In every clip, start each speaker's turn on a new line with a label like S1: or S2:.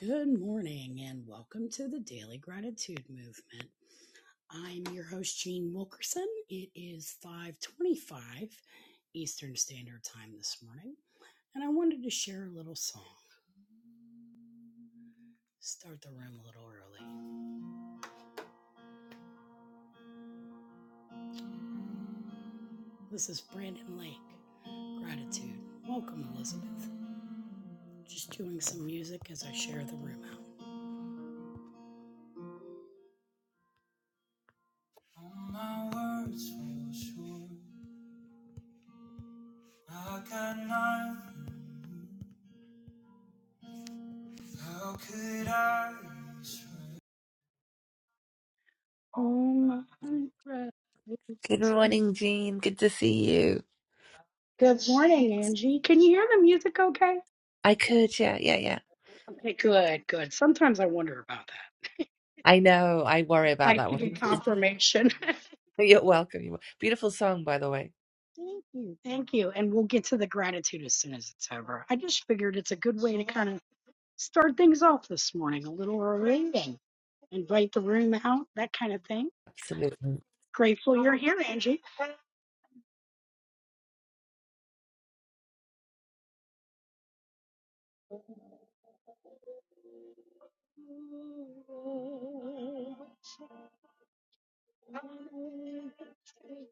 S1: Good morning and welcome to the Daily Gratitude Movement. I'm your host Jean Wilkerson. It is 5:25 Eastern Standard Time this morning, and I wanted to share a little song. Start the room a little early. This is Brandon Lake. Gratitude. Welcome Elizabeth. Just doing some music as I share the room out. Oh my
S2: Good
S1: gratitude.
S2: morning, Jean. Good to see you.
S1: Good morning, Angie. Can you hear the music okay?
S2: I could, yeah, yeah, yeah.
S1: Okay, good, good. Sometimes I wonder about that.
S2: I know. I worry about that
S1: Thank you for
S2: one.
S1: confirmation.
S2: You're welcome. You're wel- Beautiful song, by the way.
S1: Thank you. Thank you. And we'll get to the gratitude as soon as it's over. I just figured it's a good way to kind of start things off this morning, a little early and invite the room out, that kind of thing.
S2: Absolutely.
S1: Grateful you're here, Angie.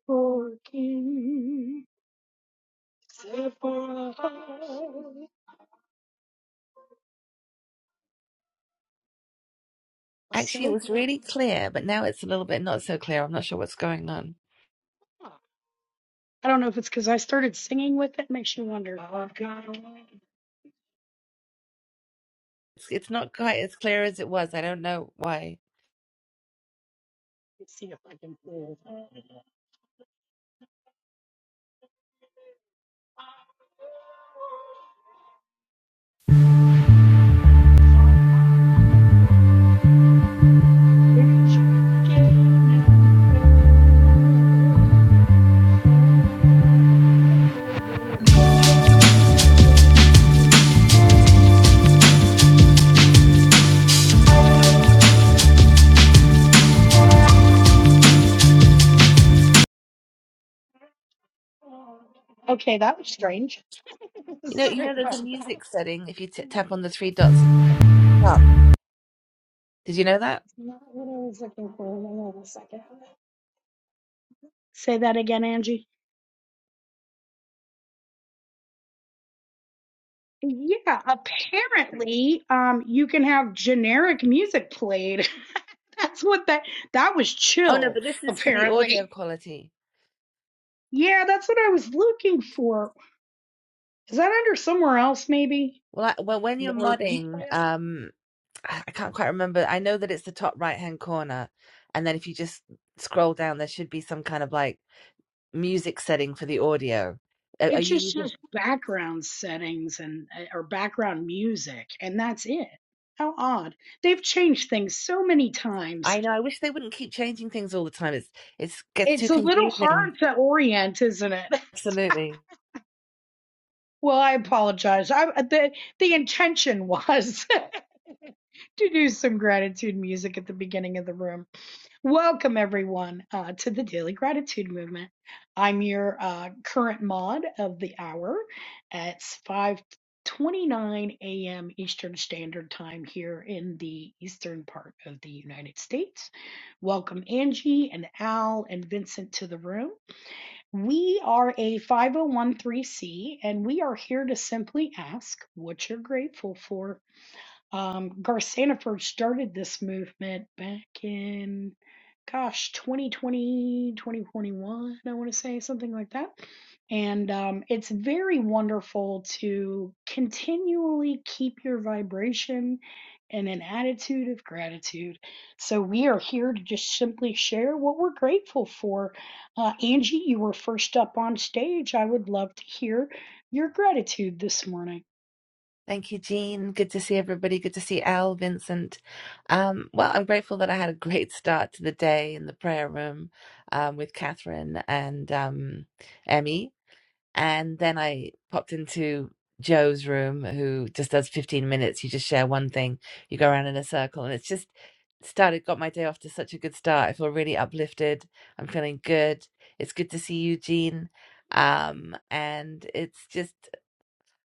S1: For kings
S2: Actually, it
S1: So
S2: was
S1: great.
S2: really clear, but now it's a little bit not so clear. I'm not sure what's going on.
S1: I don't know if it's because I started singing with it, makes you wonder.
S2: It's, it's not quite as clear as it was. I don't know why.
S1: Let's see if I can pull. it up. Okay, that was strange.
S2: You know, you
S1: Sorry
S2: know, there's a
S1: about that.
S2: music setting if you t tap on the three dots at the top. Did you know that?
S1: That's not what I was looking for. Hang on a second. Say that again, Angie. Yeah, apparently, um, you can have generic music played. That's what that that was
S2: Oh no,
S1: chill,
S2: but this is for the audio
S1: apparently.
S2: quality.
S1: Yeah, that's what I was looking for. Is that under somewhere else, maybe?
S2: Well, I, well, when you're
S1: more
S2: modding,
S1: replay.
S2: um, I I can't quite remember. I know that it's the top right hand corner, and then if you just scroll down, there should be some kind of like music setting for the audio. Are are
S1: It's
S2: you
S1: just
S2: using?
S1: just background settings and eh, or background music, and that's it. How odd. They've changed things so many times.
S2: I know. I wish they wouldn't keep changing things all the time. It's it's gets too
S1: It's a little
S2: confusing.
S1: hard to orient, isn't it?
S2: Absolutely.
S1: Well, I apologize. I the the intention was. to do some gratitude music at the beginning of the room. Welcome, everyone, uh, to the Daily Gratitude Movement. I'm your uh, current mod of the hour. It's 5:29 a.m. Eastern Standard Time here in the eastern part of the United States. Welcome, Angie and Al and Vincent, to the room. We are a 501c, 3 and we are here to simply ask what you're grateful for um, Garth Sanford started this movement back in, gosh, 2020, 2021, I want to say something like that. And um, it's very wonderful to continually keep your vibration in an attitude of gratitude. So we are here to just simply share what we're grateful for. Uh, Angie, you were first up on stage. I would love to hear your gratitude this morning.
S2: Thank you, Jean. Good to see everybody. Good to see Al, Vincent. Um, well, I'm grateful that I had a great start to the day in the prayer room um, with Catherine and um, Emmy. And then I popped into Joe's room, who just does 15 minutes. You just share one thing, you go around in a circle, and it's just started, got my day off to such a good start. I feel really uplifted. I'm feeling good. It's good to see you, Jean. Um, and it's just,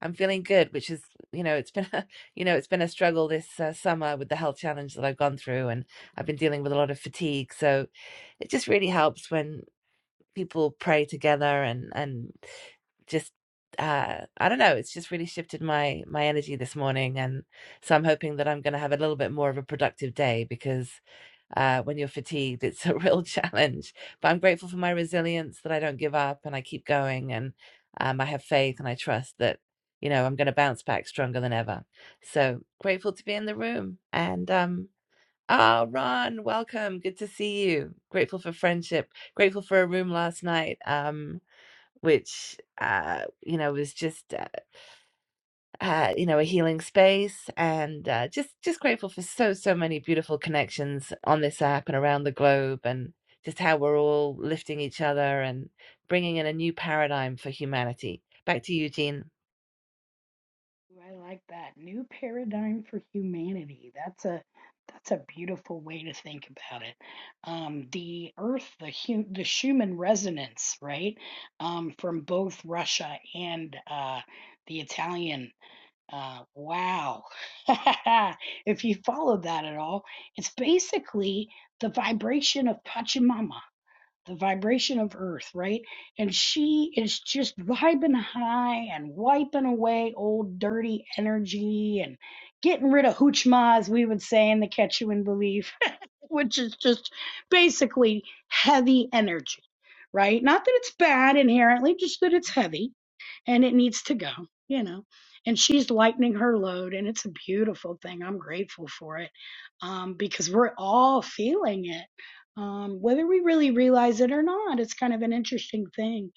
S2: I'm feeling good, which is, you know, it's been, a, you know, it's been a struggle this uh, summer with the health challenge that I've gone through, and I've been dealing with a lot of fatigue. So it just really helps when people pray together and and just uh I don't know, it's just really shifted my my energy this morning and so I'm hoping that I'm going to have a little bit more of a productive day because uh when you're fatigued it's a real challenge. But I'm grateful for my resilience that I don't give up and I keep going and um I have faith and I trust that you know I'm going to bounce back stronger than ever. So grateful to be in the room and um Ah, Ron, welcome. Good to see you. Grateful for friendship. Grateful for a room last night, um, which uh, you know was just uh, uh, you know a healing space, and uh, just just grateful for so so many beautiful connections on this app and around the globe, and just how we're all lifting each other and bringing in a new paradigm for humanity. Back to you, Jean.
S1: Ooh, I like that. New paradigm for humanity. That's a that's a beautiful way to think about it. Um, the Earth, the hu the Schumann resonance, right? Um, from both Russia and uh, the Italian. Uh, wow. If you follow that at all, it's basically the vibration of Pachamama the vibration of earth, right? And she is just vibing high and wiping away old dirty energy and getting rid of hoochma, as we would say in the Quechuan belief, which is just basically heavy energy, right? Not that it's bad inherently, just that it's heavy and it needs to go, you know. And she's lightening her load, and it's a beautiful thing. I'm grateful for it um, because we're all feeling it um, whether we really realize it or not. It's kind of an interesting thing.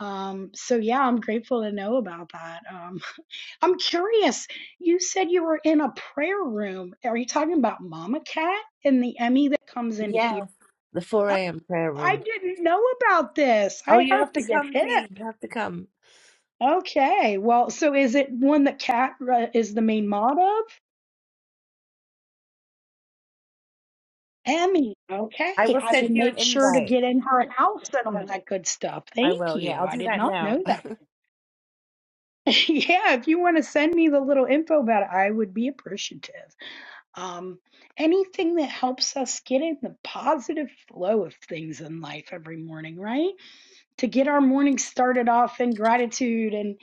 S1: Um, so yeah, I'm grateful to know about that. Um, I'm curious. You said you were in a prayer room. Are you talking about Mama Cat and the Emmy that comes in here?
S2: Yes, the 4
S1: Oh,
S2: a.m. prayer
S1: I
S2: room.
S1: didn't know about this.
S2: Oh,
S1: I
S2: you have
S1: have
S2: to
S1: to get
S2: come,
S1: hip.
S2: Jean. You have to come.
S1: Okay. Well, so is it one that Cat uh, is the main mod of? Emmy. Okay.
S2: I will
S1: I will
S2: send you an
S1: make sure to
S2: invite.
S1: get in her house and all that good stuff.
S2: I
S1: Thank
S2: will. Yeah,
S1: you.
S2: I'll
S1: I
S2: do
S1: did
S2: that
S1: not
S2: now.
S1: know that. yeah, if you want to send me the little info about it, I would be appreciative. Um, anything that helps us get in the positive flow of things in life every morning, right? To get our morning started off in gratitude and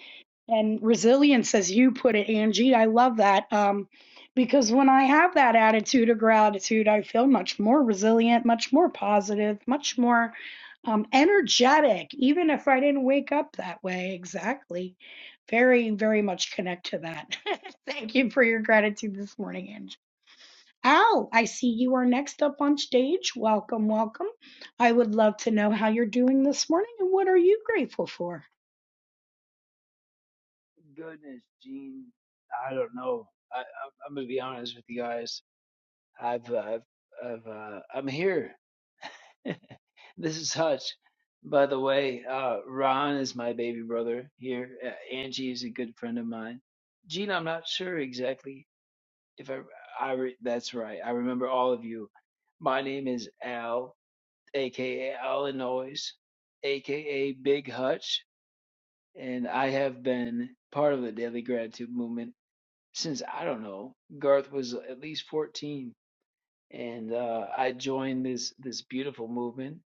S1: and resilience as you put it angie i love that um, because when i have that attitude of gratitude i feel much more resilient much more positive much more um, energetic even if i didn't wake up that way exactly very very much connect to that thank you for your gratitude this morning angie al i see you are next up on stage welcome welcome i would love to know how you're doing this morning and what are you grateful for
S3: Goodness, Gene, I don't know. I, I'm, I'm gonna be honest with you guys. I've, uh, I've, I've uh, I'm here. this is Hutch. By the way, uh, Ron is my baby brother here. Uh, Angie is a good friend of mine. Gene, I'm not sure exactly if I, I re- that's right. I remember all of you. My name is Al, aka Illinois, aka Big Hutch, and I have been part of the Daily Gratitude Movement since I don't know, Garth was at least 14, and uh, I joined this this beautiful movement.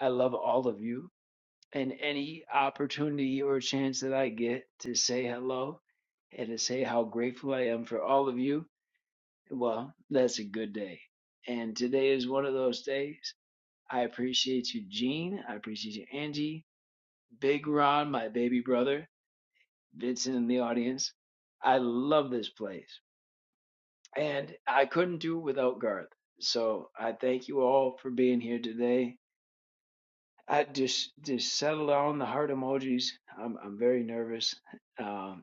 S3: I love all of you, and any opportunity or chance that I get to say hello and to say how grateful I am for all of you, well, that's a good day. And today is one of those days. I appreciate you, Gene. I appreciate you, Angie, Big Ron, my baby brother, Vincent in the audience. I love this place. and I couldn't do without Garth. So I thank you all for being here today. I just just settle down the heart emojis. I'm I'm very nervous, um,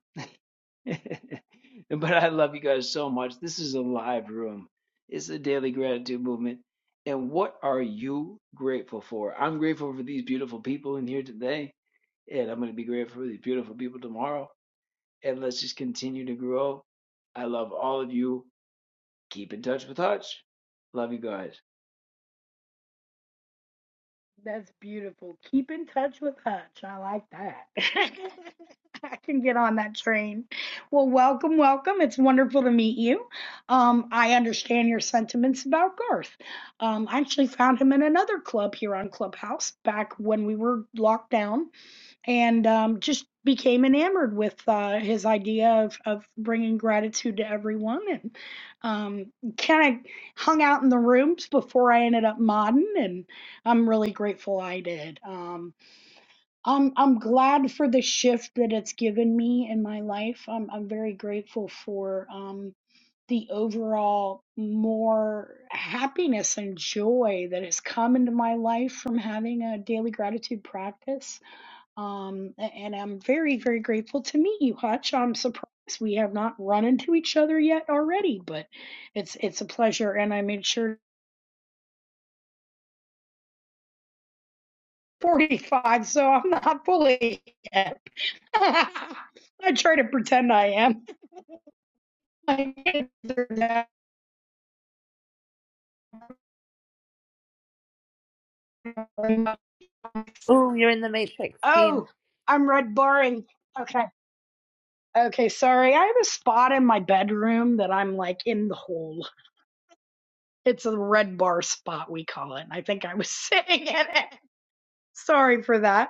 S3: but I love you guys so much. This is a live room. It's the daily gratitude movement. And what are you grateful for? I'm grateful for these beautiful people in here today, and I'm going to be grateful for these beautiful people tomorrow. And let's just continue to grow. I love all of you Keep in touch with Hutch. Love you guys.
S1: That's beautiful. Keep in touch with Hutch. I like that. I can get on that train. Well, welcome, welcome. It's wonderful to meet you. Um, I understand your sentiments about Garth. Um, I actually found him in another club here on Clubhouse back when we were locked down and um, just became enamored with uh, his idea of, of bringing gratitude to everyone and um, kind of hung out in the rooms before I ended up modding. And I'm really grateful I did. Um, I'm, I'm glad for the shift that it's given me in my life. I'm, I'm very grateful for um, the overall more happiness and joy that has come into my life from having a daily gratitude practice um, and I'm very, very grateful to meet you, Hutch. I'm surprised we have not run into each other yet already, but it's it's a pleasure. And I made sure 45, so I'm not fully yet. I try to pretend I am. I deserve that very much.
S2: Oh, you're in the matrix, Jean.
S1: oh, I'm red barring. Okay. Okay, sorry. I have a spot in my bedroom that I'm like in the hole. It's a red bar spot, we call it. I think I was sitting in it. Sorry for that.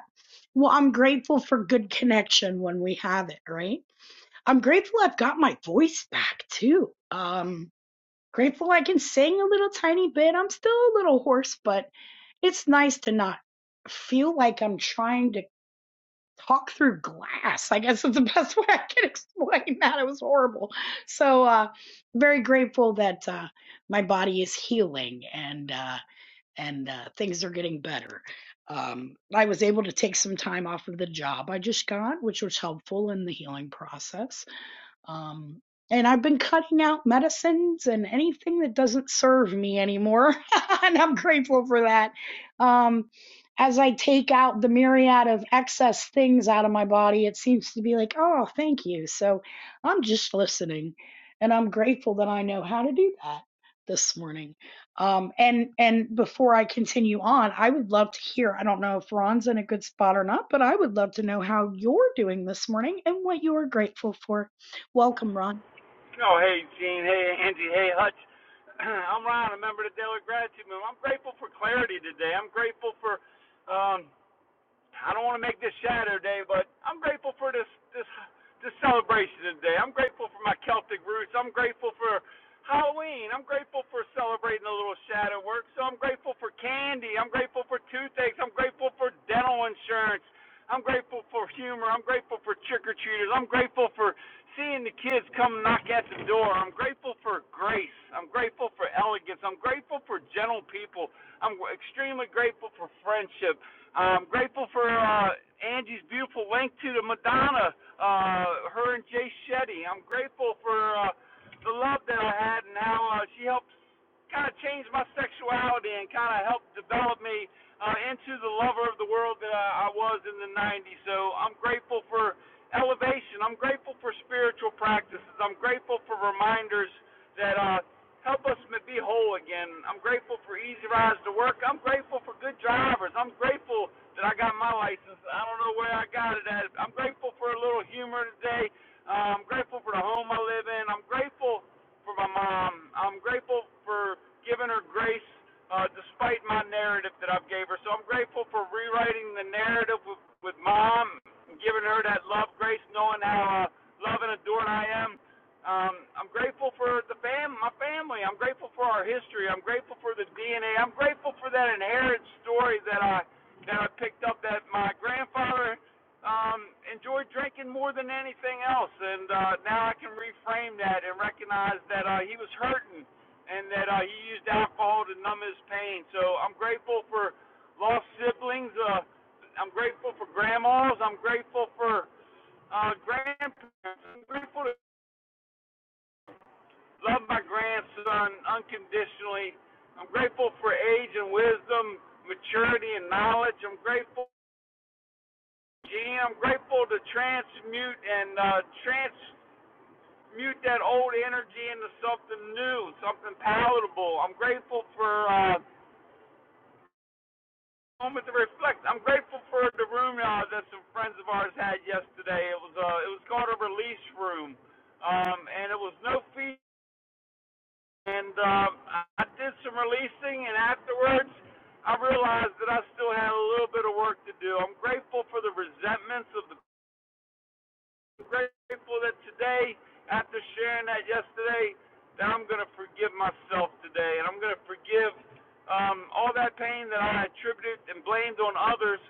S1: Well, I'm grateful for good connection when we have it, right? I'm grateful I've got my voice back too. Um, grateful I can sing a little tiny bit. I'm still a little hoarse, but it's nice to not feel like I'm trying to talk through glass. I guess is the best way I can explain that. It was horrible. So, uh, very grateful that uh, my body is healing and. Uh, and uh, things are getting better. Um, I was able to take some time off of the job I just got, which was helpful in the healing process um, and I've been cutting out medicines and anything that doesn't serve me anymore. and I'm grateful for that. Um, as I take out the myriad of excess things out of my body, it seems to be like, oh, thank you. So I'm just listening. And I'm grateful that I know how to do that this morning. Um, and and before I continue on, I would love to hear. I don't know if Ron's in a good spot or not, but I would love to know how you're doing this morning and what you are grateful for. Welcome, Ron.
S4: Oh, hey, Gene. Hey, Angie. Hey, Hutch. I'm Ron, a member of the Daily Gratitude Movement. I'm grateful for clarity today. I'm grateful for um, I don't want to make this Saturday, but I'm grateful for this this this celebration today. I'm grateful for my Celtic roots. I'm grateful for Halloween. I'm grateful for celebrating a little shadow work. So I'm grateful for candy. I'm grateful for toothaches. I'm grateful for dental insurance. I'm grateful for humor. I'm grateful for trick or treaters. I'm grateful for seeing the kids come knock at the door. I'm grateful for grace. I'm grateful for elegance. I'm grateful for gentle people. I'm extremely grateful for friendship. I'm grateful for uh, Angie's beautiful link to the Madonna, uh, her and Jay Shetty. I'm grateful for uh, the love that I had and how uh, she helped kind of changed my sexuality and kind of helped develop me uh, into the lover of the world that I, I was in the 90s. So I'm grateful for elevation. I'm grateful for spiritual practices. I'm grateful for reminders that uh, help us be whole again. I'm grateful for easy rides to work. I'm grateful for good drivers. I'm grateful that I got my license. I don't know where I got it at. I'm grateful for a little humor today. Uh, I'm grateful for the home I live in. I'm grateful for my mom. I'm grateful for giving her grace uh, despite my narrative that I've gave her. So I'm grateful for rewriting the narrative with, with mom, and giving her that love, grace, knowing how uh, loved and adored I am. Um, I'm grateful for the fam, my family. I'm grateful for our history. I'm grateful for the DNA. I'm grateful for that inherited story that I that I picked up that my grandfather um, enjoyed drinking more than anything else, and uh, now I can reframe that and recognize that uh, he was hurting and that uh, he used alcohol to numb his pain. So I'm grateful for lost siblings. Uh, I'm grateful for grandmas. I'm grateful for uh, grandparents. I'm grateful to love my grandson unconditionally. I'm grateful for age and wisdom, maturity and knowledge. I'm grateful, Gene. I'm grateful to transmute and uh, trans mute that old energy into something new, something palatable. I'm grateful for uh, a moment to reflect. I'm grateful for the room uh, that some friends of ours had yesterday. It was uh, it was called a release room, um, and it was no fee. And um, I did some releasing, and afterwards, I realized that I still had a little bit of work to do. I'm grateful for the resentments of the grateful that today, after sharing that yesterday, that I'm going to forgive myself today, and I'm going to forgive um, all that pain that I attributed and blamed on others,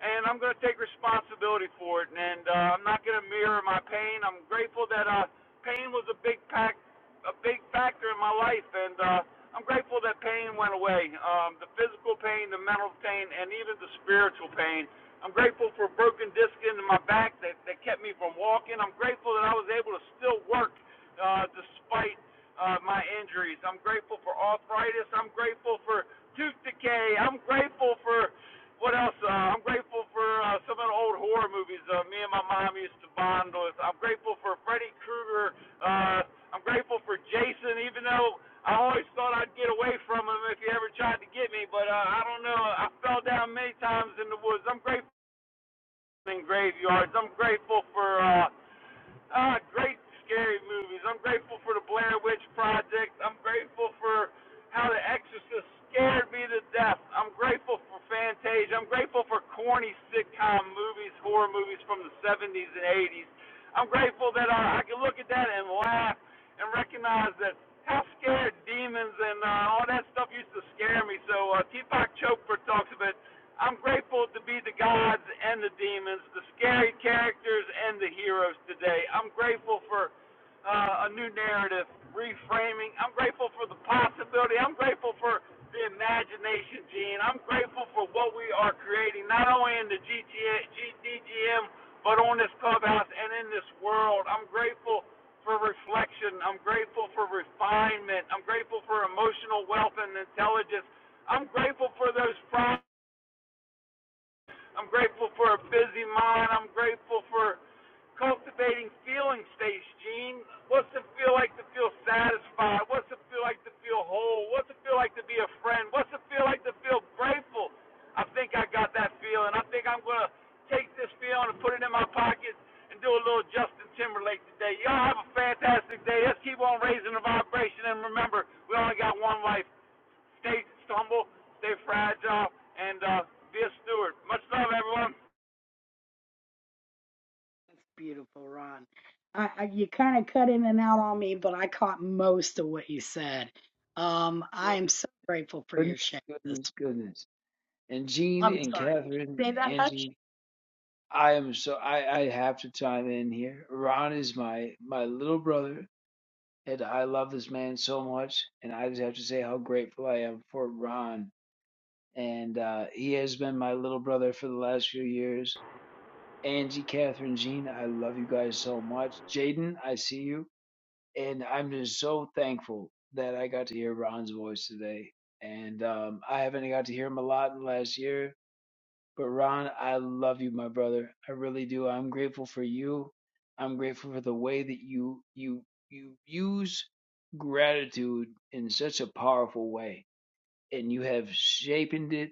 S4: and I'm going to take responsibility for it. And uh, I'm not going to mirror my pain. I'm grateful that uh, pain was a big pack, a big factor in my life, and uh, I'm grateful that pain went away. Um, the physical pain, the mental pain, and even the spiritual pain. I'm grateful for a broken disc in my back that, that kept me from walking. I'm grateful that I was able to still work uh, despite uh, my injuries. I'm grateful for arthritis. I'm grateful for tooth decay. I'm grateful for what else? Uh, I'm grateful for uh, some of the old horror movies uh, me and my mom used to bond with. I'm grateful for Freddy Krueger. Uh, I'm grateful for Jason, even though I always thought I'd get away from him if he ever tried to get me, but uh, I don't know. I fell down many times in the woods. I'm grateful graveyards. I'm grateful for uh, uh, great scary movies. I'm grateful for the Blair Witch Project. I'm grateful for how The Exorcist scared me to death. I'm grateful for Fantasia. I'm grateful for corny sitcom movies, horror movies from the 70s and 80s. I'm grateful that I, I can look at that and laugh and recognize that how scared demons and uh, all that stuff used to scare me. So uh, Deepak Chopra talks about I'm grateful to be the gods and the demons, the scary characters and the heroes today. I'm grateful for uh, a new narrative, reframing. I'm grateful for the possibility. I'm grateful for the imagination, Gene. I'm grateful for what we are creating, not only in the GTA, GDGM, but on this clubhouse and in this world. I'm grateful for reflection. I'm grateful for refinement. I'm grateful for emotional wealth and intelligence. I'm grateful for those. Problems I'm grateful for a busy mind. I'm grateful for cultivating feeling states, Gene. What's it feel like to feel satisfied? What's it feel like to feel whole? What's it feel like to be a friend? What's it feel like to feel grateful? I think I got that feeling. I think I'm going to take this feeling and put it in my pocket and do a little Justin Timberlake today. Y'all have a fantastic day. Let's keep on raising the vibration. And remember, we only got one life. Stay humble, stay fragile, and uh, be a steward. Much love, everyone.
S1: That's beautiful, Ron. I, I you kind of cut in and out on me, but I caught most of what you said. Um, I am so grateful for
S3: Goodness,
S1: your share. This
S3: goodness, goodness. And Gene
S1: I'm
S3: and
S1: sorry.
S3: Catherine
S1: Say
S3: and
S1: that, Hutch.
S3: Angie, I am so I, I have to chime in here. Ron is my my little brother, and I love this man so much. And I just have to say how grateful I am for Ron. And uh, he has been my little brother for the last few years. Angie, Catherine, Gene, I love you guys so much. Jaden, I see you. and I'm just so thankful that I got to hear Ron's voice today. And um, I haven't got to hear him a lot in the last year, but Ron, I love you, my brother. I really do. I'm grateful for you. I'm grateful for the way that you you you use gratitude in such a powerful way, and you have shaped it,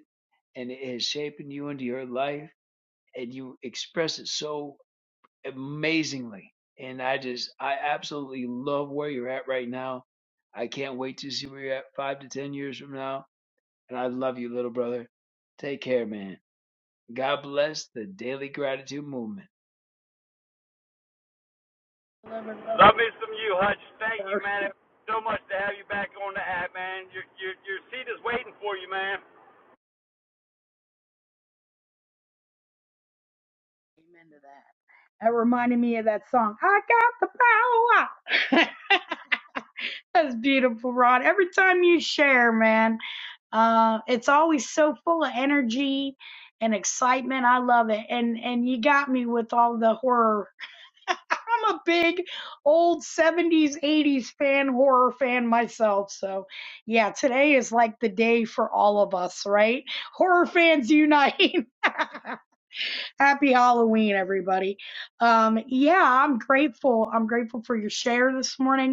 S3: and it has shaped you into your life, and you express it so amazingly. And I just, I absolutely love where you're at right now. I can't wait to see where you're at five to 10 years from now. And I love you, little brother. Take care, man. God bless the Daily Gratitude Movement.
S1: I love it, Ron.
S4: Love me some you, Hutch. Thank you,
S1: Or
S4: man. so much to have you back on the app, man. Your your your seat is waiting for you, man.
S1: Amen to that. That reminded me of that song. I got the power. That's beautiful, Ron. Every time you share, man, uh, it's always so full of energy and excitement. I love it. And and you got me with all the horror I'm a big old 70s, 80s fan, horror fan myself. So, yeah, today is like the day for all of us, right? Horror fans unite. Happy Halloween, everybody. Um, yeah, I'm grateful. I'm grateful for your share this morning.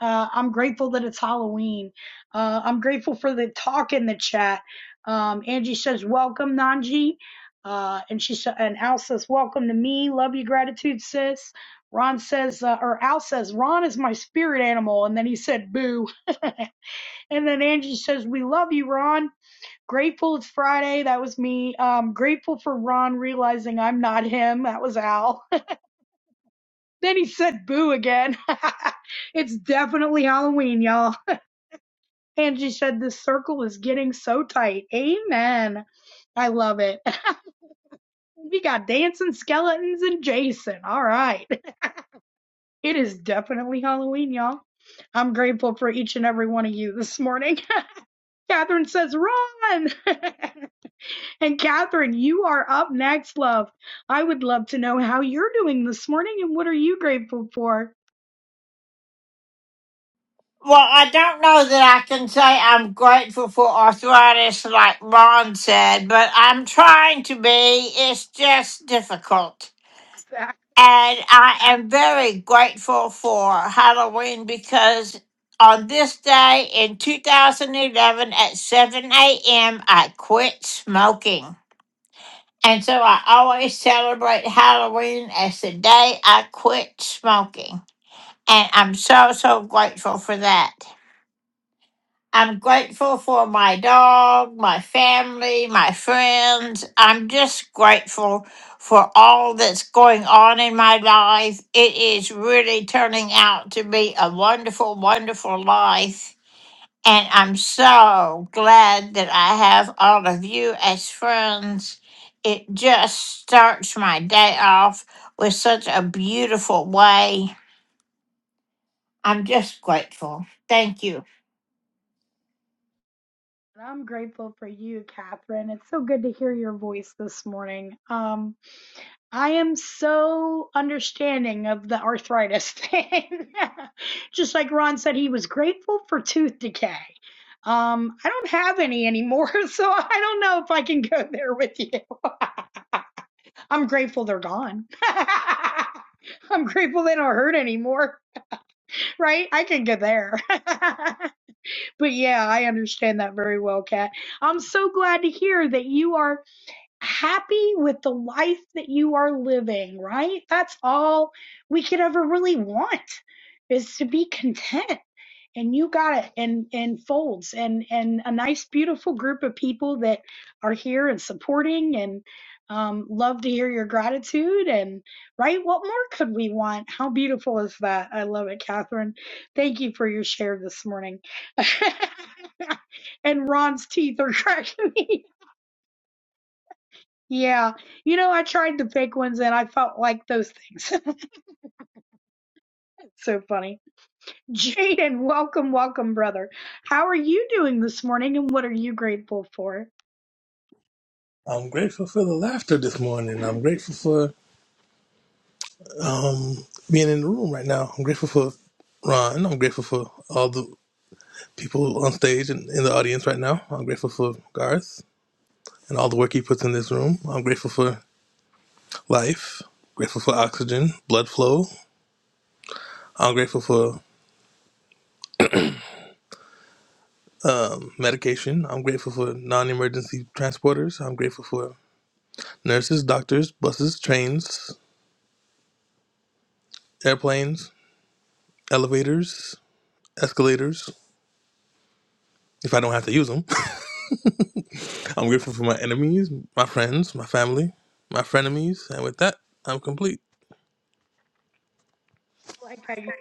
S1: Uh, I'm grateful that it's Halloween. Uh, I'm grateful for the talk in the chat. Um, Angie says, "Welcome, Nanji," uh, and she sa- and Al says, "Welcome to me. Love you, gratitude, sis." Ron says, uh, or Al says, "Ron is my spirit animal," and then he said, "Boo." and then Angie says, "We love you, Ron. Grateful it's Friday. That was me. Um, grateful for Ron realizing I'm not him. That was Al." then he said, "Boo" again. it's definitely Halloween, y'all. Angie said this circle is getting so tight. Amen. I love it. we got dancing skeletons and Jason. All right. It is definitely Halloween, y'all. I'm grateful for each and every one of you this morning. Catherine says, run. and Catherine, you are up next, love. I would love to know how you're doing this morning and what are you grateful for?
S5: Well, I don't know that I can say I'm grateful for arthritis, like Ron said, but I'm trying to be. It's just difficult.
S1: Exactly.
S5: And I am very grateful for Halloween because on this day in 2011 at 7 a.m., I quit smoking. And so I always celebrate Halloween as the day I quit smoking. And I'm so, so grateful for that. I'm grateful for my dog, my family, my friends. I'm just grateful for all that's going on in my life. It is really turning out to be a wonderful, wonderful life. And I'm so glad that I have all of you as friends. It just starts my day off with such a beautiful way. I'm just grateful. Thank you.
S1: I'm grateful for you, Catherine. It's so good to hear your voice this morning. Um, I am so understanding of the arthritis thing. Just like Ron said, he was grateful for tooth decay. Um, I don't have any anymore, so I don't know if I can go there with you. I'm grateful they're gone. I'm grateful they don't hurt anymore, right? I can go there. but yeah, I understand that very well, Kat. I'm so glad to hear that you are happy with the life that you are living, right? That's all we could ever really want is to be content. And you got it in, in folds and, and a nice, beautiful group of people that are here and supporting and um, love to hear your gratitude. And right, what more could we want? How beautiful is that? I love it, Catherine. Thank you for your share this morning. and Ron's teeth are cracking. Yeah. You know, I tried the fake ones and I felt like those things. so funny. Jaden, welcome, welcome, brother. How are you doing this morning and what are you grateful for?
S6: I'm grateful for the laughter this morning. I'm grateful for um, being in the room right now. I'm grateful for Ron. I'm grateful for all the people on stage and in the audience right now. I'm grateful for Garth and all the work he puts in this room. I'm grateful for life. Grateful for oxygen, blood flow. I'm grateful for medication. I'm grateful for non-emergency transporters. I'm grateful for nurses, doctors, buses, trains, airplanes, elevators, escalators. If I don't have to use them. I'm grateful for my enemies, my friends, my family, my frenemies, and with that, I'm complete.
S1: I Like I use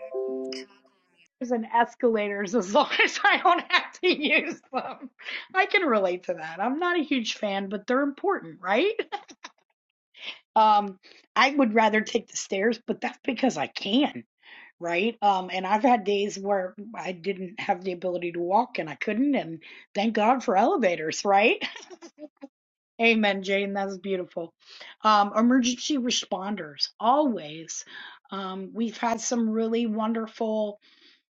S1: stairs escalators as long as I don't have to use them. I can relate to that. I'm not a huge fan, but they're important, right? Um, I would rather take the stairs, but that's because I can. right? Um, and I've had days where I didn't have the ability to walk and I couldn't, and thank God for elevators, right? Amen, Jane. That's beautiful. Um, emergency responders, always. Um, we've had some really wonderful,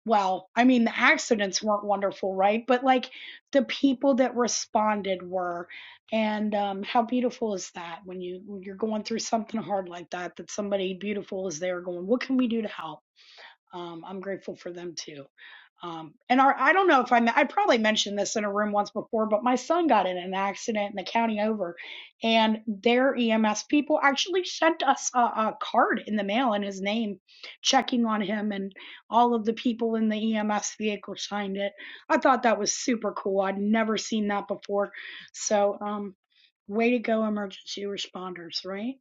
S1: well, I mean, the accidents weren't wonderful, right? But like the people that responded were, and um, how beautiful is that when you when you're going through something hard like that, that somebody beautiful is there going, what can we do to help? um, I'm grateful for them too. Um, and our, I don't know if I, I probably mentioned this in a room once before, but my son got in an accident in the county over, and their EMS people actually sent us a, a card in the mail in his name, checking on him, and all of the people in the EMS vehicle signed it. I thought that was super cool. I'd never seen that before. So, um, way to go, emergency responders, right?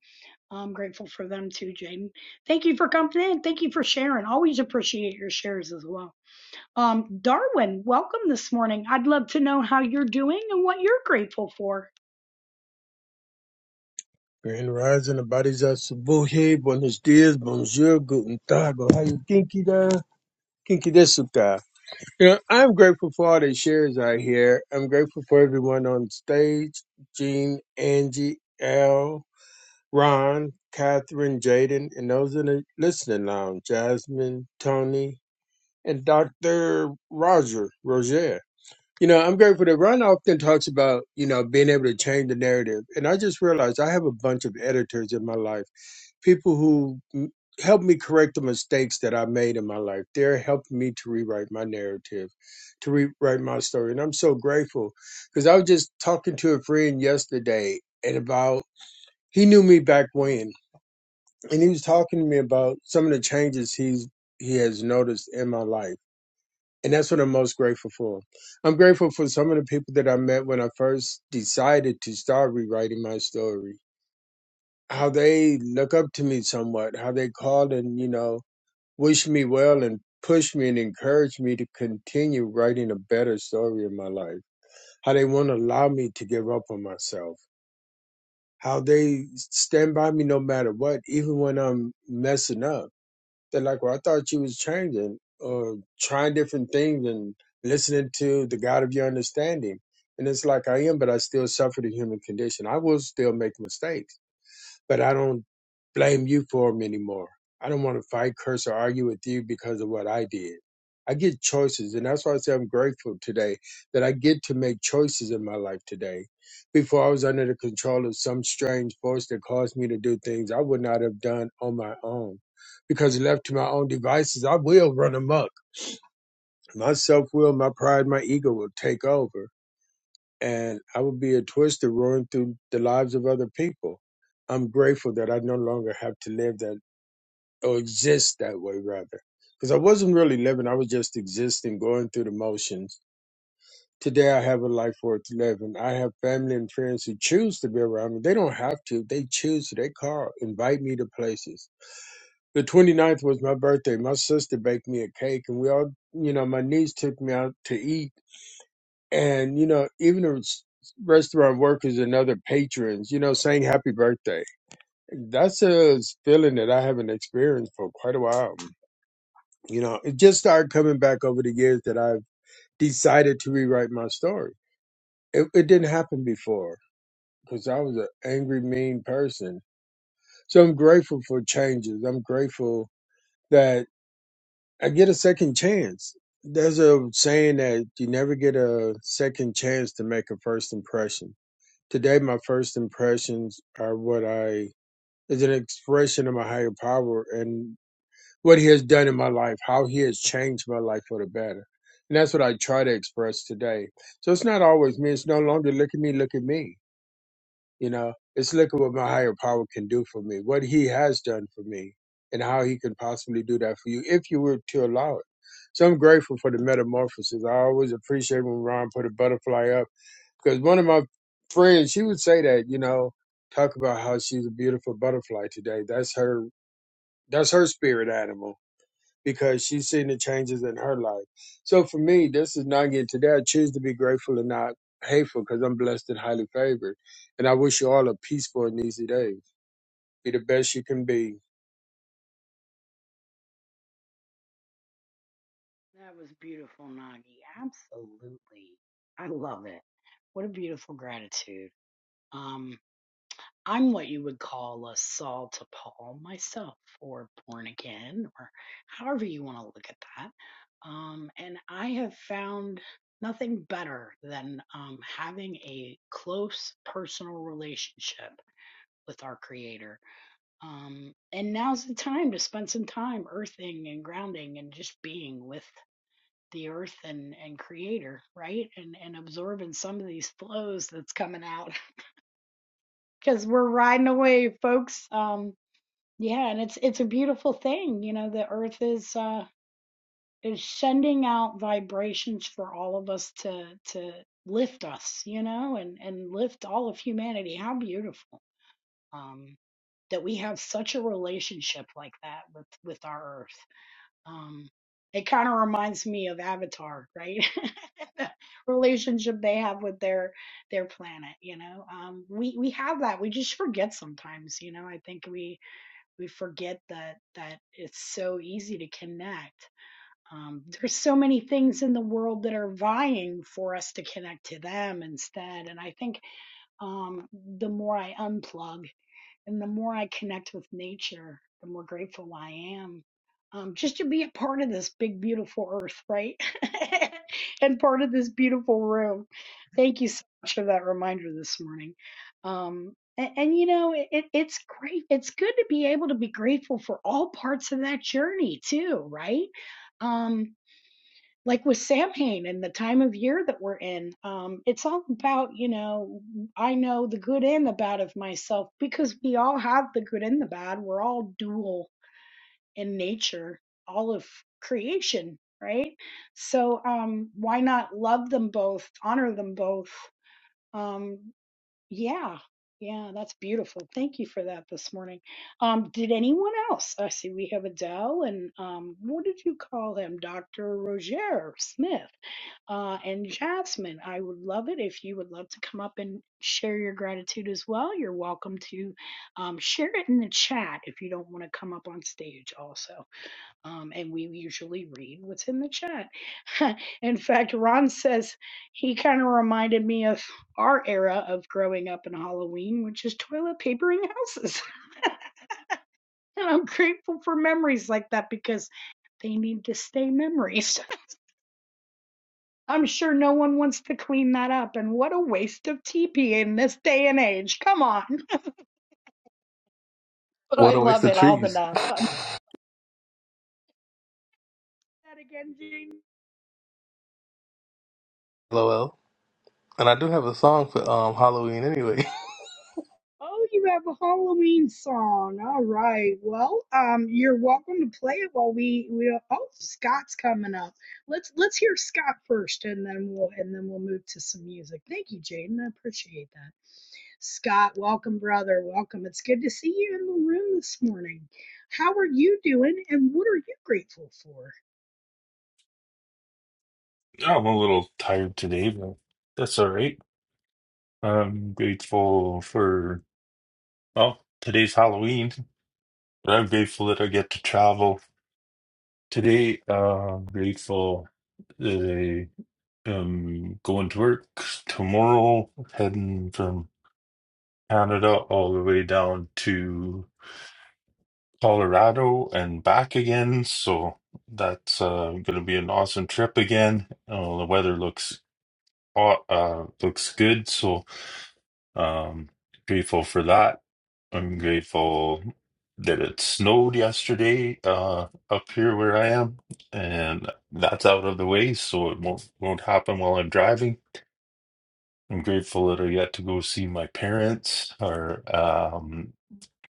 S1: I'm grateful for them too, Jaden. Thank you for coming in. Thank you for sharing. Always appreciate your shares as well. Um, Darwin, welcome this morning. I'd love to know how you're doing and what you're grateful for.
S7: Grand Rising, the bodies of Subuhi, Buenos Dias, Bonjour, Guten Tag, Ohio, Kinky Da, Kinky Desuka. You know, I'm grateful for all the shares I hear. I'm grateful for everyone on stage, Jean, Angie, Al, Ron, Catherine, Jaden, and those in the listening lounge, Jasmine, Tony, and Dr. Roger, Roger. You know, I'm grateful that Ron often talks about, you know, being able to change the narrative. And I just realized I have a bunch of editors in my life, people who mm, help me correct the mistakes that I made in my life. They're helping me to rewrite my narrative, to rewrite my story. And I'm so grateful because I was just talking to a friend yesterday and about, he knew me back when, and he was talking to me about some of the changes he's, he has noticed in my life and that's what I'm most grateful for. I'm grateful for some of the people that I met when I first decided to start rewriting my story. How they look up to me somewhat, how they called and, you know, wish me well and push me and encourage me to continue writing a better story in my life. How they won't allow me to give up on myself. How they stand by me no matter what, even when I'm messing up they're like, well, I thought you was changing or trying different things and listening to the God of your understanding. And it's like I am, but I still suffer the human condition. I will still make mistakes but I don't blame you for them anymore. I don't want to fight, curse, or argue with you because of what I did. I get choices, and that's why I say I'm grateful today that I get to make choices in my life today. Before I was under the control of some strange force that caused me to do things I would not have done on my own. Because left to my own devices, I will run amok. My self will, my pride, my ego will take over and I would be a twister roaring through the lives of other people. I'm grateful that I no longer have to live that or exist that way, rather. Because I wasn't really living, I was just existing, going through the motions. Today, I have a life worth living. I have family and friends who choose to be around me. They don't have to, they choose to. They call, invite me to places. The 29th was my birthday. My sister baked me a cake, and we all, you know, my niece took me out to eat and you know even the res- restaurant workers and other patrons you know saying happy birthday that's a feeling that i haven't experienced for quite a while you know it just started coming back over the years that i've decided to rewrite my story it, it didn't happen before because i was an angry mean person so i'm grateful for changes i'm grateful that i get a second chance there's a saying that you never get a second chance to make a first impression Today, my first impressions are what I is an expression of my higher power and what He has done in my life, how He has changed my life for the better. And that's what I try to express today. So it's not always me. It's no longer look at me, look at me. You know, it's look at what my higher power can do for me, what He has done for me, and how He can possibly do that for you if you were to allow it. So I'm grateful for the metamorphosis. I always appreciate when Ron put a butterfly up because one of my friends she would say that you know talk about how she's a beautiful butterfly today that's her that's her spirit animal because she's seen the changes in her life so for me this is not getting today i choose to be grateful and not hateful because i'm blessed and highly favored and i wish you all a peaceful and easy day be the best you can be
S1: That was beautiful, Nagi. Absolutely. I love it. What a beautiful gratitude. Um, I'm what you would call a Saul to Paul myself, or born again, or however you want to look at that. Um, and I have found nothing better than um, having a close personal relationship with our Creator. Um, and now's the time to spend some time earthing and grounding and just being with the earth and, and creator right and and absorbing some of these flows that's coming out because we're riding away folks Um, yeah, and it's it's a beautiful thing, you know, the earth is uh is sending out vibrations for all of us to to lift us, you know, and and lift all of humanity. How beautiful. Um that we have such a relationship like that with with our earth. Um it kind of reminds me of Avatar, right? the relationship they have with their their planet, you know. Um we we have that. We just forget sometimes, you know. I think we we forget that that it's so easy to connect. Um, there's so many things in the world that are vying for us to connect to them instead. And I think um, the more I unplug and the more I connect with nature, the more grateful I am. Um, just to be a part of this big, beautiful earth, right? and part of this beautiful room. Thank you so much for that reminder this morning. Um, and, and you know, it, it- it's great. It's good to be able to be grateful for all parts of that journey, too, right? Um, like with Samhain and the time of year that we're in, um, it's all about, you know, I know the good and the bad of myself because we all have the good and the bad. We're all dual in nature, all of creation, right? So um, why not love them both, honor them both? Um, yeah. Yeah, that's beautiful. Thank you for that this morning. Um, did anyone else? I see we have Adele and um, what did you call him? Dr. Roger Smith uh, and Jasmine. I would love it if you would love to come up and share your gratitude as well. You're welcome to um, share it in the chat if you don't want to come up on stage also. Um, and we usually read what's in the chat. in fact, Ron says he kind of reminded me of our era of growing up in Halloween, which is toilet papering houses. and I'm grateful for memories like that because they need to stay memories. I'm sure no one wants to clean that up, and what a waste of TP in this day and age. Come on. But I
S6: What a waste
S1: love
S6: of
S1: it all the
S6: trees.
S1: enough. Um, that again, Jean.
S6: LOL. And I do have a song for um Halloween anyway.
S1: Oh, you have a Halloween song. All right. Well, um, you're welcome to play it while we we. Oh, Scott's coming up. Let's let's hear Scott first, and then we'll and then we'll move to some music. Thank you, Jaden. I appreciate that. Scott, welcome, brother. Welcome. It's good to see you in the room this morning. How are you doing, and what are you grateful for?
S8: Yeah, I'm a little tired today, but that's all right. I'm grateful for, well, today's Halloween, but I'm grateful that I get to travel today. Uh, I'm grateful that I am going to work tomorrow, heading from Canada all the way down to Colorado and back again. So that's uh, going to be an awesome trip again. Uh, the weather looks au- uh, looks good, so. Um, grateful for that. I'm grateful that it snowed yesterday uh, up here where I am, and that's out of the way, so it won't won't happen while I'm driving. I'm grateful that I get to go see my parents, or um,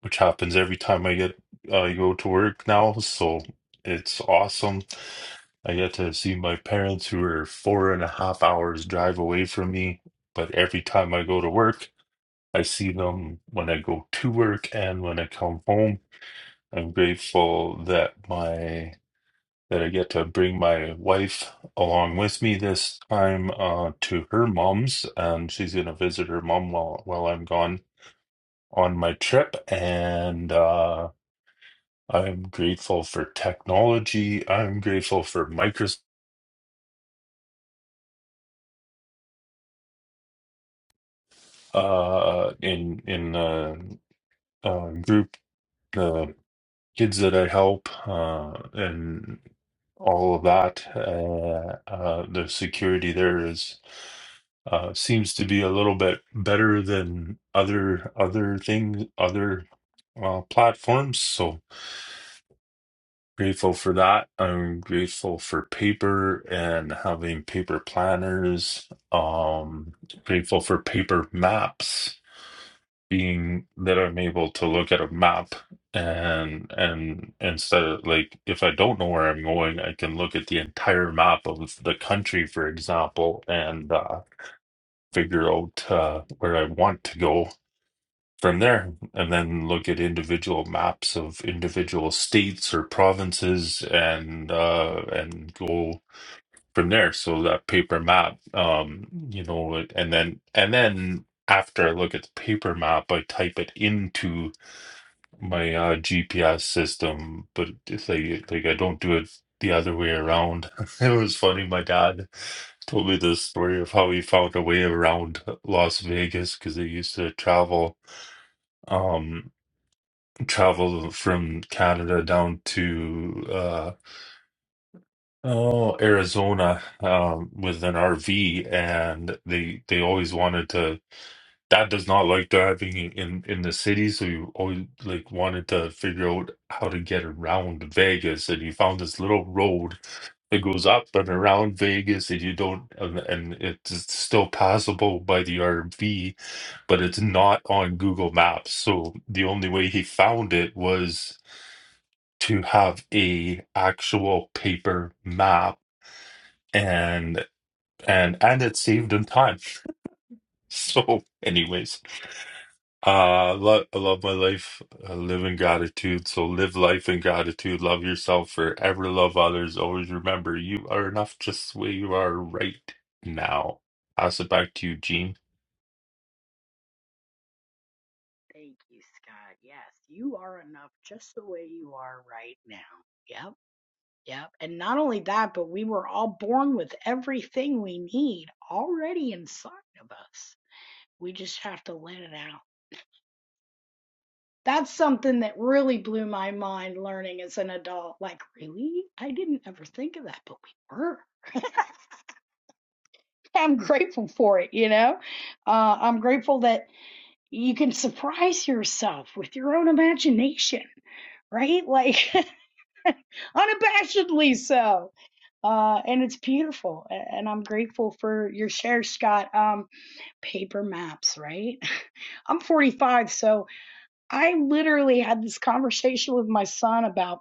S8: which happens every time I get uh, go to work now, so it's awesome. I get to see my parents who are four and a half hours drive away from me, but every time I go to work. I see them when I go to work and when I come home. I'm grateful that my that I get to bring my wife along with me this time uh, to her mom's, and she's gonna visit her mom while while I'm gone on my trip. And uh, I'm grateful for technology. I'm grateful for Microsoft uh, in in the uh, group. kids that I help uh, and all of that. Uh, uh, the security there is uh, seems to be a little bit better than other other things, other uh, platforms. So grateful for that. I'm grateful for paper and having paper planners. Um, grateful for paper maps being that I'm able to look at a map and and instead of like if I don't know where I'm going, I can look at the entire map of the country, for example, and uh, figure out uh, where I want to go from there, and then look at individual maps of individual states or provinces and uh, and go from there. So that paper map, um, you know, and then and then after I look at the paper map, I type it into my uh, GPS system, but it's like like I don't do it the other way around. It was funny. My dad told me the story of how he found a way around Las Vegas because they used to travel um travel from Canada down to uh oh Arizona um with an RV and they they always wanted to Dad does not like driving in in in the city, so he always like wanted to figure out how to get around Vegas, and he found this little road that goes up and around Vegas, and you don't, and, and it's still passable by the RV, but it's not on Google Maps. So the only way he found it was to have a actual paper map, and and and it saved him time. So, anyways. Uh, I love, I love my life. I live in gratitude. So live life in gratitude. Love yourself forever. Love others. Always remember you are enough just the way you are right now. Pass it back to you, Gene.
S1: Thank you, Scott. Yes, you are enough just the way you are right now. Yep. Yep. And not only that, but we were all born with everything we need already inside of us. We just have to let it out. That's something that really blew my mind learning as an adult. Like, really? I didn't ever think of that, but we were. I'm grateful for it, you know? Uh, I'm grateful that You can surprise yourself with your own imagination, right? Like unabashedly so. Uh, and it's beautiful. And I'm grateful for your share, Scott. Um, paper maps, right? I'm 45, so I literally had this conversation with my son about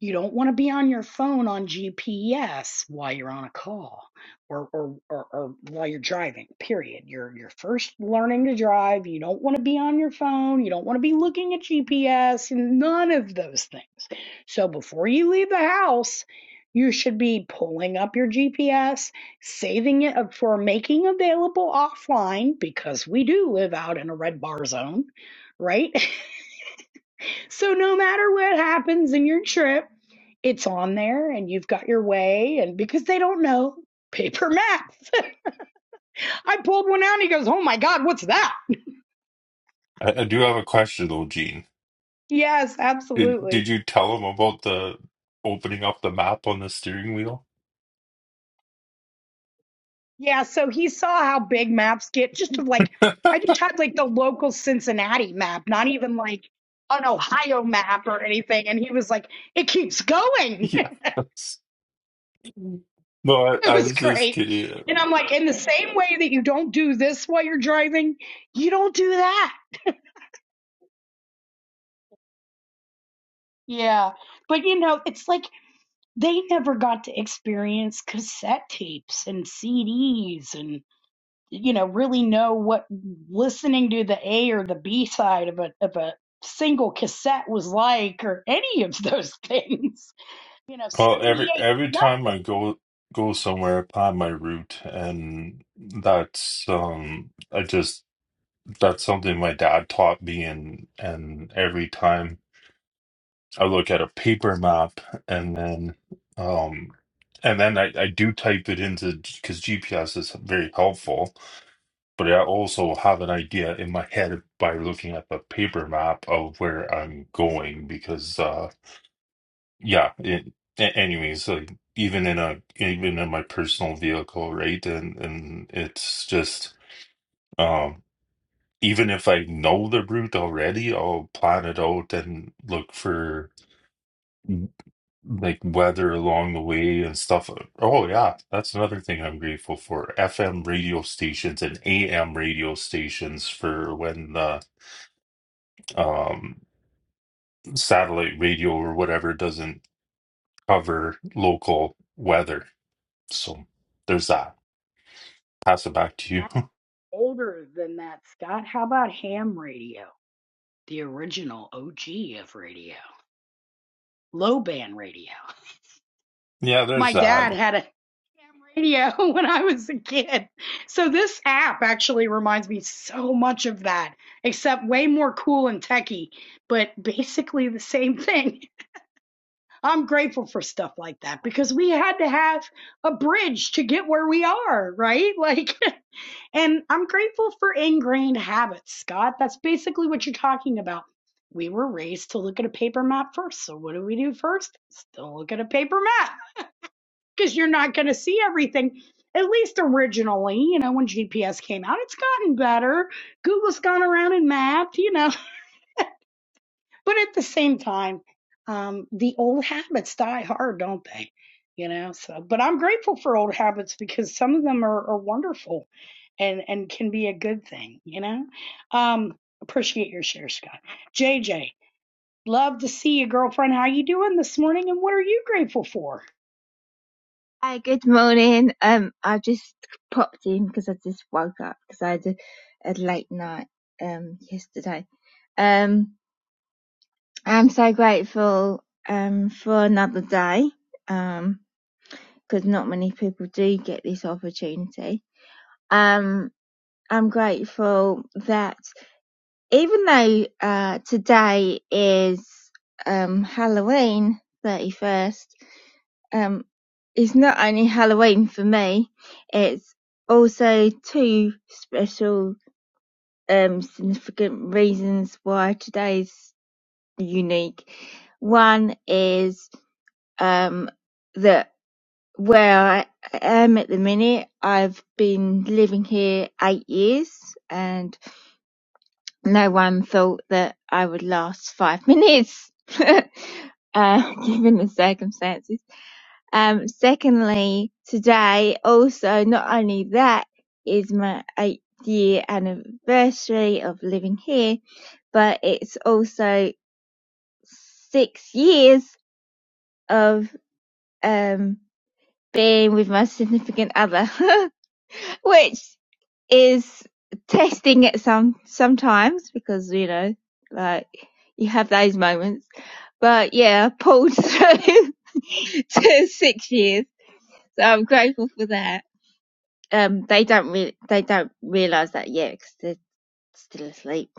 S1: you don't want to be on your phone on GPS while you're on a call or, or, or, or while you're driving, period. You're, you're first learning to drive. You don't want to be on your phone. You don't want to be looking at GPS and none of those things. So before you leave the house, you should be pulling up your GPS, saving it up for making available offline because we do live out in a red bar zone, right? So no matter what happens in your trip, it's on there and you've got your way. And because they don't know paper maps, I pulled one out and he goes, Oh my God, what's that?
S8: I, I do have a question though, Gene.
S1: Yes,
S8: Did,
S1: absolutely.
S8: did you tell him about the opening up the map on the steering wheel?
S1: Yeah. So he saw how big maps get just of like, I just had like the local Cincinnati map, not even like an Ohio map or anything. And he was like, It keeps going.
S8: Yeah.
S1: it
S8: No, I, I
S1: was
S8: was just
S1: great.
S8: kidding.
S1: And I'm like, in the same way that you don't do this while you're driving, you don't do that Yeah. But you know, it's like they never got to experience cassette tapes and CDs and you know, really know what listening to the A or the B side of a of a single cassette was like or any of those things. You know,
S8: Well, every
S1: 78,
S8: every
S1: nothing.
S8: time I go go somewhere, I plan my route, and that's um, I just that's something my dad taught me, and and every time I look at a paper map, and then um, and then I I do type it into because GPS is very helpful, but I also have an idea in my head by looking at the paper map of where I'm going because uh. yeah it, a- anyways like even in a even in my personal vehicle right and and it's just um even if i know the route already i'll plan it out and look for mm, like weather along the way and stuff oh yeah that's another thing i'm grateful for fm radio stations and am radio stations for when the um satellite radio or whatever doesn't cover local weather so there's that pass it back to you.
S1: I'm older than that, Scott. How about ham radio? The original OG of radio, low band radio.
S8: yeah,
S1: my
S8: there's that.
S1: dad had a radio when I was a kid. So this app actually reminds me so much of that, except way more cool and techy, but basically the same thing. I'm grateful for stuff like that because we had to have a bridge to get where we are, right? Like and I'm grateful for ingrained habits, Scott. That's basically what you're talking about. We were raised to look at a paper map first. So what do we do first? Still look at a paper map because you're not going to see everything. At least originally, you know, when GPS came out, it's gotten better. Google's gone around and mapped, you know. But at the same time, um, the old habits die hard, don't they? You know, so, but I'm grateful for old habits because some of them are, are wonderful and, and can be a good thing, you know? Um, appreciate your share, Scott. JJ, love to see you, girlfriend. How you doing this morning and what are you grateful for?
S9: Hi, good morning. Um, I just popped in because I just woke up because I had a, a late night um yesterday. Um, I'm so grateful um for another day um because not many people do get this opportunity. Um, I'm grateful that even though uh today is um Halloween 31st, um, it's not only Halloween for me, it's also two special, um, significant reasons why today's unique. One is, um, that where I am at the minute, I've been living here eight years and no one thought that I would last five minutes. Uh, given the circumstances Um, secondly, today also not only that is my eighth year anniversary of living here, but it's also six years of um being with my significant other, which is testing at some sometimes because you know like you have those moments. But yeah, I pulled through to six years, so I'm grateful for that. um they don't really, they don't realize that yet because they're still asleep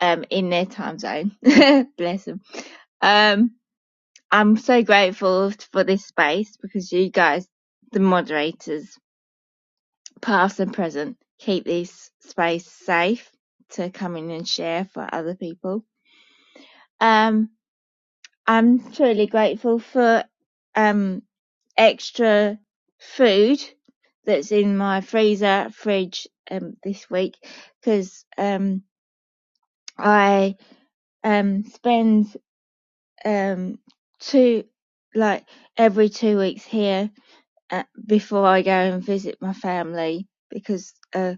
S9: um in their time zone bless them um i'm so grateful for this space because you guys the moderators past and present keep this space safe to come in and share for other people um i'm truly grateful for um extra food that's in my freezer fridge um this week because um I um spend um two like every two weeks here uh, before I go and visit my family because uh,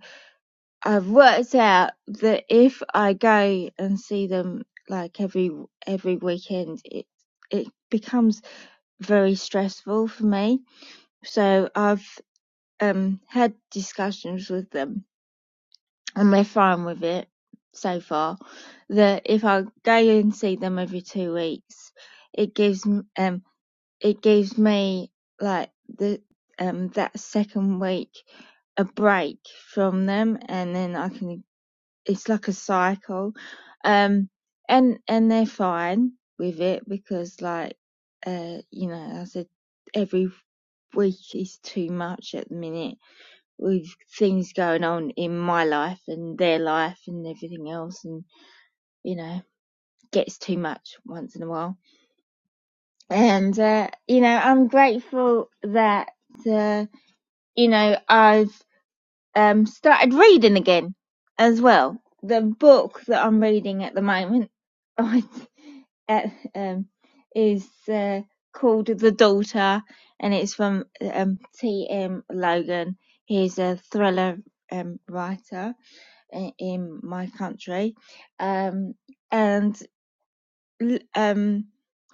S9: I've worked out that if I go and see them like every every weekend it it becomes very stressful for me so I've um had discussions with them and they're fine with it so far that if I go and see them every two weeks it gives m- um it gives me like the um that second week a break from them and then I can it's like a cycle um and and they're fine with it because like uh you know I said every week is too much at the minute with things going on in my life and their life and everything else and you know gets too much once in a while and uh, you know i'm grateful that uh, you know i've um, started reading again as well the book that i'm reading at the moment I, uh, um, is uh, called the daughter and it's from um, tm logan he's a thriller um, writer i- in my country um and um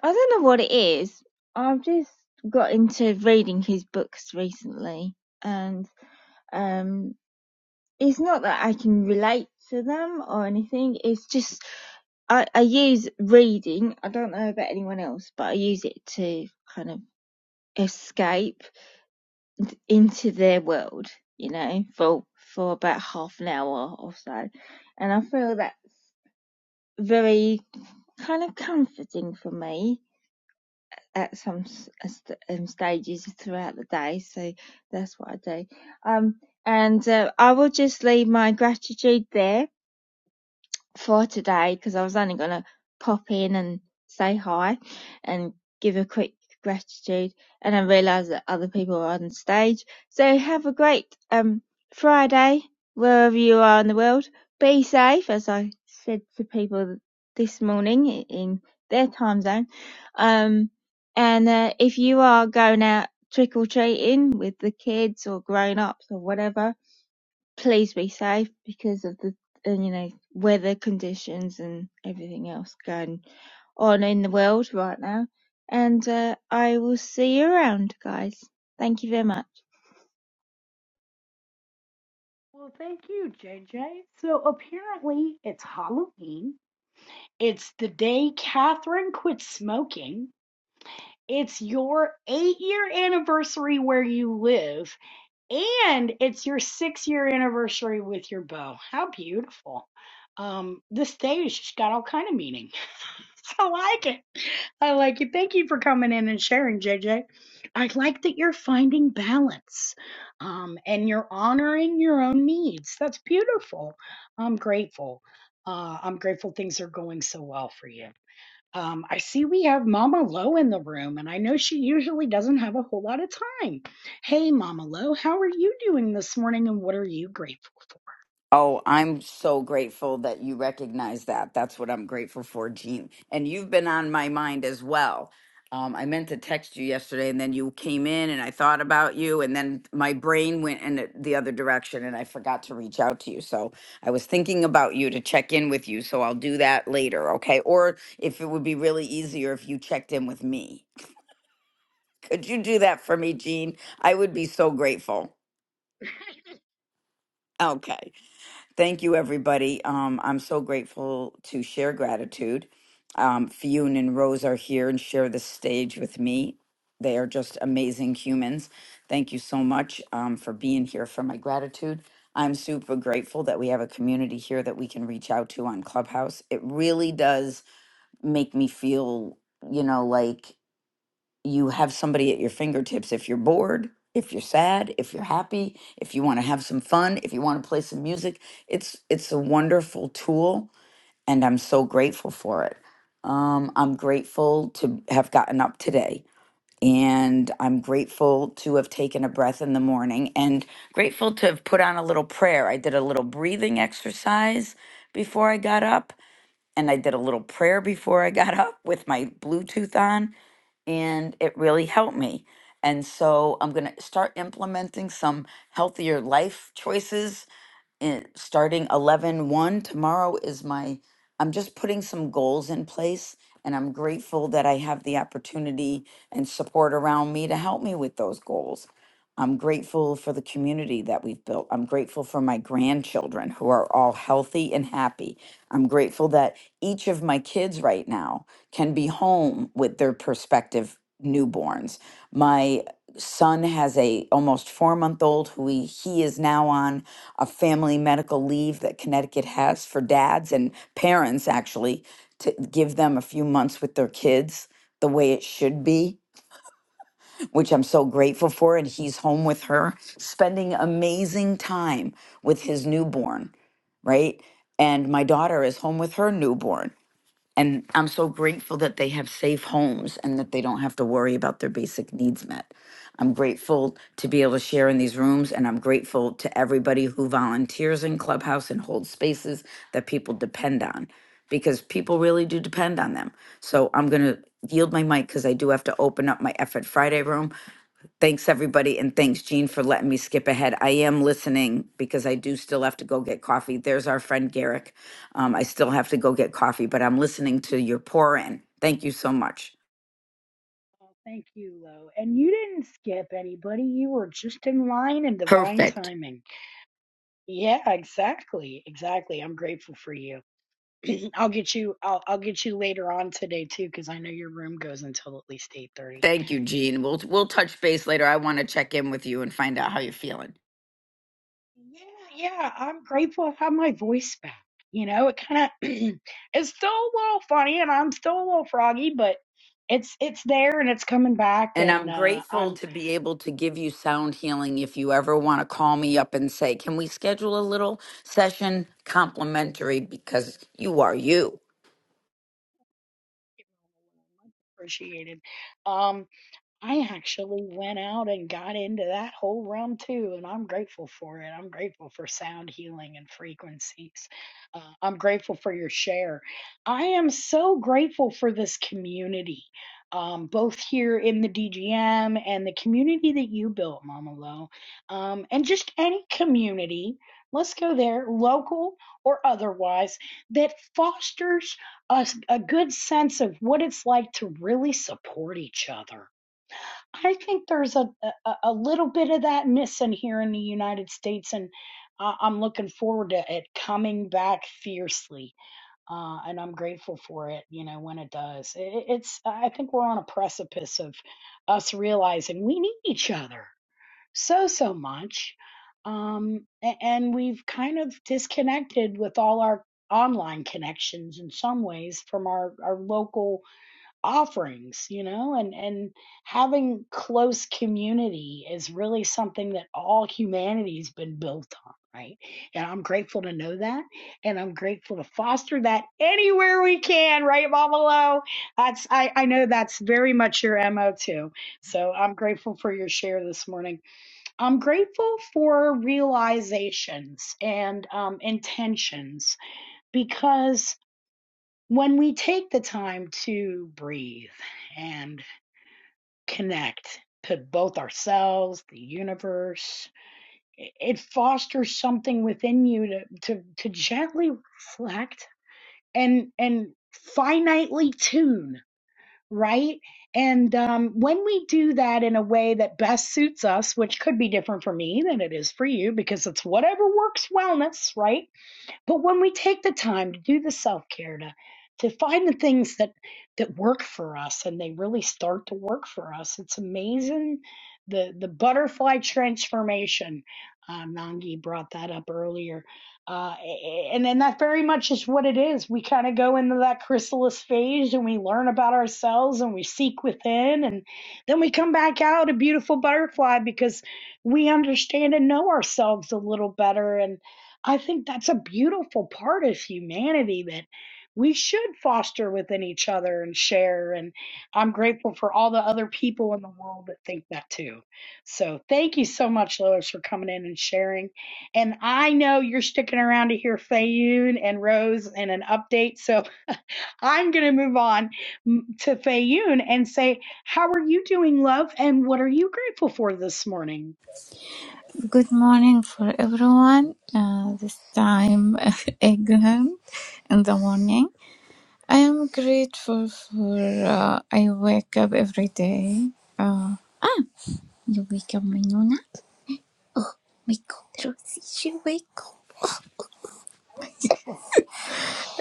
S9: i don't know what it is i've just got into reading his books recently and um it's not that i can relate to them or anything it's just i i use reading i don't know about anyone else but i use it to kind of escape into their world you know for for about half an hour or so and i feel that very kind of comforting for me at some uh, st- um, stages throughout the day. So that's what I do. Um, and uh, I will just leave my gratitude there for today because I was only going to pop in and say hi and give a quick gratitude and I realised that other people are on stage. So have a great um Friday wherever you are in the world. Be safe as I said to people this morning in their time zone. Um and uh, if you are going out trick or treating with the kids or grown ups or whatever please be safe because of the and you know weather conditions and everything else going on in the world right now. And uh, I will see you around, guys. Thank you very much.
S1: Well, thank you, JJ. So apparently it's Halloween. It's the day Catherine quit smoking. It's your eight year anniversary where you live, and it's your six year anniversary with your beau. How beautiful. Um, this day has just got all kind of meaning. I like it. I like it. Thank you for coming in and sharing, JJ. I like that you're finding balance um, and you're honoring your own needs. That's beautiful. I'm grateful. Uh, I'm grateful things are going so well for you. Um, I see we have Mama Lo in the room, and I know she usually doesn't have a whole lot of time. Hey, Mama Lo, how are you doing this morning, and what are you grateful for?
S10: Oh, I'm so grateful that you recognize that. That's what I'm grateful for, Gene. And you've been on my mind as well. Um, I meant to text you yesterday, and then you came in, and I thought about you, and then my brain went in the the other direction, and I forgot to reach out to you. So I was thinking about you to check in with you. So I'll do that later, okay? Or if it would be really easier if you checked in with me. Could you do that for me, Gene? I would be
S1: Yeah.
S10: so grateful. Okay. Thank you, everybody. Um, I'm so grateful to share gratitude. Um, Fionn and Rose are here and share the stage with me. They are just amazing humans. Thank you so much um, for being here for my gratitude. I'm super grateful that we have a community here that we can reach out to on Clubhouse. It really does make me feel, you know, like you have somebody at your fingertips if you're bored, if you're sad, if you're happy, if you want to have some fun, if you want to play some music. It's it's a wonderful tool and I'm so grateful for it. Um, I'm grateful to have gotten up today and I'm grateful to have taken a breath in the morning and grateful to have put on a little prayer. I did a little breathing exercise before I got up and I did a little prayer before I got up with my Bluetooth on and it really helped me. And so I'm going to start implementing some healthier life choices in, starting 11 one. tomorrow is my i'm just putting some goals in place and i'm grateful that i have the opportunity and support around me to help me with those goals i'm grateful for the community that we've built i'm grateful for my grandchildren who are all healthy and happy i'm grateful that each of my kids right now can be home with their prospective newborns my son has a almost four month old who he, he is now on a family medical leave that Connecticut has for dads and parents, actually, to give them a few months with their kids the way it should be, which I'm so grateful for. And he's home with her, spending amazing time with his newborn, right? And my daughter is home with her newborn and I'm so grateful that they have safe homes and that they don't have to worry about their basic needs met. I'm grateful to be able to share in these rooms, and I'm grateful to everybody who volunteers in Clubhouse and holds spaces that people depend on because people really do depend on them. So I'm going to yield my mic because I do have to open up my Effort Friday room. Thanks, everybody, and thanks, Jean, for letting me skip ahead. I am listening because I do still have to go get coffee. There's our friend Garrick. Um, I still have to go get coffee, but I'm listening to your pour in. Thank you so much.
S1: Oh, thank you, Lo. And you didn't skip anybody. You were just in line and divine
S10: Perfect.
S1: timing. Yeah, exactly. Exactly. I'm grateful for you. I'll get you I'll I'll get you later on today too cuz I know your room goes until at least 8:30.
S10: Thank you, Jean. We'll we'll touch base later. I want to check in with you and find out how you're feeling.
S1: Yeah, yeah, I'm grateful I have my voice back. You know, it kind of it's still a little funny and I'm still a little froggy, but it's it's there and it's coming back
S10: And
S1: and
S10: I'm
S1: uh
S10: grateful
S1: I'm
S10: to be able to give you sound healing if you ever want to call me up and say, "Can we schedule a little session complimentary because you are you."
S1: appreciated. Um I actually went out and got into that whole realm too, and I'm grateful for it. I'm grateful for sound healing and frequencies. Uh, I'm grateful for your share. I am so grateful for this community, um, both here in the DGM and the community that you built, Mama Lo, um, and just any community. Let's go there, local or otherwise, that fosters a, a good sense of what it's like to really support each other I think there's a, a a little bit of that missing here in the United States, and I- I'm looking forward to it coming back fiercely. Uh, and I'm grateful for it, you know, when it does. It, it's I think we're on a precipice of us realizing we need each other so so much, um, a- and we've kind of disconnected with all our online connections in some ways from our our local offerings you know and and having close community is really something that all humanity's been built on right and i'm grateful to know that and i'm grateful to foster that anywhere we can right mama lo that's i i know that's very much your mo too so i'm grateful for your share this morning i'm grateful for realizations and um intentions because when we take the time to breathe and connect to both ourselves, the universe, it fosters something within you to, to, to gently reflect and, and finitely tune, right? And um, when we do that in a way that best suits us, which could be different for me than it is for you, because it's whatever works wellness, right? But when we take the time to do the self care, to, to find the things that, that work for us and they really start to work for us, it's amazing the, the butterfly transformation. Uh, Nangi brought that up earlier. Uh, and, and that very much is what it is. We kind of go into that chrysalis phase and we learn about ourselves and we seek within. And then we come back out a beautiful butterfly because we understand and know ourselves a little better. and. I think that's a beautiful part of humanity that we should foster within each other and share. And I'm grateful for all the other people in the world that think that too. So thank you so much, Lois, for coming in and sharing. And I know you're sticking around to hear Fayun and Rose and an update. So I'm going to move on mm, to Fayun and say, How are you doing, love? And what are you grateful for this morning?
S11: Good morning for everyone. Uh, this time again in the morning. I am grateful for uh, I wake up every day. Uh, ah, you wake up, Minuna. Wake up, Rosie. She wake up.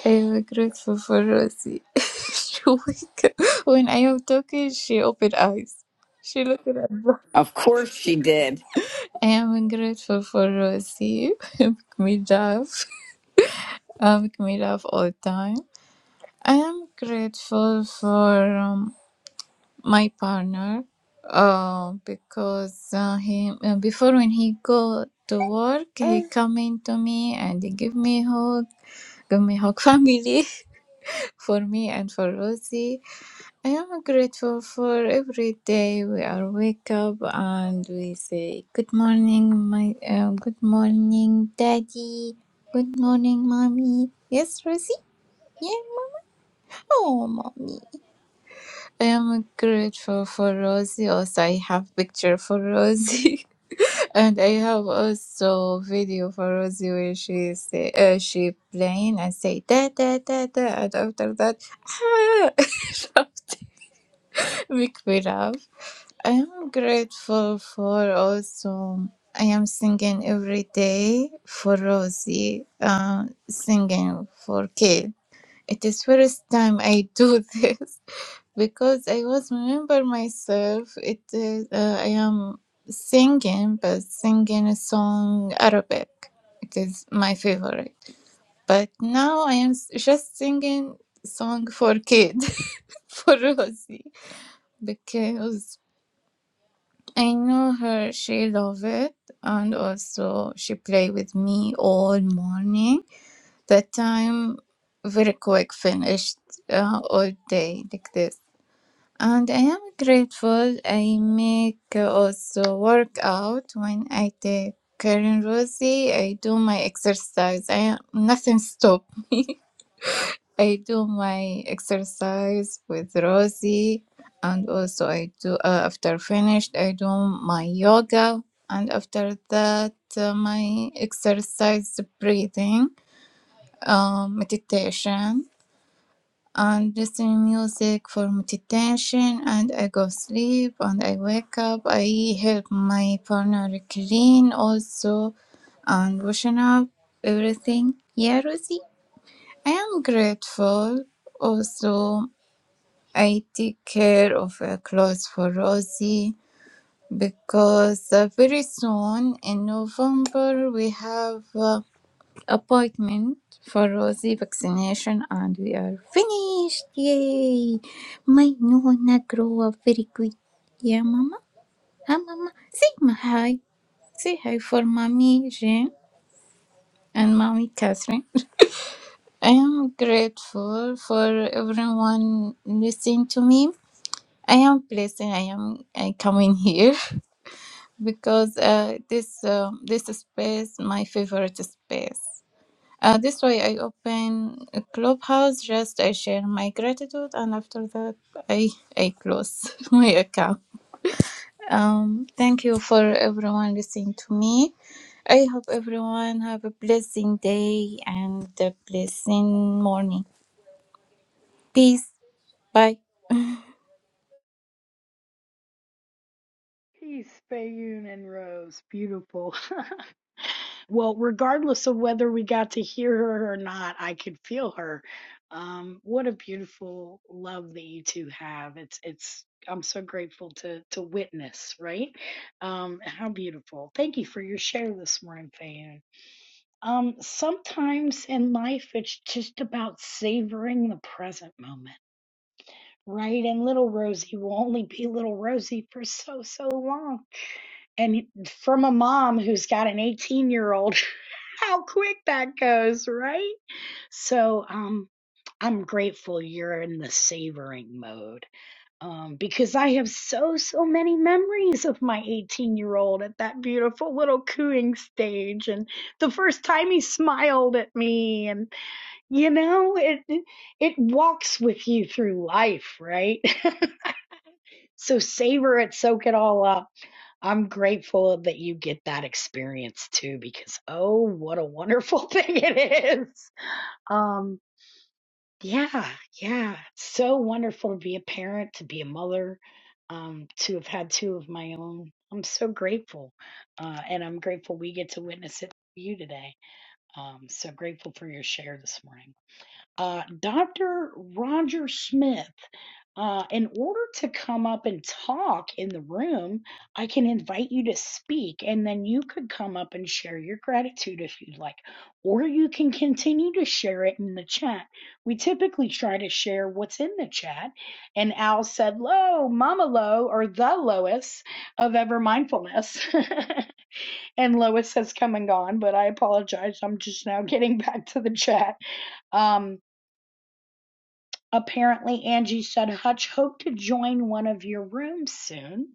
S11: I am grateful for Rosie. she wake up. When I am talking, she open eyes. She looked at me.
S10: Of course she did.
S11: I am grateful for Rosie. make me laugh. Uh, make me laugh all the time. I am grateful for um, my partner uh, because uh, he uh, before when he go to work he come in to me and he give me hug give me hug family for me and for Rosie. I am grateful for every day we are wake up and we say good morning my uh, good morning daddy good morning mommy yes Rosie yeah oh mommy I am grateful for Rosie. Also, I have picture for Rosie, and I have also video for Rosie where she say uh, she playing and say da da da da, and after that, ah, make me laugh. I am grateful for also. I am singing every day for Rosie. Um, singing for Kid. It is first time I do this. because I was remember myself. It is uh, I am singing, but singing a song Arabic. It is my favorite. But now I am s- just singing song for kid for Rosie because I know her. She love it, and also she play with me all morning. That time very quick finished uh, all day like this And I am grateful I make uh, also workout when I take Karen Rosie. I do my exercise. I am, nothing stop. I do my exercise with Rosie, and also I do uh, after finished I do my yoga, and after that uh, my exercise breathing, uh, meditation and listening music for meditation and I go sleep and I wake up. I help my partner clean also and washing up everything. Yeah, Rosie. I am grateful. Also, I take care of uh, clothes for Rosie because uh, very soon in November we have uh, appointment for Rosie vaccination and we are finished. Yay! My Nona grow up very quick. Yeah, Mama? Hi, Mama. Say my hi. Say hi for Mommy Jane and Mommy Catherine. I am grateful for everyone listening to me. I am blessed I am I coming here because uh, this um this space my favorite space. Uh, this way, I open a Clubhouse, just I share my gratitude, and after that, I I close my account. Um, thank you for everyone listening to me. I hope everyone have a blessing day and a blessing morning. Peace. Bye.
S1: Peace, Fayun and Rose. Beautiful. Well, regardless of whether we got to hear her or not, I could feel her. Um, what a beautiful love that you two have. It's it's I'm so grateful to to witness, right? Um, how beautiful. Thank you for your share this morning, Fayun. Um, sometimes in life it's just about savoring the present moment, right? And little Rosie will only be little Rosie for so so long and from a mom who's got an 18 year old, how quick that goes, right? So um, I'm grateful you're in the savoring mode um, because I have so, so many memories of my 18 year old at that beautiful little cooing stage and the first time he smiled at me. And, you know, it, it walks with you through life, right? So savor it, soak it all up. I'm grateful that you get that experience too, because oh, what a wonderful thing it is. Um, yeah, yeah. It's so wonderful to be a parent, to be a mother, um, to have had two of my own. I'm so grateful. Uh, and I'm grateful we get to witness it for you today. Um, so grateful for your share this morning uh, Dr. Roger Smith. Uh, in order to come up and talk in the room, I can invite you to speak, and then you could come up and share your gratitude if you'd like, or you can continue to share it in the chat. We typically try to share what's in the chat, and Al said, "Low, Mama Low, or the Lois of Ever Mindfulness," and Lois has come and gone. But I apologize; I'm just now getting back to the chat. Um, Apparently, Angie said, Hutch, hoped to join one of your rooms soon.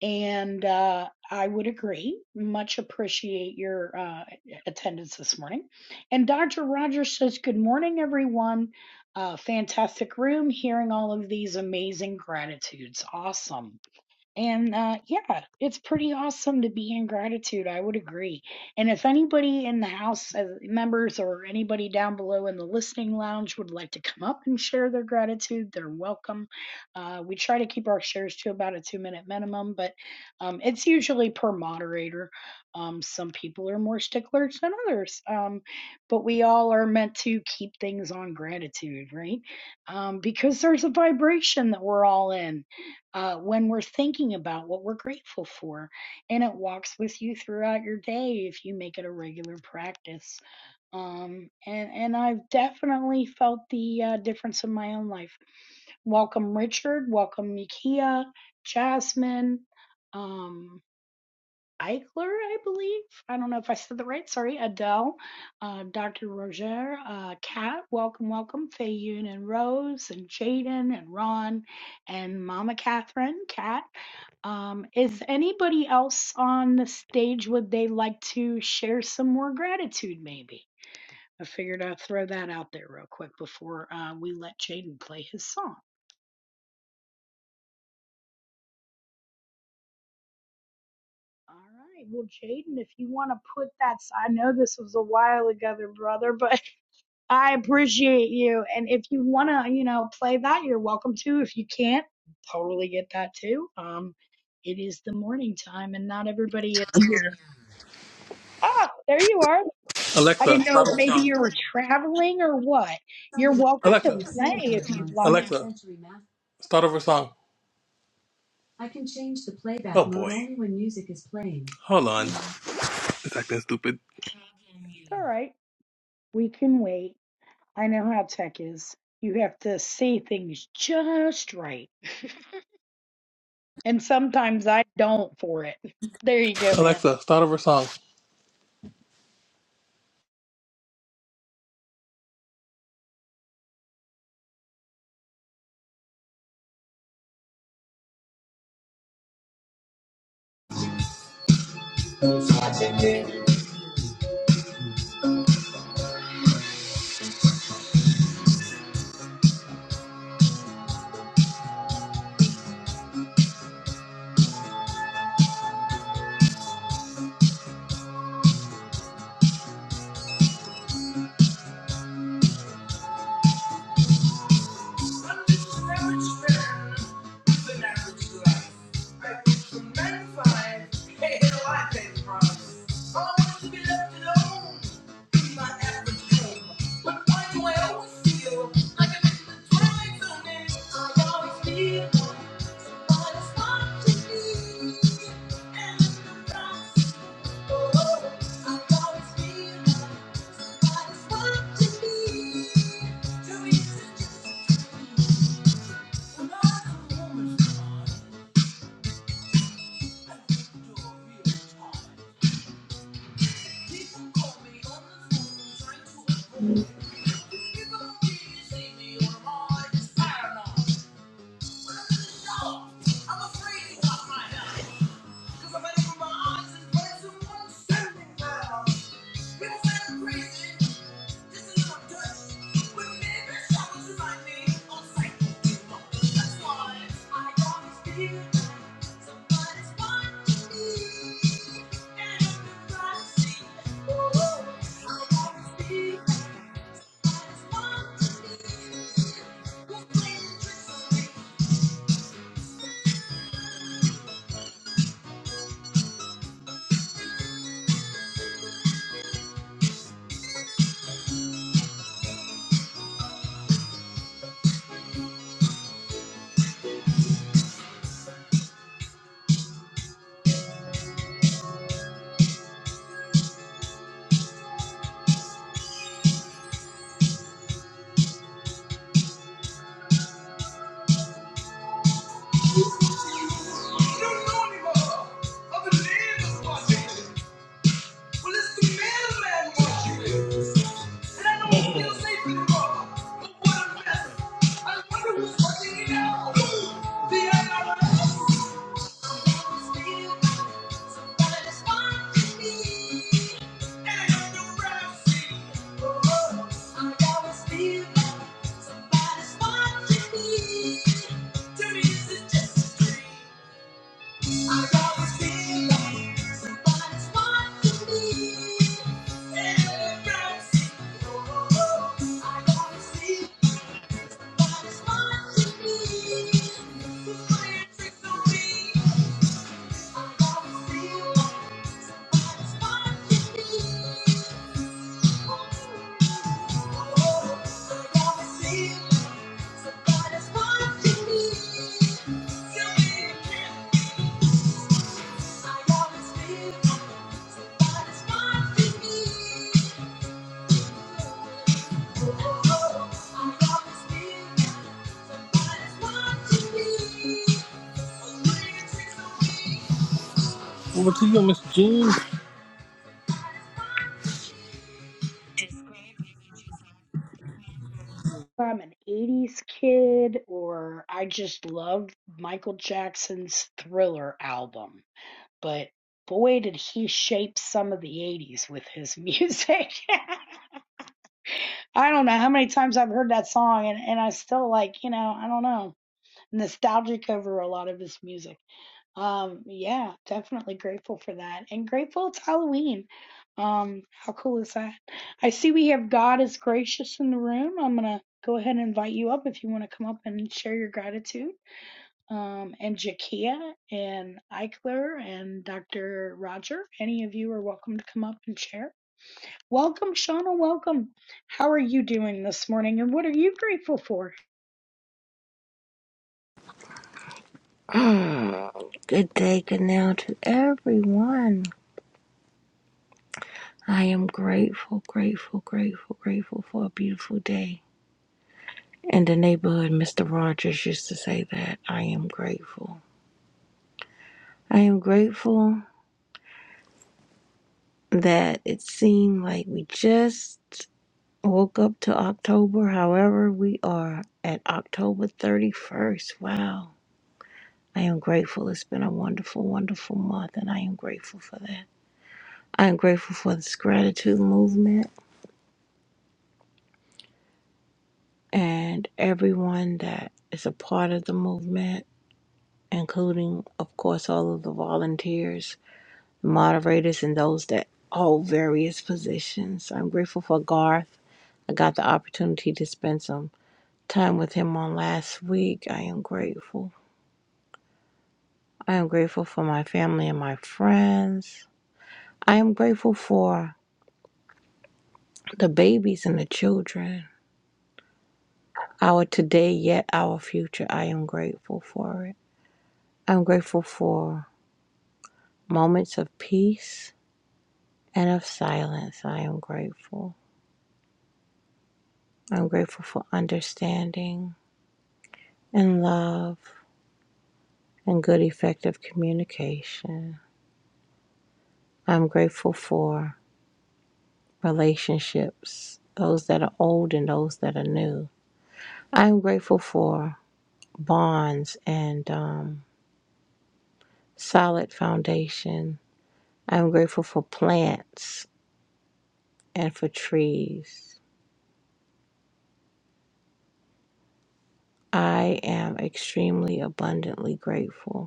S1: And uh, I would agree. Much appreciate your uh, attendance this morning. And Dr. Rogers says, Good morning, everyone. Uh, fantastic room, hearing all of these amazing gratitudes. Awesome. And uh, yeah, it's pretty awesome to be in gratitude. I would agree. And if anybody in the house uh, members or anybody down below in the listening lounge would like to come up and share their gratitude, they're welcome. Uh, we try to keep our shares to about a two minute minimum, but um, it's usually per moderator. Um, some people are more sticklers than others, um, but we all are meant to keep things on gratitude, right? Um, because there's a vibration that we're all in uh, when we're thinking about what we're grateful for. And it walks with you throughout your day if you make it a regular practice. Um, and, and I've definitely felt the uh, difference in my own life. Welcome, Richard. Welcome, Mikia, Jasmine. Um, Eichler, I believe. I don't know if I said that right. Sorry, Adele, uh, Dr. Roger, uh, Kat, welcome, welcome, Fayun and Rose and Jaden and Ron and Mama Catherine, Kat. Um, is anybody else on the stage? Would they like to share some more gratitude, maybe? I figured I'd throw that out there real quick before uh, we let Jaden play his song. All right. Well, Jaden, if you want to put that, I know this was a while ago, brother, but I appreciate you. And if you want to, you know, play that, you're welcome to. If you can't, totally get that too. Um, it is the morning time and not everybody is. Oh, there you are. I
S6: Alexa,
S1: didn't know
S6: start
S1: if
S6: over
S1: maybe
S6: song.
S1: you were traveling or what. You're welcome to
S6: Alexa,
S1: play if you'd like.
S6: Alexa, start over song. Oh boy. Hold on. It's acting stupid.
S1: All right. We can wait. I know how tech is. You have to say things just right. And sometimes I don't for it. There you go, man.
S6: Alexa, start over song. Thank you. People say I'm crazy. Well, it's the middleman what you do. And I don't still safe in anymore. But what a mess. I wonder who's working it out. The IRS. I always feel like somebody's watching me. Celebrate. Oh, I always feel like somebody's watching me. Playing tricks on me. I always feel like somebody's watching me.
S1: I'm an 80s kid or I just loved Michael Jackson's Thriller album. But boy, did he shape some of the 80s with his music. I don't know how many times I've heard that song and, and I still like, you know, I don't know, nostalgic over a lot of his music. Um, yeah, definitely grateful for that. And grateful it's Halloween. Um, how cool is that? I see we have God is gracious in the room. I'm gonna go ahead and invite you up if you want to come up and share your gratitude. Um, and Jakia and Eichler and Dr. Roger, any of you are welcome to come up and share. Welcome, Shauna. Welcome. How are you doing this morning and what are you grateful for?
S12: Mm, Good day, good now to everyone. I am grateful, grateful, grateful, grateful for a beautiful day. In the neighborhood, Mr. Rogers used to say that I am grateful. I am grateful that it seemed like we just woke up to October. However, we are at October 31st. Wow. I am grateful. It's been a wonderful, wonderful month, and I am grateful for that. I am grateful for this gratitude movement. and everyone that is a part of the movement, including, of course, all of the volunteers, moderators, and those that hold various positions. I'm grateful for Garth. I got the opportunity to spend some time with him on last week. I am grateful. I am grateful for my family and my friends. I am grateful for the babies and the children. Our today, yet our future. I am grateful for it. I'm grateful for moments of peace and of silence. I am grateful. I'm grateful for understanding and love and good, effective communication. I'm grateful for relationships, those that are old and those that are new. I'm grateful for bonds and um, solid foundation. I'm grateful for plants and for trees. I am extremely abundantly grateful.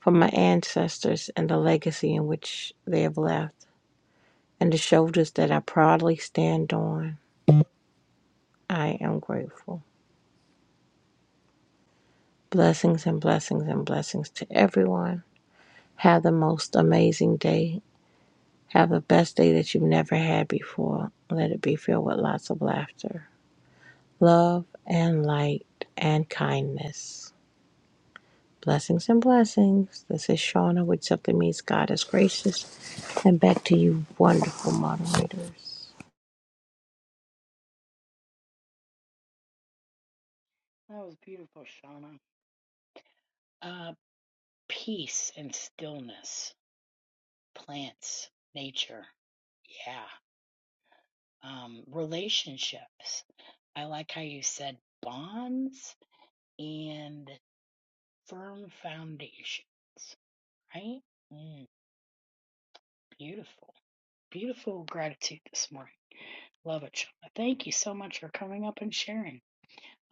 S12: from my ancestors and the legacy in which they have left, and the shoulders that I proudly stand on. I am grateful. Blessings and blessings and blessings to everyone. Have the most amazing day. Have the best day that you've never had before. Let it be filled with lots of laughter, love, and light, and kindness. Blessings and blessings. This is Shauna, which simply means God is gracious. And back to you, wonderful moderators.
S1: That was beautiful, Shauna. Uh, peace and stillness. plants, nature, yeah, um, relationships. I like how you said bonds and firm foundations, right? Mm, beautiful, beautiful gratitude this morning. Love it, Shauna. Thank you so much for coming up and sharing.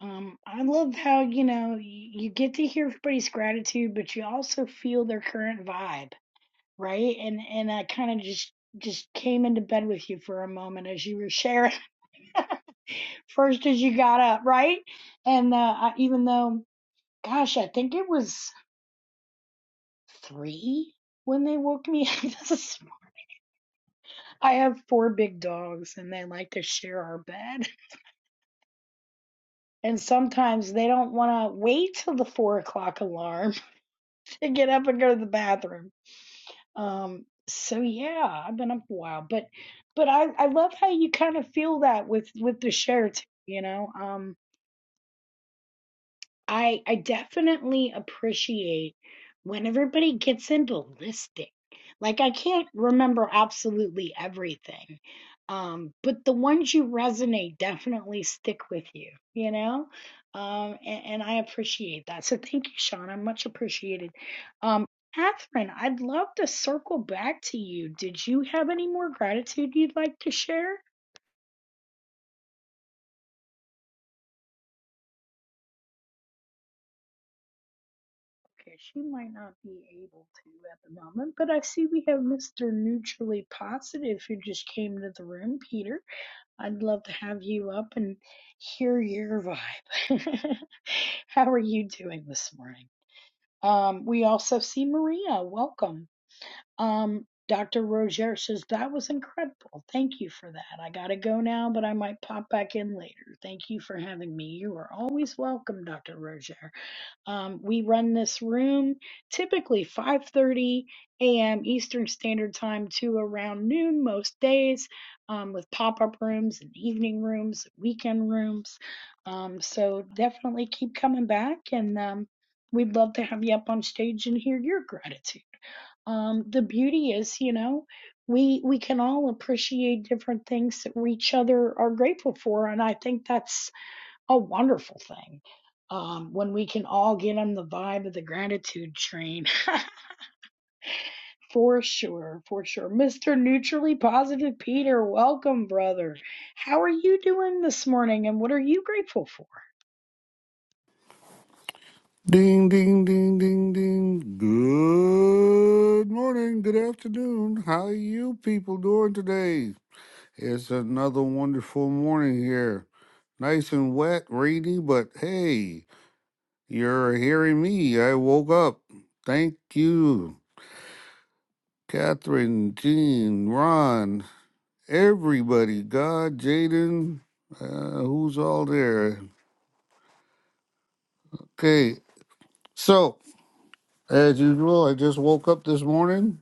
S1: Um, I love how you know you, you get to hear everybody's gratitude, but you also feel their current vibe, right? And and I kind of just just came into bed with you for a moment as you were sharing. first as you got up, right? And uh, I, even though, gosh, I think it was three when they woke me. up. This is- I have four big dogs, and they like to share our bed. And sometimes they don't want to wait till the four o'clock alarm to get up and go to the bathroom. Um, so yeah, I've been up a while, but but I I love how you kind of feel that with with the share too, you know. Um, I I definitely appreciate when everybody gets into listing. Like I can't remember absolutely everything. Um, but the ones you resonate definitely stick with you, you know? Um, and, and I appreciate that. So thank you, Sean. I'm much appreciated. Um, Catherine, I'd love to circle back to you. Did you have any more gratitude you'd like to share? Okay, she might not be able to at the moment, but I see we have Mr. Neutrally Positive who just came to the room. Peter, I'd love to have you up and hear your vibe. How are you doing this morning? Um, we also see Maria. Welcome. Um, Dr. Roger says that was incredible. Thank you for that. I gotta go now, but I might pop back in later. Thank you for having me. You are always welcome, Dr. Roger. Um, we run this room typically 5:30 a.m. Eastern Standard Time to around noon most days, um, with pop-up rooms and evening rooms, weekend rooms. Um, so definitely keep coming back, and um, we'd love to have you up on stage and hear your gratitude um, the beauty is, you know, we we can all appreciate different things that we each other are grateful for, and I think that's a wonderful thing um, when we can all get on the vibe of the gratitude train. for sure, for sure. Mr. Neutrally Positive Peter, welcome, brother. How are you doing this morning and what are you grateful for?
S13: Ding, ding, ding, ding, ding. Good morning, good afternoon. How you people doing today? It's another wonderful morning here. Nice and wet, rainy, but hey, you're hearing me. I woke up. Thank you, Catherine, Jean, Ron, everybody, God, Jaden, uh, who's all there? Okay, so as usual, I just woke up this morning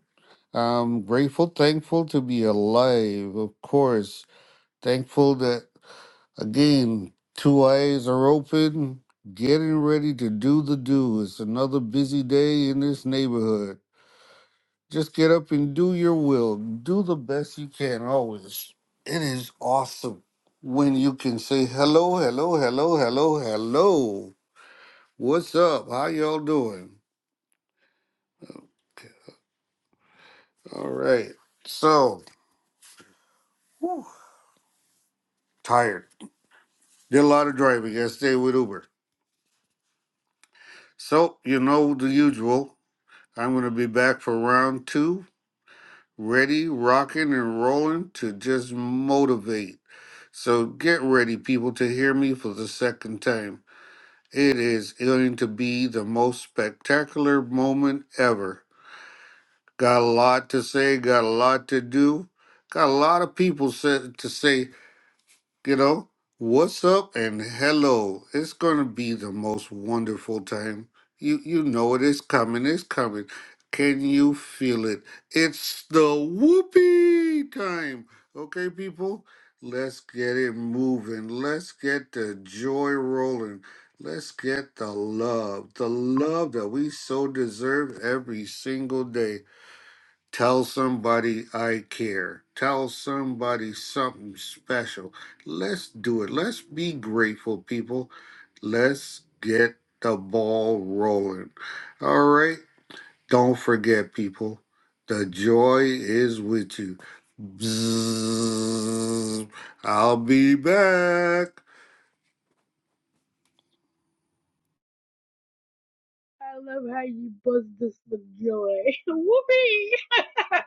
S13: I'm grateful, thankful to be alive, of course. Thankful that, again, two eyes are open, getting ready to do the do. It's another busy day in this neighborhood. Just get up and do your will. Do the best you can always. It is awesome when you can say hello, hello, hello, hello, hello. What's up? How y'all doing? All right. So, whew, tired. Did a lot of driving yesterday with Uber. So, you know the usual. I'm going to be back for round two, ready, rocking, and rolling to just motivate. So, get ready, people, to hear me for the second time. It is going to be the most spectacular moment ever. Got a lot to say, got a lot to do, got a lot of people sa- to say You know, what's up and hello. It's going to be the most wonderful time. You you know it is coming. It's coming. Can you feel it? It's the whoopee time. Okay, people, let's get it moving. Let's get the joy rolling. Let's get the love, the love that we so deserve every single day. Tell somebody I care. Tell somebody something special. Let's do it. Let's be grateful, people. Let's get the ball rolling. All right. Don't forget, people. The joy is with you. Bzzz. I'll be back.
S1: I love how you buzz this with joy. Whoopee!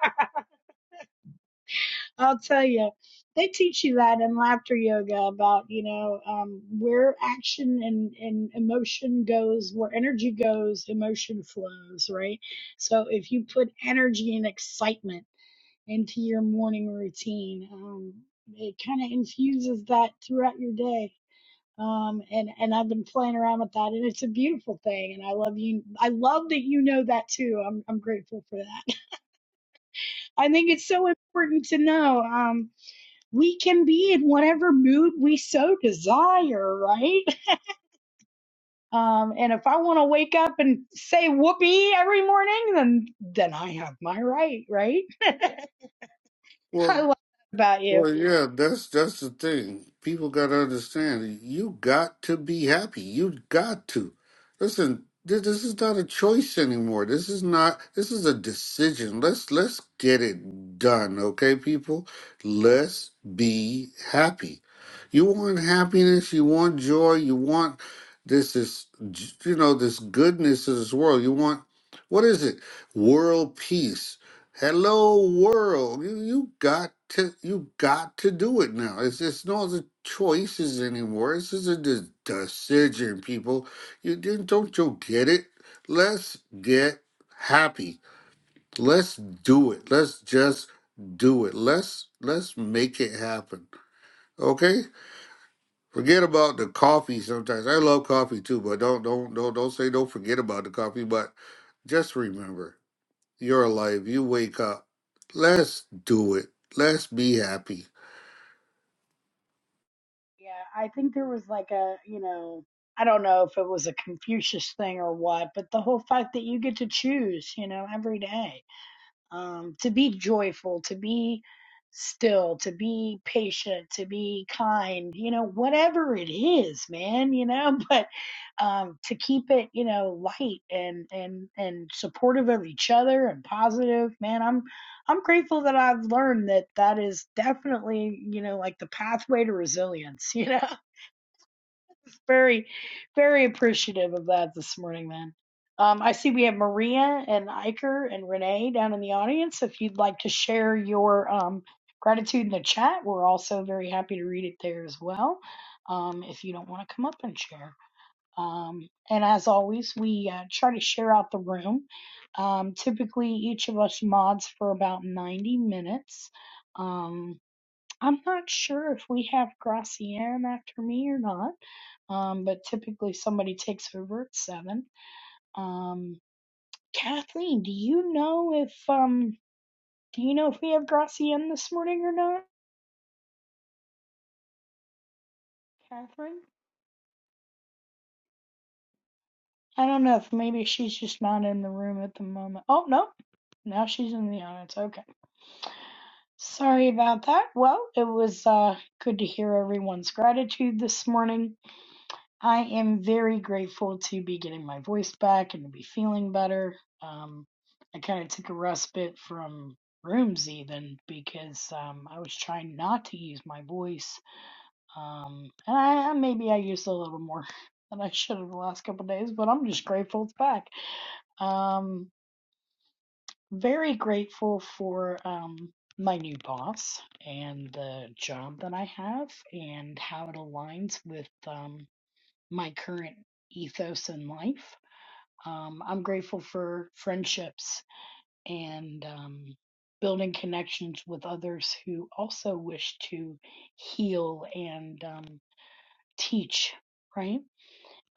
S1: I'll tell you, they teach you that in laughter yoga about, you know, um, where action and, and emotion goes, where energy goes, emotion flows, right? So if you put energy and excitement into your morning routine, um, it kind of infuses that throughout your day um, and and I've been playing around with that, and it's a beautiful thing. And I love you. I love that you know that too. I'm I'm grateful for that. I think it's so important to know um, we can be in whatever mood we so desire, right? Um, and if I want to wake up and say whoopee every morning, then then I have my right, right? I
S13: Well,
S1: love that about you.
S13: Well, yeah, that's that's the thing. People got to understand. You got to be happy. You got to listen. This, this is not a choice anymore. This is not. This is a decision. Let's let's get it done, okay, people. Let's be happy. You want happiness. You want joy. You want this is you know this goodness of this world. You want what is it? World peace Hello world. You you got to you got to do it now. It's it's no other choices anymore. This is a de- decision, people. You didn't don't you get it? Let's get happy. Let's do it. Let's just do it. Let's let's make it happen. Okay? Forget about the coffee sometimes. I love coffee too, but don't don't don't don't say don't forget about the coffee, but just remember your life. You wake up. Let's do it. Let's be happy.
S1: Yeah, I think there was like a, you know, I don't know if it was a Confucius thing or what, but the whole fact that you get to choose, you know, every day um, to be joyful, to be still, to be patient, to be kind, you know, whatever it is, man, you know, but um, to keep it, you know, light and and and supportive of each other and positive, man, I'm I'm grateful that I've learned that that is definitely, you know, like the pathway to resilience, you know. Very, very appreciative of that this morning, man. Um, I see we have Maria and Iker and Renee down in the audience. If you'd like to share your um, gratitude in the chat, we're also very happy to read it there as well. Um, if you don't want to come up and share. Um, and as always, we uh, try to share out the room. Um, typically, each of us mods for about 90 minutes. Um, I'm not sure if we have Gracianne after me or not, um, but typically somebody takes over at seven. Um, Kathleen, do you know if um, do you know if we have Gracianne this morning or not? Catherine, I don't know if maybe she's just not in the room at the moment. Oh no, now she's in the audience. Okay, sorry about that. Well, it was uh, good to hear everyone's gratitude this morning. I am very grateful to be getting my voice back and to be feeling better. Um, I kind of took a respite from rooms even because um, I was trying not to use my voice. Um, and I, maybe I used a little more than I should have the last couple of days, but I'm just grateful it's back. Um, very grateful for um, my new boss and the job that I have and how it aligns with. um, my current ethos in life. Um, I'm grateful for friendships and um, building connections with others who also wish to heal and um, teach, right?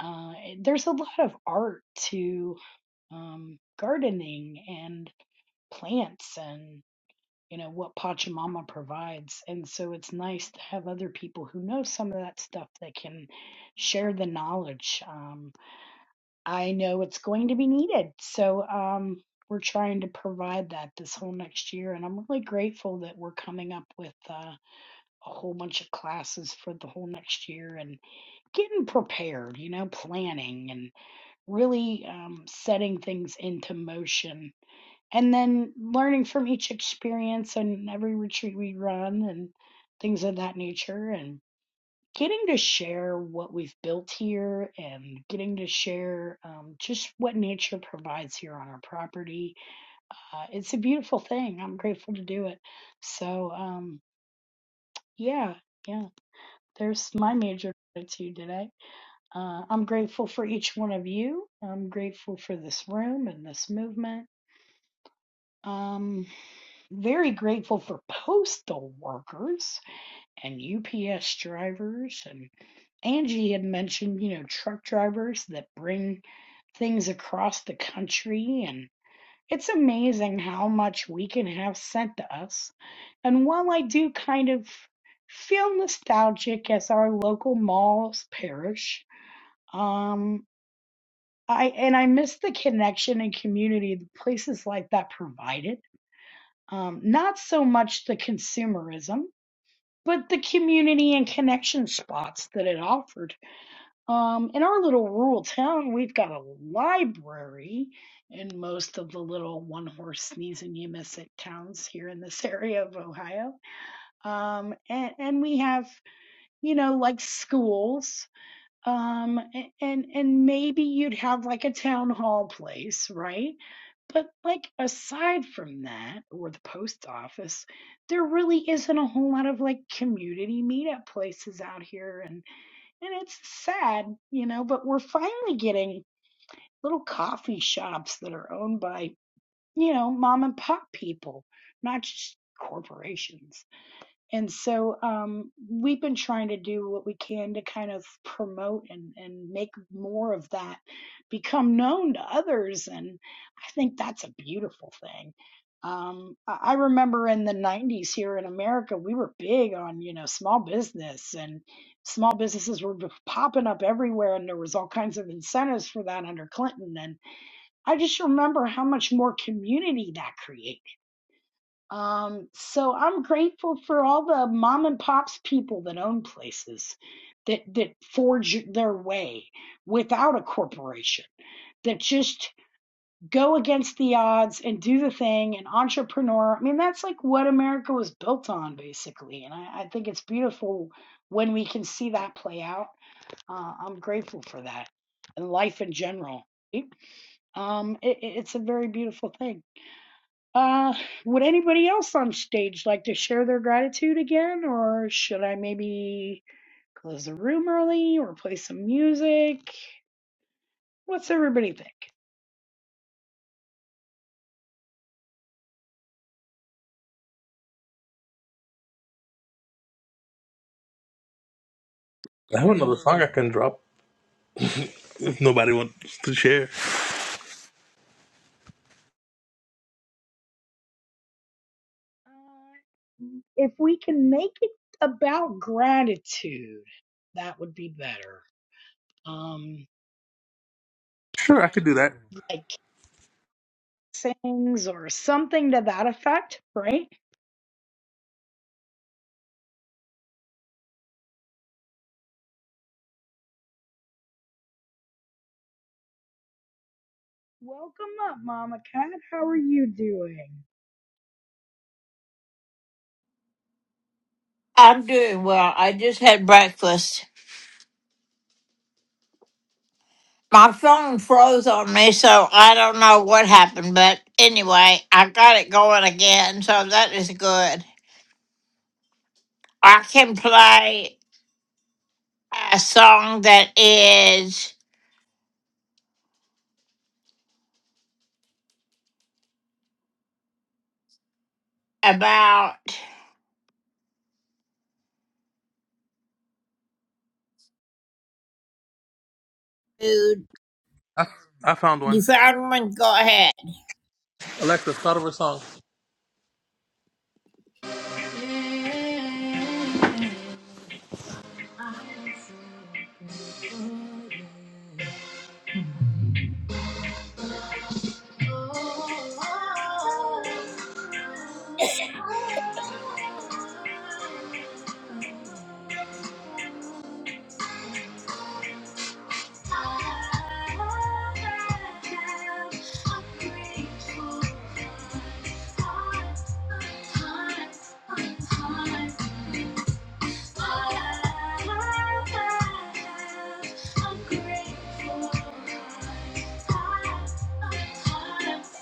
S1: Uh, eh, there's a lot of art to um, gardening and plants and you know what Pachamama provides. And so it's nice to have other people who know some of that stuff that can share the knowledge. Um, I know it's going to be needed. So um, we're trying to provide that this whole next year. And I'm really grateful that we're coming up with uh, a whole bunch of classes for the whole next year and getting prepared, you know, planning and really um, setting things into motion and then learning from each experience and every retreat we run and things of that nature. and getting to share what we've built here and getting to share um, just what nature provides here on our property. Uh, it's a beautiful thing. I'm grateful to do it. So, um, yeah, yeah, there's my major gratitude today. Uh, I'm grateful for each one of you. I'm grateful for this room and this movement. Um, very grateful for postal workers. and UPS drivers and Angie had mentioned, you know, truck drivers that bring things across the country and it's amazing how much we can have sent to us. And while I do kind of feel nostalgic as our local malls perish, um I and I miss the connection and community that places like that provided. Um, not so much the consumerism, but the community and connection spots that it offered. Um, in our little rural town, we've got a library in most of the little one horse sneeze and you miss it towns here in this area of Ohio. Um, and, and we have, you know, like schools um a- and and maybe you'd have like a town hall place right but like aside from that or the post office there really isn't a whole lot of like community meetup places out here and and it's sad you know but we're finally getting little coffee shops that are owned by you know mom and pop people not just corporations and so um, we've been trying to do what we can to kind of promote and, and make more of that become known to others. And I think that's a beautiful thing. Um, I I remember in the 90s here in America, we were big on, you know, small business and small businesses were b- popping up everywhere. And there was all kinds of incentives for that under Clinton. And I just remember how much more community that created um, so I'm grateful for all the mom and pops people that own places that that forge their way without a corporation that just go against the odds and do the thing and entrepreneur. I mean, that's like what America was built on basically. And I, I think it's beautiful when we can see that play out. Uh, I'm grateful for that and life in general. right? Um, it- it's a very beautiful thing. Uh, would anybody else on stage like to share their gratitude again, or should I maybe close the room early or play some music? What's everybody think?
S6: I have another song I can drop if nobody wants to share.
S1: Uh, if we can make it about gratitude, that would be better. Um,
S6: Sure, I could do that.
S1: like sayings or something to that effect, right? Welcome up, Mama Cat. How are you doing?
S5: I'm doing well. I just had breakfast. my phone froze on me, so I don't know what happened. But anyway, I got it going again, so that is good. I can play a song that is about food.
S6: I, I found
S5: You
S6: one.
S5: found one? Go ahead.
S6: Alexa, start over a song.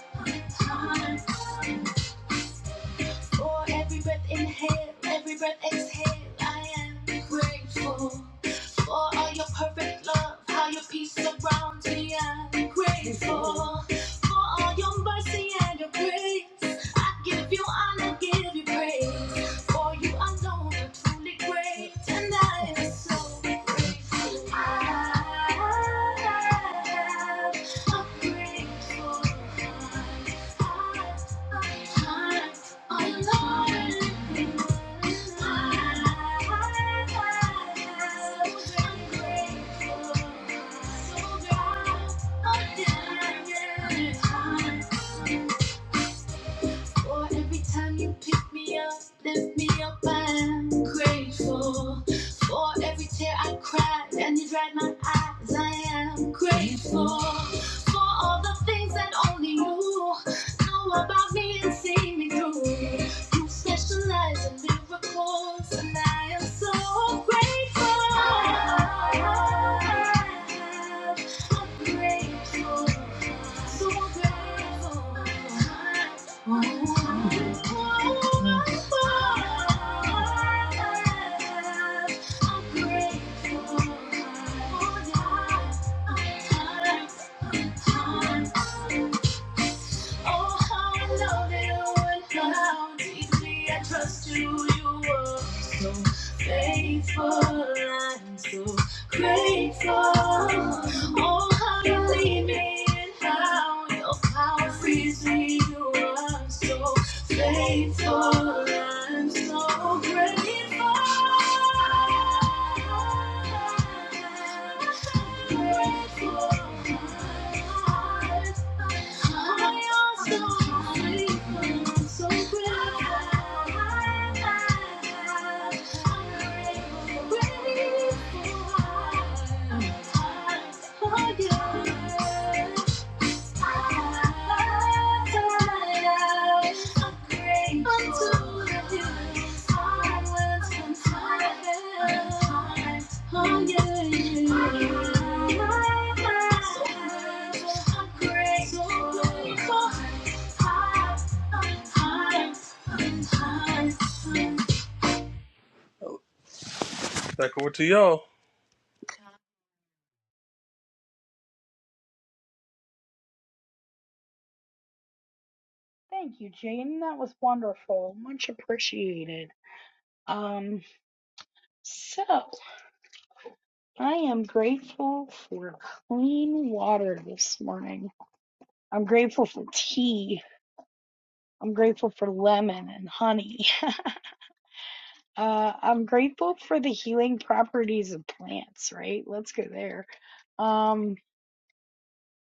S6: Thank you. For every breath inhale, every breath exhale, I am grateful. For all your perfect love, how your peace surrounds me, I'm grateful. For all your mercy and your grace, I give you honor, give you praise. For you alone are truly great, and I am so grateful. I have a grateful heart. Thank you. For every time you pick me up, lift me up, I'm grateful. For every tear I cried and you dried my eyes, I am grateful. For all the things that only you know about me and see me through. You specialize in miracles, and I am so grateful. I have a grateful, so grateful. Thank you. Oh, how I love you and how deeply I trust you. You were so faithful. I'm so grateful. Oh, how you lead me and how your power frees me. You are so faithful. I'm so grateful. Grateful. Oh yeah. Back over to y'all.
S1: Thank you, Jaden. That was wonderful. Much appreciated. Um. So, I am grateful for clean water this morning. I'm grateful for tea. I'm grateful for lemon and honey. uh, I'm grateful for the healing properties of plants, right? Let's go there. Um,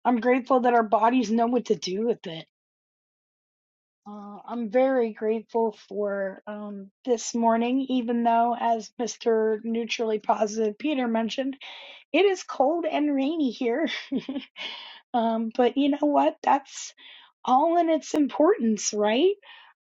S1: I'm grateful that our bodies know what to do with it. Uh, I'm very grateful for um, this morning, even though, as Mr. Neutrally Positive Peter mentioned, It is cold and rainy here. um, but you know what? That's all in its importance, right?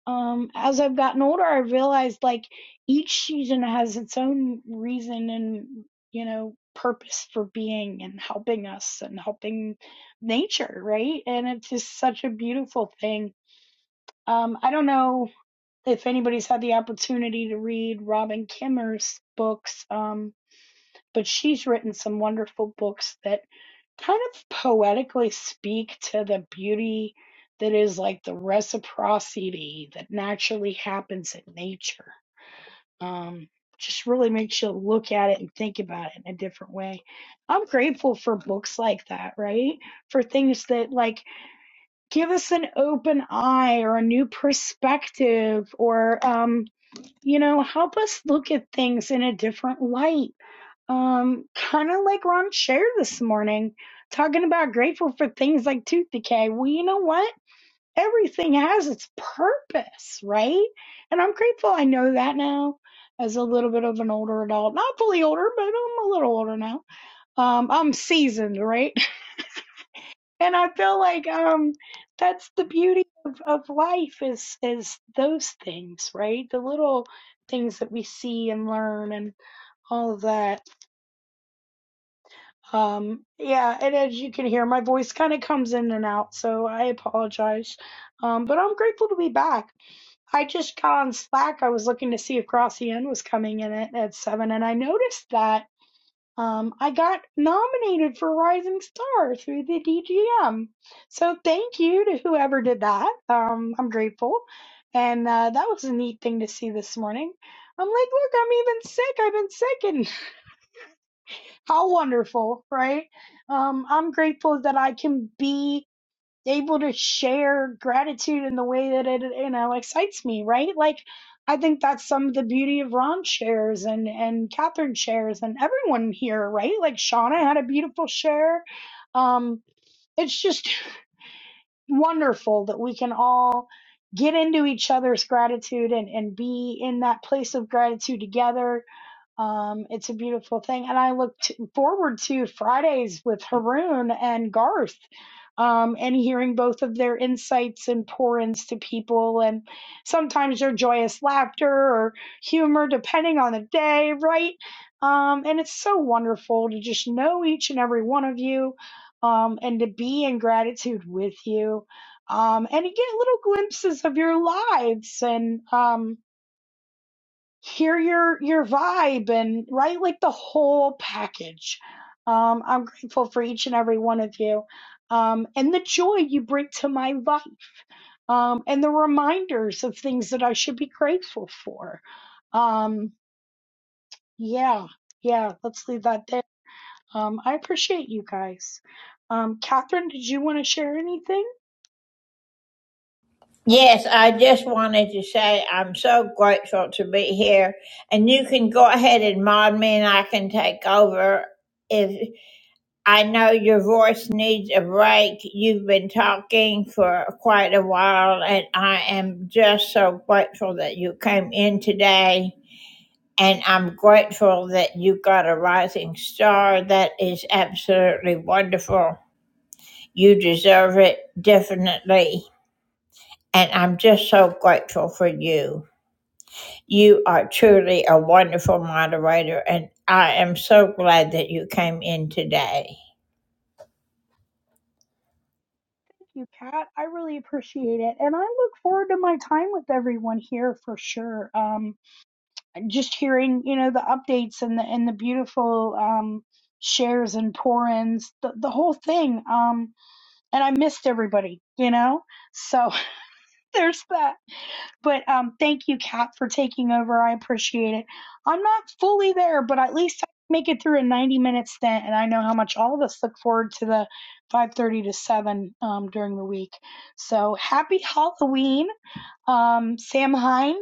S1: Um, as I've gotten older, I realized like each season has its own reason and, you know, purpose for being and helping us and helping nature, right? And it's just such a beautiful thing. Um, I don't know if anybody's had the opportunity to read Robin Kimmer's books. Um, but she's written some wonderful books that kind of poetically speak to the beauty that is like the reciprocity that naturally happens in nature. Um, just really makes you look at it and think about it in a different way. I'm grateful for books like that, right? For things that like give us an open eye or a new perspective or um you know, help us look at things in a different light. Um, kind of like Ron shared this morning, talking about grateful for things like tooth decay. Well, you know what? Everything has its purpose, right? And I'm grateful I know that now as a little bit of an older adult. Not fully older, but I'm a little older now. Um, I'm seasoned, right? and I feel like um that's the beauty of, of life is is those things, right? The little things that we see and learn and all of that. Um yeah, and as you can hear, my voice kind of comes in and out, so I apologize. Um but I'm grateful to be back. I just got on Slack. I was looking to see if Gracian was coming in at, at seven and I noticed that. Um, I got nominated for Rising Star through the DGM. So thank you to whoever did that. Um, I'm grateful. And uh, that was a neat thing to see this morning. I'm like, look, I'm even sick. I've been sick. And how wonderful, right? Um, I'm grateful that I can be able to share gratitude in the way that it you know excites me right like i think that's some of the beauty of ron shares and and catherine shares and everyone here right like shauna had a beautiful share um it's just wonderful that we can all get into each other's gratitude and and be in that place of gratitude together um, it's a beautiful thing. And I look t- forward to Fridays with Haroon and Garth um, and hearing both of their insights and pour ins to people. And sometimes their joyous laughter or humor, depending on the day, right? Um, and it's so wonderful to just know each and every one of you um, and to be in gratitude with you. Um, and to get little glimpses of your lives and, um, hear your your vibe and right like the whole package um i'm grateful for each and every one of you um and the joy you bring to my life um and the reminders of things that i should be grateful for um yeah yeah let's leave that there um i appreciate you guys um catherine did you want to share anything
S5: Yes, I just wanted to say I'm so grateful to be here, and you can go ahead and mod me, and I can take over if. I know your voice needs a break. You've been talking for quite a while, and I am just so grateful that you came in today. And I'm grateful that you got a rising star. That is absolutely wonderful. You deserve it, definitely. And I'm just so grateful for you. You are truly a wonderful moderator, and I am so glad that you came in today.
S1: you cat i really appreciate it and i look forward to my time with everyone here for sure Um, just hearing you know the updates and the and the beautiful um shares and pour ins the, the whole thing um and i missed everybody you know so there's that but um, thank you, Kat, for taking over. I appreciate it. I'm not fully there, but at least I make it through a 90 minute stint, and I know how much all of us look forward to the 5:30 to 7 um, during the week. So happy Halloween, um, Samhain,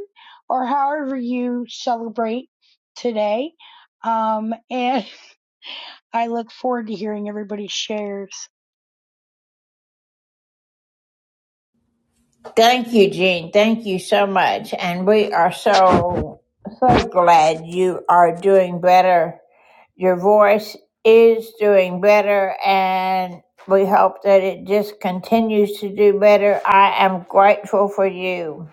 S1: or however you celebrate today. Um, and I look forward to hearing everybody's shares.
S5: Thank you, Jean. Thank you so much. And we are so, so glad you are doing better. Your voice is doing better, and we hope that it just continues to do better. I am grateful for you.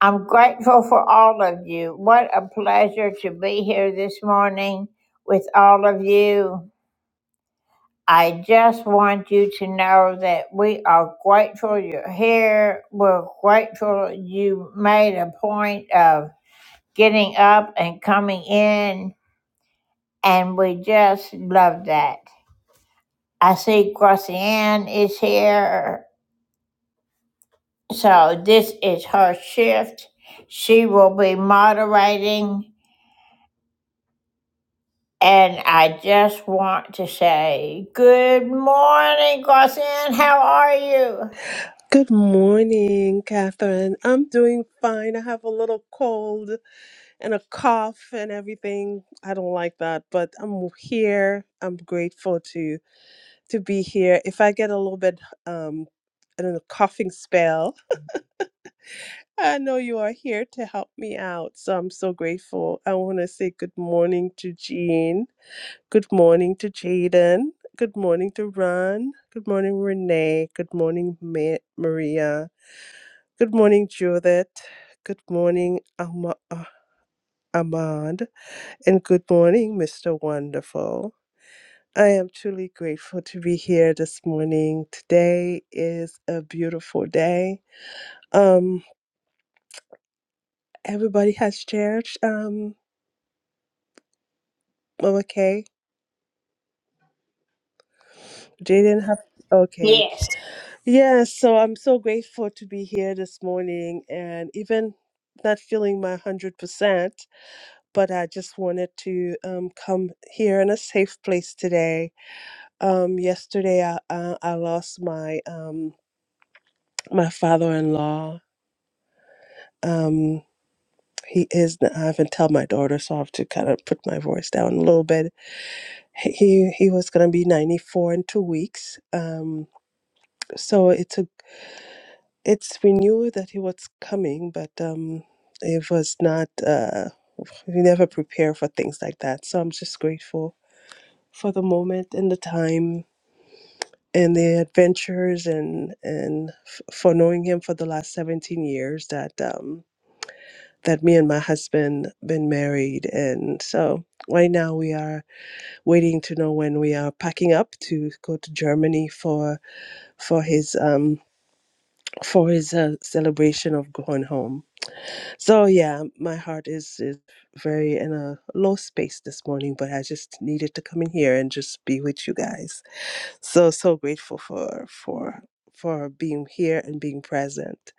S5: I'm grateful for all of you. What a pleasure to be here this morning with all of you. I just want you to know that we are grateful you're here. We're grateful you made a point of getting up and coming in, and we just love that. I see Gracianne is here, so this is her shift. She will be moderating, and I just want to say good morning, Gracianne. How are you?
S14: Good morning, Catherine. I'm doing fine. I have a little cold and a cough and everything. I don't like that, but I'm here. I'm grateful to to be here. If I get a little bit um I don't know, coughing spell, I know you are here to help me out. So I'm so grateful. I want to say good morning to Jean. Good morning to Jaden. Good morning to Ron. Good morning, Renee. Good morning, Ma- Maria. Good morning, Judith. Good morning, Ama- uh, Ahmad. And good morning, Mr. Wonderful. I am truly grateful to be here this morning. Today is a beautiful day. Um, everybody has shared. Um, Mama Kay, Jaden have. Okay,
S5: Yes.
S14: yeah. So I'm so grateful to be here this morning, and even not feeling my hundred percent, but I just wanted to um, come here in a safe place today Um, yesterday I, I I lost my um my father-in-law. Um, he is I haven't tell my daughter, so I have to kind of put my voice down a little bit. He he was gonna be 94 in two weeks. Um, so it's a it's we knew that he was coming, but um, it was not. Uh, we never prepare for things like that. So I'm just grateful for the moment and the time and the adventures and and f- for knowing him for the last 17 years that um that me and my husband been married and so right now we are waiting to know when we are packing up to go to Germany for for his um for his uh, celebration of going home. So yeah, my heart is is very in a low space this morning, but I just needed to come in here and just be with you guys. so so grateful for for for being here and being present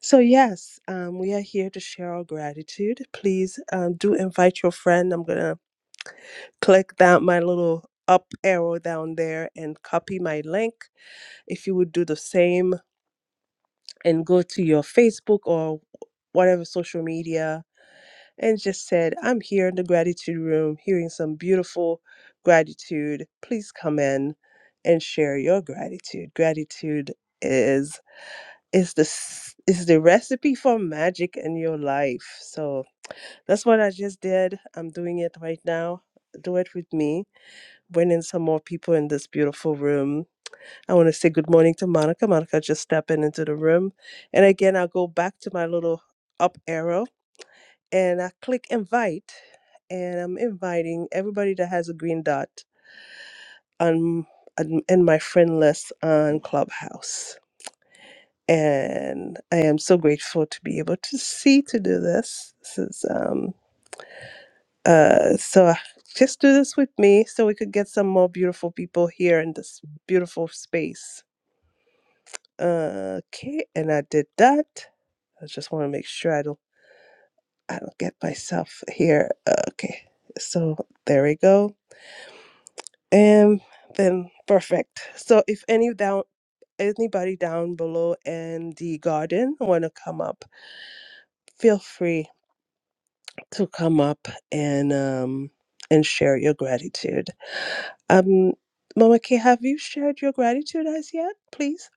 S14: so yes um, we are here to share our gratitude please um, do invite your friend i'm gonna click that my little up arrow down there and copy my link if you would do the same and go to your facebook or whatever social media and just said, I'm here in the gratitude room hearing some beautiful gratitude. Please come in and share your gratitude. Gratitude is is the s- is the recipe for magic in your life. So that's what I just did. I'm doing it right now. Do it with me. Bring in some more people in this beautiful room. I want to say good morning to Monica. Monica just stepping into the room. And again, I'll go back to my little up arrow and I click invite, and I'm inviting everybody that has a green dot on on- in my friend list on Clubhouse. And I am so grateful to be able to see to do this. This is um uh so I- just do this with me so we could get some more beautiful people here in this beautiful space. Okay, and I did that. I just want to make sure I don't I don't get myself here. Okay, so there we go And then perfect. So if any down anybody down below in the garden wanna come up, feel free to come up and um and share your gratitude. Um, Mama K, have you shared your gratitude as yet, please?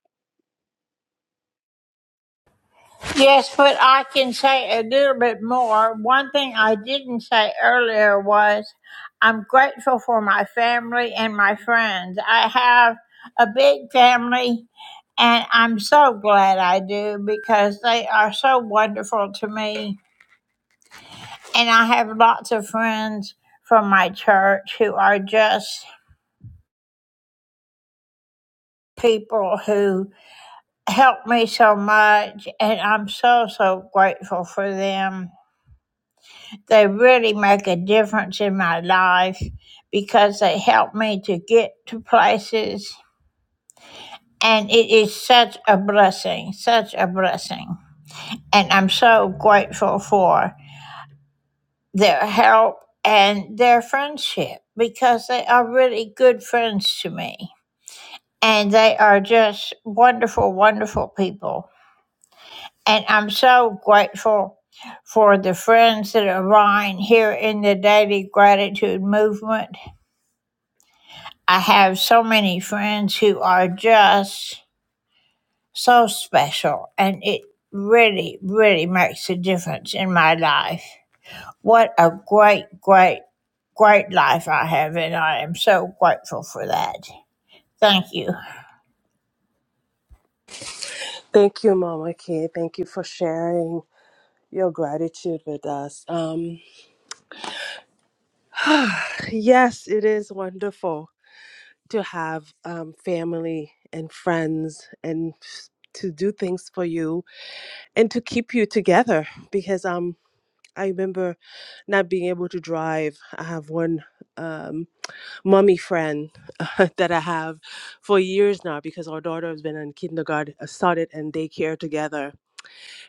S5: Yes, but I can say a little bit more. One thing I didn't say earlier was I'm grateful for my family and my friends. I have a big family, and I'm so glad I do because they are so wonderful to me. And I have lots of friends from my church who are just people who help me so much, and I'm so, so grateful for them. They really make a difference in my life because they help me to get to places. And it is such a blessing, such a blessing. And I'm so grateful for their help and their friendship because they are really good friends to me. And they are just wonderful, wonderful people. And I'm so grateful for the friends that are mine here in the Daily Gratitude Movement. I have so many friends who are just so special, and it really, really makes a difference in my life. What a great, great, great life I have, and I am so grateful for that. Thank you.
S14: Thank you, Mama K. Thank you for sharing your gratitude with us. Um, yes, it is wonderful. to have um, family and friends and s- to do things for you and to keep you together because um I remember not being able to drive. I have one um, mommy friend that I have for years now because our daughter has been in kindergarten, uh, started in daycare together.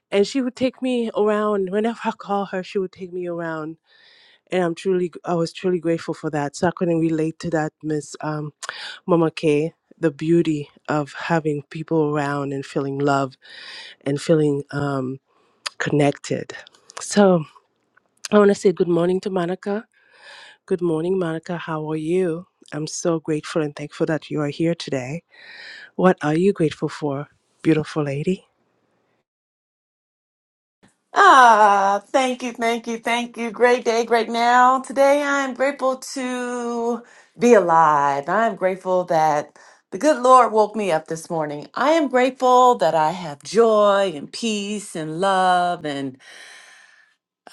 S14: And she would take me around whenever I call her. She would take me around, and I'm truly, I was truly grateful for that. So I couldn't relate to that, Miss. um, Mama K, the beauty of having people around and feeling love and feeling um, connected. So I want to say good morning to Monica. Good morning, Monica. How are you? I'm so grateful and thankful that you are here today. What are you grateful for, beautiful lady?
S15: Ah, thank you, thank you, thank you. Great day, great now. Today I'm grateful to be alive. I'm grateful that the good Lord woke me up this morning. I am grateful that I have joy and peace and love and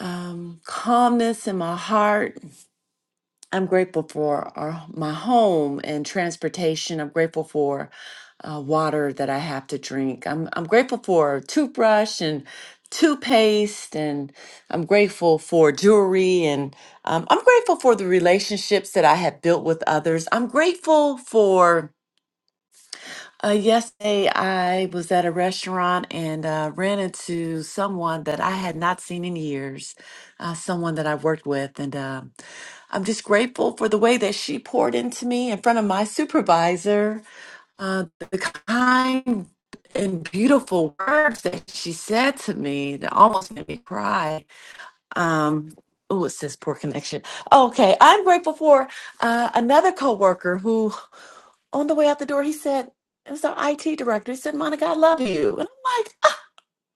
S15: um, calmness in my heart. I'm grateful for our, my home and transportation. I'm grateful for uh, water that I have to drink. I'm, I'm grateful for a toothbrush and toothpaste, and I'm grateful for jewelry, and um, I'm grateful for the relationships that I have built with others. I'm grateful for uh, yesterday, I was at a restaurant and uh, ran into someone that I had not seen in years, uh, someone that I worked with. And uh, I'm just grateful for the way that she poured into me in front of my supervisor, uh, the kind and beautiful words that she said to me that almost made me cry. Um, Oh, it says poor connection. Okay, I'm grateful for uh, another coworker on the way out the door, he said, it was our IT director. He said, Monica, I love you. And I'm like, I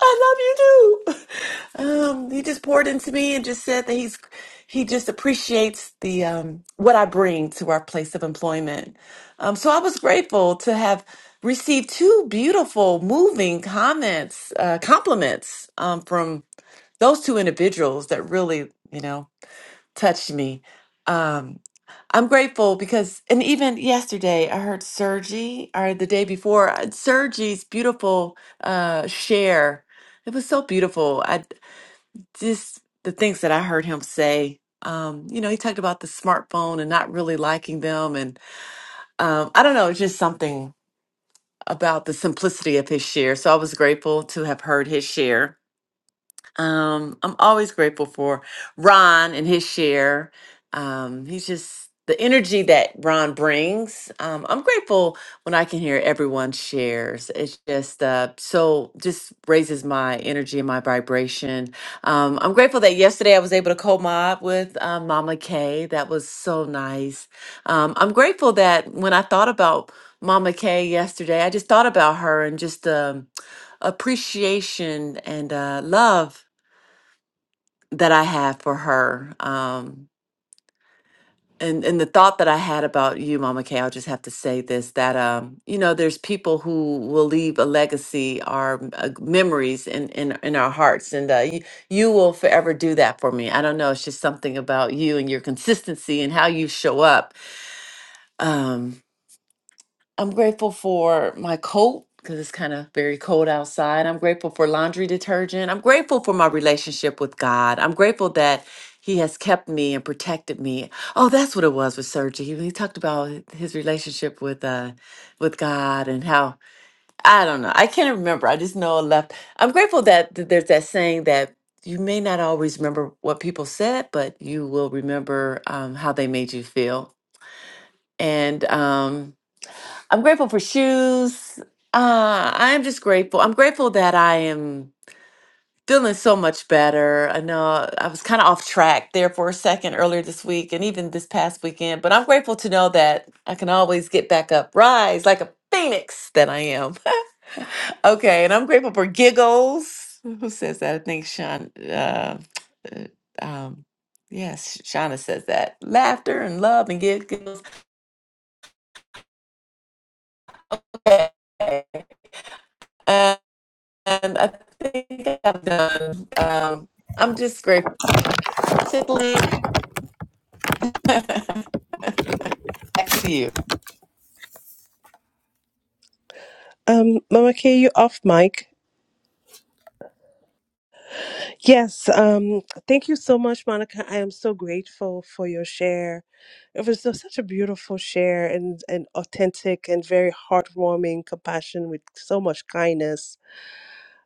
S15: I love you too. Um, he just poured into me and just said that he's he just appreciates the um, what I bring to our place of employment. Um, so I was grateful to have received two beautiful, moving comments, uh, compliments um, from those two individuals that really, you know, touched me. Um, I'm grateful because, and even yesterday, I heard Sergi, or the day before, I heard Sergi's beautiful uh, share. It was so beautiful. I just the things that I heard him say. Um, you know, he talked about the smartphone and not really liking them, and um, I don't know, it's just something about the simplicity of his share. So I was grateful to have heard his share. Um, I'm always grateful for Ron and his share. Um, he's just the energy that Ron brings. Um, I'm grateful when I can hear everyone shares. It's just uh, so just raises my energy and my vibration. Um, I'm grateful that yesterday I was able to co-mob with uh, Mama Kay. That was so nice. Um, I'm grateful that when I thought about Mama Kay yesterday, I just thought about her and just um, appreciation and uh, love that I have for her. Um, and, and the thought that I had about you, Mama Kay, I'll just have to say this that, um, you know, there's people who will leave a legacy or uh, memories in, in, in our hearts. And uh, you, you will forever do that for me. I don't know. It's just something about you and your consistency and how you show up. Um, I'm grateful for my coat because it's kind of very cold outside. I'm grateful for laundry detergent. I'm grateful for my relationship with God. I'm grateful that He has kept me and protected me. Oh, that's what it was with Sergi. He, he talked about hi- his relationship with uh with God and how I don't know. I can't remember. I just know I left. I'm grateful that th- there's that saying that you may not always remember what people said, but you will remember um, how they made you feel. And um, I'm grateful for shoes. Uh, I'm just grateful. I'm grateful that I am feeling so much better. I know I was kind of off track there for a second earlier this week and even this past weekend, but I'm grateful to know that I can always get back up, rise like a phoenix that I am. okay, and I'm grateful for giggles. Who says that? I think Sean. Uh, uh, um, yes, Shauna says that. Laughter and love and giggles. Okay. uh, And I think I've done. Um, I'm just grateful. back to you.
S14: Um, Mama K, you off mic. Yes, um, thank you so much, Monica. I am so grateful for your share. It was just such a beautiful share and, and authentic and very heartwarming compassion with so much kindness.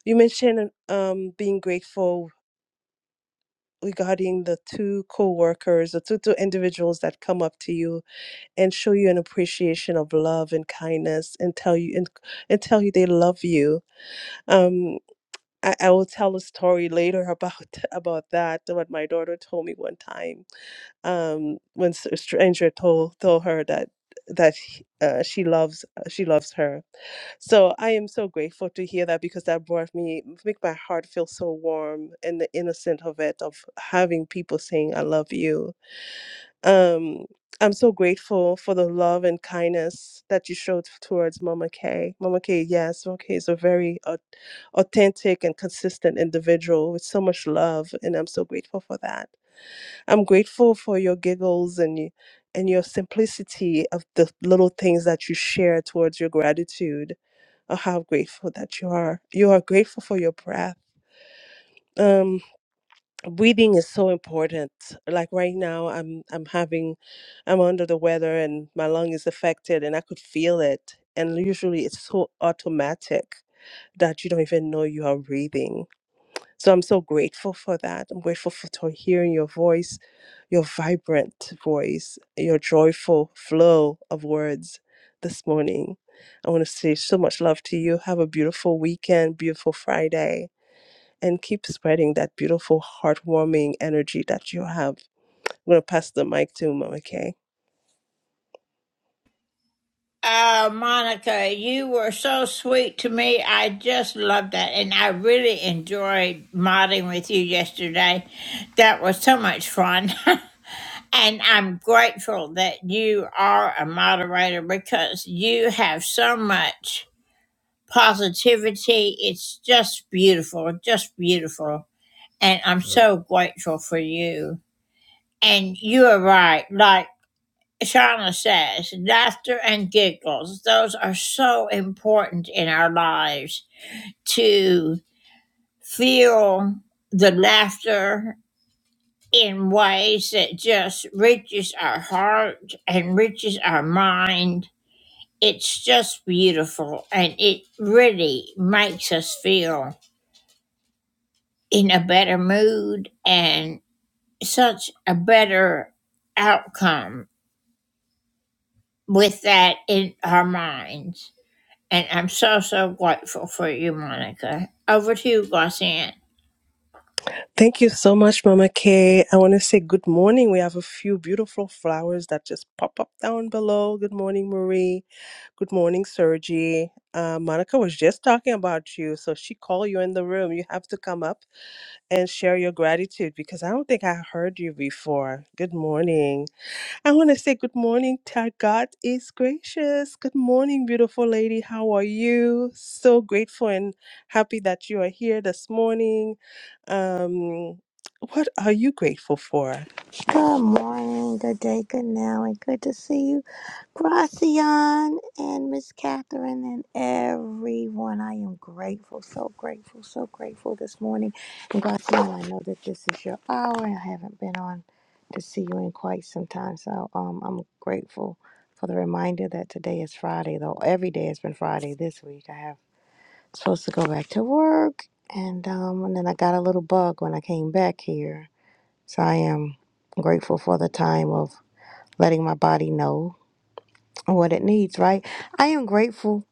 S14: You mentioned um, being grateful regarding the two co-workers, the two, two individuals that come up to you and show you an appreciation of love and kindness and tell you and, and tell you they love you. Um, I, I will tell a story later about about that. What my daughter told me one time, um, when s- a stranger told told her that that he- uh, she loves uh, she loves her. So I am so grateful to hear that because that brought me make my heart feel so warm and the innocent of it of having people saying I love you um, I'm so grateful for the love and kindness that you showed towards Mama Kay. Mama Kay, yes, Mama Kay is a very au- authentic and consistent individual with so much love, and I'm so grateful for that. I'm grateful for your giggles and you, and your simplicity of the little things that you share towards your gratitude. Oh, how grateful that you are! You are grateful for your breath. Um breathing is so important like right now i'm i'm having i'm under the weather and my lung is affected and i could feel it and usually it's so automatic that you don't even know you are breathing so i'm so grateful for that i'm grateful for to hearing your voice your vibrant voice your joyful flow of words this morning i want to say so much love to you have a beautiful weekend beautiful friday and keep spreading that beautiful, heartwarming energy that you have. I'm going to pass the mic to Mama Kay.
S5: Oh, Monica, you were so sweet to me. I just loved that. And I really enjoyed modding with you yesterday. That was so much fun. and I'm grateful that you are a moderator because you have so much positivity. It's just beautiful, just beautiful. And I'm so grateful for you. And you are right. Like, Shauna says, laughter and giggles, those are so important in our lives to feel the laughter in ways that just reaches our heart and reaches our mind. It's just beautiful and it really makes us feel in a better mood and such a better outcome with that in our minds. And I'm so, so grateful for you, Monica. Over to you, Glossian.
S14: Thank you so much, Mama Kay. I want to say good morning. We have a few beautiful flowers that just pop up down below. Good morning, Marie. Good morning, Sergi. Uh, Monica was just talking about you, so she called you in the room. You have to come up and share your gratitude because I don't think I heard you before. Good morning. I want to say good morning. to God is gracious. Good morning, beautiful lady. How are you? So grateful and happy that you are here this morning. Um, what are you grateful for?
S12: Good morning, good day, good now, and good to see you, Gracian and Miss Catherine and everyone. I am grateful, so grateful, so grateful this morning. And Gracian, I know that this is your hour, and I haven't been on to see you in quite some time, so um, I'm grateful for the reminder that today is Friday, though every day has been Friday this week. I have supposed to go back to work, and um, and then I got a little bug when I came back here so I am grateful for the time of letting my body know what it needs, right? I am grateful,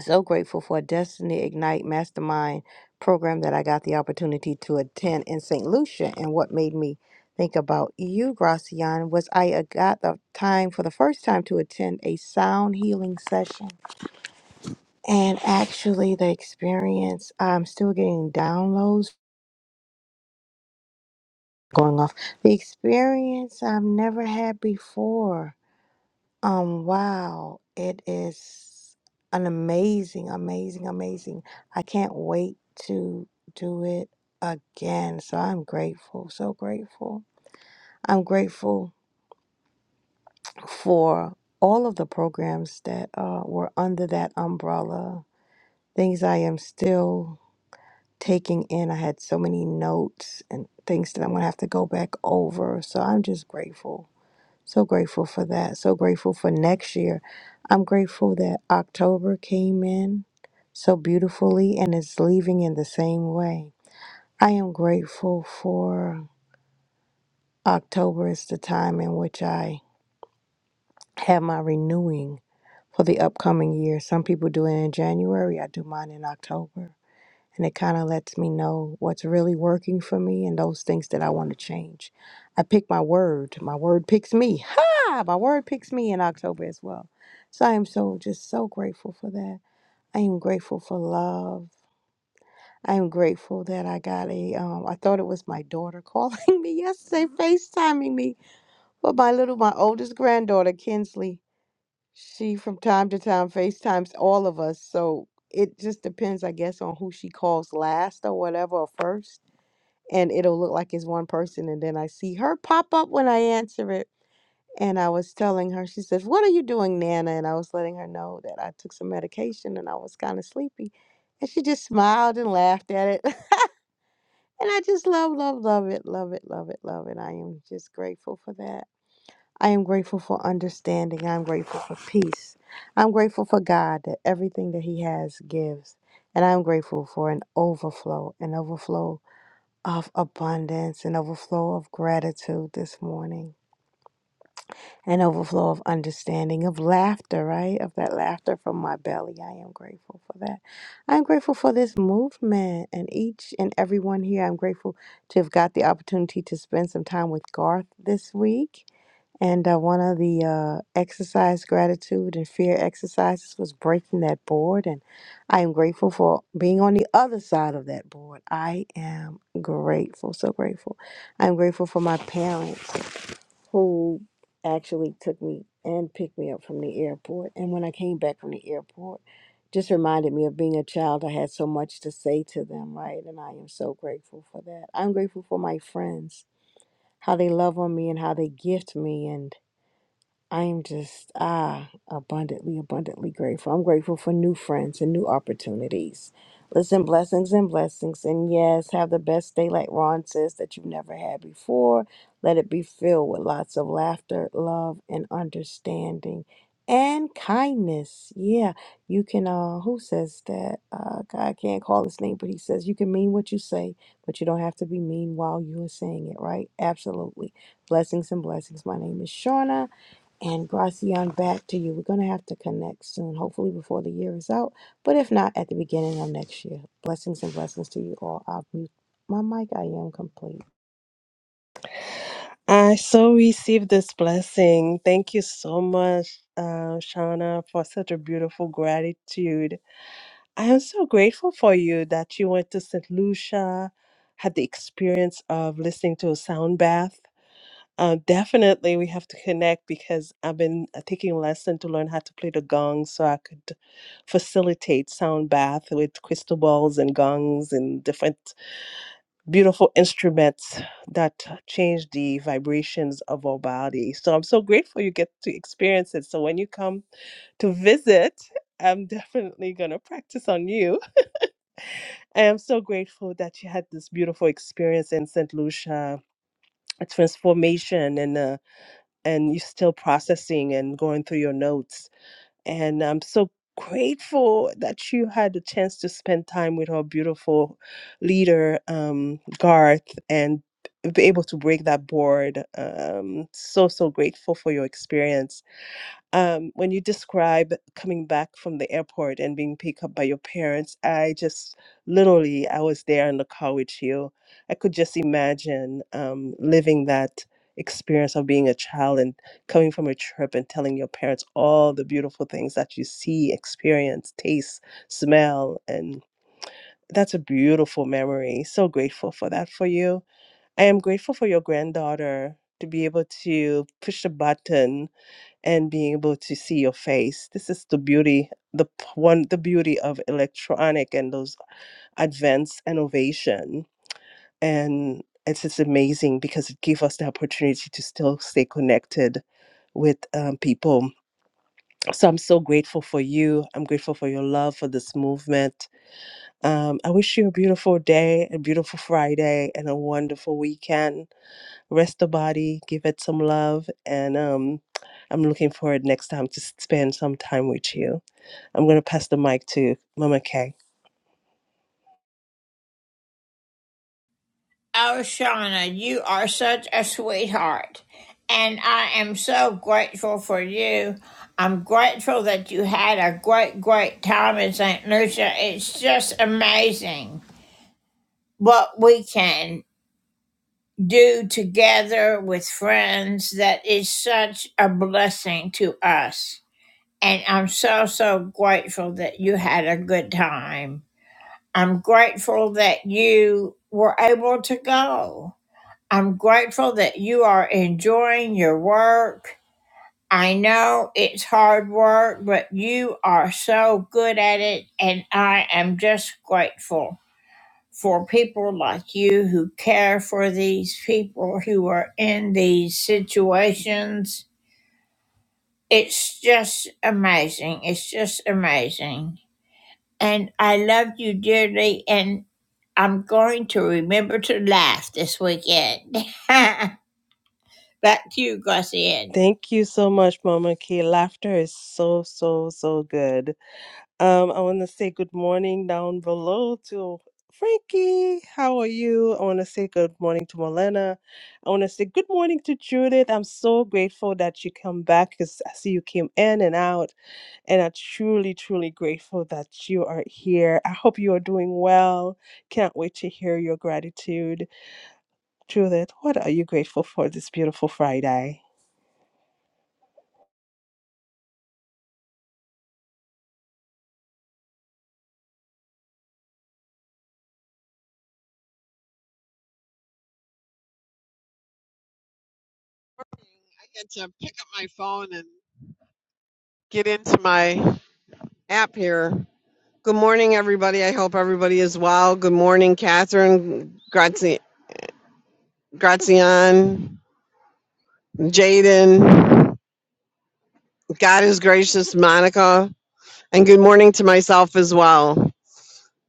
S12: so grateful for a Destiny Ignite Mastermind program that I got the opportunity to attend in St. Lucia. And what made me think about you, Gracian, was I uh, got the time for the first time to attend a sound healing session. And actually, the experience, I'm still getting downloads going off, the experience I've never had before Um, wow, it is an amazing, amazing, amazing. I can't wait to do it again. So I'm grateful, so grateful. I'm grateful for all of the programs that uh, were under that umbrella, things I am still taking in. I had so many notes and things that I'm going to have to go back over. So I'm just grateful So grateful for that. So grateful for next year. I'm grateful that October came in so beautifully and is leaving in the same way. I am grateful for October is the time in which I have my renewing for the upcoming year. Some people do it in January, I do mine in October. and it kind of lets me know what's really working for me and those things that I want to change. I pick my word. My word picks me. Ha! My word picks me in October as well. So I am so just so grateful for that. I am grateful for love. I am grateful that I got a um I thought it was my daughter calling me yesterday, FaceTiming me. But my little my oldest granddaughter, Kinsley, she from time to time FaceTimes all of us. So it just depends, I guess, on who she calls last or whatever or first and it'll look like it's one person and then i see her pop up when i answer it and i was telling her she says what are you doing nana and i was letting her know that i took some medication and i was kind of sleepy and she just smiled and laughed at it and i just love love love it love it love it love it i am just grateful for that i am grateful for understanding i'm grateful for peace i'm grateful for god that everything that he has gives and i'm grateful for an overflow an overflow of abundance, an overflow of gratitude this morning, an overflow of understanding, of laughter, right? Of that laughter from my belly. I am grateful for that. I'm grateful for this movement and each and everyone here. I'm grateful to have got the opportunity to spend some time with Garth this week. And uh, one of the uh, exercise gratitude and fear exercises was breaking that board. And I am grateful for being on the other side of that board. I am grateful, so grateful. I'm grateful for my parents who actually took me and picked me up from the airport. And when I came back from the airport, just reminded me of being a child. I had so much to say to them, right? And I am so grateful for that. I'm grateful for my friends, how they love on me and how they gift me. And I'm just ah abundantly, abundantly grateful. I'm grateful for new friends and new opportunities. Listen, blessings and blessings. And yes, have the best day, like Ron says, that you've never had before. Let it be filled with lots of laughter, love, and understanding and kindness. Yeah, you can. Uh, who says that? Uh, God can't call his name, but he says you can mean what you say, but you don't have to be mean while you are saying it, right? Absolutely. Blessings and blessings. My name is Shauna. And Gracian, back to you. We're going to have to connect soon, hopefully before the year is out, but if not, at the beginning of next year. Blessings and blessings to you all. I'll mute my mic. I am complete.
S14: I so received this blessing. Thank you so much, uh, Shauna, for such a beautiful gratitude. I am so grateful for you that you went to St. Lucia, had the experience of listening to a sound bath. Uh, definitely, we have to connect because I've been uh, taking a lesson to learn how to play the gong so I could facilitate sound bath with crystal balls and gongs and different beautiful instruments that change the vibrations of our body. So I'm so grateful you get to experience it. So when you come to visit, I'm definitely going to practice on you I am so grateful that you had this beautiful experience in St. Lucia, a transformation, and uh, and you're still processing and going through your notes. And I'm so grateful that you had the chance to spend time with our beautiful leader, um, Garth, and be able to break that board. Um, so so grateful for your experience um, when you describe coming back from the airport and being picked up by your parents, I just literally, I was there in the car with you. I could just imagine um, living that experience of being a child and coming from a trip and telling your parents all the beautiful things that you see, experience, taste, smell. And that's a beautiful memory. So grateful for that for you. I am grateful for your granddaughter to be able to push the button and being able to see your face. This is the beauty, the p- one, the beauty of electronic and those advanced innovation. And it's just amazing because it gave us the opportunity to still stay connected with um, people. So I'm so grateful for you. I'm grateful for your love for this movement. Um, I wish you a beautiful day, a beautiful Friday, and a wonderful weekend rest the body, give it some love, and um, I'm looking forward next time to spend some time with you. I'm going to pass the mic to Mama Kay.
S5: Oh, Shauna, you are such a sweetheart. And I am so grateful for you. I'm grateful that you had a great, great time in St. Lucia. It's just amazing what we can do together with friends. That is such a blessing to us. And I'm so, so grateful that you had a good time. I'm grateful that you were able to go. I'm grateful that you are enjoying your work. I know it's hard work, but you are so good at it, and I am just grateful for people like you who care for these people who are in these situations. It's just amazing. It's just amazing. And I love you dearly, and I'm going to remember to laugh this weekend. Back to you, Gussie.
S14: Thank you so much, Mama Kay. Laughter is so, so, so good. Um, I want to say good morning down below to Frankie. How are you? I want to say good morning to Molena. I want to say good morning to Judith. I'm so grateful that you come back because I see you came in and out, and I'm truly, truly grateful that you are here. I hope you are doing well. Can't wait to hear your gratitude. Judith, what are you grateful for this beautiful Friday?
S16: morning. I had to pick up my phone and get into my app here. Good morning, everybody. I hope everybody is well. Good morning, Catherine, Grazi- Grazian, Jaden. God is gracious, Monica. And good morning to myself as well.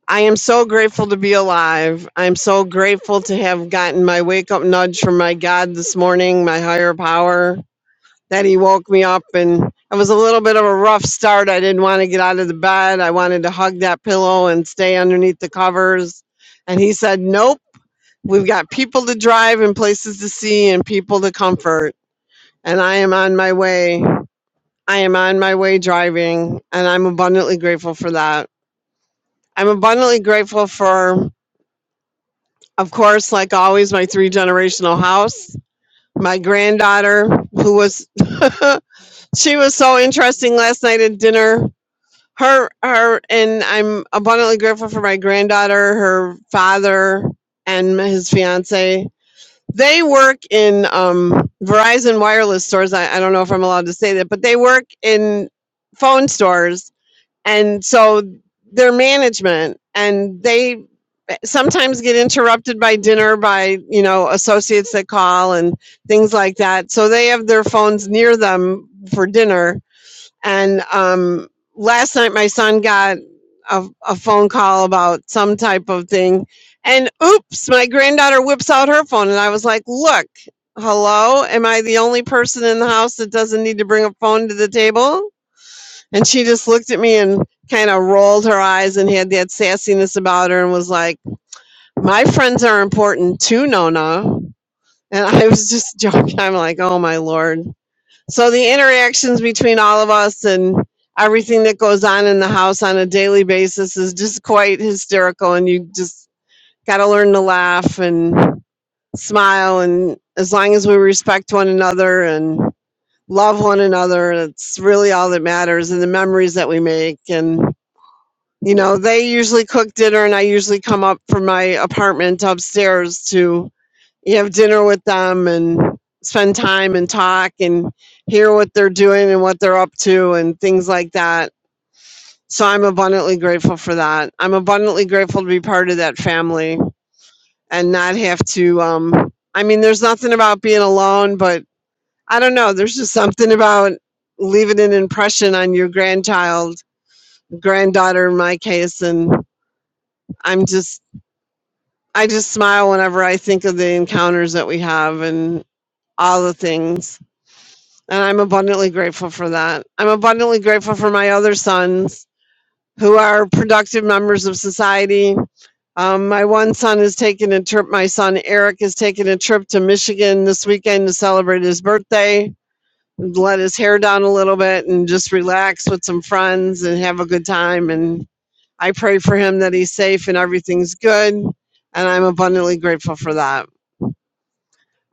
S16: I am so grateful to be alive. I'm so grateful to have gotten my wake up nudge from my God this morning, my higher power. Then he woke me up, and it was a little bit of a rough start. I didn't want to get out of the bed. I wanted to hug that pillow and stay underneath the covers. And he said, Nope, we've got people to drive and places to see and people to comfort. And I am on my way. I am on my way driving, and I'm abundantly grateful for that. I'm abundantly grateful for, of course, like always, my three generational house, my granddaughter, who was She was so interesting last night at dinner. Her, her, and I'm abundantly grateful for my granddaughter, her father, and his fiance. They work in um, Verizon wireless stores. I, I don't know if I'm allowed to say that, but they work in phone stores, and so their management and they sometimes get interrupted by dinner by you know associates that call and things like that. So they have their phones near them for dinner and um, last night, my son got a, a phone call about some type of thing. And oops, my granddaughter whips out her phone. And I was like, look, hello, am I the only person in the house that doesn't need to bring a phone to the table? And she just looked at me and kind of rolled her eyes and had that sassiness about her and was like, my friends are important too, Nona. And I was just joking. I'm like, oh my lord so the interactions between all of us and everything that goes on in the house on a daily basis is just quite hysterical and you just got to learn to laugh and smile and as long as we respect one another and love one another it's really all that matters and the memories that we make and you know they usually cook dinner and I usually come up from my apartment upstairs to you have dinner with them and spend time and talk and hear what they're doing and what they're up to and things like that. So I'm abundantly grateful for that. I'm abundantly grateful to be part of that family and not have to um I mean there's nothing about being alone, but I don't know, there's just something about leaving an impression on your grandchild, granddaughter in my case and I'm just I just smile whenever I think of the encounters that we have and all the things And I'm abundantly grateful for that. I'm abundantly grateful for my other sons who are productive members of society. Um, my one son is taking a trip. My son Eric is taking a trip to Michigan this weekend to celebrate his birthday, let his hair down a little bit, and just relax with some friends and have a good time. And I pray for him that he's safe and everything's good. And I'm abundantly grateful for that.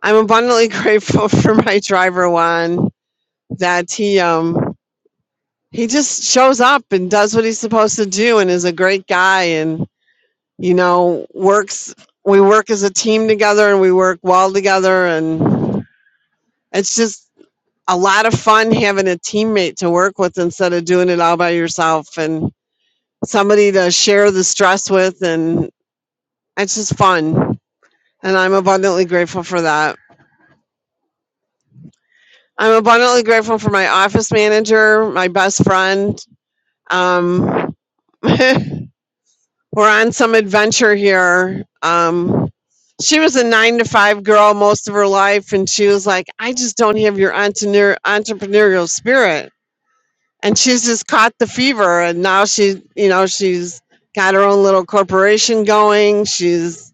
S16: I'm abundantly grateful for my driver Juan that he um he just shows up and does what he's supposed to do and is a great guy and you know works we work as a team together and we work well together and it's just a lot of fun having a teammate to work with instead of doing it all by yourself and somebody to share the stress with and it's just fun and i'm abundantly grateful for that i'm abundantly grateful for my office manager my best friend um, We're on some adventure here. Um, she was a nine to five girl most of her life, and she was like, I just don't have your entrepreneur, entrepreneurial spirit. And she's just caught the fever, and now she, you know, she's got her own little corporation going. She's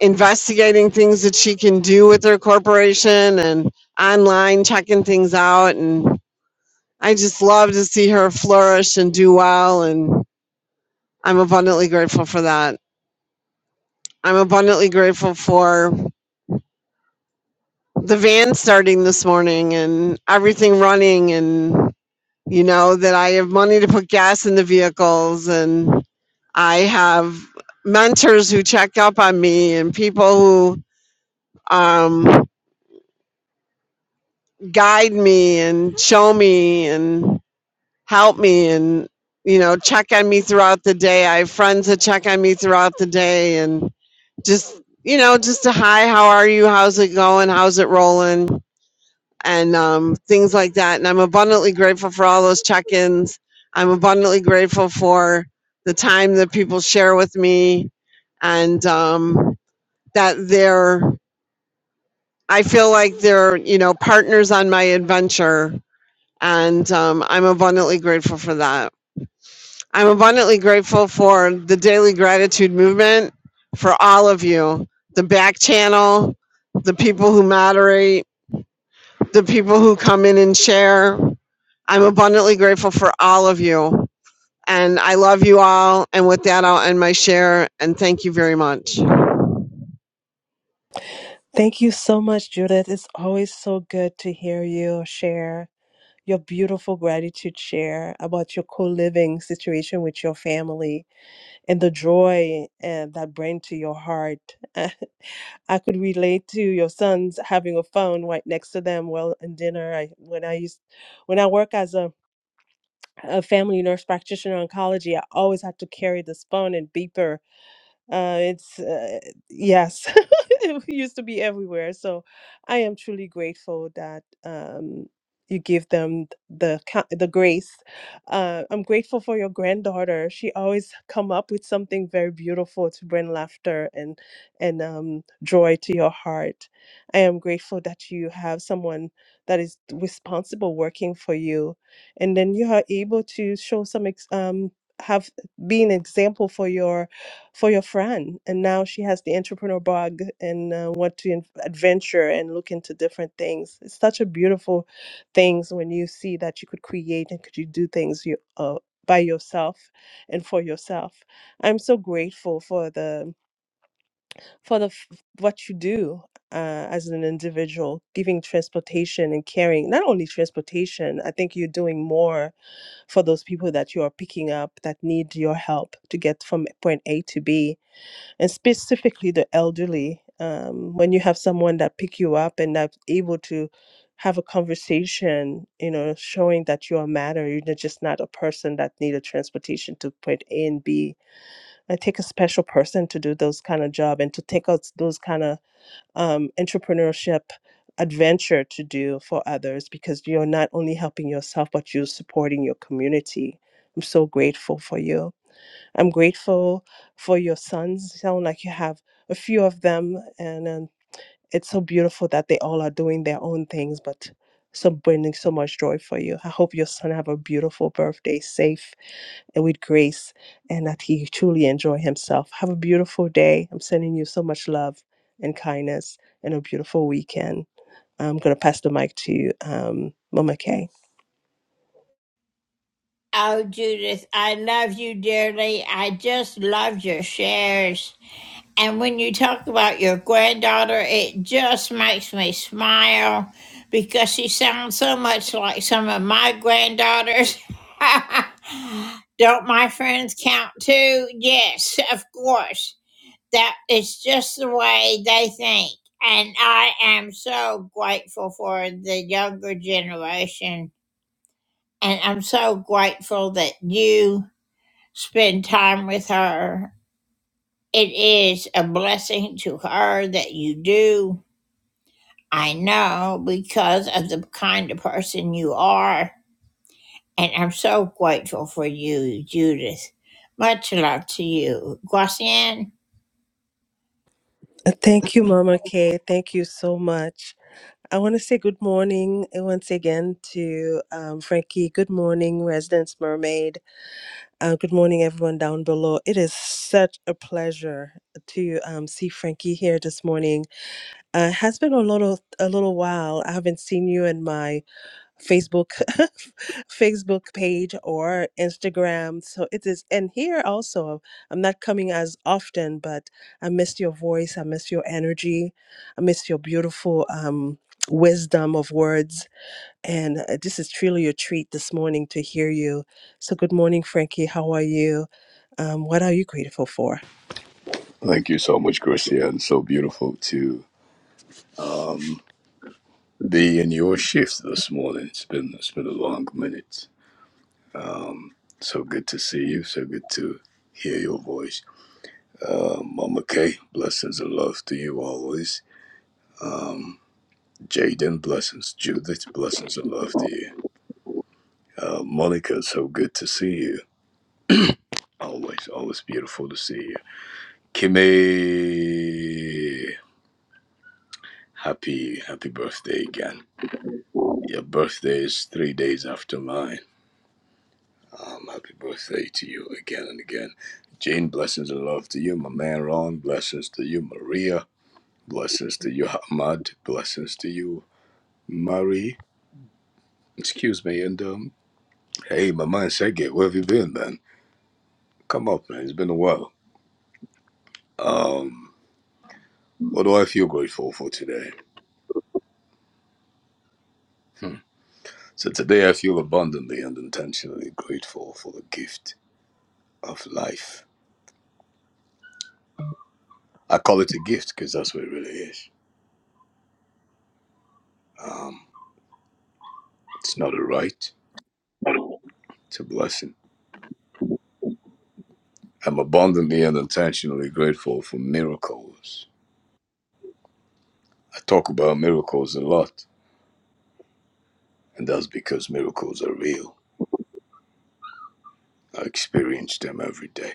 S16: investigating things that she can do with her corporation and online checking things out. And I just love to see her flourish and do well. And I'm abundantly grateful for that. I'm abundantly grateful for the van starting this morning and everything running and you know that I have money to put gas in the vehicles and I have mentors who check up on me and people who um, guide me and show me and help me and you know check on me throughout the day. I have friends that check on me throughout the day and just you know just a hi, how are you? How's it going? How's it rolling? and um, things like that. And I'm abundantly grateful for all those check ins. I'm abundantly grateful for the time that people share with me and um, that they're, I feel like they're, you know, partners on my adventure. And um, I'm abundantly grateful for that. I'm abundantly grateful for the daily gratitude movement for all of you, the back channel, the people who moderate the people who come in and share. I'm abundantly grateful for all of you. And I love you all. And with that, I'll end my share. And thank you very much.
S14: Thank you so much, Judith. It's always so good to hear you share your beautiful gratitude share about your co living situation with your family. and the joy uh, that bring to your heart. I could relate to your sons having a phone right next to them while in dinner. I when I used when I work as a a family nurse practitioner in oncology, I always had to carry this phone and beeper uh, it's uh, yes, it used to be everywhere. So I am truly grateful that um, you give them th- the ca- the grace. Uh, I'm grateful for your granddaughter. She always come up with something very beautiful to bring laughter and and um, joy to your heart. I am grateful that you have someone that is responsible working for you, and then you are able to show some ex- um have be an example for your for your friend. And now she has the entrepreneur bug and uh, want to in- adventure and look into different things. It's such a beautiful things when you see that you could create and could you do things you uh, by yourself and for yourself. I'm so grateful for the for the f- what you do uh, as an individual, giving transportation and caring. Not only transportation, I think you're doing more for those people that you are picking up that need your help to get from point A to B and specifically the elderly um, when you have someone that pick you up and that's able to have a conversation you know showing that you are matter you're not just not a person that need a transportation to point a and b i take a special person to do those kind of job and to take out those kind of um, entrepreneurship adventure to do for others because you're not only helping yourself but you're supporting your community i'm so grateful for you I'm grateful for your sons. Sound like you have a few of them, and, um it's so beautiful that they all are doing their own things, but so bringing so much joy for you. I hope your son have a beautiful birthday, safe and with grace, and that he truly enjoy himself. Have a beautiful day. I'm sending you so much love and kindness, and a beautiful weekend. I'm gonna pass the mic to um, Mama Kay.
S5: Oh, Judith, I love you dearly. I just love your shares. And when you talk about your granddaughter, it just makes me smile because she sounds so much like some of my granddaughters. Don't my friends count too? Yes, of course. that it's just the way they think. And I am so grateful for the younger generation. And I'm so grateful that you spend time with her. It is a blessing to her that you do. I know because of the kind of person you are. And I'm so grateful for you, Judith. Much love to you. Guasian.
S14: Uh, Thank you, Mama Kay. Thank you so much. I want to say good morning uh, once again to um, Frankie. Good morning, Residence Mermaid. Uh, good morning, everyone down below. It is such a pleasure to um, see Frankie here this morning. Uh, it has been a little a little while. I haven't seen you in my Facebook Facebook page or Instagram. So it is and here also I'm not coming as often, but I miss your voice, I miss your energy, I miss your beautiful um wisdom of words and uh, this is truly a treat this morning to hear you. So good morning Frankie, how are you? Um what are you grateful for?
S17: Thank you so much, Christian. So beautiful to be in your shift this morning. It's been it's been a long minute. So good to see you. So good to hear your voice. Um, Mama Kay, blessings and love to you always. Um, Jaden, blessings. Judith, blessings and love to you. Uh, Monica, so good to see you. Always, always beautiful to see you. Kimmy, happy, happy birthday again. Your birthday is three days after mine. Um, happy birthday to you again and again. Jane, blessings and love to you. My man Ron, blessings to you. Maria, blessings to you. Ahmad, blessings to you. Marie, excuse me. And um, hey, my man Sergey, where have you been, man? Come up, man. It's been a while. Um, what do I feel grateful for today? Hmm. So today I feel abundantly and intentionally grateful for the gift of life. I call it a gift because that's what it really is. Um, it's not a right, it's a blessing I'm abundantly and intentionally grateful for miracles. I talk about miracles a lot, and that's because miracles are real. I experience them every day.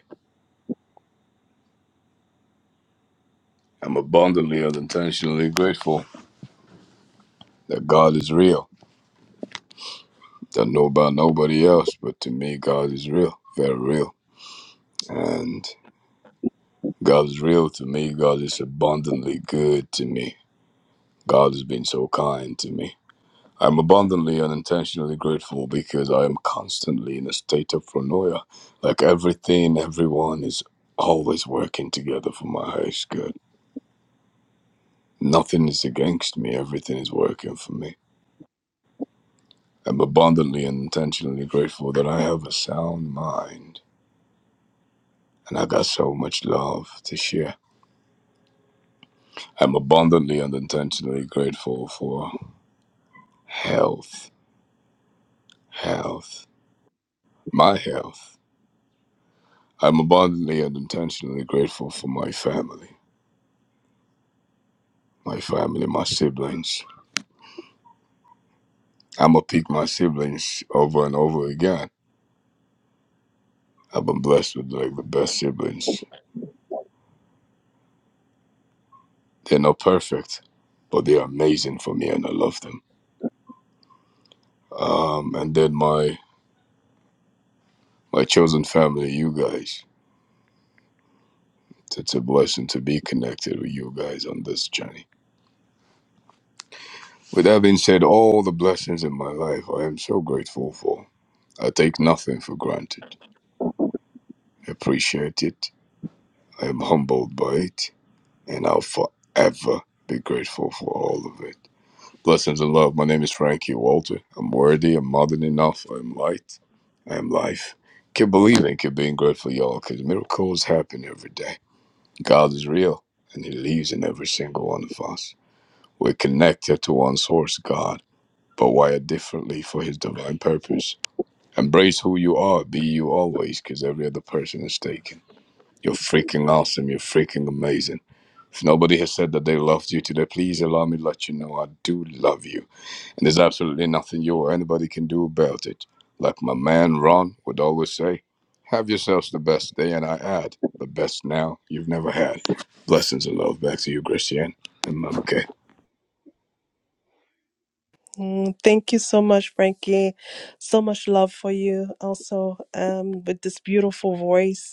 S17: I'm abundantly and intentionally grateful that God is real. Don't know about nobody else, but to me, God is real, very real. And God is real to me. God is abundantly good to me. God has been so kind to me. I'm abundantly and intentionally grateful because I am constantly in a state of paranoia. Like everything, everyone is always working together for my highest good. Nothing is against me, everything is working for me. I'm abundantly and intentionally grateful that I have a sound mind and I got so much love to share. I'm abundantly and intentionally grateful for health, health, my health. I'm abundantly and intentionally grateful for my family. my family, my siblings. I'm gonna pick my siblings over and over again. I've been blessed with like the best siblings. They're not perfect, but they're amazing for me, and I love them. Um, and then my my chosen family, you guys. It's a blessing to be connected with you guys on this journey. With that being said, all the blessings in my life, I am so grateful for. I take nothing for granted. I appreciate it. I am humbled by it, and I'll forever be grateful for all of it. Blessings and love. My name is Frankie Walter. I'm worthy. I'm more than enough. I'm light. I am life. Keep believing. Keep being grateful, y'all, because miracles happen every day. God is real, and He lives in every single one of us. We're connected to one source, God, but wired differently for His divine purpose. Embrace who you are. Be you always, because every other person is taken. You're freaking awesome. You're freaking amazing. If nobody has said that they loved you today, please allow me to let you know I do love you and there's absolutely nothing you or anybody can do about it. Like my man Ron would always say, have yourselves the best day, and I add, the best now you've never had. Blessings and love back to you, Christian and Mama Kay.
S14: Mm, thank you so much Frankie. So much love for you also um with this beautiful voice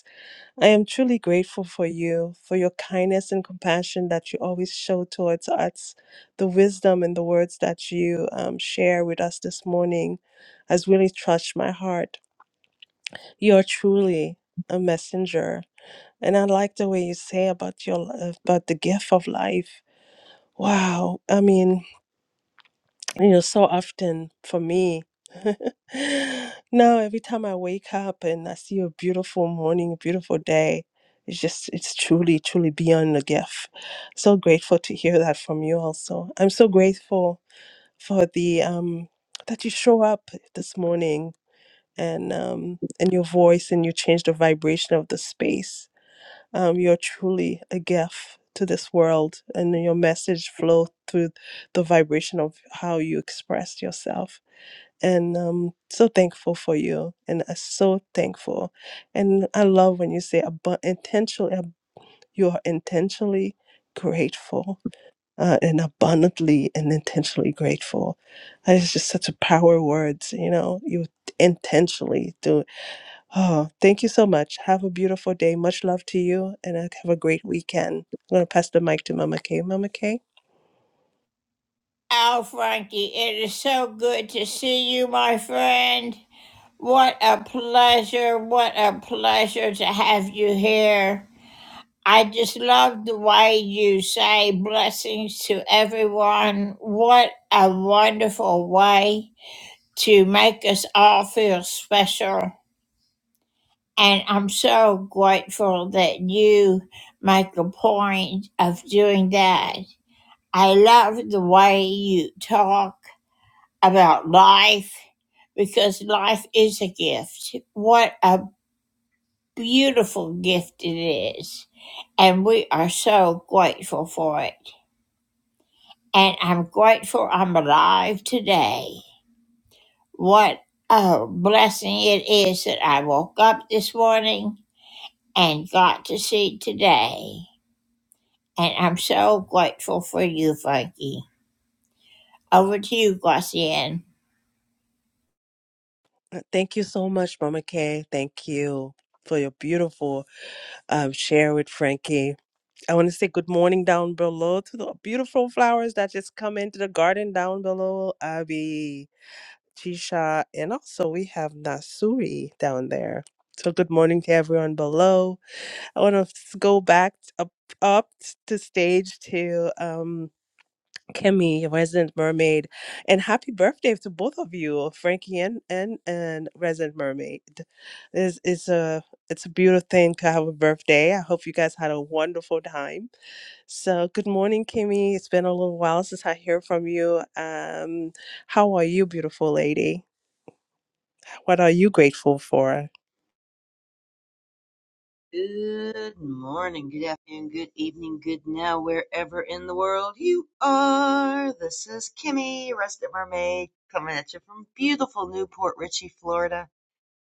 S14: I am truly grateful for you, for your kindness and compassion that you always show towards us, the wisdom and the words that you um, share with us this morning has really touched my heart. You are truly a messenger. And I like the way you say about your about the gift of life. Wow. I mean, you know so often for me now every time i wake up and i see a beautiful morning a beautiful day it's just it's truly truly beyond a gift so grateful to hear that from you also i'm so grateful for the um that you show up this morning and um and your voice and you change the vibration of the space um, you're truly a gift to this world, and your message flow through the vibration of how you express yourself. And um, so thankful for you, and uh, so thankful. And I love when you say abu- intentionally, ab- you are intentionally grateful uh, and abundantly and intentionally grateful. That is just such a power words, you know. You intentionally do Oh, thank you so much. Have a beautiful day. Much love to you and uh, have a great weekend. I'm going to pass the mic to Mama Kay. Mama Kay?
S5: Oh, Frankie, it is so good to see you, my friend. What a pleasure. What a pleasure to have you here. I just love the way you say blessings to everyone. What a wonderful way to make us all feel special. And I'm so grateful that you make a point of doing that. I love the way you talk about life because life is a gift. What a beautiful gift it is. And we are so grateful for it. And I'm grateful I'm alive today. What a blessing it is that I woke up this morning and got to see today. And I'm so grateful for you, Frankie. Over to you, Glossian.
S14: Uh, Thank you so much, Mama Kay. Thank you for your beautiful um, share with Frankie. I want to say good morning down below to the beautiful flowers that just come into the garden down below, Abby. Chisha, and also we have Nasuri down there. So good morning to everyone below. I want to go back t- up up to stage to um Kimmy, Resident Mermaid, and happy birthday to both of you, Frankie and and, and Resident Mermaid. It's, it's a it's a beautiful thing to have a birthday. I hope you guys had a wonderful time. So good morning, Kimmy. It's been a little while since I hear from you. Um, how are you, beautiful lady? What are you grateful for?
S18: Good morning, good afternoon, good evening, good now, wherever in the world you are. This is Kimmy, Resident Mermaid, coming at you from beautiful Newport Richey, Florida.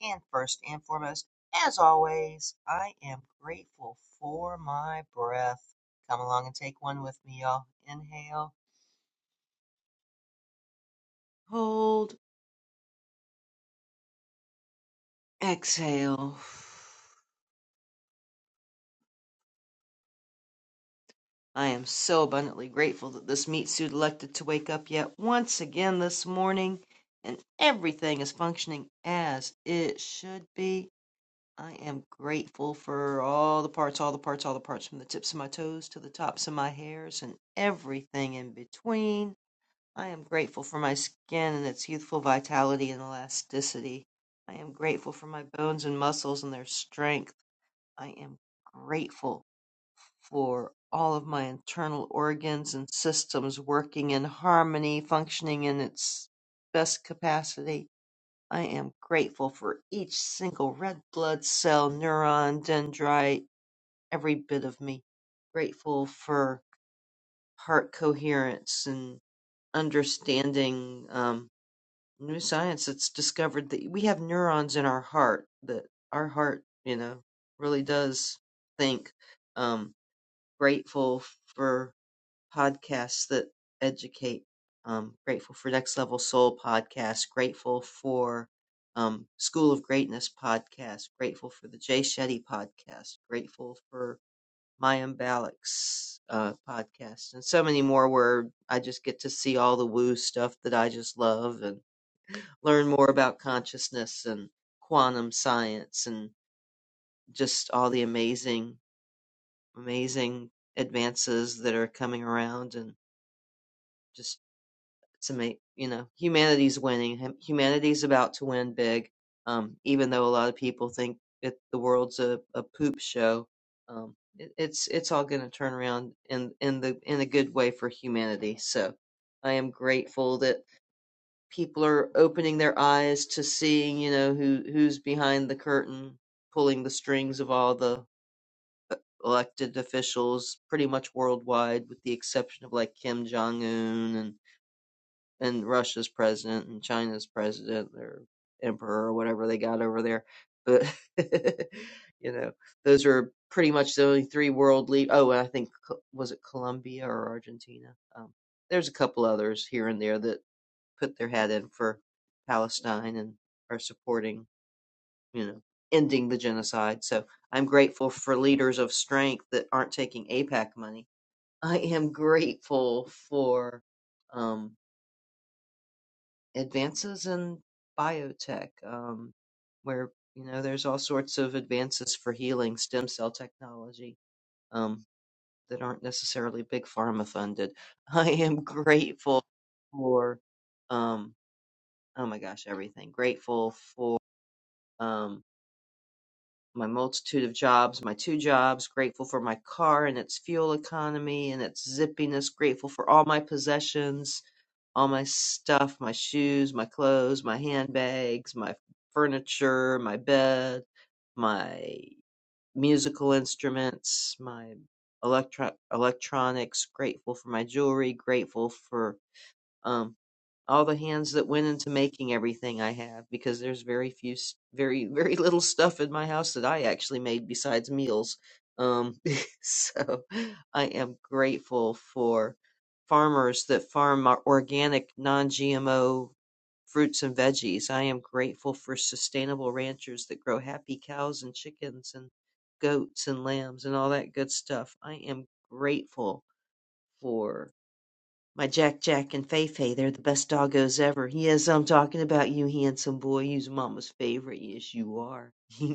S18: And first and foremost, as always, I am grateful for my breath. Come along and take one with me, y'all. Inhale, hold, exhale. I am so abundantly grateful that this meat suit elected to wake up yet once again this morning, and everything is functioning as it should be. I am grateful for all the parts, all the parts, all the parts, from the tips of my toes to the tops of my hairs and everything in between. I am grateful for my skin and its youthful vitality and elasticity. I am grateful for my bones and muscles and their strength. I am grateful for all of my internal organs and systems working in harmony, functioning in its best capacity. I am grateful for each single red blood cell, neuron, dendrite, every bit of me. Grateful for heart coherence and understanding um, new science that's discovered that we have neurons in our heart, that our heart, you know, really does think. Um, grateful for podcasts that educate. Um, grateful for Next Level Soul podcast. Grateful for um, School of Greatness podcast. Grateful for the Jay Shetty podcast. Grateful for Mayim Balak's uh, podcast, and so many more where I just get to see all the woo stuff that I just love and learn more about consciousness and quantum science and just all the amazing, amazing advances that are coming around and just to make you know humanity's winning humanity's about to win big um even though a lot of people think it, the world's a, a poop show um it, it's it's all going to turn around in in the in a good way for humanity so i am grateful that people are opening their eyes to seeing you know who who's behind the curtain pulling the strings of all the elected officials pretty much worldwide with the exception of like kim jong-un and and Russia's president and China's president or emperor or whatever they got over there. But you know, those are pretty much the only three world lead. Oh, and I think was it Colombia or Argentina? Um, there's a couple others here and there that put their hat in for Palestine and are supporting, you know, ending the genocide. So I'm grateful for leaders of strength that aren't taking APAC money. I am grateful for. Um, advances in biotech, um, where you know there's all sorts of advances for healing stem cell technology um, that aren't necessarily big pharma funded. I am grateful for, um, oh my gosh, everything. Grateful for um, my multitude of jobs, my two jobs. Grateful for my car and its fuel economy and its zippiness. Grateful for all my possessions all my stuff, my shoes, my clothes, my handbags, my furniture, my bed, my musical instruments, my electro- electronics, grateful for my jewelry, grateful for um all the hands that went into making everything I have because there's very few, s- very, very little stuff in my house that I actually made besides meals. Um, so I am grateful for farmers that farm our organic, non GMO fruits and veggies. I am grateful for sustainable ranchers that grow happy cows and chickens and goats and lambs and all that good stuff. I am grateful for. My Jack Jack and Fei Fei, they're the best doggos ever. Yes, I'm talking about you, handsome boy. You's mama's favorite. Yes, you are.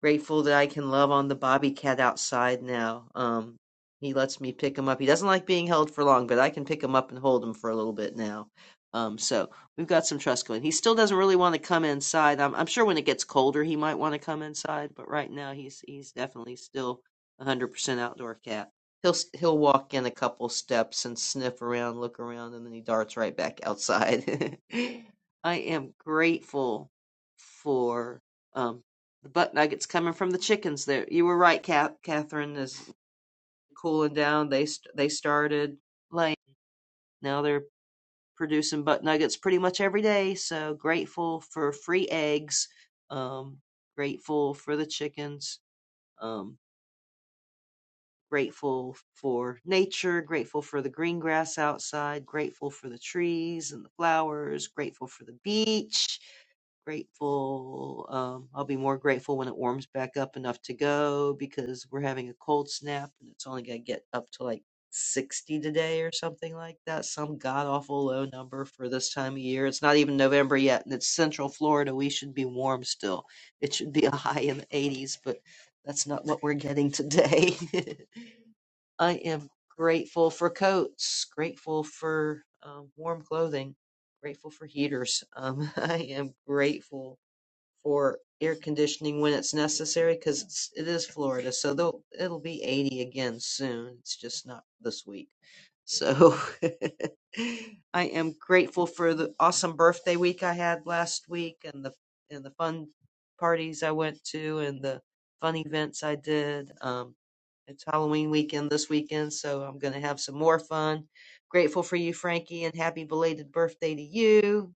S18: Grateful that I can love on the bobby cat outside now. Um, he lets me pick him up. He doesn't like being held for long, but I can pick him up and hold him for a little bit now. Um, so we've got some trust going. He still doesn't really want to come inside. I'm, I'm sure when it gets colder, he might want to come inside, but right now he's he's definitely still 100% outdoor cat. He'll he'll walk in a couple steps and sniff around, look around, and then he darts right back outside. I am grateful for um, the butt nuggets coming from the chickens. There, you were right, Ca Catherine. Is cooling down. They they started laying. Now they're producing butt nuggets pretty much every day. So grateful for free eggs. Um, grateful for the chickens. Um, grateful for nature, grateful for the green grass outside, grateful for the trees and the flowers, grateful for the beach, grateful. Um, I'll be more grateful when it warms back up enough to go because we're having a cold snap and it's only going to get up to like 60 today or something like that. Some god awful low number for this time of year. It's not even November yet and it's central Florida. We should be warm still. It should be a high in the 80s, but that's not what we're getting today. I am grateful for coats, grateful for um, warm clothing, grateful for heaters. Um, I am grateful for air conditioning when it's necessary because it's it is Florida, so they'll it'll be 80 again soon. It's just not this week. So I am grateful for the awesome birthday week I had last week and the and the fun parties I went to and the fun events I did. Um, it's Halloween weekend this weekend, so I'm gonna have some more fun. Grateful for you, Frankie, and happy belated birthday to you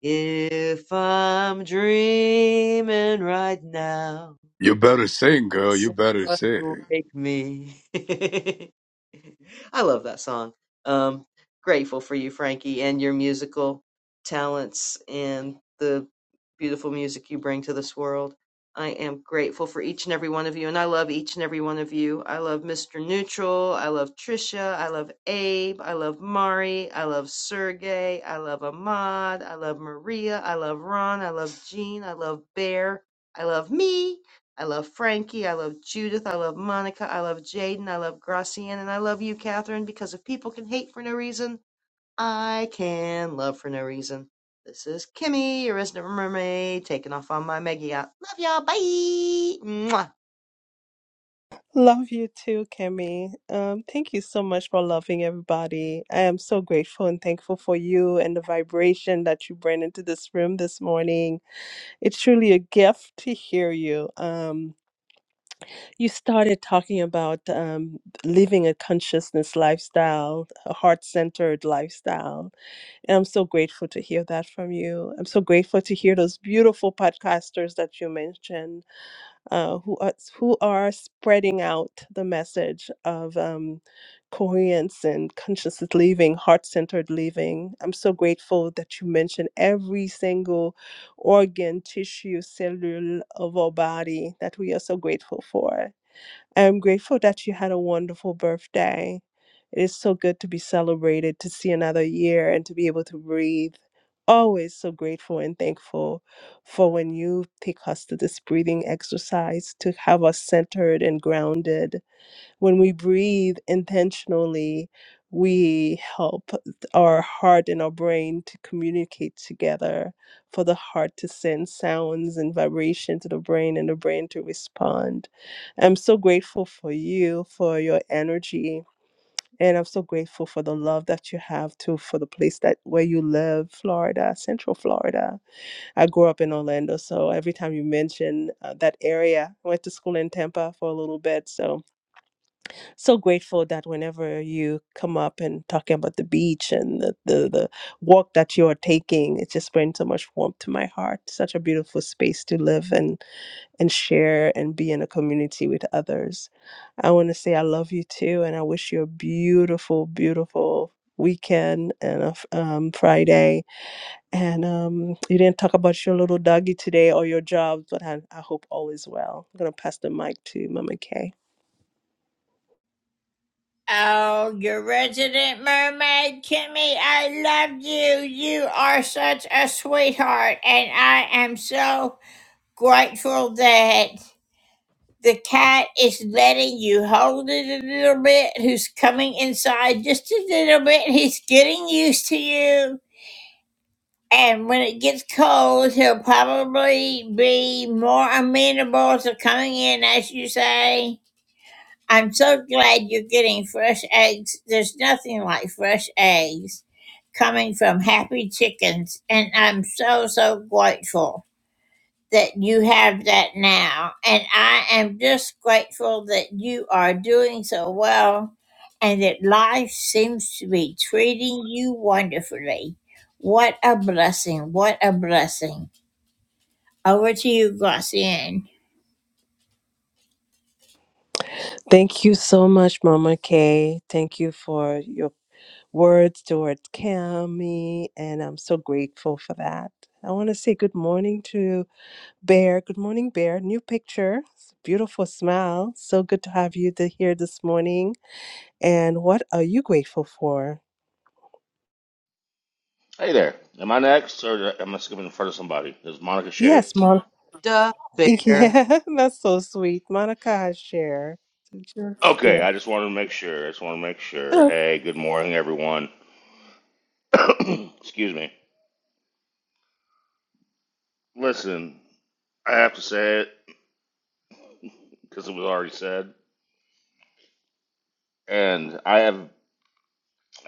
S18: if I'm dreaming right now,
S17: You better sing, girl. You better
S18: Someone will
S17: sing.
S18: make me. I love that song. Um, grateful for you, Frankie, and your musical talents and the beautiful music you bring to this world. I am grateful for each and every one of you, and I love each and every one of you. I love Mr. Neutral. I love Trisha. I love Abe. I love Mari. I love Sergey. I love Ahmad. I love Maria. I love Ron. I love Jean. I love Bear. I love me. I love Frankie. I love Judith. I love Monica. I love Jaden. I love Gracian. And I love you, Catherine, because if people can hate for no reason, I can love for no reason. This is Kimmy, your resident mermaid, taking off on my Meggie out. Love y'all. Bye. Mwah.
S14: Love you too, Kemi. Um, thank you so much for loving everybody. I am so grateful and thankful for you and the vibration that you bring into this room this morning. It's truly a gift to hear you. Um, you started talking about um, living a consciousness lifestyle, a heart centered lifestyle. And I'm so grateful to hear that from you. I'm so grateful to hear those beautiful podcasters that you mentioned uh, who are, who are spreading out the message of um, coherence and conscious living, heart centered living. I'm so grateful that you mentioned every single organ, tissue, cellule of our body that we are so grateful for. I'm grateful that you had a wonderful birthday. It is so good to be celebrated, to see another year, and to be able to breathe. Always so grateful and thankful for when you take us to this breathing exercise to have us centered and grounded when we breathe intentionally, we help th- our heart and our brain to communicate together for the heart to send sounds and vibration to the brain and the brain to respond. I'm so grateful for you, for your energy. And I'm so grateful for the love that you have too for the place that where you live, Florida, Central Florida. I grew up in Orlando, so every time you mention uh, that area, I went to school in Tampa for a little bit, so so grateful that whenever you come up and talking about the beach and the, the, the walk that you are taking, it just brings so much warmth to my heart. Such a beautiful space to live and and share and be in a community with others. I want to say I love you too, and I wish you a beautiful, beautiful weekend and a f- um, Friday. And um, you didn't talk about your little doggy today or your job, but I, I hope all is well. I'm gonna pass the mic to Mama Kay.
S5: Oh, your resident mermaid, Kimmy, I love you. You are such a sweetheart, and I am so grateful that the cat is letting you hold it a little bit, who's coming inside just a little bit. He's getting used to you. And when it gets cold, he'll probably be more amenable to coming in, as you say. I'm so glad you're getting fresh eggs. There's nothing like fresh eggs coming from happy chickens. And I'm so, so grateful. that you have that now. And I am just grateful that you are doing so well and that life seems to be treating you wonderfully. What a blessing. What a blessing. Over to you, Glossian.
S14: Thank you so much, Mama Kay. Thank you for your words towards Cami, and I'm so grateful for that. I want to say good morning to Bear. Good morning, Bear. New picture, beautiful smile. So good to have you to here this morning. And what are you grateful for?
S19: Hey there. Am I next, or am I skipping in front of somebody? Is Monica Share?
S14: Yes, Mon.
S18: Da bear.
S14: Yeah, that's so sweet. Monica has share. Yes,
S19: Okay, I
S14: Yeah.
S19: just wanted to make sure. I just want to make sure. Hey, good morning, everyone. Excuse me. Listen, I have to say it because it was already said, and I have,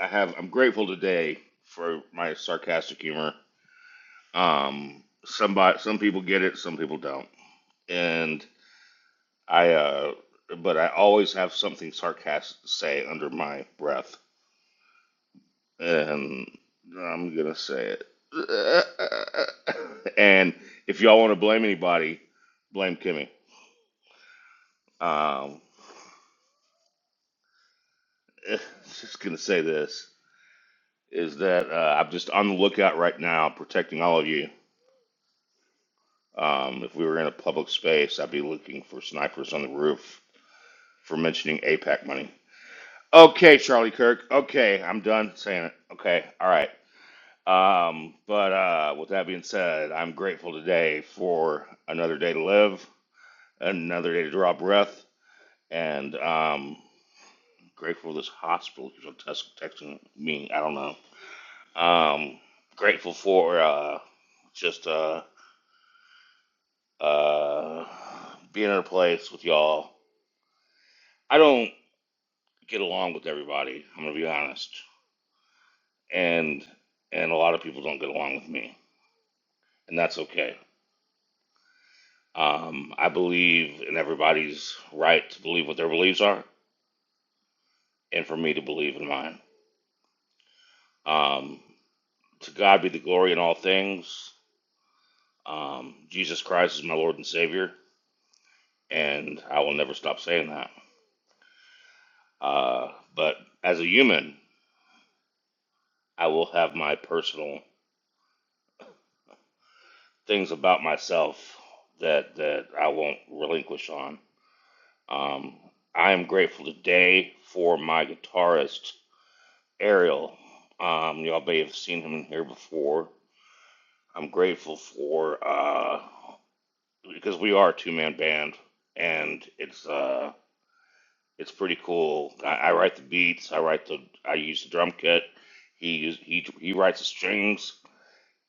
S19: I have, I'm grateful today for my sarcastic humor. Um, somebody, some people get it, some people don't, and I, uh, but I always have something sarcastic to say under my breath and I'm gonna say it. and if y'all want to blame anybody, blame Kimmy. Um, just gonna say this is that uh, I'm just on the lookout right now, protecting all of you. Um, if we were in a public space, I'd be looking for snipers on the roof for mentioning APAC money. Okay, Charlie Kirk. Okay, I'm done saying it. Okay, all right. Um, but uh, with that being said, I'm grateful today for another day to live. another day to draw breath, and um, grateful this hospital keeps on text, texting me. I don't know. Um, grateful for uh, just uh, uh, being in a place with y'all. I don't get along with everybody. I'm gonna be honest, and and a lot of people don't get along with me, and that's okay. Um, I believe in everybody's right to believe what their beliefs are, and for me to believe in mine. Um, To God be the glory in all things. Um, Jesus Christ is my Lord and Savior, and I will never stop saying that. Uh, but as a human, I will have my personal things about myself that that I won't relinquish on. Um, I am grateful today for my guitarist Ariel. Um, y'all may have seen him in here before. I'm grateful for uh, because we are a two man band, and it's uh, It's pretty cool. I, I write the beats. I write the. I use the drum kit. He use- he he writes the strings,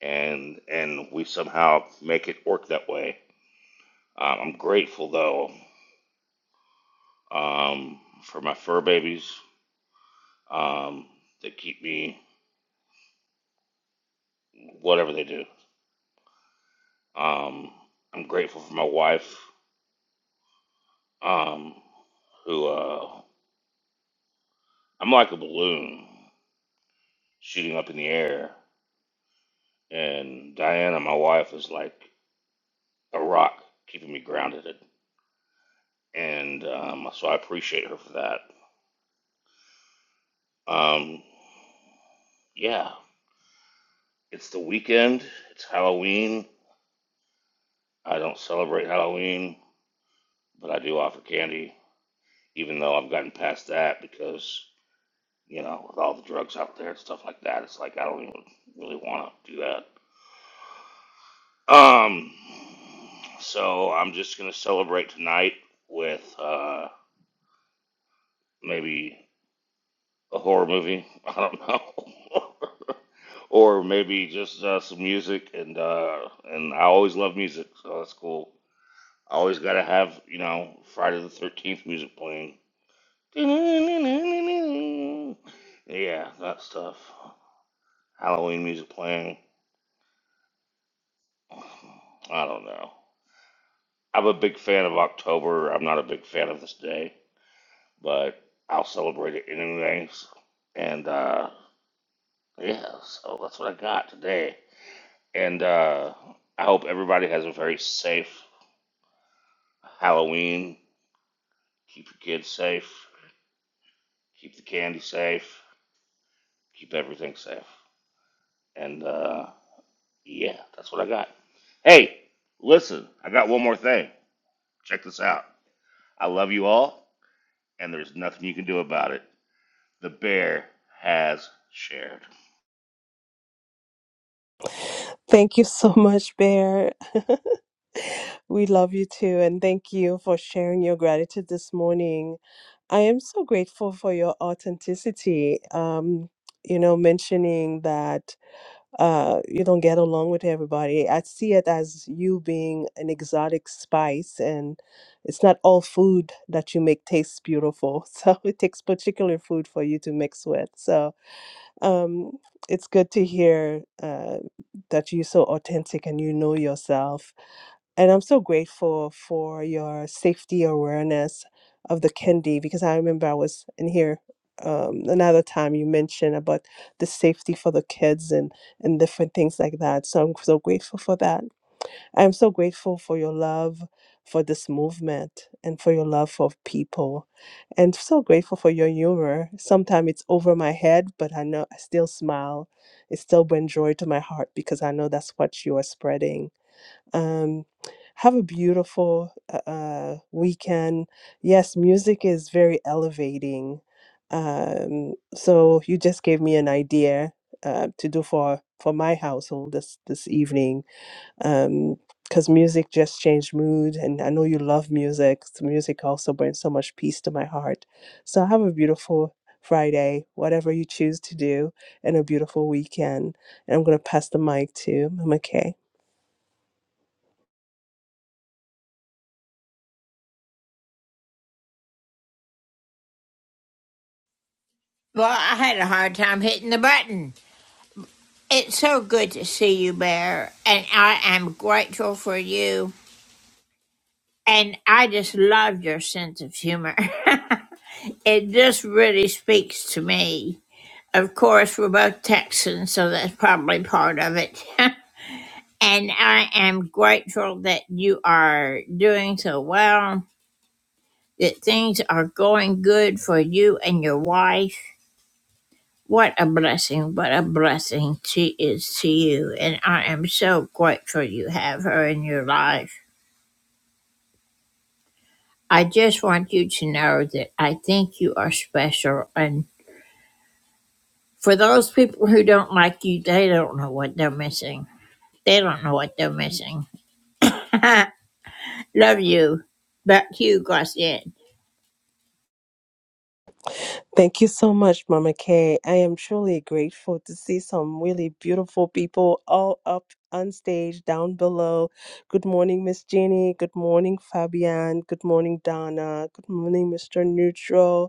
S19: and and we somehow make it work that way. Um, I'm grateful though um, for my fur babies. Um, they keep me whatever they do. Um, I'm grateful for my wife, um, who uh, I'm like a balloon shooting up in the air, and Diana, my wife, is like a rock keeping me grounded and um, so I appreciate her for that. Um, yeah, it's the weekend. It's Halloween. I don't celebrate Halloween, but I do offer candy, even though I've gotten past that because you know with all the drugs out there and stuff like that, it's like I don't even really want to do that. Um, so I'm just gonna celebrate tonight with uh, maybe a horror movie. I don't know. or maybe just uh, some music. And uh, and I always love music, so that's cool. I always gotta have you know Friday the Thirteenth music playing. Yeah, that stuff. Halloween music playing. I don't know. I'm a big fan of October. I'm not a big fan of this day, but I'll celebrate it anyways. And uh, yeah, so that's what I got today. And uh, I hope everybody has a very safe Halloween, keep your kids safe, keep the candy safe, keep everything safe. And uh, yeah, that's what I got. Hey, listen, I got one more thing. Check this out. I love you all, and there's nothing you can do about it. The bear has shared.
S14: Thank you so much, Bear. we love you too, and thank you for sharing your gratitude this morning. I am so grateful for your authenticity. Um, you know, mentioning that uh, you don't get along with everybody. I see it as you being an exotic spice, and it's not all food that you make tastes beautiful. So it takes particular food for you to mix with. So um, it's good to hear uh, that you're so authentic and you know yourself. And I'm so grateful for your safety awareness of the candy because I remember I was in here um, another time you mentioned about the safety for the kids and, and different things like that. So I'm so grateful for that. I'm so grateful for your love for this movement and for your love for people and so grateful for your humor. Sometimes it's over my head, but I know I still smile. It still brings joy to my heart because I know that's what you are spreading. Um, have a beautiful uh, uh, weekend. Yes, music is very elevating. Um, so you just gave me an idea uh, to do for for my household this this evening um because music just changed mood and i know you love music so music also brings so much peace to my heart so have a beautiful friday whatever you choose to do and a beautiful weekend and i'm going to pass the mic to mama kay
S5: Well, I had a hard time hitting the button. It's so good to see you, Bear, and I am grateful for you. And I just love your sense of humor. it just really speaks to me. Of course, we're both Texans, so that's probably part of it. and I am grateful that you are doing so well, that things are going good for you and your wife. What a blessing, what a blessing she is to you. And I am so grateful you have her in your life. I just want you to know that I think you are special. And for those people who don't like you, they don't know what they're missing. They don't know what they're missing. Love you. Back to you, Gracian.
S14: thank you so much mama kay i am truly grateful to see some really beautiful people all up on stage down below good morning miss jeannie good morning fabian good morning donna good morning mr neutral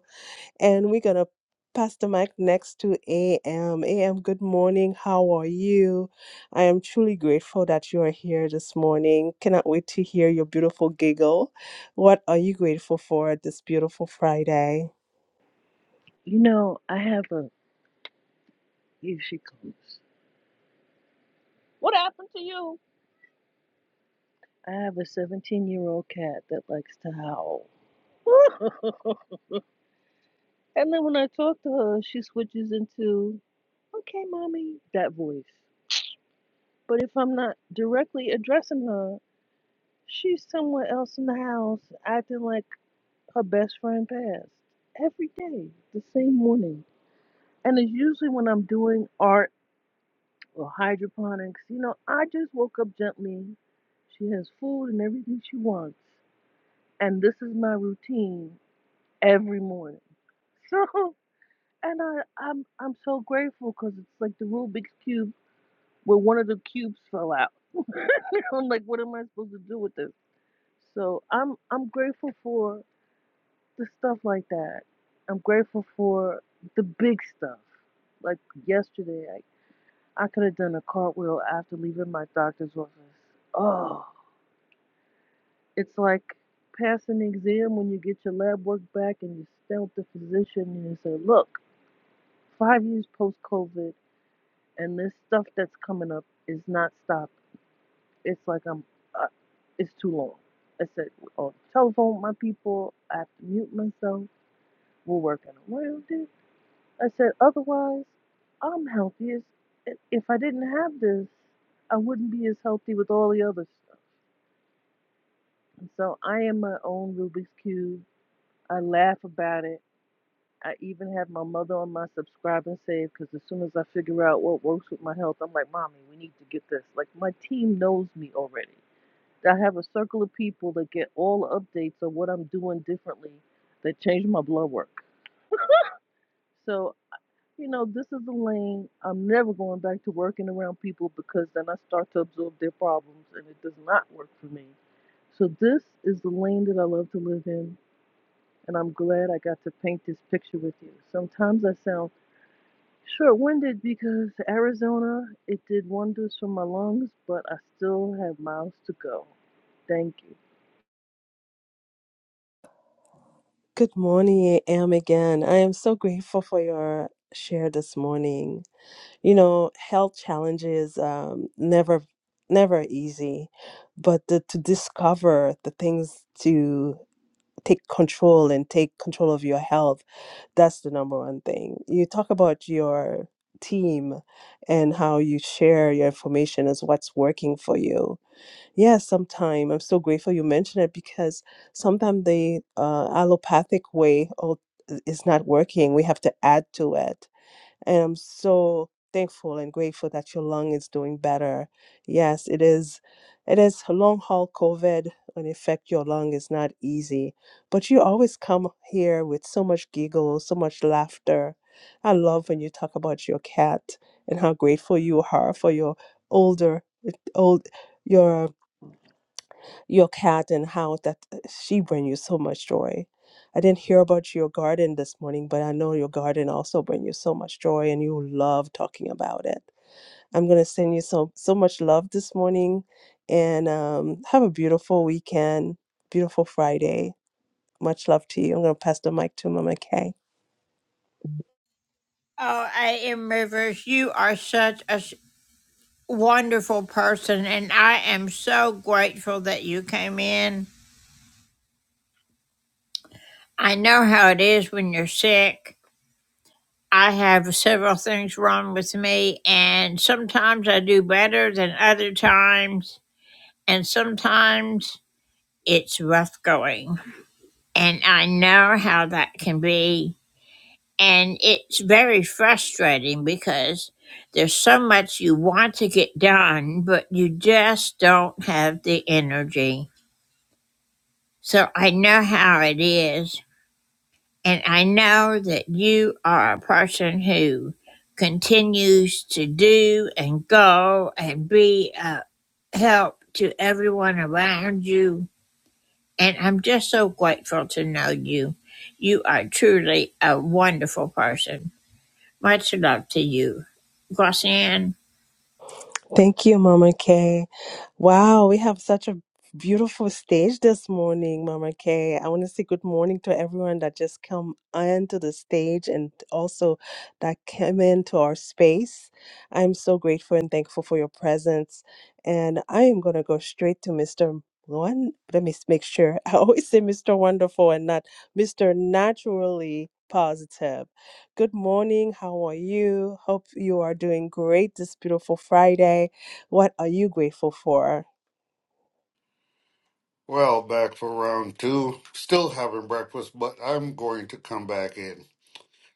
S14: And we're going to pass the mic next to AM. AM, good morning. How are you? I am truly grateful that you are here this morning. Cannot wait to hear your beautiful giggle. What are you grateful for this beautiful Friday?
S20: You know, I have a here she comes. What happened to you? I have a 17 year old cat that likes to howl. and then when I talk to her, she switches into, okay, mommy, that voice. But if I'm not directly addressing her, she's somewhere else in the house acting like her best friend passed. Every day, the same morning. And it's usually when I'm doing art or hydroponics. You know, I just woke up gently. She has food and everything she wants. And this is my routine every morning. So, and I, I'm, I'm so grateful because it's like the Rubik's Cube where one of the cubes fell out. I'm like, what am I supposed to do with this? So I'm, I'm grateful for the stuff like that. I'm grateful for the big stuff. Like yesterday, I. I could have done a cartwheel after leaving my doctor's office. Oh, it's like passing an exam when you get your lab work back and you stand with the physician and you say, Look, five years post COVID, and this stuff that's coming up is not stopped. It's like I'm, uh, it's too long. I said, on the telephone with my people, I have to mute myself. We're working around it. I said, otherwise, I'm healthy. as- If I didn't have this, I wouldn't be as healthy with all the others. So I am my own Rubik's Cube. I laugh about it. I even have my mother on my subscribe and save because as soon as I figure out what works with my health, I'm like, Mommy, we need to get this. Like, my team knows me already. I have a circle of people that get all the updates of what I'm doing differently that change my blood work. So, you know, this is the lane. I'm never going back to working around people because then I start to absorb their problems and it does not work for me. So, this is the lane that I love to live in and I'm glad I got to paint this picture with you. Sometimes I sound short winded because Arizona, it did wonders for my lungs, but I still have miles to go. Thank you.
S14: Good morning, AM again. I am so grateful for your share this morning. You know, health challenges um, never never easy, but the, to discover the things to take control and take control of your health, that's the number one thing. You talk about your team and how you share your information as what's working for you. Yeah, sometime I'm so grateful you mentioned it because sometimes the uh, allopathic way al- is not working. We have to add to it and I'm so thankful and grateful that your lung is doing better. Yes, it is. It is long haul COVID and affect your lung is not easy, but you always come here with so much giggle, so much laughter. I love when you talk about your cat and how grateful you are for your older old your your cat and how that uh, she bring you so much joy. I didn't hear about your garden this morning, but I know your garden also bring you so much joy and you love talking about it. I'm gonna send you so so much love this morning and um, have a beautiful weekend, beautiful Friday. Much love to you. I'm gonna pass the mic to Mama Kay.
S5: Oh, I A.M. Rivers, you are such a s- wonderful person, and I am so grateful that you came in. I know how it is when you're sick. I have several things wrong with me, and sometimes I do better than other times, and sometimes it's rough going. And I know how that can be And it's very frustrating because there's so much you want to get done, but you just don't have the energy. So I know how it is. And I know that you are a person who continues to do and go and be a help to everyone around you. And I'm just so grateful to know you. You are truly a wonderful person. Much love to you, Glossian.
S14: Thank you, Mama Kay. Wow, we have such a beautiful stage this morning, Mama Kay. I want to say good morning to everyone that just come onto the stage and also that came into our space. I'm so grateful and thankful for your presence. And I am going to go straight to Mr. One. Let me s- make sure. I always say Mr. Wonderful and not Mr. Naturally Positive. Good morning. How are you? Hope you are doing great this beautiful Friday. What are you grateful for?
S13: Well, back for round two. Still having breakfast, but I'm going to come back in.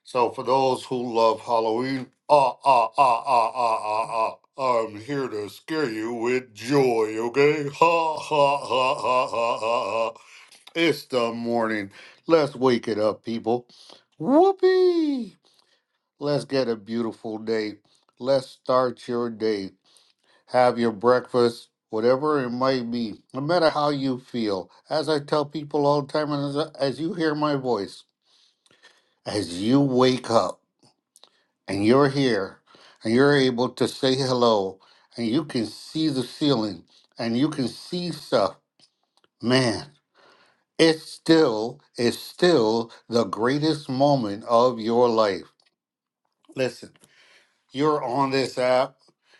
S13: So, for those who love Halloween, ah, ah, ah, ah, ah, ah, ah, I'm here to scare you with joy, okay? Ha, ha, ha, ha, ha, ha, ha. It's the morning. Let's wake it up, people. Whoopee! Let's get a beautiful day. Let's start your day. have your breakfast, whatever it might be, no matter how you feel. As I tell people all the time, and as, as you hear my voice, as you wake up and you're here and you're able to say hello and you can see the ceiling and you can see stuff, man, it's still, it's still the greatest moment of your life. Listen. You're on this app.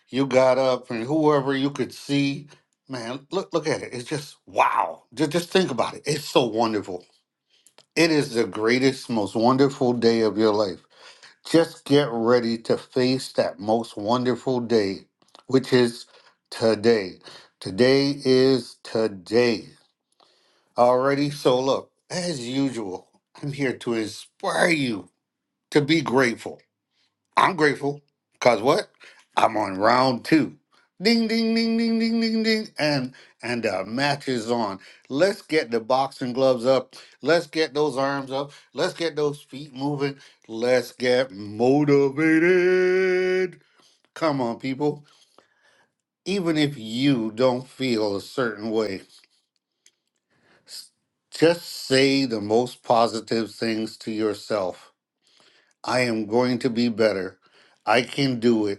S13: You got up and whoever you could see, man, look look at it. It's just wow. Just, just think about it. It's so wonderful. It is the greatest, most wonderful day of your life. Just get ready to face that most wonderful day, which is today. Today is today. Alrighty, so look, as usual, I'm here to inspire you to be grateful I'm grateful because what? I'm on round two. Ding ding ding ding ding ding ding and and the match is on. Let's get the boxing gloves up. Let's get those arms up. Let's get those feet moving. Let's get motivated. Come on, people. Even if you don't feel a certain way, s- just say the most positive things to yourself. I am going to be better. I can do it.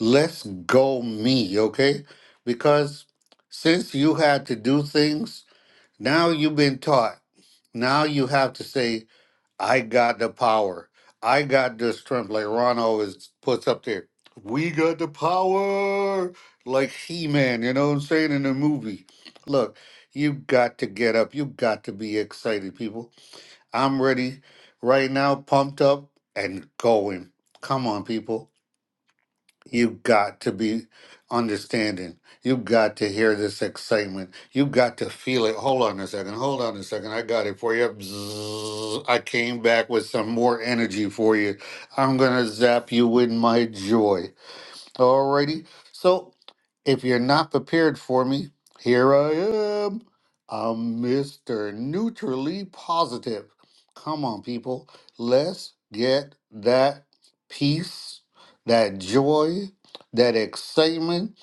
S13: let's go me, okay? Because since you had to do things, now you've been taught. Now you have to say, I got the power. I got the strength. Like Ron always puts up there, we got the power. Like He Man, you know what I'm saying, in the movie. Look, you have got to get up. You have got to be excited, people. I'm ready right now, pumped up and going. Come on, people. You've got to be understanding. You've got to hear this excitement. You've got to feel it. Hold on a second. Hold on a second. I got it for you. Bzzz. I came back with some more energy for you. I'm going to zap you with my joy. Alrighty. So if you're not prepared for me, here I am. I'm Mr. Neutrally Positive. Come on, people. Let's get that peace, that joy, that excitement.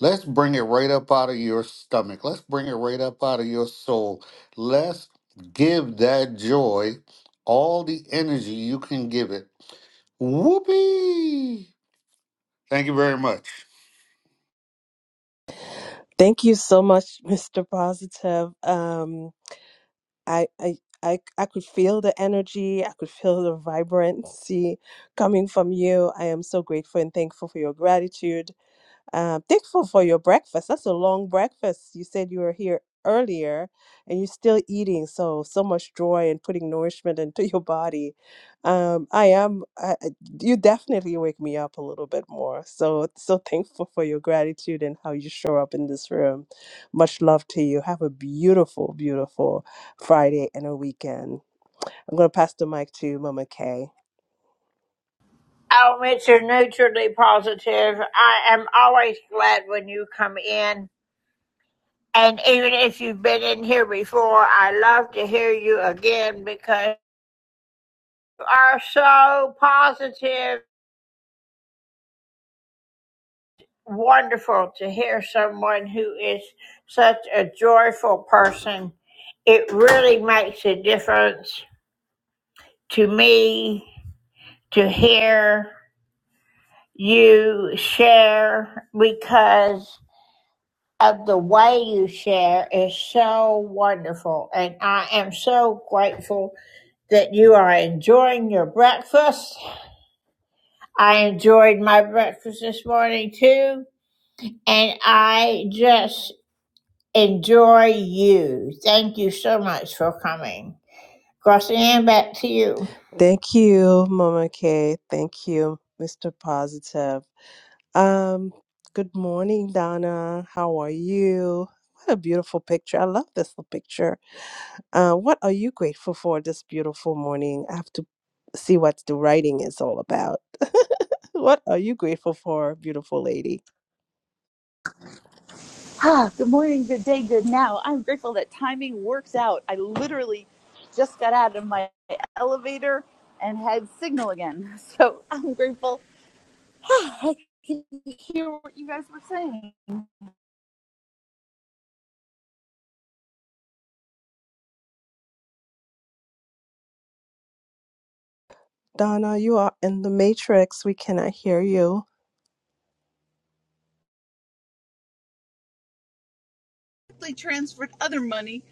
S13: Let's bring it right up out of your stomach. Let's bring it right up out of your soul. Let's give that joy all the energy you can give it. Whoopee! Thank you very much.
S14: Thank you so much, Mr. Positive. Um, I, I, I, I could feel the energy. I could feel the vibrancy coming from you. I am so grateful and thankful for your gratitude. Uh, thankful for your breakfast. That's a long breakfast. You said you were here earlier and you're still eating. So, so much joy and putting nourishment into your body. Um, I am, I, I- you definitely wake me up a little bit more. So, so thankful for your gratitude and how you show up in this room. Much love to you. Have a beautiful, beautiful Friday and a weekend. I'm going to pass the mic to Mama Kay.
S5: Oh, Mr. Neutrally Positive, I am always glad when you come in. And even if you've been in here before, I love to hear you again because you are so positive. Wonderful to hear someone who is such a joyful person. It really makes a difference to me to hear you share because of the way you share is so wonderful. And I am so grateful that you are enjoying your breakfast. I enjoyed my breakfast this morning too. And I just enjoy you. Thank you so much for coming. Crossing back to you.
S14: Thank you, Mama Kay. Thank you, Mr. Positive. Um, good morning, Donna. How are you? What a beautiful picture. I love this little picture. Uh, what are you grateful for this beautiful morning? I have to see what the writing is all about. what are you grateful for, beautiful lady?
S21: Ah, good morning, good day, good now. I'm grateful that timing works out. I literally just got out of my elevator and had signal again. So I'm grateful I can hear what you guys were saying.
S14: Donna, you are in the matrix. We cannot hear you.
S21: They transferred other money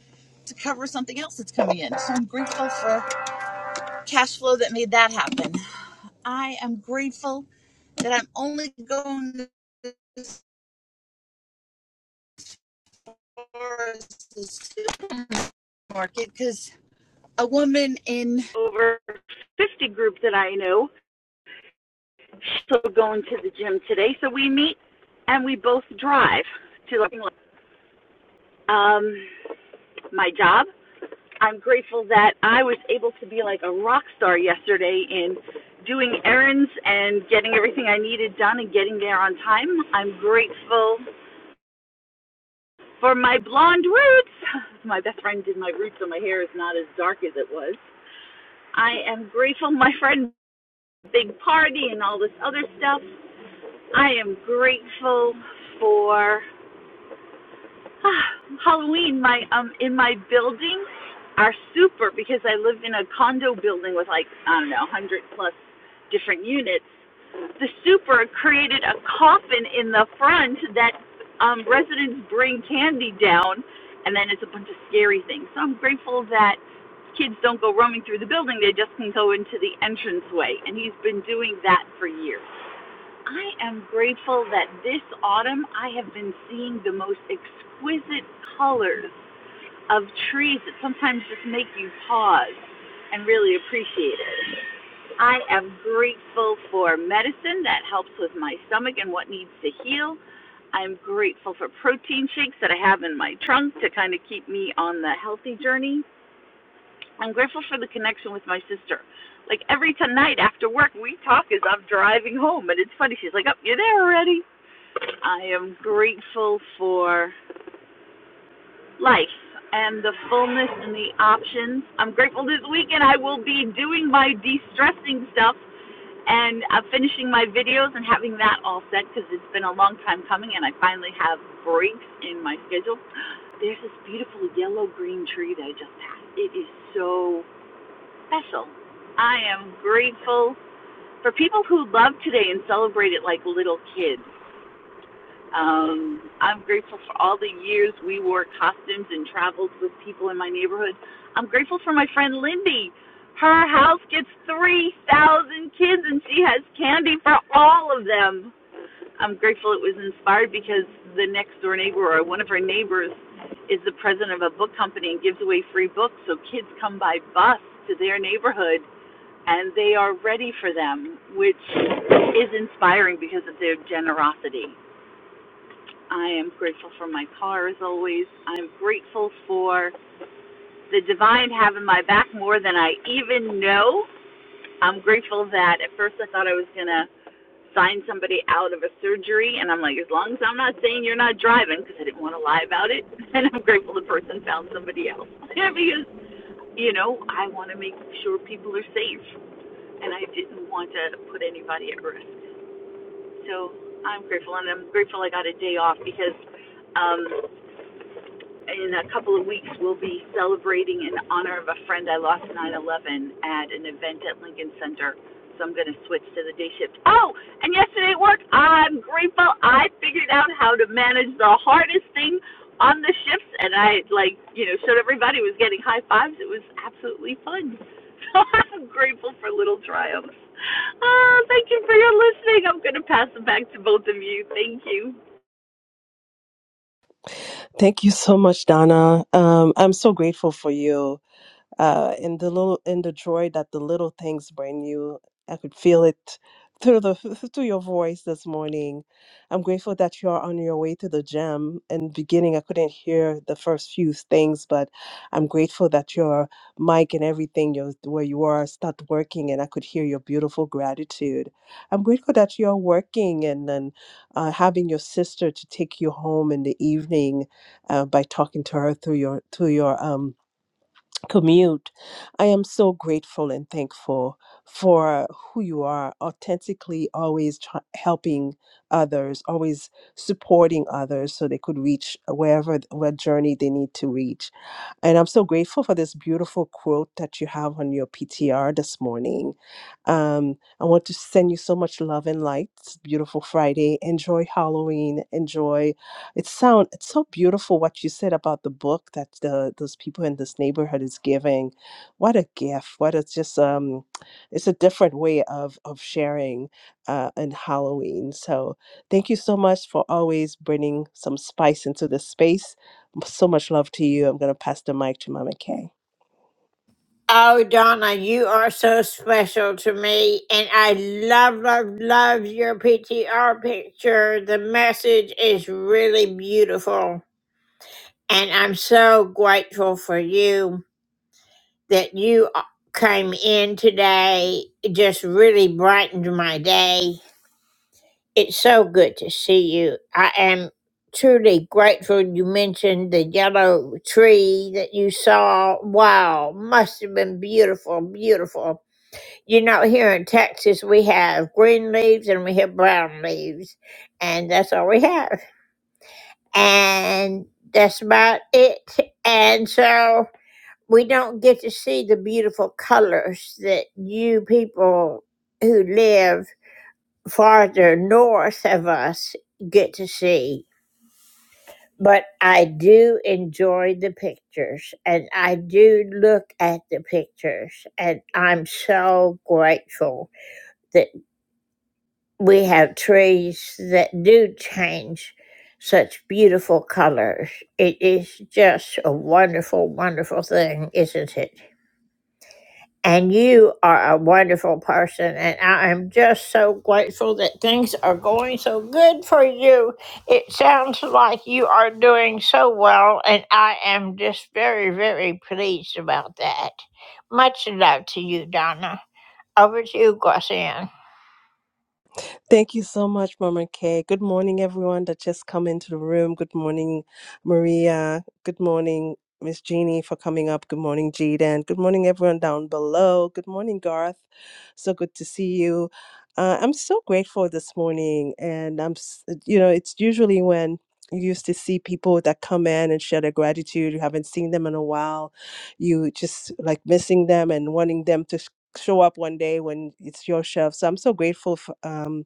S21: to cover something else that's coming in. So I'm grateful for cash flow that made that happen. I am grateful that I'm only going to the supermarket because. a woman in over 50 group that I know. She's going to the gym today. So we meet and we both drive to um, my job. I'm grateful that I was able to be like a rock star yesterday in doing errands and getting everything I needed done and getting there on time. I'm grateful for my blonde roots. My best friend did my roots, so my hair is not as dark as it was. I am grateful my friend big party and all this other stuff. I am grateful for ah, Halloween. My um in my building are super because I live in a condo building with like I don't know one hundred plus different units. The super created a coffin in the front that um, residents bring candy down, and then it's a bunch of scary things. So I'm grateful that kids don't go roaming through the building; they just can go into the entranceway. And he's been doing that for years. I am grateful that this autumn I have been seeing the most exquisite colors of trees that sometimes just make you pause and really appreciate it. I am grateful for medicine that helps with my stomach and what needs to heal. I'm grateful for protein shakes that I have in my trunk to kind of keep me on the healthy journey. I'm grateful for the connection with my sister. Like every tonight after work, we talk as I'm driving home, and it's funny. She's like, "Oh, you're there already?" I am grateful for life and the fullness and the options. I'm grateful this weekend I will be doing my de stressing stuff and uh, finishing my videos and having that all set because it's been a long time coming and I finally have breaks in my schedule. There's this beautiful yellow green tree that I just passed. It is so special. I am grateful for people who love today and celebrate it like little kids. Um, I'm grateful for all the years we wore costumes and traveled with people in my neighborhood. I'm grateful for my friend Lindy. Her house gets 3,000 kids and she has candy for all of them. I'm grateful it was inspired because the next door neighbor or one of her neighbors is the president of a book company and gives away free books so kids come by bus to their neighborhood and they are ready for them, which is inspiring because of their generosity. I am grateful for my car as always. I'm grateful for the divine having my back more than I even know. I'm grateful that at first I thought I was going to sign somebody out of a surgery, and I'm like, as long as I'm not saying you're not driving, because I didn't want to lie about it, and I'm grateful the person found somebody else. because, you know, I want to make sure people are safe, and I didn't want to put anybody at risk. So I'm grateful, and I'm grateful I got a day off because. Um, in a couple of weeks, we'll be celebrating in honor of a friend I lost nine eleven at an event at Lincoln Center. So I'm going to switch to the day shift. Oh, and yesterday at work, I'm grateful I figured out how to manage the hardest thing on the shifts, and I like you know showed everybody was getting high fives. It was absolutely fun. So I'm grateful for little triumphs. Oh, thank you for your listening. I'm going to pass it back to both of you. Thank you.
S14: Thank you so much, Donna. Um, I'm so grateful for you. uh, and the little and the joy that the little things bring you. I could feel it through the through your voice this morning. I'm grateful that you are on your way to the gym. In the beginning, I couldn't hear the first few things, but I'm grateful that your mic and everything your, where you are start working, and I could hear your beautiful gratitude. I'm grateful that you're working and then uh, having your sister to take you home in the evening uh, by talking to her through your through your um commute. I am so grateful and thankful for who you are, authentically always try- helping others, always supporting others so they could reach wherever th- what journey they need to reach. And I'm so grateful for this beautiful quote that you have on your PTR this morning. Um, I want to send you so much love and light. It's a beautiful Friday. Enjoy Halloween. Enjoy. It sound it's so beautiful what you said about the book that the those people in this neighborhood is giving. What a gift. What it's just um it's a different way of of sharing uh in Halloween. So thank you so much for always bringing some spice into this space so much love to you. I'm going to pass the mic to Mama Kay.
S5: Oh, Donna, you are so special to me, and I love, love, love your PTR picture. The message is really beautiful. And I'm so grateful for you that you uh, came in today. It just really brightened my day. It's so good to see you. I am truly grateful you mentioned the yellow tree that you saw. Wow, must have been beautiful, beautiful. You know, here in Texas, we have green leaves and we have brown leaves, and that's all we have. And that's about it. And so. we don't get to see the beautiful colors that you people who live farther north of us get to see. But I do enjoy the pictures and I do look at the pictures, and I'm so grateful that we have trees that do change such beautiful colors. It is just a wonderful, wonderful thing, isn't it? And you are a wonderful person, and I am just so grateful that things are going so good for you. It sounds like you are doing so well, and I am just very, very pleased about that. Much love to you, Donna. Over to you, Glossian.
S14: Thank you so much, Mama Kay. Good morning, everyone that just come into the room. Good morning, Maria. Good morning, Miss Jeannie, for coming up. Good morning, Jaden. Good morning, everyone down below. Good morning, Garth. So good to see you. Uh, I'm so grateful this morning, and I'm, s- you know, it's usually when you used to see people that come in and share their gratitude. You haven't seen them in a while. You just like missing them and wanting them to sh- show up one day when it's your shelf. So I'm so grateful for. Um,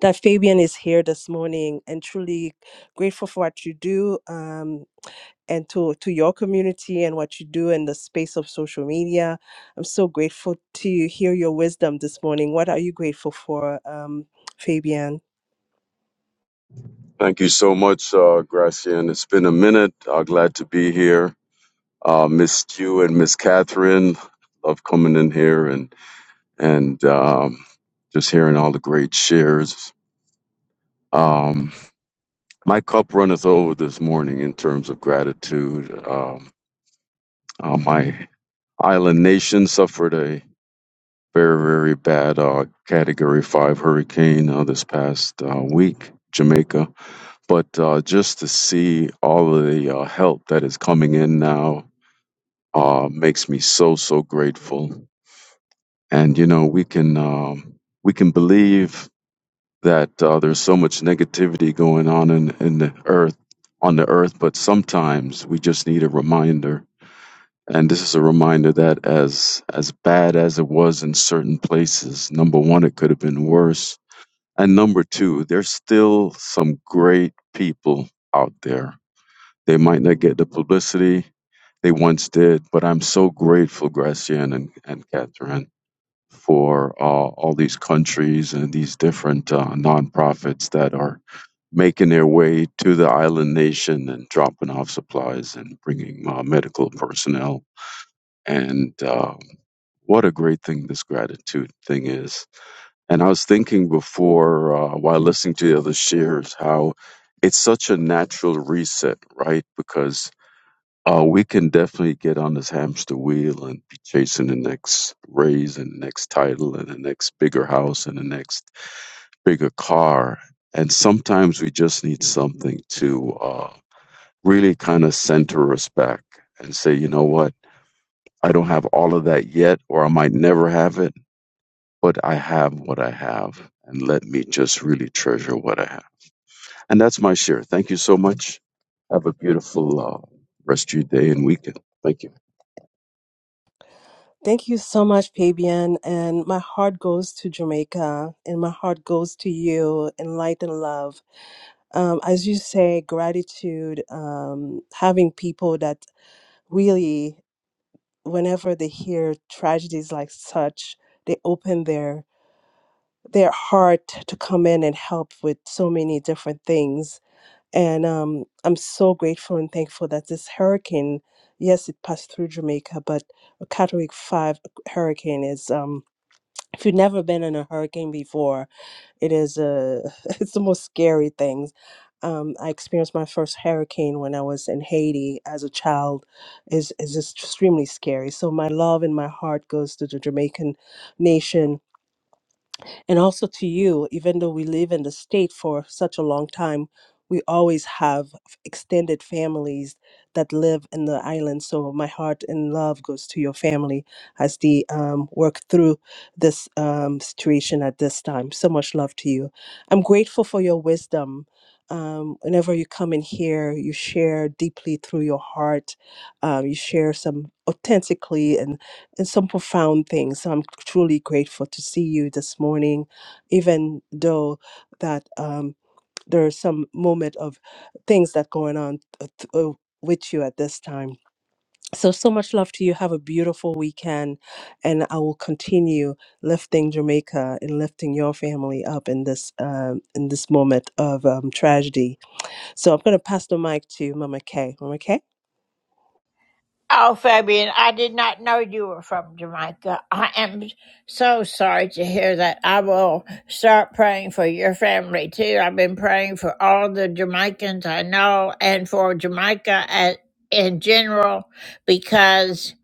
S14: that Fabian is here this morning and truly grateful for what you do um, and to, to your community and what you do in the space of social media. I'm so grateful to hear your wisdom this morning. What are you grateful for, um, Fabian?
S22: Thank you so much, uh, Gracian. It's been a minute. Uh, glad to be here. Uh, missed you and Miss Catherine. Love coming in here and and um, just hearing all the great shares. Um, my cup runneth over this morning in terms of gratitude. Um, uh, my island nation suffered a very very bad uh, Category Five hurricane uh, this past uh, week. Jamaica But uh, just to see all of the uh, help that is coming in now uh, makes me so so grateful. And you know, we can um, we can believe that uh, there's so much negativity going on in, in the earth on the earth, but sometimes we just need a reminder. And this is a reminder that as as bad as it was in certain places, number one, it could have been worse. And number two, there's still some great people out there They might not get the publicity they once did, but I'm so grateful, Gracian and, and Catherine, for uh, all these countries and these different uh, nonprofits that are making their way to the island nation and dropping off supplies and bringing uh, medical personnel. And uh, what a great thing this gratitude thing is. And I was thinking before, uh, while listening to the other shares, how it's such a natural reset, right? Because uh, we can definitely get on this hamster wheel and be chasing the next raise and the next title and the next bigger house and the next bigger car. And sometimes we just need something to uh, really kind of center us back and say, you know what? I don't have all of that yet, or I might never have it, but I have what I have. And let me just really treasure what I have. And that's my share. Thank you so much. Have a beautiful uh, rest of your day and weekend. Thank you.
S14: Thank you so much, Fabian. And my heart goes to Jamaica and my heart goes to you in light and love. Um, as you say, gratitude, um, having people that really whenever they hear tragedies like such, they open their their heart to come in and help with so many different things. And um, I'm so grateful and thankful that this hurricane, yes, it passed through Jamaica, but a Category Five hurricane is um, if you've never been in a hurricane before, it is a it's the most scary things. Um, I experienced my first hurricane when I was in Haiti as a child. is is extremely scary. So my love and my heart goes to the Jamaican nation and also to you even though we live in the state for such a long time we always have f- extended families that live in the island so my heart and love goes to your family as they um, work through this um, situation at this time so much love to you i'm grateful for your wisdom um, whenever you come in here you share deeply through your heart um, you share some authentically and some profound things. So I'm truly grateful to see you this morning, even though that um, there are some moment of things that going on th- th- uh, with you at this time. So so much love to you. Have a beautiful weekend, and I will continue lifting Jamaica and lifting your family up in this um, in this moment of um, tragedy so I'm going to pass the mic to Mama Kay. Mama Kay?
S5: Oh, Fabian, I did not know you were from Jamaica. I am so sorry to hear that. I will start praying for your family too. I've been praying for all the Jamaicans I know and for Jamaica at, in general because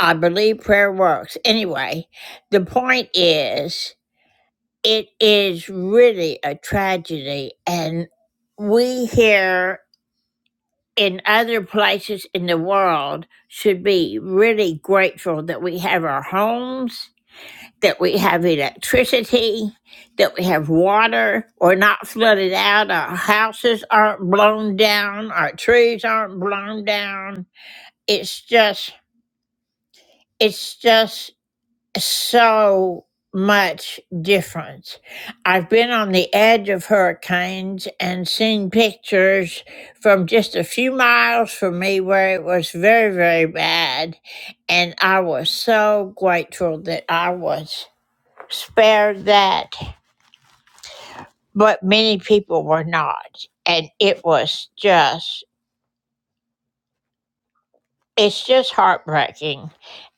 S5: I believe prayer works. Anyway, the point is, it is really a tragedy, and we here in other places in the world should be really grateful that we have our homes, that we have electricity, that we have water. We're not flooded out. Our houses aren't blown down. Our trees aren't blown down. It's just, it's just so much difference. I've been on the edge of hurricanes and seen pictures from just a few miles from me where it was very, very bad. And I was so grateful that I was spared that. But many people were not. And it was just, it's just heartbreaking.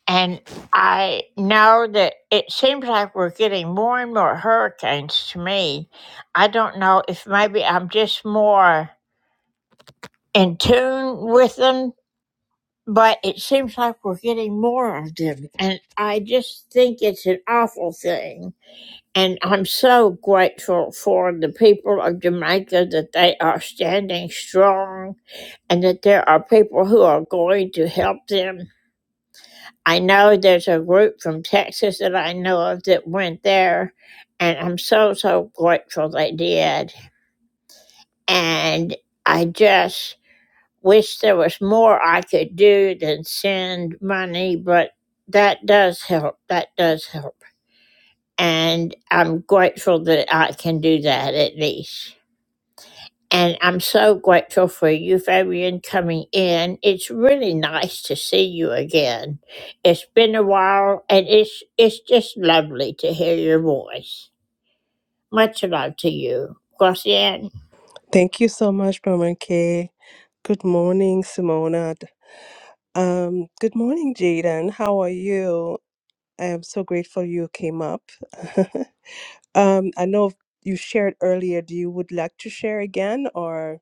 S5: And I know that it seems like we're getting more and more hurricanes to me. I don't know if maybe I'm just more in tune with them, but it seems like we're getting more of them. And I just think it's an awful thing. And I'm so grateful for the people of Jamaica that they are standing strong and that there are people who are going to help them I know there's a group from Texas that I know of that went there, and I'm so, so grateful they did. And I just wish there was more I could do than send money, but that does help. That does help. And I'm grateful that I can do that at least. And I'm so grateful for you, Fabian, coming in. It's really nice to see you again. It's been a while, and it's it's just lovely to hear your voice. Much love to you, Glossian.
S14: Thank you so much, Mama Kay. Good morning, Simona. Um, good morning, Jaden. How are you? I am so grateful you came up. um, I know you shared earlier. Do you would like to share again or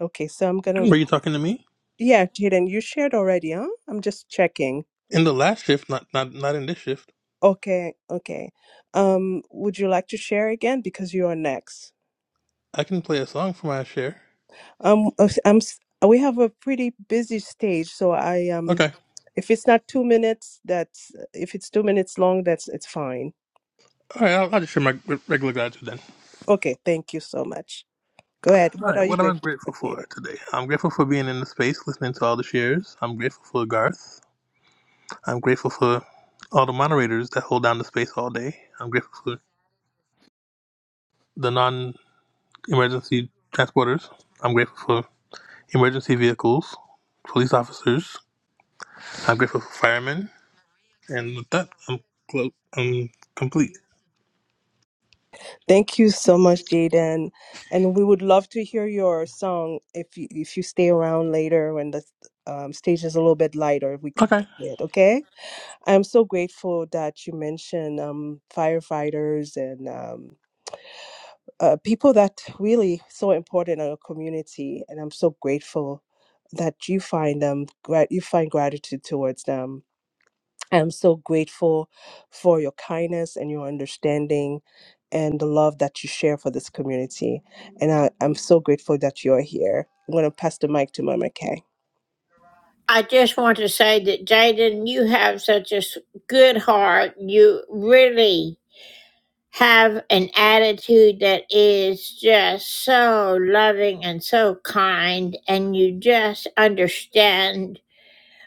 S14: okay, so I'm gonna
S6: Were you talking to me?
S14: Yeah, Jaden, you shared already, huh? I'm just checking.
S6: In the last shift, not not not in this shift.
S14: Okay, okay. Um, would you like to share again because you are next?
S6: I can play a song for my share.
S14: Um, uh, I'm. s- uh, We have a pretty busy stage, so I um,
S6: Okay.
S14: if it's not two minutes, that's if it's two minutes long, that's it's fine.
S6: All right, I'll, I'll just share my re- regular gratitude then.
S14: Okay, thank you so much. Go ahead.
S6: All
S14: What
S6: right,
S14: are you
S6: what am I
S14: grateful for,
S6: grateful for
S14: David?
S6: today? I'm grateful for being in the space, listening to all the shares. I'm grateful for Garth. I'm grateful for all the moderators that hold down the space all day. I'm grateful for the non-emergency transporters. I'm grateful for emergency vehicles, police officers. I'm grateful for firemen. And with that, I'm close. I'm complete.
S14: Thank you so much, Jaden. And we would love to hear your song if you if you stay around later when the um, stage is a little bit lighter, we could
S6: Okay.
S14: play it. Okay. I'm so grateful that you mentioned um, firefighters and um, uh, people that really so important in our community, and I'm so grateful that you find them. Grat- you find gratitude towards them. I'm so grateful for your kindness and your understanding, and the love that you share for this community. And I, I'm so grateful that you're here. I'm gonna pass the mic to Mama Kay.
S5: I just want to say that Jaden, you have such a s- good heart. You really have an attitude that is just so loving and so kind, and you just understand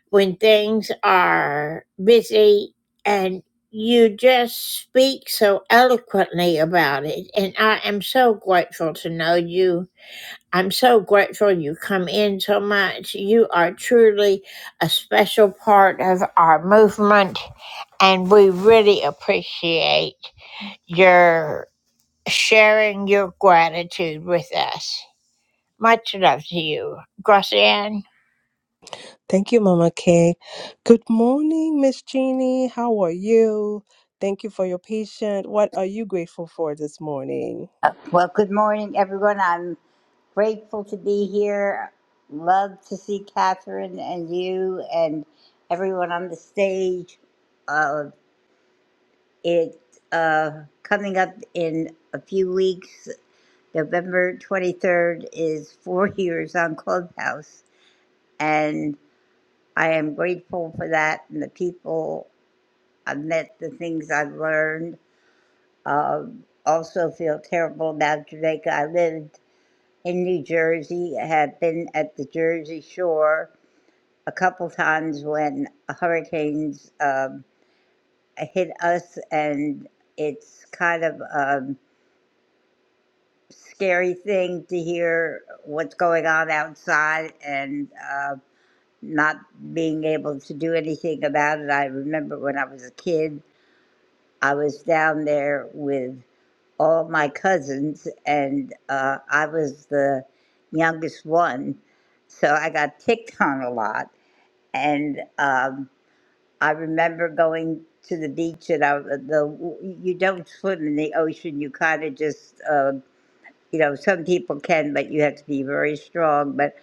S5: when things are busy, and you just speak so eloquently about it. And I am so grateful to know you I'm so grateful you come in so much. You are truly a special part of our movement, and we really appreciate your sharing your gratitude with us. Much love to you, Gracian.
S14: Thank you, Mama Kay. Good morning, Miss Jeannie. How are you? Thank you for your patience. What are you grateful for this morning?
S23: Uh, Well, good morning, everyone. I'm grateful to be here. Love to see Catherine and you and everyone on the stage. Uh, it uh, coming up in a few weeks. November 23rd is four years on Clubhouse, and I am grateful for that and the people I've met, the things I've learned. Um, also, feel terrible about Jamaica. I lived in New Jersey. I have been at the Jersey Shore a couple times when hurricanes um, hit us, and it's kind of a scary thing to hear what's going on outside and uh, not being able to do anything about it. I remember when I was a kid, I was down there with all my cousins, and uh, I was the youngest one, so I got picked on a lot. And um, I remember going to the beach, and I, the you don't swim in the ocean; you kind of just, uh, you know, some people can, but you have to be very strong. But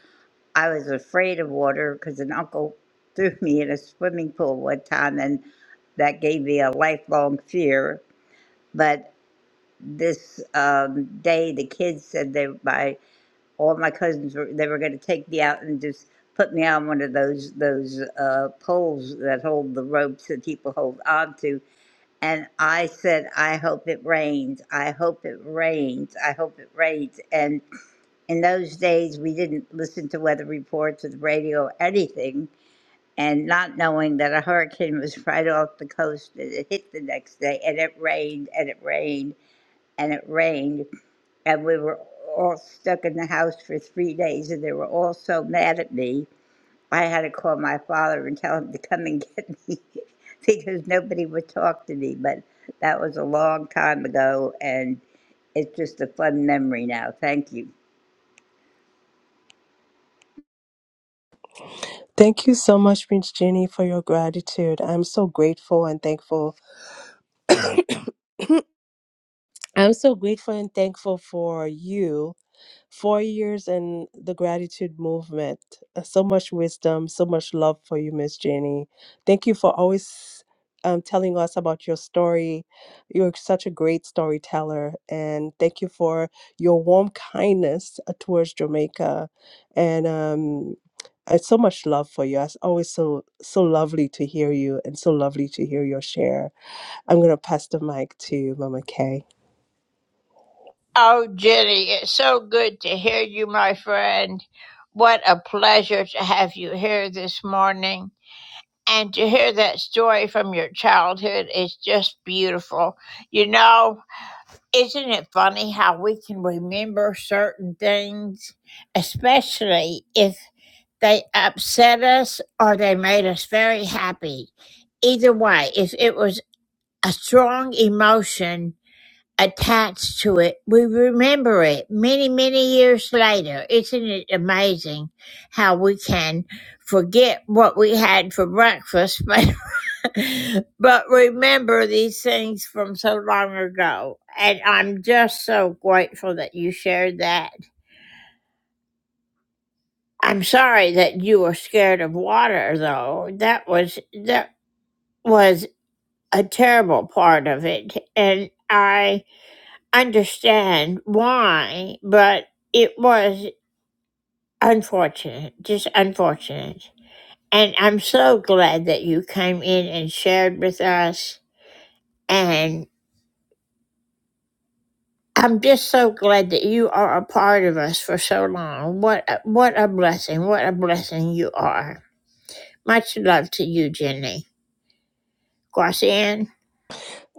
S23: I was afraid of water because an uncle threw me in a swimming pool one time, and that gave me a lifelong fear. But this um, day the kids said they my all my cousins were they were going to take me out and just put me on one of those those uh, poles that hold the ropes that people hold on to and i said i hope it rains i hope it rains i hope it rains and in those days we didn't listen to weather reports or the radio or anything and not knowing that a hurricane was right off the coast and it hit the next day and it rained and it rained and it rained and we were all stuck in the house for three days, and they were all so mad at me. I had to call my father and tell him to come and get me because nobody would talk to me. But that was a long time ago, and it's just a fun memory now. Thank you.
S14: Thank you so much, Prince Jenny, for your gratitude. I'm so grateful and thankful. I'm so grateful and thankful for you Four years in the gratitude movement. Uh, So much wisdom, so much love for you, Miss Jenny. Thank you for always um, telling us about your story. You're such a great storyteller. And thank you for your warm kindness uh, towards Jamaica. And um, it's so much love for you. It's always so so lovely to hear you and so lovely to hear your share. I'm going to pass the mic to Mama Kay.
S5: Oh, Jenny, it's so good to hear you, my friend. What a pleasure to have you here this morning. And to hear that story from your childhood is just beautiful. You know, isn't it funny how we can remember certain things, especially if they upset us or they made us very happy? Either way, if it was a strong emotion attached to it, we remember it many, many years later. Isn't it amazing how we can forget what we had for breakfast, but but remember these things from so long ago. And I'm just so grateful that you shared that. I'm sorry that you were scared of water though. That was that was a terrible part of it. And I understand why, but it was unfortunate, just unfortunate. And I'm so glad that you came in and shared with us. and. I'm just so glad that you are a part of us for so long. What a, what a blessing! What a blessing you are. Much love to you, Jenny. Guasian.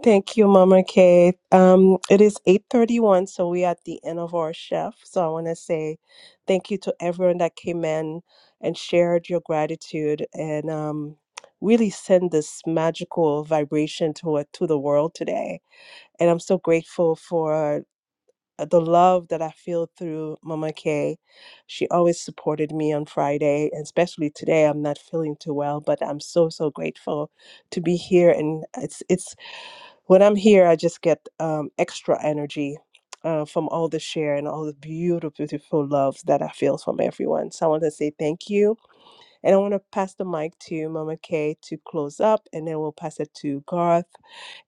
S14: Thank you, Mama Kay. Um, it is 8:31, so we are at the end of our shift. So I want to say thank you to everyone that came in and shared your gratitude and um, really send this magical vibration to it to the world today. And I'm so grateful for uh, the love that I feel through Mama Kay. She always supported me on Friday, and especially today. I'm not feeling too well, but I'm so so grateful to be here. And it's it's when I'm here, I just get um, extra energy. Uh, from all the share and all the beautiful, beautiful love that I feel from everyone. So I want to say thank you. And I want to pass the mic to Mama Kay to close up, and then we'll pass it to Garth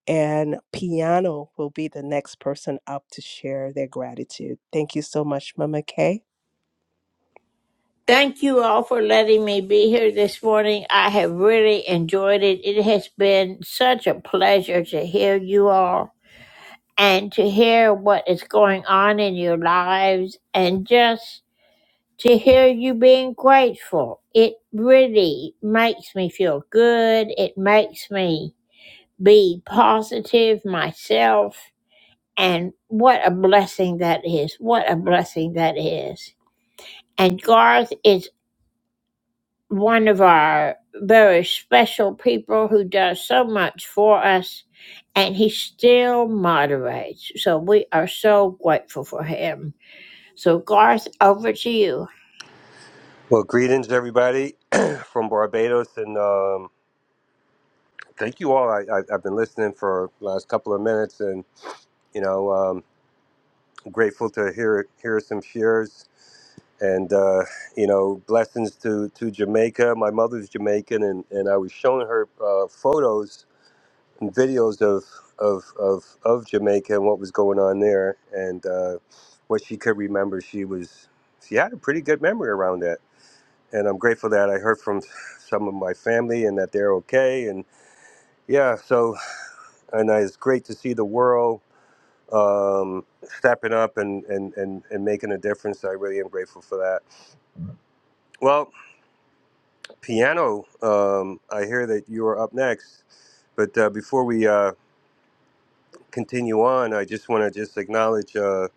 S14: and Piano will be the next person up to share their gratitude. Thank you so much, Mama Kay.
S5: Thank you all for letting me be here this morning. I have really enjoyed it. It has been such a pleasure to hear you all and to hear what is going on in your lives and just to hear you being grateful. It really makes me feel good. It makes me be positive myself. And what a blessing that is. What a blessing that is. And Garth is one of our very special people who does so much for us, and he still moderates. So we are so grateful for him. So, Garth, over to you.
S24: Well, greetings, everybody, from Barbados, and um, thank you all. I, I, I've been listening for the last couple of minutes, and you know, um, grateful to hear hear some shares, and uh, you know, blessings to to Jamaica. My mother's Jamaican, and, and I was showing her uh, photos and videos of of of of Jamaica and what was going on there, and uh, what she could remember. She was she had a pretty good memory around that and I'm grateful that I heard from some of my family and that they're okay. And yeah, so and it's great to see the world um, stepping up and, and, and, and making a difference. I really am grateful for that. Well, piano, um, I hear that you are up next, but uh, before we uh, continue on, I just want to just acknowledge uh,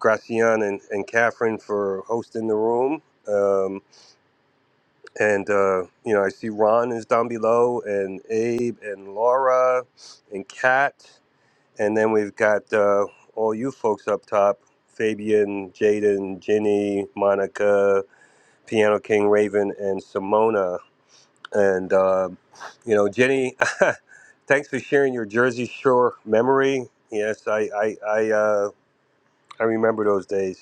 S24: Gracian and, and Catherine for hosting the room. Um, and uh, you know I see Ron is down below, and Abe and Laura and Kat, and then we've got uh, all you folks up top: Fabian, Jaden, Ginny, Monica, Piano King Raven, and Simona. And uh, you know, Jenny, thanks for sharing your Jersey Shore memory. Yes, I I I, uh, I remember those days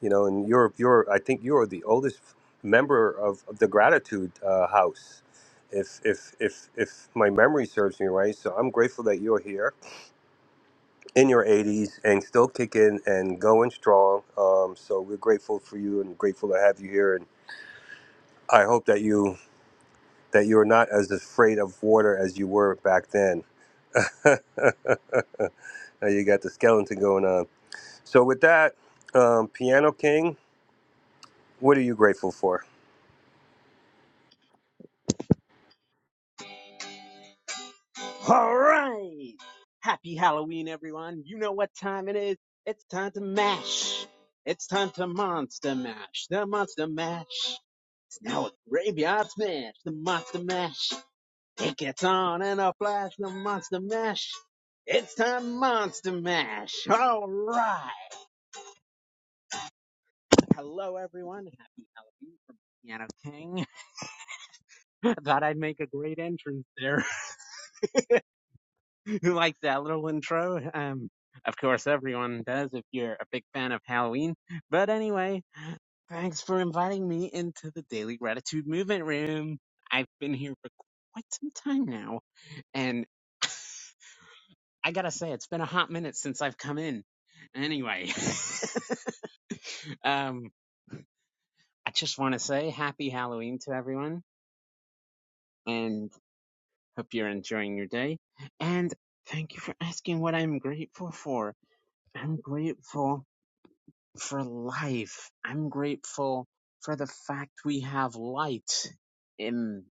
S24: you know and you're you're i think you're the oldest member of, of the gratitude uh, house if if if if my memory serves me right so i'm grateful that you're here in your 80s and still kicking and going strong um, so we're grateful for you and grateful to have you here and i hope that you that you're not as afraid of water as you were back then now you got the skeleton going on so with that um, piano king what are you grateful for
S25: All right. Happy Halloween, everyone. You know what time it is. It's time to mash. It's time to monster mash. The monster mash. It's now a graveyard smash. The monster mash. It gets on in a flash. The monster mash. It's time to monster mash. All right. Hello, everyone. Happy Halloween from Piano King. I thought I'd make a great entrance there. who likes that little intro. Um, of course, everyone does if you're a big fan of Halloween. But anyway, thanks for inviting me into the Daily Gratitude Movement Room. I've been here for quite some time now, and I gotta say, it's been a hot minute since I've come in. Anyway, um, I just want to say happy Halloween to everyone, and hope you're enjoying your day. And thank you for asking what I'm grateful for. I'm grateful for life. I'm grateful for the fact we have light in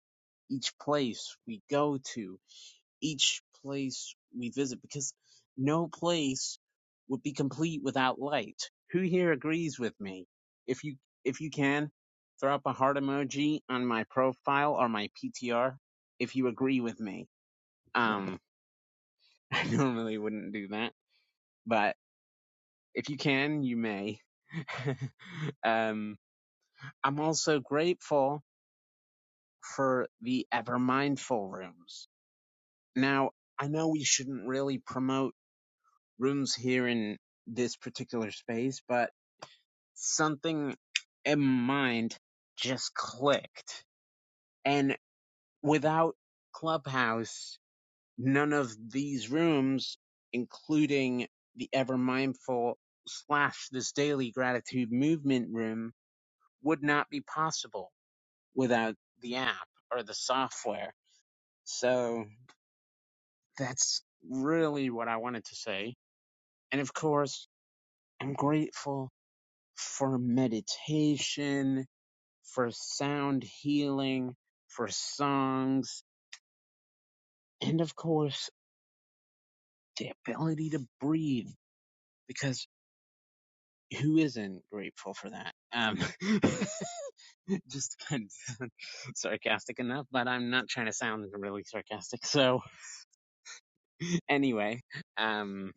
S25: each place we go to, each place we visit, because no place would be complete without light. Who here agrees with me? If you, if you can, throw up a heart emoji on my profile or my PTR if you agree with me. Um, I normally wouldn't do that, but if you can, you may. um, I'm also grateful for the ever mindful rooms. Now, I know we shouldn't really promote rooms here in this particular space, but something in mind just clicked. And without Clubhouse, none of these rooms, including the ever mindful slash this daily gratitude movement room, would not be possible without the app or the software So that's really what I wanted to say. And of course, I'm grateful for meditation, for sound healing, for songs, and of course, the ability to breathe because who isn't grateful for that? Um, just kind of sound sarcastic enough, but I'm not trying to sound really sarcastic. So anyway, um,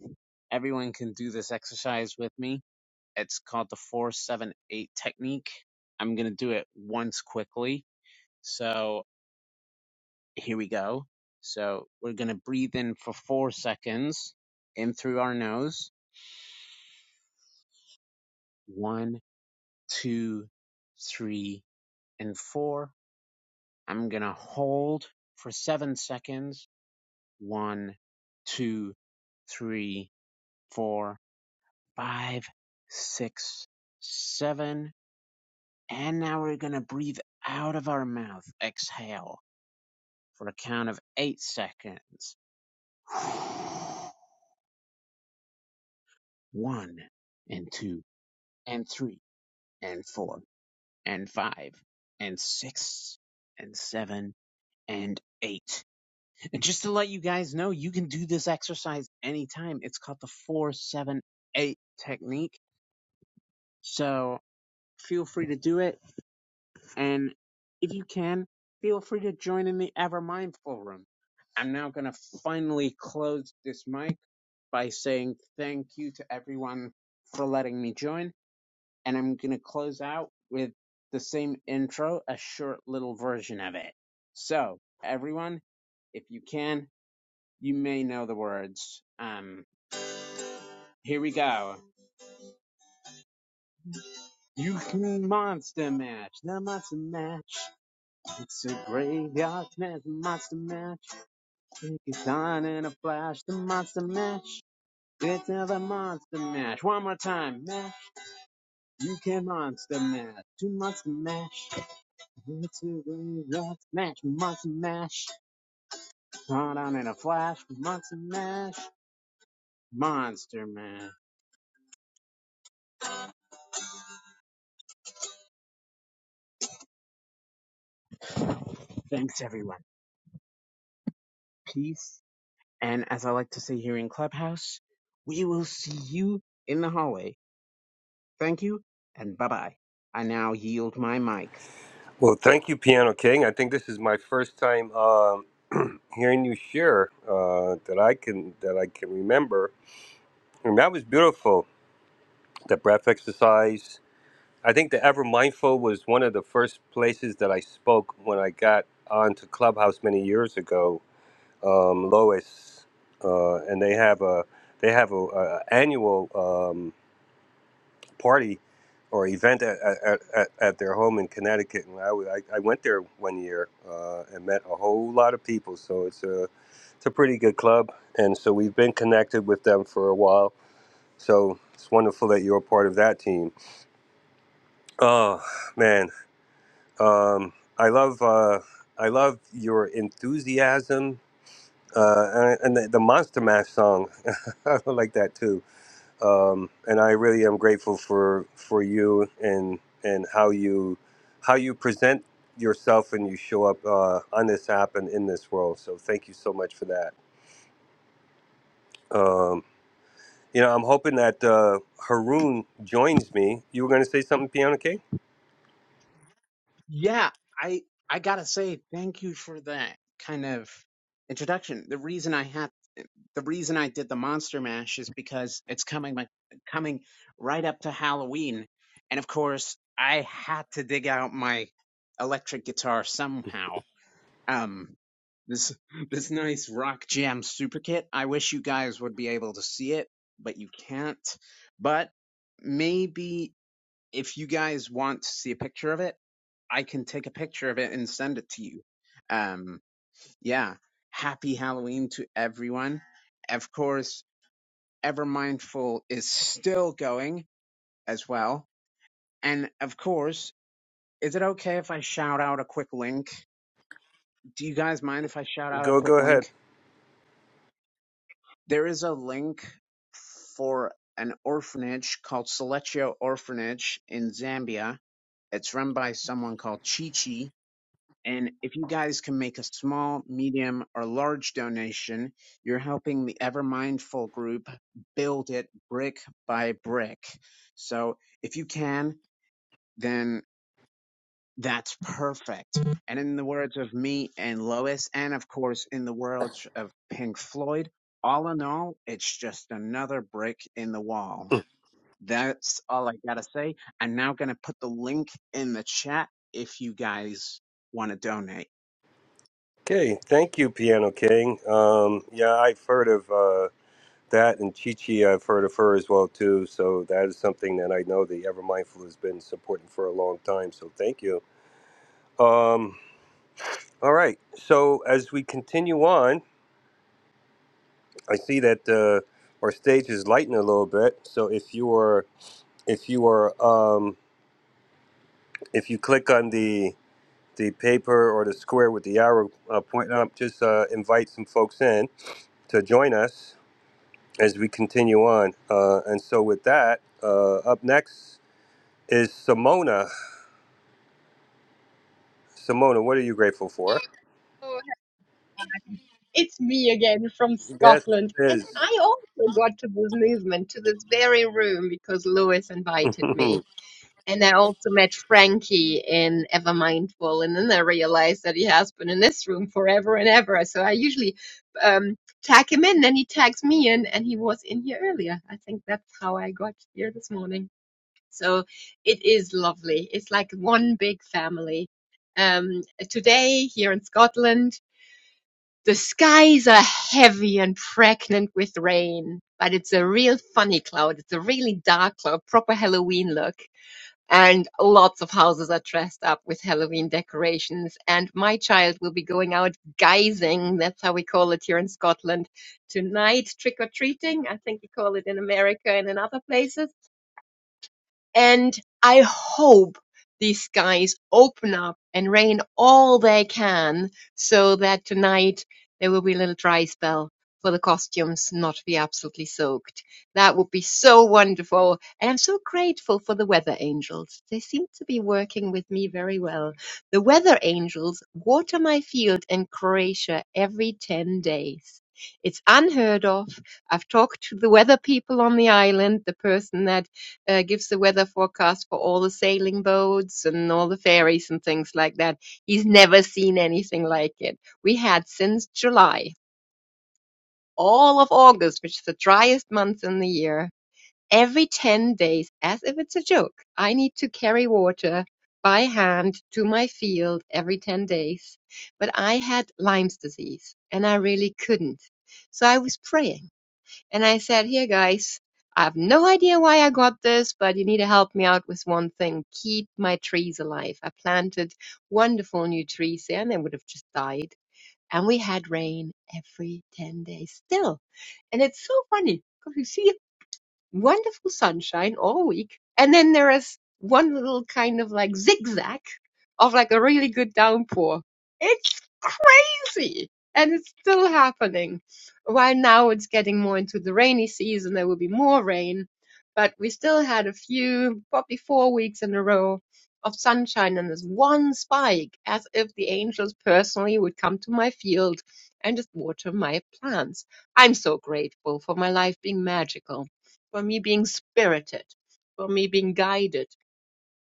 S25: everyone can do this exercise with me It's called the 478 technique. I'm going to do it once quickly. So here we go. So we're going to breathe in for four seconds in through our nose. One, two, three, and four. I'm going to hold for seven seconds. One, two, three, four, five, six, seven. And now we're going to breathe out of our mouth. Exhale for a count of eight seconds. One and two and three and four and five and six and seven and eight. And just to let you guys know, you can do this exercise anytime. It's called the four, seven, eight technique. So feel free to do it And if you can, feel free to join in the Ever Mindful Room. I'm now going to finally close this mic by saying thank you to everyone for letting me join. And I'm going to close out with the same intro, a short little version of it. So, everyone, if you can, you may know the words. Um, here we go. You can monster match, the monster match. It's a graveyard smash, monster match. It's on in a flash, the monster mash. Get to the monster mash. One more time, mash. You can monster mash. Two monster mash. Get to the rock smash, monster mash. Turn on in a flash, monster mash. Monster mash. Thanks everyone. Peace. And as I like to say here in Clubhouse, we will see you in the hallway. Thank you and bye bye. I now yield my mic.
S24: Well, thank you, Piano King. I think this is my first time um, hearing you share uh, that I can that I can remember, and that was beautiful. The breath exercise. I think the Ever Mindful was one of the first places that I spoke when I got onto Clubhouse many years ago. Um, Lois, uh, and they have a they have a, a annual. Um, party or event at, at, at, at their home in Connecticut. And I I, I went there one year uh, and met a whole lot of people. So it's a, it's a pretty good club. And so we've been connected with them for a while. So it's wonderful that you're a part of that team. Oh, man. Um, I love uh, I love your enthusiasm. Uh, and and the, the Monster Mash song, I like that too. um, and I really am grateful for for you and and how you how you present yourself and you show up uh, on this app and in this world. So thank you so much for that. Um, you know, I'm hoping that uh, Haroon joins me. You were going to say something, Piano King?
S25: Yeah, I I gotta say thank you for that kind of introduction. The reason I had the reason I did the Monster Mash is because it's coming my coming right up to Halloween, and of course I had to dig out my electric guitar somehow. Um, this this nice rock jam super kit. I wish you guys would be able to see it, but you can't. But maybe if you guys want to see a picture of it, I can take a picture of it and send it to you. Um, yeah. Happy Halloween to everyone. Of course, Ever Mindful is still going as well. And of course, is it okay if I shout out a quick link? Do you guys mind if I shout out a
S24: Go,
S25: quick
S24: go ahead.
S25: link? There is a link for an orphanage called Selectio Orphanage in Zambia. It's run by someone called Chi Chi And if you guys can make a small, medium, or large donation, you're helping the Ever Mindful group build it brick by brick. So if you can, then that's perfect. And in the words of me and Lois, and of course in the words of Pink Floyd, all in all, it's just another brick in the wall. That's all I gotta say. I'm now gonna put the link in the chat if you guys want to donate.
S24: Okay, thank you, Piano King. Um, yeah, I've heard of uh, that, and Chi Chi, I've heard of her as well too. So that is something that I know the Ever Mindful has been supporting for a long time. So thank you. Um, all right, so as we continue on, I see that uh, our stage is lighting a little bit. So if you are, if you are, um, if you click on the the paper or the square with the arrow uh, pointing up, just uh, invite some folks in to join us as we continue on. Uh, and so, with that, uh, up next is Simona. Simona, what are you grateful for?
S26: Oh, it's me again from
S24: Yes,
S26: Scotland.
S24: it
S26: And
S24: is.
S26: I also got to this movement, to this very room, because Lewis invited me.
S24: well,
S26: And I also met Frankie in Evermindful. And then I realized that he has been in this room forever and ever. So I usually um, tag him in, and he tags me in, and he was in here earlier. I think that's how I got here this morning. So it is lovely. It's like one big family um, today here in Scotland. The skies are heavy and pregnant with rain, but it's a real funny cloud. It's a really dark cloud, proper Halloween look. And lots of houses are dressed up with Halloween decorations. And my child will be going out guising. That's how we call it here in Scotland tonight, trick or treating. I think we call it in America and in other places and I hope these guys open up and rain all they can so that tonight there will be a little dry spell for the costumes not to be absolutely soaked. That would be so wonderful. And I'm so grateful for the weather angels. They seem to be working with me very well. The weather angels water my field in Croatia every 10 days. It's unheard of. I've talked to the weather people on the island, the person that uh, gives the weather forecast for all the sailing boats and all the ferries and things like that. He's never seen anything like it. We had since July, all of August, which is the driest month in the year, every 10 days, as if it's a joke, I need to carry water by hand to my field every 10 days. But I had Lyme's disease and I really couldn't. So I was praying and I said, Here, guys, I have no idea why I got this, but you need to help me out with one thing keep my trees alive. I planted wonderful new trees there, and they would have just died. And we had rain every 10 days still. And it's so funny because you see wonderful sunshine all week. And then there is one little kind of like zigzag of like a really good downpour. It's crazy. And it's still happening. While now it's getting more into the rainy season, there will be more rain. But we still had a few, probably four weeks in a row of sunshine and this one spike, as if the angels personally would come to my field and just water my plants. I'm so grateful for my life being magical, for me being spirited, for me being guided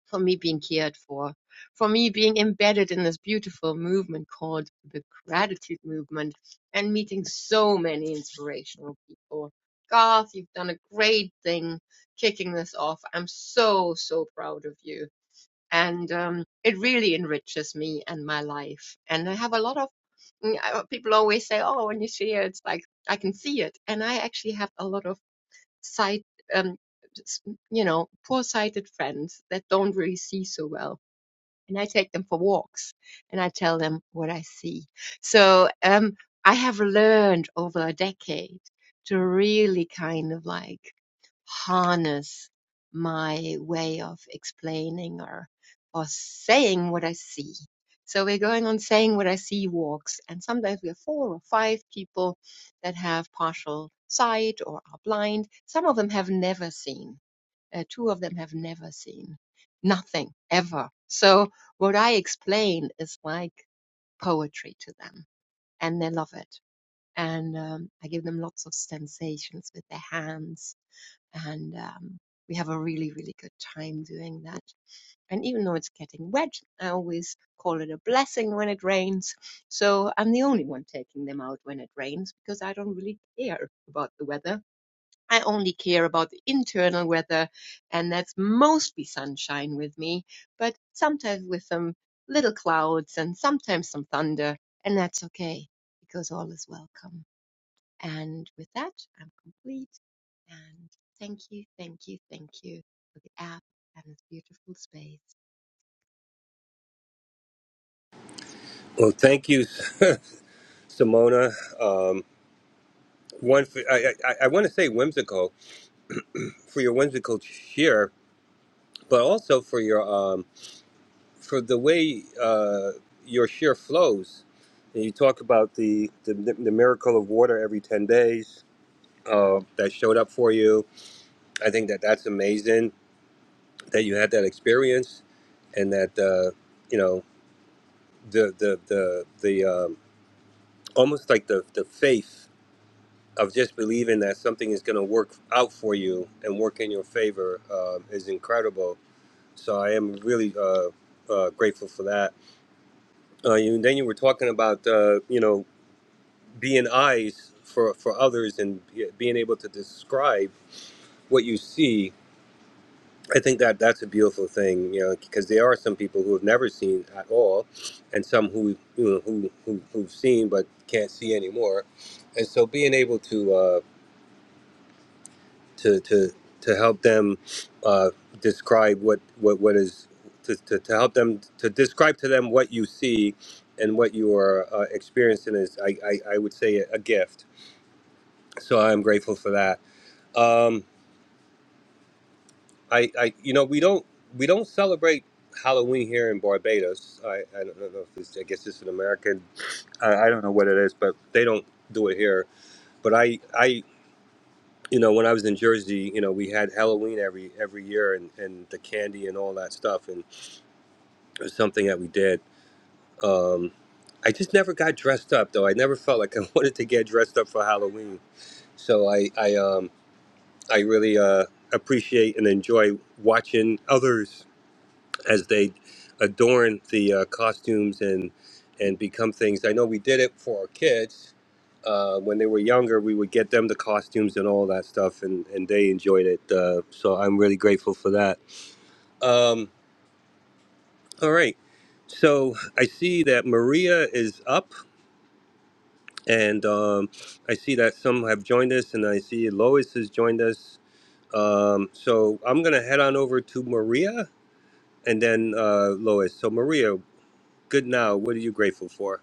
S26: for me being cared for, for me being embedded in this beautiful movement called the Gratitude Movement and meeting so many inspirational people. Garth, you've done a great thing kicking this off. I'm so, so proud of you. And um, it really enriches me and my life. And I have a lot of mm, uh, people always say, oh, when you share, it's like I can see it. And I actually have a lot of sight um you know poor sighted friends that don't really see so well and I take them for walks and I tell them what I see. So um, I have learned over a decade to really kind of like harness my way of explaining or or saying what I see. So we're going on saying what I see walks, and sometimes we have four or five people that have partial sight or are blind. Some of them have never seen uh, two of them have never seen nothing ever. So what I explain is like poetry to them, and they love it. And um, I give them lots of sensations with their hands, and um, we have a really, really good time doing that. And even though it's getting wet, I always call it a blessing when it rains. So I'm the only one taking them out when it rains because I don't really care about the weather I only care about the internal weather, and that's mostly sunshine with me, but sometimes with some little clouds and sometimes some thunder, and that's okay because all is welcome. And with that, I'm complete. And thank you, thank you, thank you for the app and this beautiful space.
S24: thank you, Simona. Um, one, for, I, I, I want to say whimsical for your whimsical cheer, but also for your um, for the way uh, your cheer flows. And you talk about the, the the miracle of water every ten days uh, that showed up for you. I think that that's amazing that you had that experience and that uh, you know the the the the um, almost like the the faith of just believing that something is going to work out for you and work in your favor um is incredible. So I am really uh, uh, grateful for that. Uh, you, then you were talking about uh, you know being eyes for for others and be- being able to describe what you see I think that that's a beautiful thing, you know, because there are some people who have never seen at all, and some who you know who, who who've seen but can't see anymore, and so being able to uh, to to to help them uh, describe what what what is to, to, to help them to describe to them what you see and what you are uh, experiencing is I, I I would say a gift. So I'm grateful for that. Um, I, I, you know, we don't we don't celebrate Halloween here in Barbados. I, I don't know if it's, I guess it's an American. I, I don't know what it is, but they don't do it here. But I, I, you know, when I was in Jersey, you know, we had Halloween every every year, and and the candy and all that stuff, and it was something that we did. Um, I just never got dressed up though. I never felt like I wanted to get dressed up for Halloween. So I, I, um, I really uh, appreciate and enjoy watching others as they adorn the uh, costumes and and become things. I know we did it for our kids uh, when they were younger. We would get them the costumes and all that stuff, and and they enjoyed it. Uh, so I'm really grateful for that. Um, all right. So I see that Maria is up, and um, I see that some have joined us, and I see Lois has joined us. Um, so I'm gonna head on over to Maria, and then uh, Lois. So Maria, good now. What are you grateful for?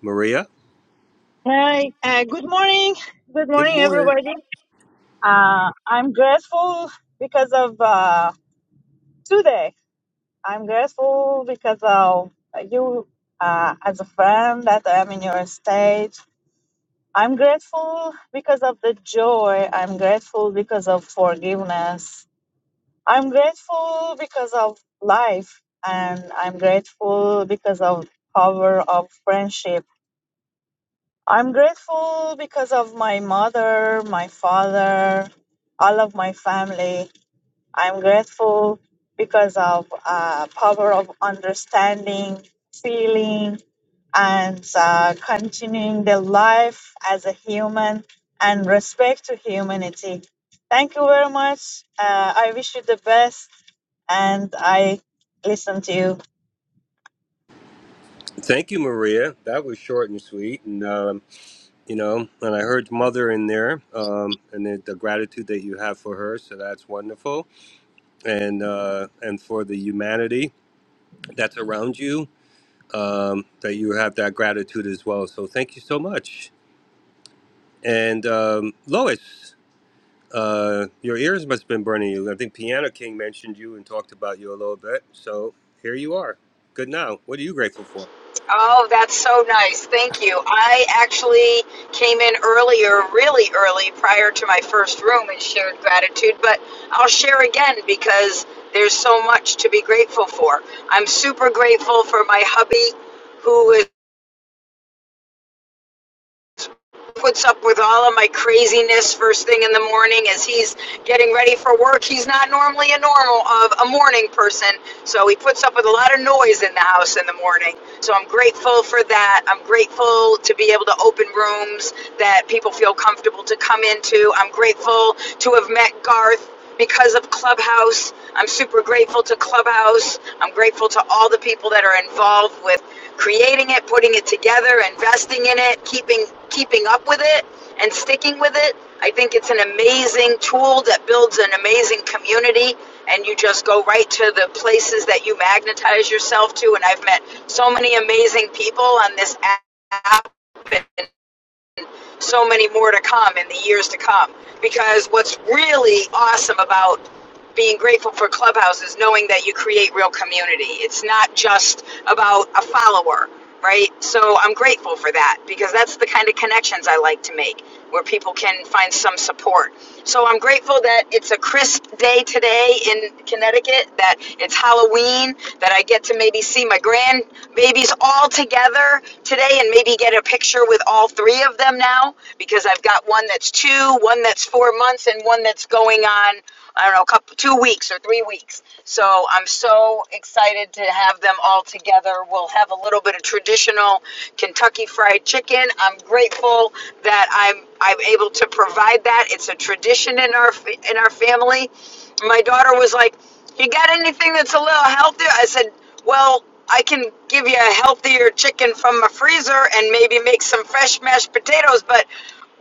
S24: Maria.
S27: Hi, uh, good morning. Good
S24: Good
S27: morning,
S24: morning.
S27: everybody. Uh, I'm grateful because of uh, today. I'm grateful because of you uh, as a friend that I'm in your stage. I'm grateful because of the joy. I'm grateful because of forgiveness. I'm grateful because of life. And I'm grateful because of power of friendship. I'm grateful because of my mother, my father, all of my family. I'm grateful because of uh, power of understanding, feeling, and uh, continuing the life as a human and respect to humanity. Thank you very much. Uh, I wish you the best, and I listen to you.
S24: Thank you, Maria. That was short and sweet, and um, you know, and I heard mother in there, um, and the, the gratitude that you have for her. So that's wonderful, and uh, and for the humanity that's around you, um, that you have that gratitude as well. So thank you so much. And um, Lois, uh, your ears must have been burning you. I think Piano King mentioned you and talked about you a little bit. So here you are. Good now. What are you grateful for?
S10: Oh, that's so nice. Thank you. I actually came in earlier, really early, prior to my first room and shared gratitude, but I'll share again because there's so much to be grateful for. I'm super grateful for my hubby who is, puts up with all of my craziness first thing in the morning as he's getting ready for work. He's not normally a normal of a morning person, So he puts up with a lot of noise in the house in the morning. So I'm grateful for that. I'm grateful to be able to open rooms that people feel comfortable to come into. I'm grateful to have met Garth because of Clubhouse. I'm super grateful to Clubhouse. I'm grateful to all the people that are involved with creating it, putting it together, investing in it, keeping keeping up with it and sticking with it. I think it's an amazing tool that builds an amazing community and you just go right to the places that you magnetize yourself to. And I've met so many amazing people on this app and so many more to come in the years to come. Because what's really awesome about being grateful for Clubhouse is knowing that you create real community. It's not just about a follower, right? So I'm grateful for that because that's the kind of connections I like to make where people can find some support. So I'm grateful that it's a crisp day today in Connecticut, that it's Halloween, that I get to maybe see my grandbabies all together today and maybe get a picture with all three of them now because I've got one that's two, one that's four months, and one that's going on I don't know, a couple two weeks or three weeks. So I'm so excited to have them all together. We'll have a little bit of traditional Kentucky fried chicken. I'm grateful that I'm I'm able to provide that. It's a tradition in our fa- in our family. My daughter was like, "You got anything that's a little healthier?" I said, "Well." I can give you a healthier chicken from my freezer and maybe make some fresh mashed potatoes, but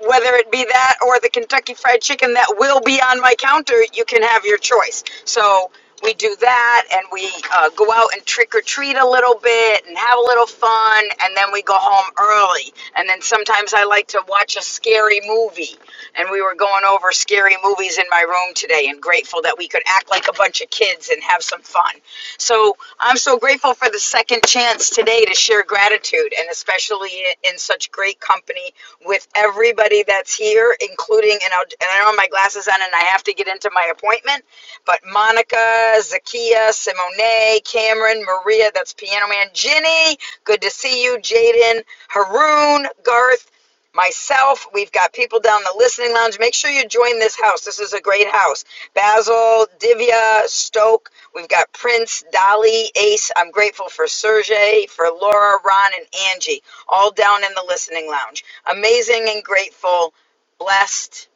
S10: whether it be that or the Kentucky Fried Chicken that will be on my counter, you can have your choice. So we do that, and we uh, go out and trick or treat a little bit and have a little fun, and then we go home early. And then sometimes I like to watch a scary movie. And we were going over scary movies in my room today, and grateful that we could act like a bunch of kids and have some fun. So I'm so grateful for the second chance today to share gratitude and especially in such great company with everybody that's here, including, and, I'll, and I don't have my glasses on and I have to get into my appointment, but Monica, Zakia, Simone, Cameron, Maria, that's Piano Man, Ginny, good to see you, Jaden, Haroon, Garth myself. We've got people down in the listening lounge. Make sure you join this house. This is a great house. Basil, Divya, Stoke. We've got Prince, Dolly, Ace. I'm grateful for Sergey, for Laura, Ron, and Angie, all down in the listening lounge. Amazing and grateful, blessed.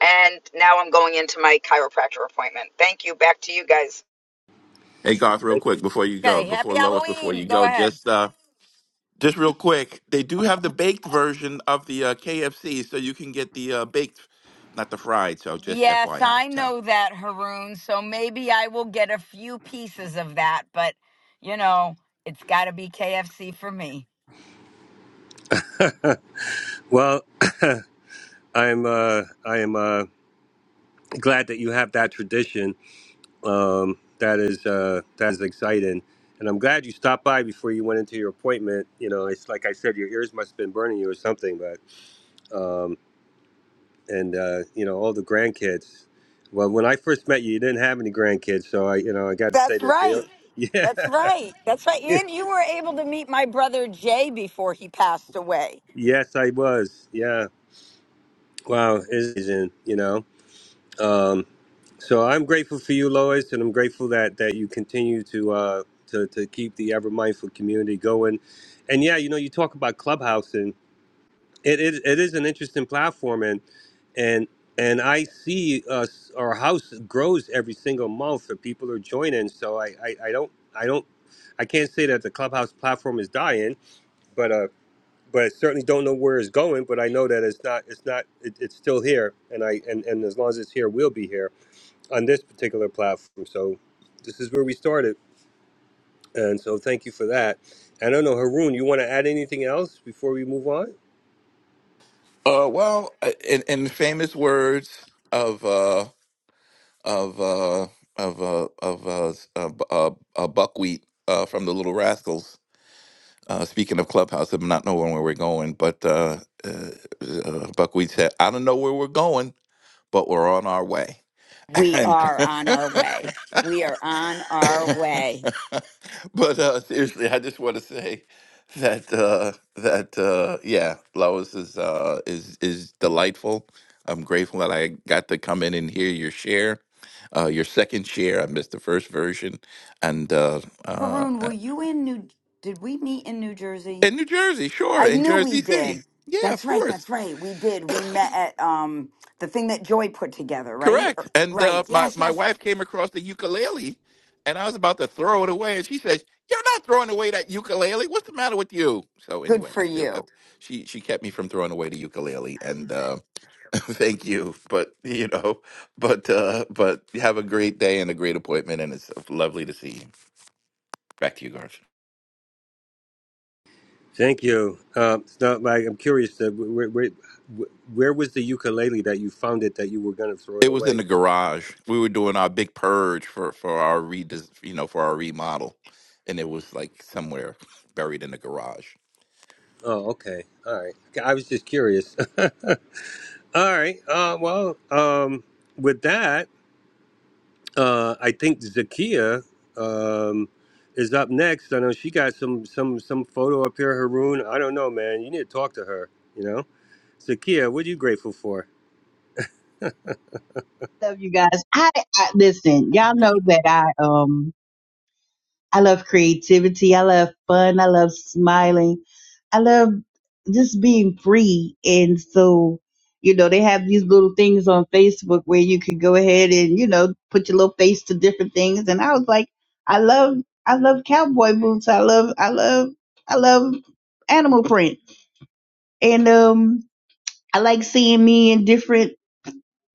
S10: And now I'm going into my chiropractor appointment. Thank you. Back to you guys.
S28: Hey Garth, real quick before you go,
S10: Okay,
S28: before
S10: happy
S28: Lois, before
S10: Halloween.
S28: you
S10: Go
S28: go,
S10: ahead.
S28: just uh, just real quick, they do have the baked version of the uh, KFC, so you can get the uh, baked, not the fried. So just
S10: Yes,
S28: FYI.
S10: I
S28: So,
S10: know that, Haroon. So maybe I will get a few pieces of that, but you know, it's got to be KFC for me.
S24: Well. I'm uh, I am uh, glad that you have that tradition. Um, that is uh, that is exciting, and I'm glad you stopped by before you went into your appointment. You know, it's like I said, your ears must have been burning you or something. But um, and uh, you know, all the grandkids. Well, when I first met you, you didn't have any grandkids, so I you know I got to say
S10: That's
S24: that they are.
S10: right.
S24: Yeah.
S10: That's right. That's right. And you were able to meet my brother Jay before he passed away.
S24: yes, I was. Yeah. Wow, it's amazing. You know. Um, so I'm grateful for you, Lois, and I'm grateful that that you continue to uh, to to keep the ever mindful community going. And yeah, you know, you talk about Clubhouse, and it it, it is an interesting platform, and and and I see us our house grows every single month, and people are joining. So I I, I don't I don't I can't say that the Clubhouse platform is dying, but uh. But I certainly don't know where it's going. But I know that it's not. It's not. It, it's still here, and I and, and as long as it's here, we'll be here on this particular platform. So this is where we started. And so thank you for that. I don't know, Haroon, you want to add anything else before we move on?
S28: Uh, well, uh, in in the famous words of uh of uh of uh of uh, s- uh, bu- uh, uh buckwheat uh from the Little Rascals. Uh, speaking of clubhouse, I'm not knowing where we're going, but uh, uh, uh, buckwheat said, "I don't know where we're going, but we're on our way."
S10: We are on our way. We are on our way.
S28: but uh, seriously, I just want to say that uh, that uh, yeah, Lois is uh, is is delightful. I'm grateful that I got to come in and hear your share, uh, your second share. I missed the first version, and uh, uh,
S10: Haroon,
S28: uh,
S10: were you in New? Did we meet in New Jersey?
S28: in New Jersey, sure,
S10: I
S28: in
S10: knew we
S28: Jersey City,
S10: did.
S28: yeah,
S10: That's
S28: of
S10: right.
S28: course.
S10: That's right. We did. We met at um the thing that Joy put together, right? Or-
S28: Correct. And uh,
S10: Right.
S28: my
S10: Yes,
S28: my
S10: yes.
S28: wife came across the ukulele, and I was about to throw it away, and she says, "You're not throwing away that ukulele. What's the matter with you?" So
S10: Good
S28: anyway, I
S10: for
S28: still have.
S10: you.
S28: She she kept me from throwing away the ukulele, and uh, thank you. But you know, but uh, but have a great day and a great appointment, and it's lovely to see you. Back to you, Garth.
S24: Thank you. Um, it's not like I'm curious that where, where, where was the ukulele that you found it that you were going to throw it
S28: It was in
S24: away?
S28: the garage. We were doing our big purge for for our re you know for our remodel, and it was like somewhere buried in the garage.
S24: Oh, okay. All right. Okay, I was just curious. All right. Uh, well, um, with that, uh, I think Zakia um, is up next. I know she got some some some photo up here, Haroon. I don't know, man. You need to talk to her. You know, Zakia, what are you grateful for?
S29: love you guys. I, I listen. Y'all know that I um I love creativity. I love fun. I love smiling. I love just being free. And so, you know, they have these little things on Facebook where you can go ahead and you know put your little face to different things. And I was like, I love I love cowboy boots. I love I love I love animal print. And um, I like seeing me in different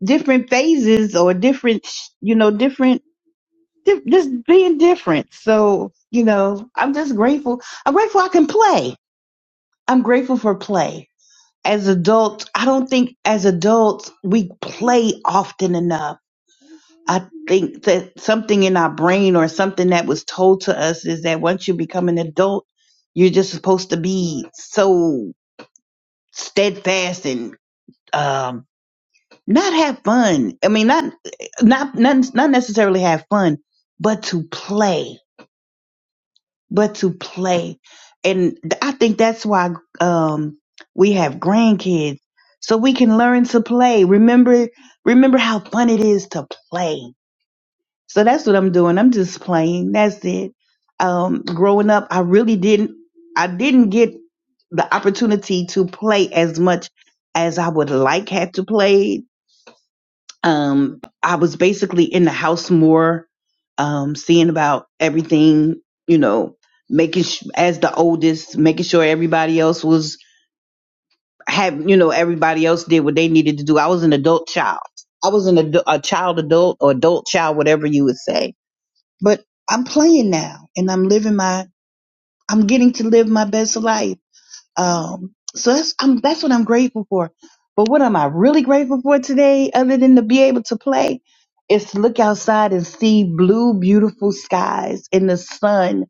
S29: different phases or different you know different just being different. So, you know, I'm just grateful. I'm grateful I can play. I'm grateful for play. As adults, I don't think as adults we play often enough. I think that something in our brain or something that was told to us is that once you become an adult, you're just supposed to be so steadfast and um not have fun. I mean, not not not, not necessarily have fun, but to play but to play. And th- I think that's why um, we have grandkids, so we can learn to play. Remember, remember how fun it is to play. So that's what I'm doing. I'm just playing. That's it. Um, growing up, I really didn't, I didn't get the opportunity to play as much as I would like had to play um, I was basically in the house more, um, seeing about everything, you know, making sh- as the oldest, making sure everybody else was had, you know, everybody else did what they needed to do. I was an adult child. I was an adu- a child adult or adult child, whatever you would say. But I'm playing now, and I'm living my. I'm getting to live my best life um, so that's I'm that's what I'm grateful for. But what am I really grateful for today, other than to be able to play, is to look outside and see blue, beautiful skies and the sun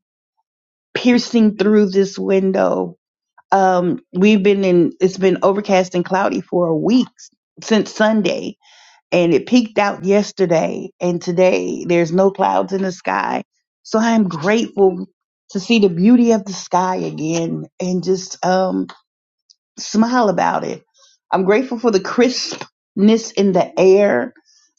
S29: piercing through this window. Um, we've been in it's been overcast and cloudy for a week since Sunday, and it peaked out yesterday. And today there's no clouds in the sky, so I am grateful to see the beauty of the sky again and just um smile about it. I'm grateful for the crispness in the air.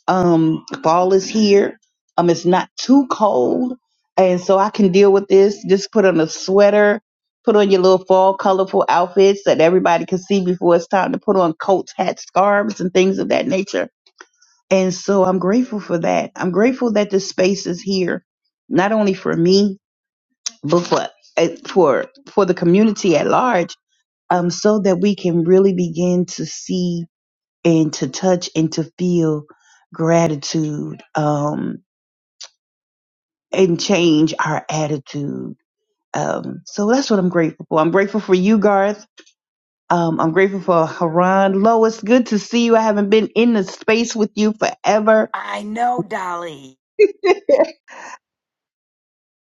S29: Um, fall is here. Um, it's not too cold, and so I can deal with this. Just put on a sweater, put on your little fall colorful outfits that everybody can see before it's time to put on coats, hats, scarves, and things of that nature. And so I'm grateful for that. I'm grateful that this space is here, not only for me, but for eh, for for the community at large um, so that we can really begin to see and to touch and to feel gratitude um, and change our attitude. Um, so that's what I'm grateful for. I'm grateful for you, Garth. Um, I'm grateful for Haran. Lois, good to see you. I haven't been in the space with you forever.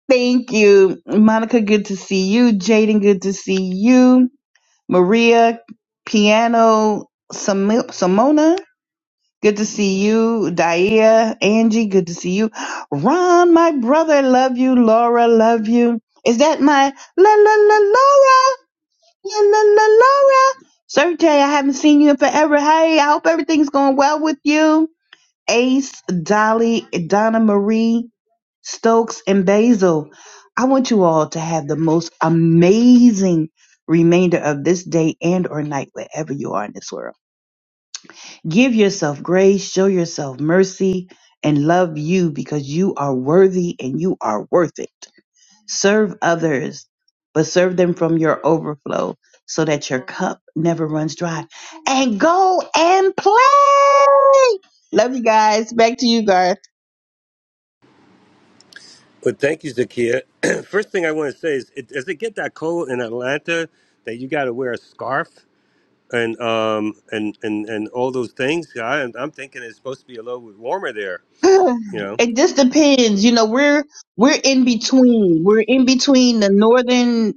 S29: Thank you. Monica, good to see you. Jaden, good to see you. Maria, Piano, Sam- Simona, Good to see you, Dia, Angie. Good to see you, Ron, my brother. Love you, Laura. Love you. Is that my la la la Laura? La la la Laura. Sergey, I haven't seen you in forever. Hey, I hope everything's going well with you. Ace, Dolly, Donna Marie, Stokes, and Basil. I want you all to have the most amazing remainder of this day and or night wherever you are in this world. Give yourself grace, show yourself mercy, and love you because you are worthy and you are worth it. Serve others, but serve them from your overflow so that your cup never runs dry. And go and play. Love you guys. Back to you, Garth.
S24: But thank you, Zakia. First thing I want to say is, it, does it get that cold in Atlanta that you got to wear a scarf and um and and and all those things? I, I'm thinking it's supposed to be a little bit warmer there. You know.
S29: It just depends. You know, we're we're in between. We're in between the northern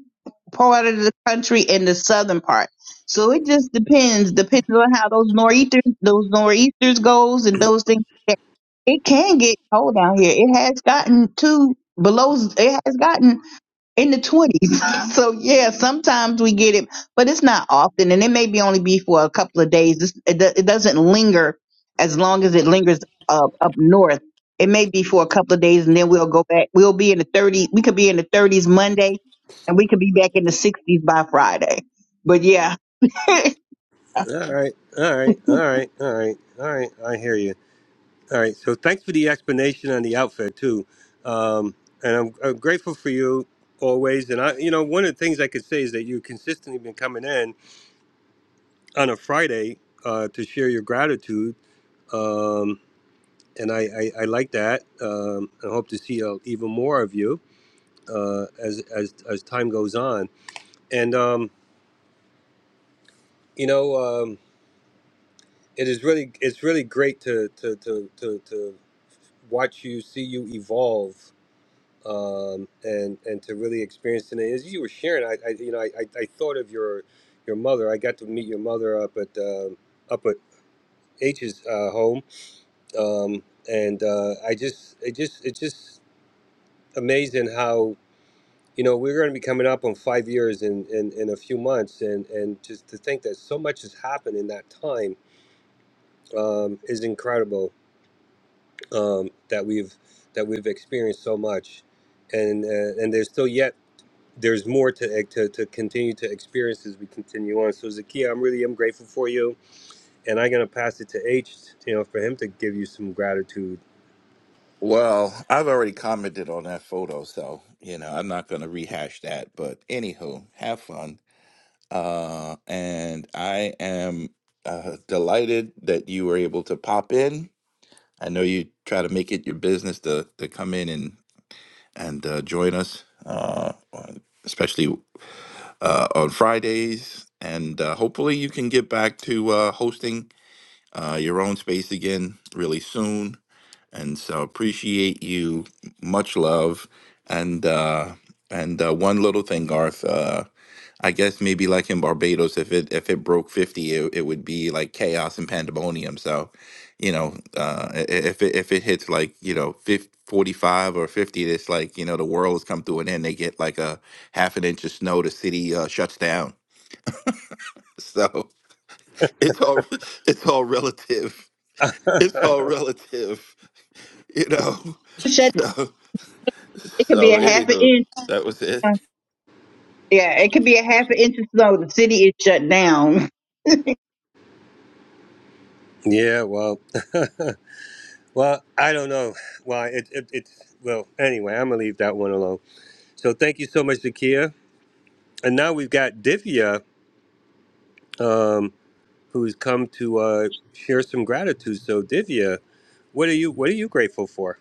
S29: part of the country and the southern part. So it just depends. Depends on how those nor'easters those nor'easters goes and those things. like that. It can get cold out here. It has gotten to below. It has gotten in the twenties. So yeah, sometimes we get it, but it's not often, and it may be only be for a couple of days. It's, it, do- it doesn't linger as long as it lingers up up north. It may be for a couple of days, and then we'll go back. We'll be in the thirty. We could be in the thirties Monday, and we could be back in the sixties by Friday. But yeah,
S24: All right. All right. All right. All right. All right. I hear you. All right. So thanks for the explanation on the outfit too, um, and I'm, I'm grateful for you always. And I, you know, one of the things I could say is that you've consistently been coming in on a Friday uh, to share your gratitude, um, and I, I, I like that. Um, I hope to see uh, even more of you uh, as as as time goes on. And um, you know, um, it is really it's really great to to to to, to watch you see you evolve um, and and to really experience it. And as you were sharing, I, I you know I, I, I thought of your your mother. I got to meet your mother up at um up at H's uh, home, um, and uh, I just it just it's just amazing how you know we're going to be coming up on five years in, in, in a few months, and and just to think that so much has happened in that time um, is incredible. Um, that we've that we've experienced so much, and uh, and there's still yet there's more to, eh, to to continue to experience as we continue on. So Zakia, I'm really I'm grateful for you, and I'm gonna pass it to H, you know, for him to give you some gratitude.
S28: Well, I've already commented on that photo, so you know I'm not going to rehash that. But anywho, have fun, uh, and I am uh, delighted that you were able to pop in. I know you try to make it your business to to come in and and uh, join us, uh, on- especially uh, on Fridays, and uh, hopefully you can get back to uh, hosting uh, your own space again really soon and so appreciate you much love and uh and uh, one little thing garth uh i guess maybe like in barbados if it if it broke 50 it, it would be like chaos and pandemonium so you know uh i- i- if it if it hits like you know 50 45 or 50 it's like you know the world has come to an end they get like a half an inch of snow the city uh, shuts down so it's all it's all relative it's all relative you know
S29: shut.
S28: So.
S29: It could be
S28: So
S29: a half an
S28: anywho,
S29: inch.
S28: that was it.
S29: Yeah, it could be a half an inch of snow. The city is shut down.
S24: yeah, well, well, I don't know. Well, it it, it's well anyway, I'm gonna leave that one alone. So thank you so much, Zakia. And now we've got Divya, um, who's come to uh, share some gratitude. So Divya, what are you what are you grateful for?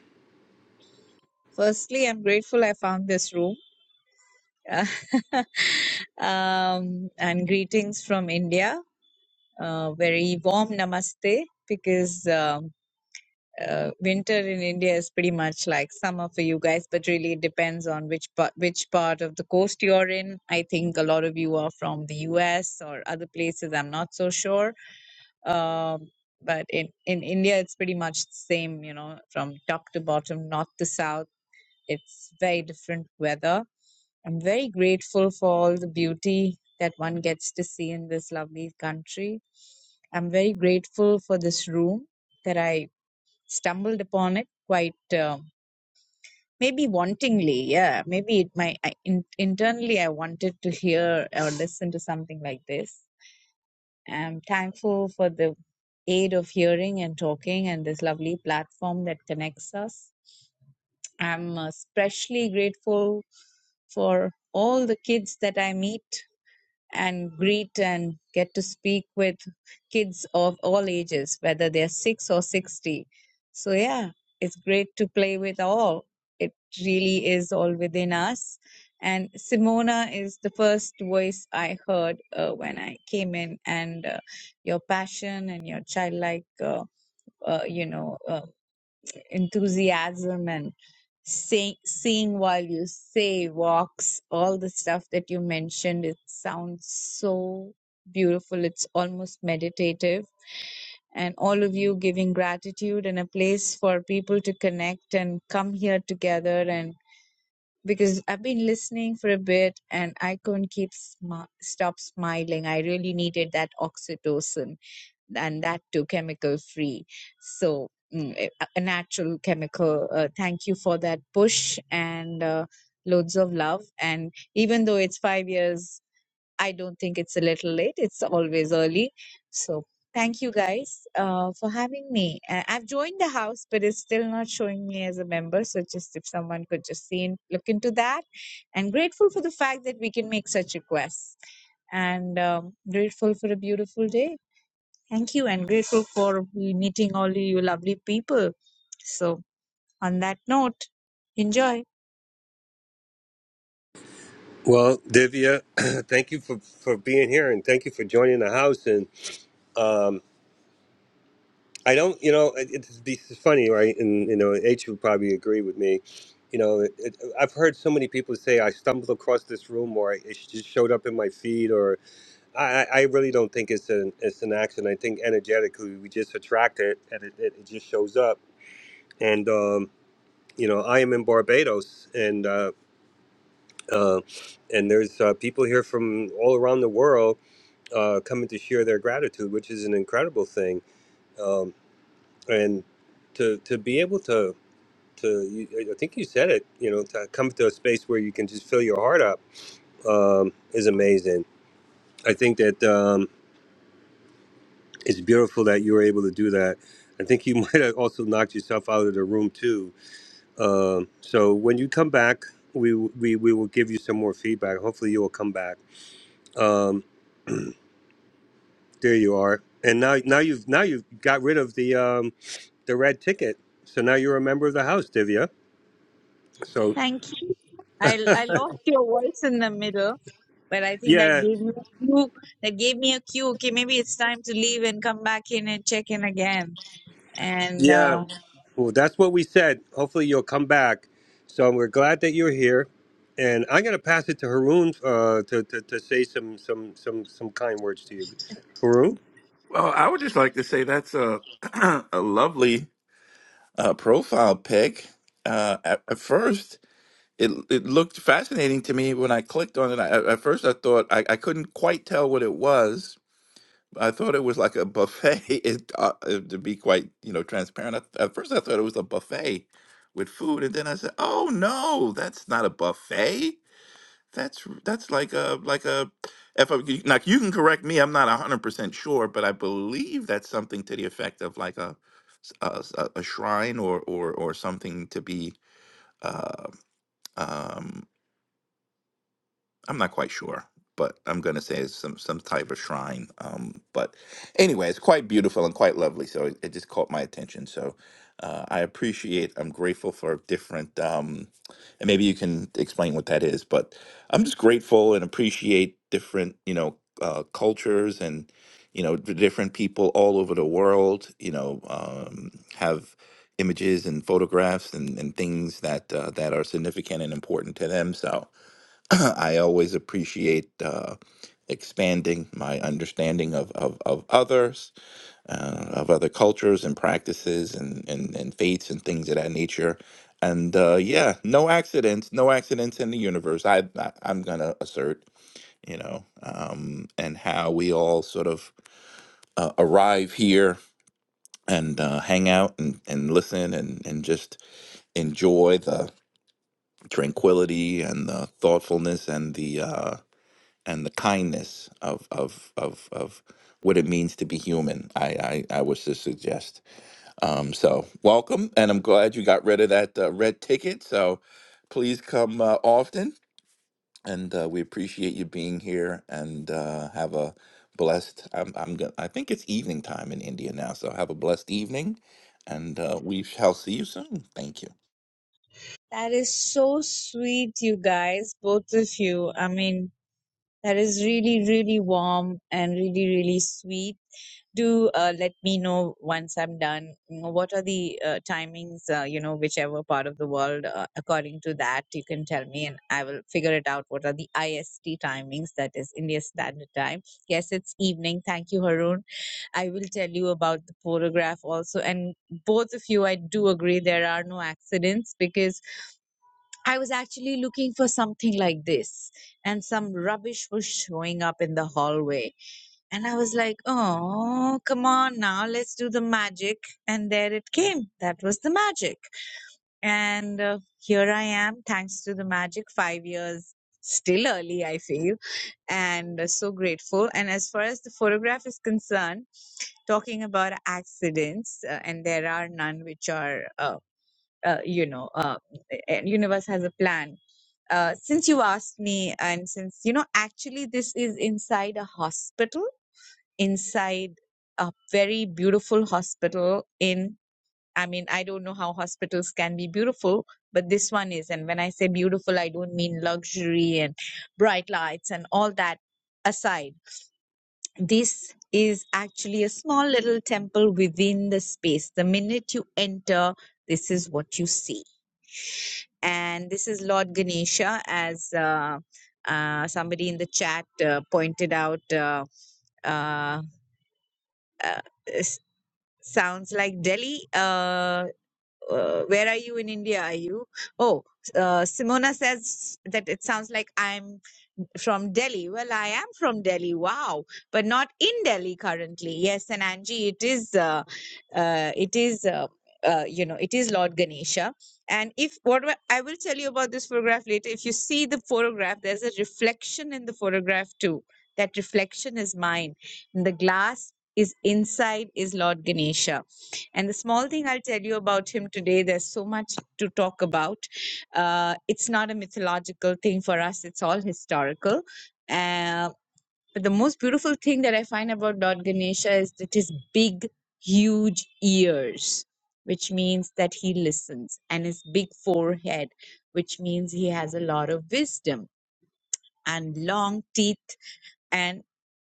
S30: Firstly, I'm grateful I found this room. um, and greetings from India. Uh, very warm namaste because um, uh, winter in India is pretty much like summer for you guys, but really it depends on which part, which part of the coast you're in. I think a lot of you are from the US or other places. I'm not so sure. Um, but in, in India, it's pretty much the same, you know, from top to bottom, north to south it's very different weather. I'm very grateful for all the beauty that one gets to see in this lovely country. I'm very grateful for this room that I stumbled upon it quite uh, maybe wantingly. Yeah, maybe it my I, in, internally I wanted to hear or listen to something like this. I'm thankful for the aid of hearing and talking and this lovely platform that connects us. I'm especially grateful for all the kids that I meet and greet and get to speak with kids of all ages, whether they're six or 60. So, yeah, it's great to play with all. It really is all within us. And Simona is the first voice I heard uh, when I came in, and uh, your passion and your childlike, uh, uh, you know. uh, enthusiasm and say, seeing while you say walks all the stuff that you mentioned it sounds so beautiful it's almost meditative and all of you giving gratitude and a place for people to connect and come here together and because i've been listening for a bit and i couldn't keep smi- stop smiling i really needed that oxytocin and that too chemical free. So mm, eh, a a natural chemical. Uh, thank you for that push and uh, loads of love. And even though it's five years, I don't think it's a little late. It's always early. So thank you guys uh, for having me. Uh, I've joined the house, but it's still not showing me as a member. So just if someone could just see and look into that, and grateful for the fact that we can make such requests, and um, grateful for a beautiful day. Thank you and grateful for meeting all you lovely people. So on that note, enjoy.
S24: Well, Divya, thank you for, for being here and thank you for joining the house and. Um, I don't, you know, it, it's, it's funny, right? And you know, H would probably agree with me. You know, it, it, I've heard so many people say I stumbled across this room, or it just showed up in my feed, or I, I I really don't think it's an it's an accident. I think energetically we just attract it, and it, it, it just shows up. And um, you know, I am in Barbados, and uh, uh, and there's uh, people here from all around the world uh, coming to share their gratitude, which is an incredible thing. Um, and to to be able to to you, I think you said it you know to come to a space where you can just fill your heart up um, is amazing. I think that um, it's beautiful that you were able to do that. I think you might have also knocked yourself out of the room too. Um, so when you come back, we we we will give you some more feedback. Hopefully you will come back. Um, there you are. And now now you've now you've got rid of the um, the red ticket. So now you're a member of the house, Divya. So.
S30: Thank you. I I lost your voice in the middle, but I think that
S24: Yeah,
S30: gave me a cue. That gave me a cue. Okay, maybe it's time to leave and come back in and check in again. And uh,
S24: Yeah. Well, that's what we said. Hopefully, you'll come back. So we're glad that you're here, and I'm going to pass it to Haroon uh, to, to to say some some some some kind words to you, Haroon.
S28: Well, I would just like to say that's a a lovely uh, profile pic. Uh, at, at first, it it looked fascinating to me when I clicked on it. I, at first, I thought I, I couldn't quite tell what it was. I thought it was like a buffet. It, uh, uh, to be quite you know transparent, I, at first I thought it was a buffet with food, and then I said, "Oh no, that's not a buffet. That's r- that's like a like a if I, you- like you can correct me. I'm not a hundred percent sure, but I believe that's something to the effect of like a s- a, s- a- a shrine or or or something to be. Uh, um, I'm not quite sure, but I'm going to say it's some some type of shrine. Um, but anyway, it's quite beautiful and quite lovely. So it, it just caught my attention. So uh, I appreciate. I'm grateful for different. Um, and maybe you can explain what that is. But I'm just grateful and appreciate different. You know, uh, cultures and you know the different people all over the world. You know, um, have images and photographs and, and things that uh, that are significant and important to them. So I always appreciate uh, expanding my understanding of, of, of others, uh, of other cultures and practices and, and, and faiths and things of that nature. And uh, yeah, no accidents, no accidents in the universe. I, I I'm gonna assert, you know, um, and how we all sort of uh, arrive here and uh, hang out and, and listen and, and just enjoy the tranquility and the thoughtfulness and the uh, and the kindness of of of of what it means to be human. I I, I was to suggest. Um, so welcome, and I'm glad you got rid of that uh, red ticket. So please come uh, often, and uh, we appreciate you being here. And uh, have a blessed. I'm I'm gonna. I think it's evening time in India now. So have a blessed evening, and uh, we shall see you soon. Thank you.
S30: that is so sweet, you guys, both of you. I mean, That is really, really warm and really, really sweet. Do uh, let me know once I'm done. you know, What are the uh, timings, uh, you know, whichever part of the world, uh, according to that, you can tell me and I will figure it out. What are the IST timings? That is India Standard Time. Yes, it's evening. Thank you, Haroon. I will tell you about the photograph also. And both of you, I do agree there are no accidents because I was actually looking for something like this, and some rubbish was showing up in the hallway. And I was like, oh, come on now, let's do the magic. And there it came. That was the magic. And uh, here I am, thanks to the magic, five years. Still early, I feel, and uh, so grateful. And as far as the photograph is concerned, talking about accidents, uh, and there are none which are uh, uh, you know uh, and universe has a plan uh, since you asked me and since you know actually this is inside a hospital inside a very beautiful hospital in i mean i don't know how hospitals can be beautiful but this one is and when i say beautiful i don't mean luxury and bright lights and all that aside this is actually a small little temple within the space the minute you enter this is what you see and this is Lord Ganesha, as uh, uh, somebody in the chat uh, pointed out. Uh, uh, uh, s- sounds like Delhi. Uh, uh, where are you in India? Are you? Oh, uh, Simona says that it sounds like I'm from Delhi. Well, I am from Delhi. Wow, but not in Delhi currently. Yes, and Angie, it is. Uh, uh, it is. Uh, uh, you know, it is Lord Ganesha. And if what wa- I will tell you about this photograph later, if you see the photograph, there's a reflection in the photograph too. That reflection is mine. The glass is inside is Lord Ganesha and the small thing I'll tell you about him today, there's so much to talk about. Uh, it's not a mythological thing for us, it's all historical. Uh, but the most beautiful thing that I find about Lord Ganesha is that his big, huge ears, which means that he listens, and his big forehead, which means he has a lot of wisdom, and long teeth and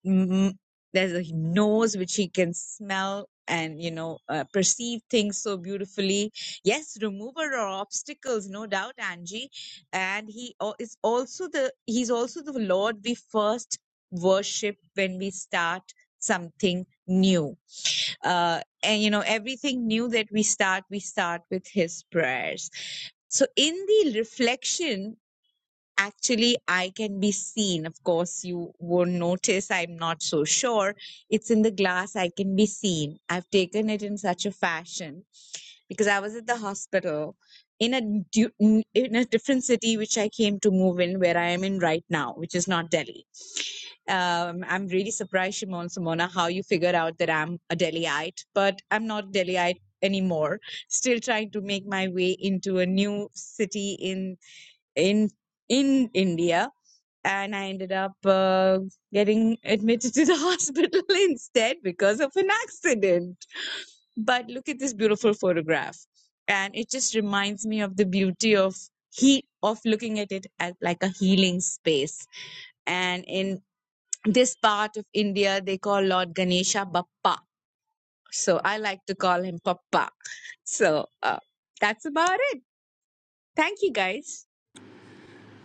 S30: mm, there's a nose which he can smell and you know uh, perceive things so beautifully yes remover of obstacles no doubt angie and he al- is also the he's also the lord we first worship when we start something new uh, and you know everything new that we start we start with his prayers so in the reflection actually I can be seen. Of course, you won't notice. I'm not so sure. It's in the glass. I can be seen. I've taken it in such a fashion because I was at the hospital in a du- n- in a different city which I came to move in, where I am in right now, which is not Delhi. Um, I'm really surprised, Shimon Simona, how you figure out that I'm a Delhiite, but I'm not Delhiite anymore. Still trying to make my way into a new city in in in India and I ended up uh, getting admitted to the hospital instead because of an accident. But look at this beautiful photograph, and it just reminds me of the beauty of he of looking at it as like a healing space. And in this part of India, they call Lord Ganesha Bappa. So I like to call him Papa. So uh, that's about it. Thank you, guys.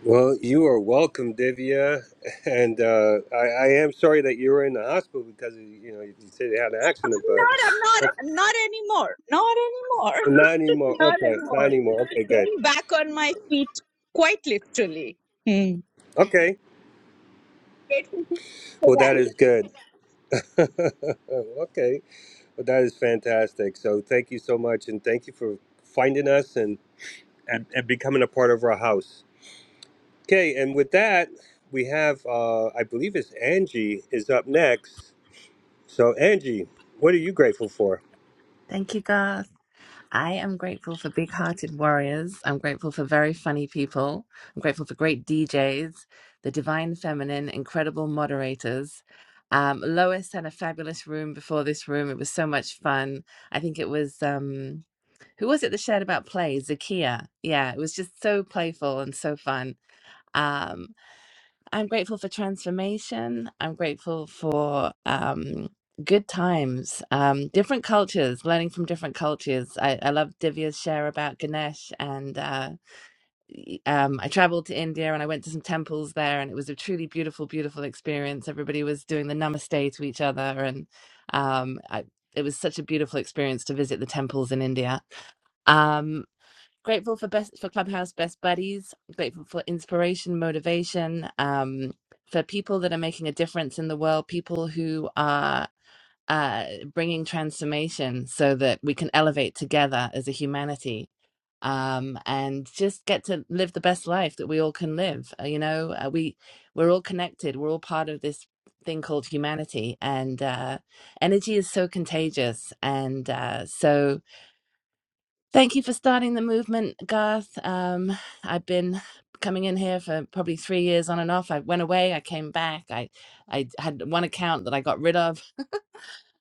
S24: Well, you are welcome, Divya, and uh, I, I am sorry that you were in the hospital because you know you said you had an accident, but
S30: Not, I'm not,
S24: oh,
S30: not anymore. Not anymore.
S24: not anymore.
S30: Not
S24: Okay, not
S30: anymore.
S24: anymore. Okay, good.
S30: Getting back on my feet quite literally. Hmm.
S24: Okay,
S30: Grateful for
S24: well
S30: that.
S24: that is good. okay. Well, that is fantastic. So thank you so much, and thank you for finding us and and, and becoming a part of our house. Okay, and with that, we have uh, I believe it's Angie is up next. So Angie, what are you grateful for?
S2: Thank you, Garth. I am grateful for big hearted warriors. I'm grateful for very funny people. I'm grateful for great DJs, the divine feminine, incredible moderators. Um, Lois had a fabulous room before this room. It was so much fun. I think it was, um, who was it that shared about play? Zakia. Yeah, it was just so playful and so fun. Um, I'm grateful for transformation. I'm grateful for um, good times, um, different cultures, learning from different cultures. I, I love Divya's share about Ganesh, and uh, y- um, I traveled to India and I went to some temples there, and it was a truly beautiful, beautiful experience. Everybody was doing the namaste to each other, and um, I, it was such a beautiful experience to visit the temples in India. Um, grateful for best for clubhouse best buddies grateful for inspiration motivation um for people that are making a difference in the world people who are uh bringing transformation so that we can elevate together as a humanity um and just get to live the best life that we all can live Uh, you know uh, we we're all connected we're all part of this thing called humanity and uh energy is so contagious and uh so Thank you for starting the movement, Garth. Um, I've been coming in here for probably three years on and off. I went away, I came back. I, I had one account that I got rid of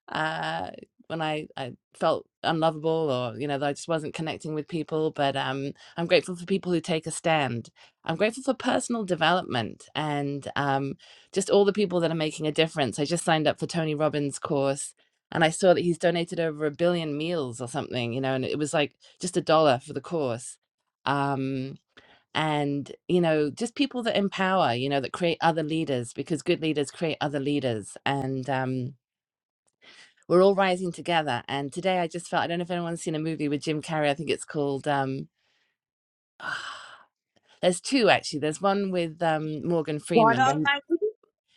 S2: uh, when I, I felt unlovable or you know that I just wasn't connecting with people. But um, I'm grateful for people who take a stand. I'm grateful for personal development and um, just all the people that are making a difference. I just signed up for Tony Robbins' course. And I saw that he's donated over a billion meals or something, you know, and it was like just a dollar for the course. Um, and, you know, just people that empower, you know, that create other leaders because good leaders create other leaders. And, um, we're all rising together. And today I just felt I don't know if anyone's seen a movie with Jim Carrey. I think it's called. Um, oh, there's two actually. There's one with um, Morgan
S30: God
S2: Freeman. When,
S30: Almighty,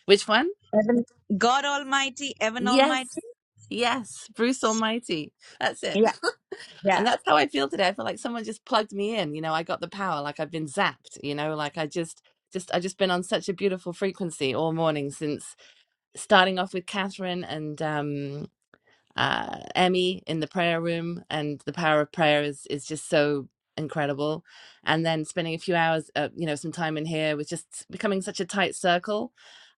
S2: which one?
S30: Heaven, God Almighty, Heaven
S2: Yes,
S30: Almighty.
S2: yes, Bruce Almighty. That's it.
S30: Yeah,
S2: and
S30: yeah.
S2: that's how I feel today. I feel like someone just plugged me in. You know, I got the power. Like I've been zapped. You know, like I just. Just I just been on such a beautiful frequency all morning since starting off with Catherine and um uh, Emmy in the prayer room, and the power of prayer is is just so incredible. And then spending a few hours, uh, you know, some time in here was just becoming such a tight circle.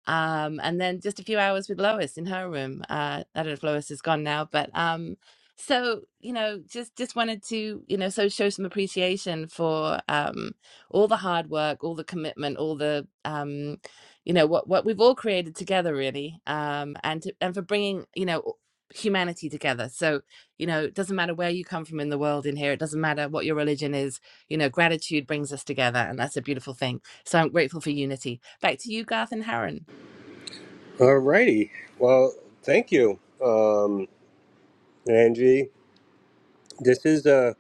S2: Um, and then just a few hours with Lois in her room. Uh, I don't know if Lois is gone now, but um, so you know, just just wanted to you know, so show some appreciation for um, all the hard work, all the commitment, all the um, you know what what we've all created together really um and to, and for bringing you know humanity together. So, you know, it doesn't matter where you come from in the world in here, it doesn't matter what your religion is, you know, gratitude brings us together. And that's a beautiful thing. So I'm grateful for unity. Back to you, Garth and Haran.
S24: Alrighty. Well, thank you, um, Angie. this is a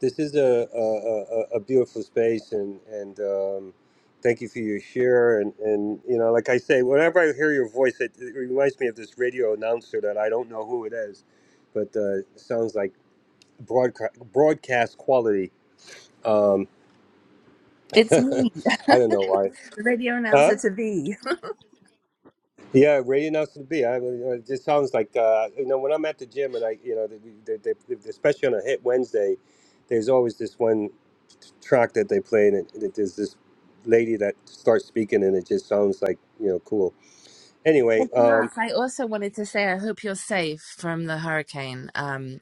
S24: this is a a, a, a beautiful space and and um, thank you for your share and and you know like I say whenever I hear your voice it, it reminds me of this radio announcer that I don't know who it is but uh, it sounds like broadcast broadcast quality um,
S2: It's me,
S24: I
S2: the
S24: don't know why
S2: radio
S24: huh
S2: announcer to be.
S24: Yeah, radio announcer to be. I, it just sounds like uh, you know when I'm at the gym and I, you know, they, they, they, especially on a hit Wednesday, there's always this one track that they play, and it, it, there's this lady that starts speaking, and it just sounds like you know cool.
S2: Well,
S24: Anyway, um,
S2: Garth, I also wanted to say I hope you're safe from the hurricane. Um,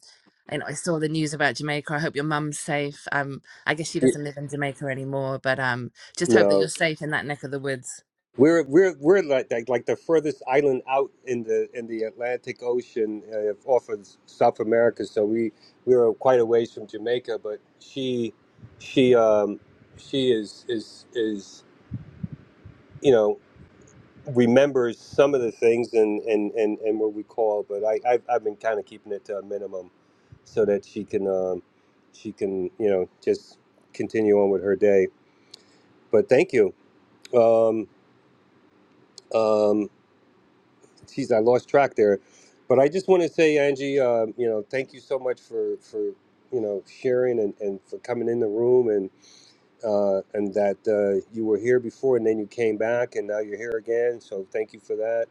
S2: and I saw the news about Jamaica. I hope your mum's safe. Um, I guess she
S24: y-
S2: doesn't live in Jamaica anymore, but um, just hope that
S24: no,
S2: you're safe in that neck of the woods.
S24: We're we're we're like like, like the furthest island out in the in the Atlantic Ocean uh, off of South America, so we we were quite a ways from Jamaica. But she she um, she is is is you know remembers some of the things and and and, and what we call, but I I've, I've been kind of keeping it to a minimum so that she can um, she can you know just continue on with her day. But thank you. Um, um, Jeez, I lost track there. But I just want to say, Angie, um, you know, thank you so much for for you know sharing and, and for coming in the room and uh, and that uh, you were here before and then you came back and now you're here again. So thank you for that.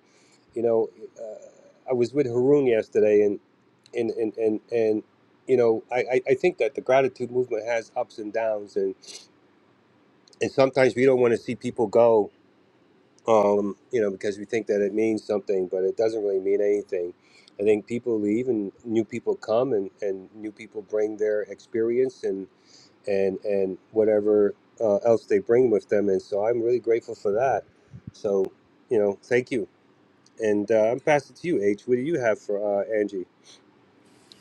S24: You know, uh, I was with Haroon yesterday and and and and, and you know, I, I I think that the gratitude movement has ups and downs, and, and sometimes we don't want to see people go, um, you know, because we think that it means something, but it doesn't really mean anything. I think people leave and new people come and, and new people bring their experience and, and, and whatever uh, else they bring with them. And so I'm really grateful for that. So, you know, thank you. And uh, I'm passing to you, H. What do you have for uh, Angie?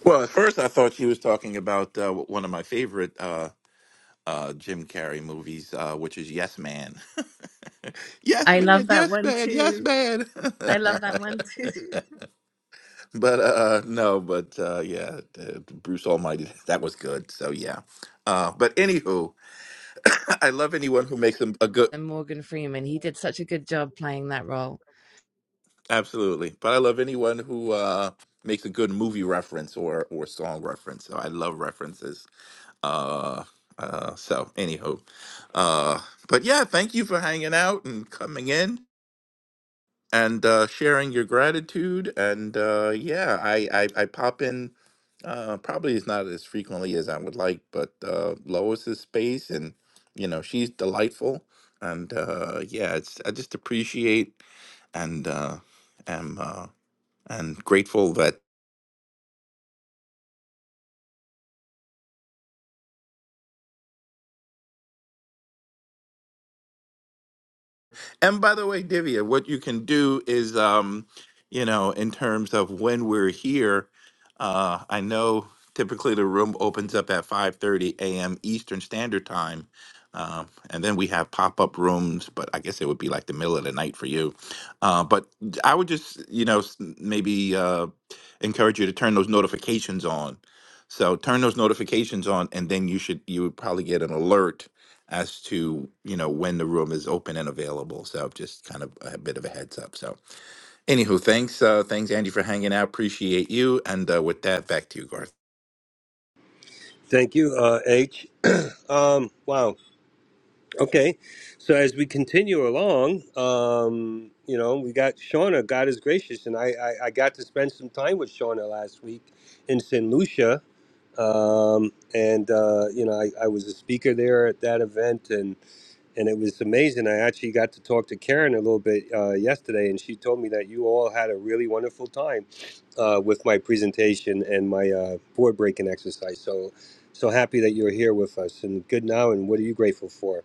S28: Well, at first I thought she was talking about uh, one of my favorite. Uh, uh, Jim Carrey movies, uh, which is Yes Man. yes
S2: I, I
S28: man, yes man, yes man. but uh, no, but uh, yeah, uh, Bruce Almighty, that was good. So yeah. Uh, but anywho, I love anyone who makes a, a good
S2: than Morgan Freeman. He did such a good job playing that role.
S28: absolutely. But I love anyone who uh, makes a good movie reference or or song reference. So I love references. Uh, uh, so anywho, uh, but yeah, thank you for hanging out and coming in. and uh, sharing your gratitude. And uh, yeah, I, I I pop in. Uh, probably is not as frequently as I would like, but uh, Lois's space, and you know she's delightful. And uh, yeah, it's I just appreciate and uh, am uh, and grateful that And by the way, Divya, what you can do is, um, you know, in terms of when we're here, uh, I know typically the room opens up at 5:30 a.m. Eastern Standard Time. Um, and then we have pop-up rooms, but I guess it would be like the middle of the night for you. Uh, but I would just, you know, s- maybe uh, encourage you to turn those notifications on. So turn those notifications on, and then you should you would probably get an alert as to you know when the room is open and available. So just kind of a bit of a heads up. So anywho, thanks, uh, thanks Andy for hanging out. Appreciate you. And uh, with that, back to you, Garth.
S24: Thank you, uh, H. um, wow. Okay, so as we continue along, um, you know, we got Shauna. God is gracious, and I, I, I got to spend some time with Shauna last week in St. Lucia, um, and uh, you know, I, I was a speaker there at that event, and and it was amazing. I actually got to talk to Karen a little bit uh, yesterday, and she told me that you all had a really wonderful time uh, with my presentation and my uh, board breaking exercise. So, so happy that you're here with us, and good now. And what are you grateful for?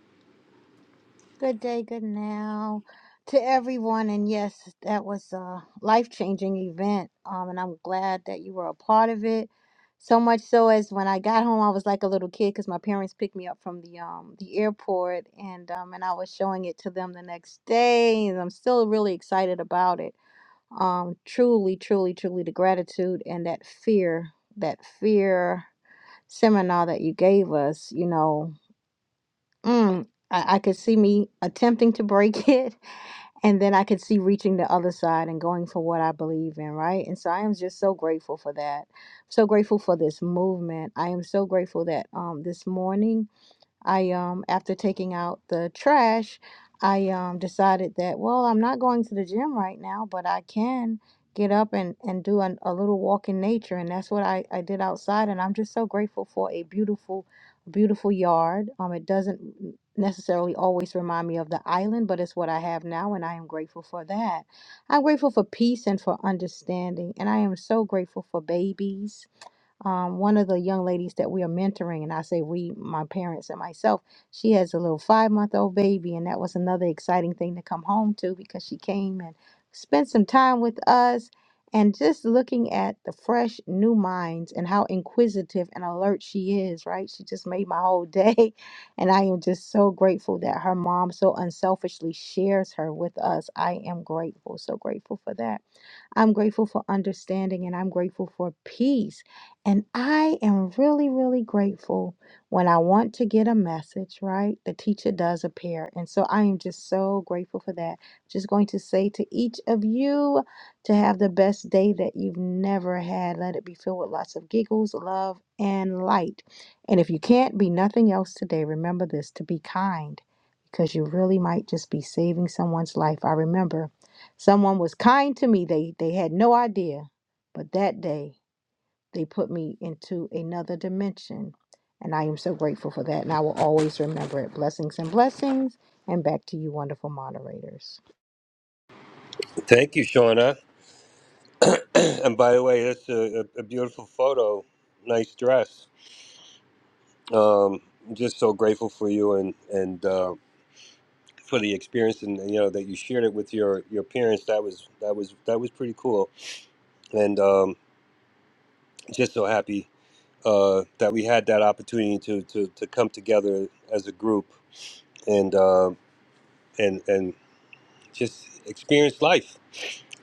S12: Good day, good now to everyone. And yes, that was a life changing event. Um, and I'm glad that you were a part of it. So much so as when I got home, I was like a little kid because my parents picked me up from the um the airport, and um and I was showing it to them the next day, and I'm still really excited about it. um, truly, truly, truly the gratitude and that fear, that fear seminar that you gave us, you know, mm, I, I could see me attempting to break it, and then I could see reaching the other side and going for what I believe in, right? And so I am just so grateful for that. So grateful for this movement. I am so grateful that um, this morning I um after taking out the trash, I um decided that well, I'm not going to the gym right now, but I can get up and and do an, a little walk in nature, and that's what I I did outside, and I'm just so grateful for a beautiful, beautiful yard. Um, it doesn't necessarily always remind me of the island, but it's what I have now, and I am grateful for that. I'm grateful for peace and for understanding, and I am so grateful for babies um, one of the young ladies that we are mentoring, and I say we, my parents and myself, she has a little five month old baby, and that was another exciting thing to come home to because she came and spent some time with us. And just looking at the fresh new minds and how inquisitive and alert she is, right? She just made my whole day. And I am just so grateful that her mom so unselfishly shares her with us. I am grateful, so grateful for that. I'm grateful for understanding and I'm grateful for peace and I am really, really grateful when I want to get a message, right? The teacher does appear. And so I am just so grateful for that. Just going to say to each of you to have the best day that you've never had. Let it be filled with lots of giggles, love, and light. And if you can't be nothing else today, remember this to be kind because you really might just be saving someone's life. I remember someone was kind to me, they, they had no idea. But that day, they put me into another dimension. And I am so grateful for that. And I will always remember it. Blessings and blessings. And back to you, wonderful moderators.
S24: Thank you, Shauna. and by the way, that's a, a, a beautiful photo. Nice dress. Um, I'm just so grateful for you and and uh, for the experience, and you know that you shared it with your your parents. That was that was that was pretty cool, and um, just so happy uh, that we had that opportunity to, to to come together as a group and uh, and and just experience life.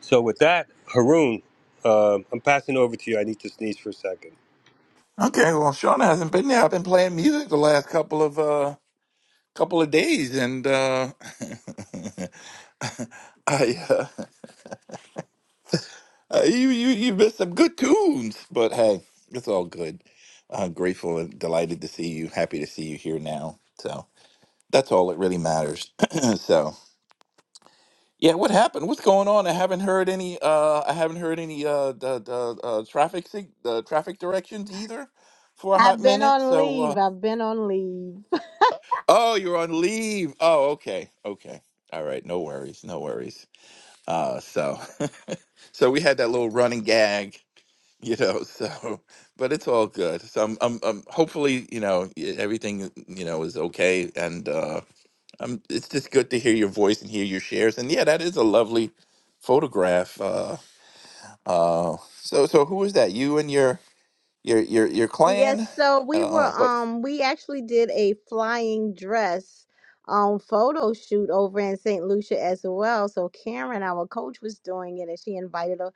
S24: So with that, Haroon, uh, I'm passing over to you. I need to sneeze for a second.
S28: Okay, well, Shauna hasn't been there. I've been playing music the last couple of uh couple of days, and uh I uh, uh, you you you missed some good tunes, but hey, it's all good. i grateful and delighted to see you. Happy to see you here now. So that's all that really matters. so. Yeah, what happened? What's going on? I haven't heard any. Uh, I haven't heard any uh, the the uh, traffic sig- the traffic directions either for a hot
S12: I've been
S28: minute.
S12: on
S28: So, uh,
S12: leave. I've been on leave.
S28: oh, you're on leave. Oh, okay, okay, all right. No worries, no worries. Uh, so, so we had that little running gag, you know. So, but it's all good. So, I'm, I'm, I'm hopefully, you know, y- everything, you know, is okay. And uh, i it's just good to hear your voice and hear your shares. And yeah, that is a lovely photograph. Uh, Uh, so so who is that? You and your your your your clan?
S12: Yes, so we were
S28: Uh, but
S12: um we actually did a flying dress um photo shoot over in St. Lucia as well. So Karen, our coach, was doing it and she invited a,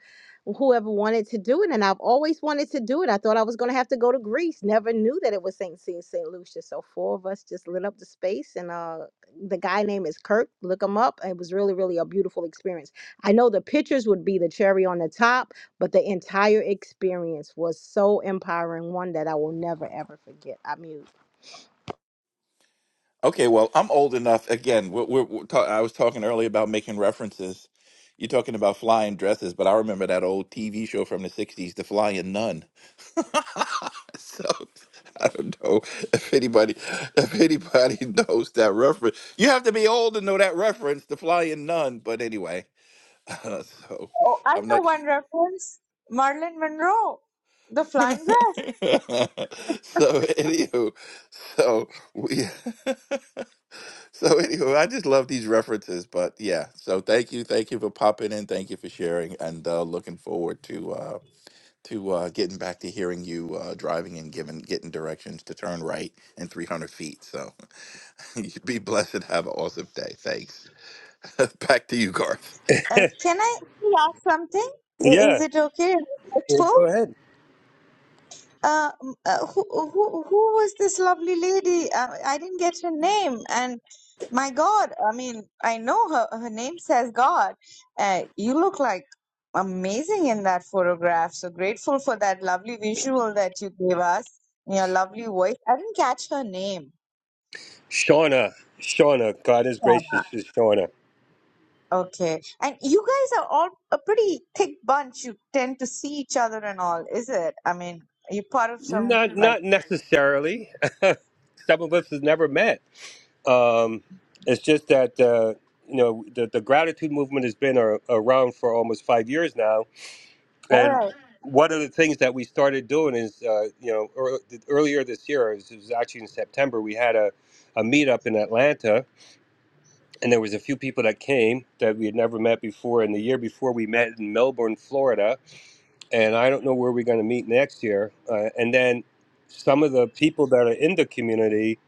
S12: whoever wanted to do it and I've always wanted to do it. I thought I was going to have to go to Greece. Never knew that it was St. St. St. Lucia. So four of us just lit up the space and uh the guy name is Kirk. Look him up. It was really really a beautiful experience. I know the pictures would be the cherry on the top but the entire experience was so empowering, one that I will never ever forget. I mute.
S28: okay, well, I'm old enough. Again, we're, we're, we're ta- I was talking earlier about making references. You're talking about flying dresses, but I remember that old TV show from the '60s, The Flying Nun. so I don't know if anybody if anybody knows that reference. You have to be old to know that reference, The Flying Nun. But anyway, so
S30: Oh, I
S28: I'm
S30: know
S28: not.
S30: one reference. Marilyn Monroe, the flying dress.
S28: so anywho, so we so anywho, I just love these references. But yeah, so thank you, thank you for popping in, thank you for sharing, and uh, looking forward to uh, to uh, getting back to hearing you uh, driving and giving getting directions to turn right in 300 feet. So you be blessed and have an awesome day. Thanks. back to you, Garth.
S30: Uh, can I ask something? I- Is
S24: yeah.
S30: it okay?
S24: Well,
S30: Respectful?
S24: go ahead.
S30: uh, m- uh, who, who, who was this lovely lady? Uh, I didn't get her name. And my God, I mean, I know her, her name says God. Uh, you look like amazing in that photograph. So grateful for that lovely visual that you gave us and your lovely voice. I didn't catch her name.
S24: Shauna, Shauna, God is gracious
S30: Shauna.
S24: to Shauna.
S30: Okay. And you guys are all a pretty thick bunch. You tend to see each other and all, is it? I mean, you're part of some,
S24: Not
S30: like,
S24: not necessarily. Some of us have never met. Um, it's just that uh, you know the, the gratitude movement has been ar- around for almost five years now,
S30: all
S24: and
S30: right.
S24: one of the things that we started doing is uh, you know ear earlier this year, it was, it was actually in September, we had a a meetup in Atlanta, and there was a few people that came that we had never met before, and the year before we met in Melbourne, Florida and I don't know where we're going to meet next year. Uh, and then some of the people that are in the community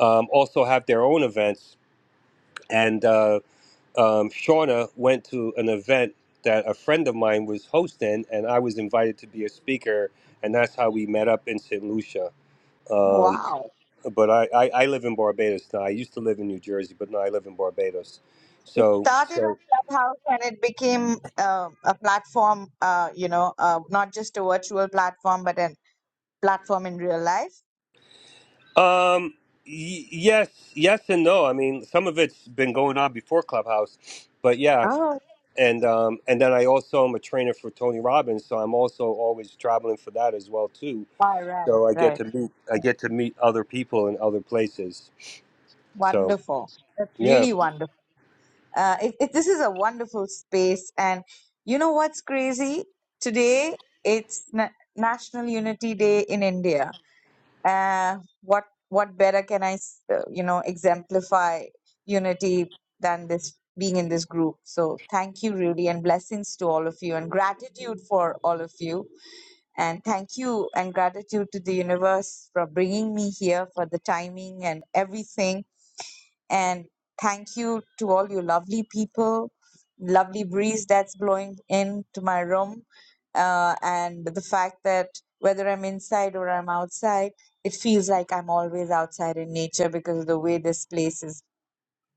S24: um, also have their own events. And uh, um, Shauna went to an event that a friend of mine was hosting, and I was invited to be a speaker. And that's how we met up in St. Lucia. Um,
S30: Wow.
S24: but I, I, I live in Barbados now. I used to live in New Jersey, but now I live in Barbados.
S30: It
S24: So,
S30: started
S24: so
S30: on Clubhouse and it became uh, a platform, uh, you know, uh, not just a virtual platform, but a platform in real life.
S24: Um, y- yes, yes, and no. I mean, some of it's been going on before Clubhouse, but yeah,
S30: Oh,
S24: and um, and then I also am a trainer for Tony Robbins, so I'm also always traveling for that as well too.
S30: all right,
S24: So I get
S30: right.
S24: to meet I get to meet other people in other places. So
S30: Wonderful. That's
S24: yeah,
S30: really wonderful. Uh, it, it, this is a wonderful space. And you know what's crazy? Today, it's Na- National Unity Day in India. uh, what what better can I s- uh, you know exemplify unity than this being in this group? So thank you, Rudy, and blessings to all of you, and gratitude for all of you, and thank you and gratitude to the universe for bringing me here for the timing and everything and thank you to all you lovely people, lovely breeze that's blowing into my room. Uh, and the fact that whether I'm inside or I'm outside, it feels like I'm always outside in nature because of the way this place is,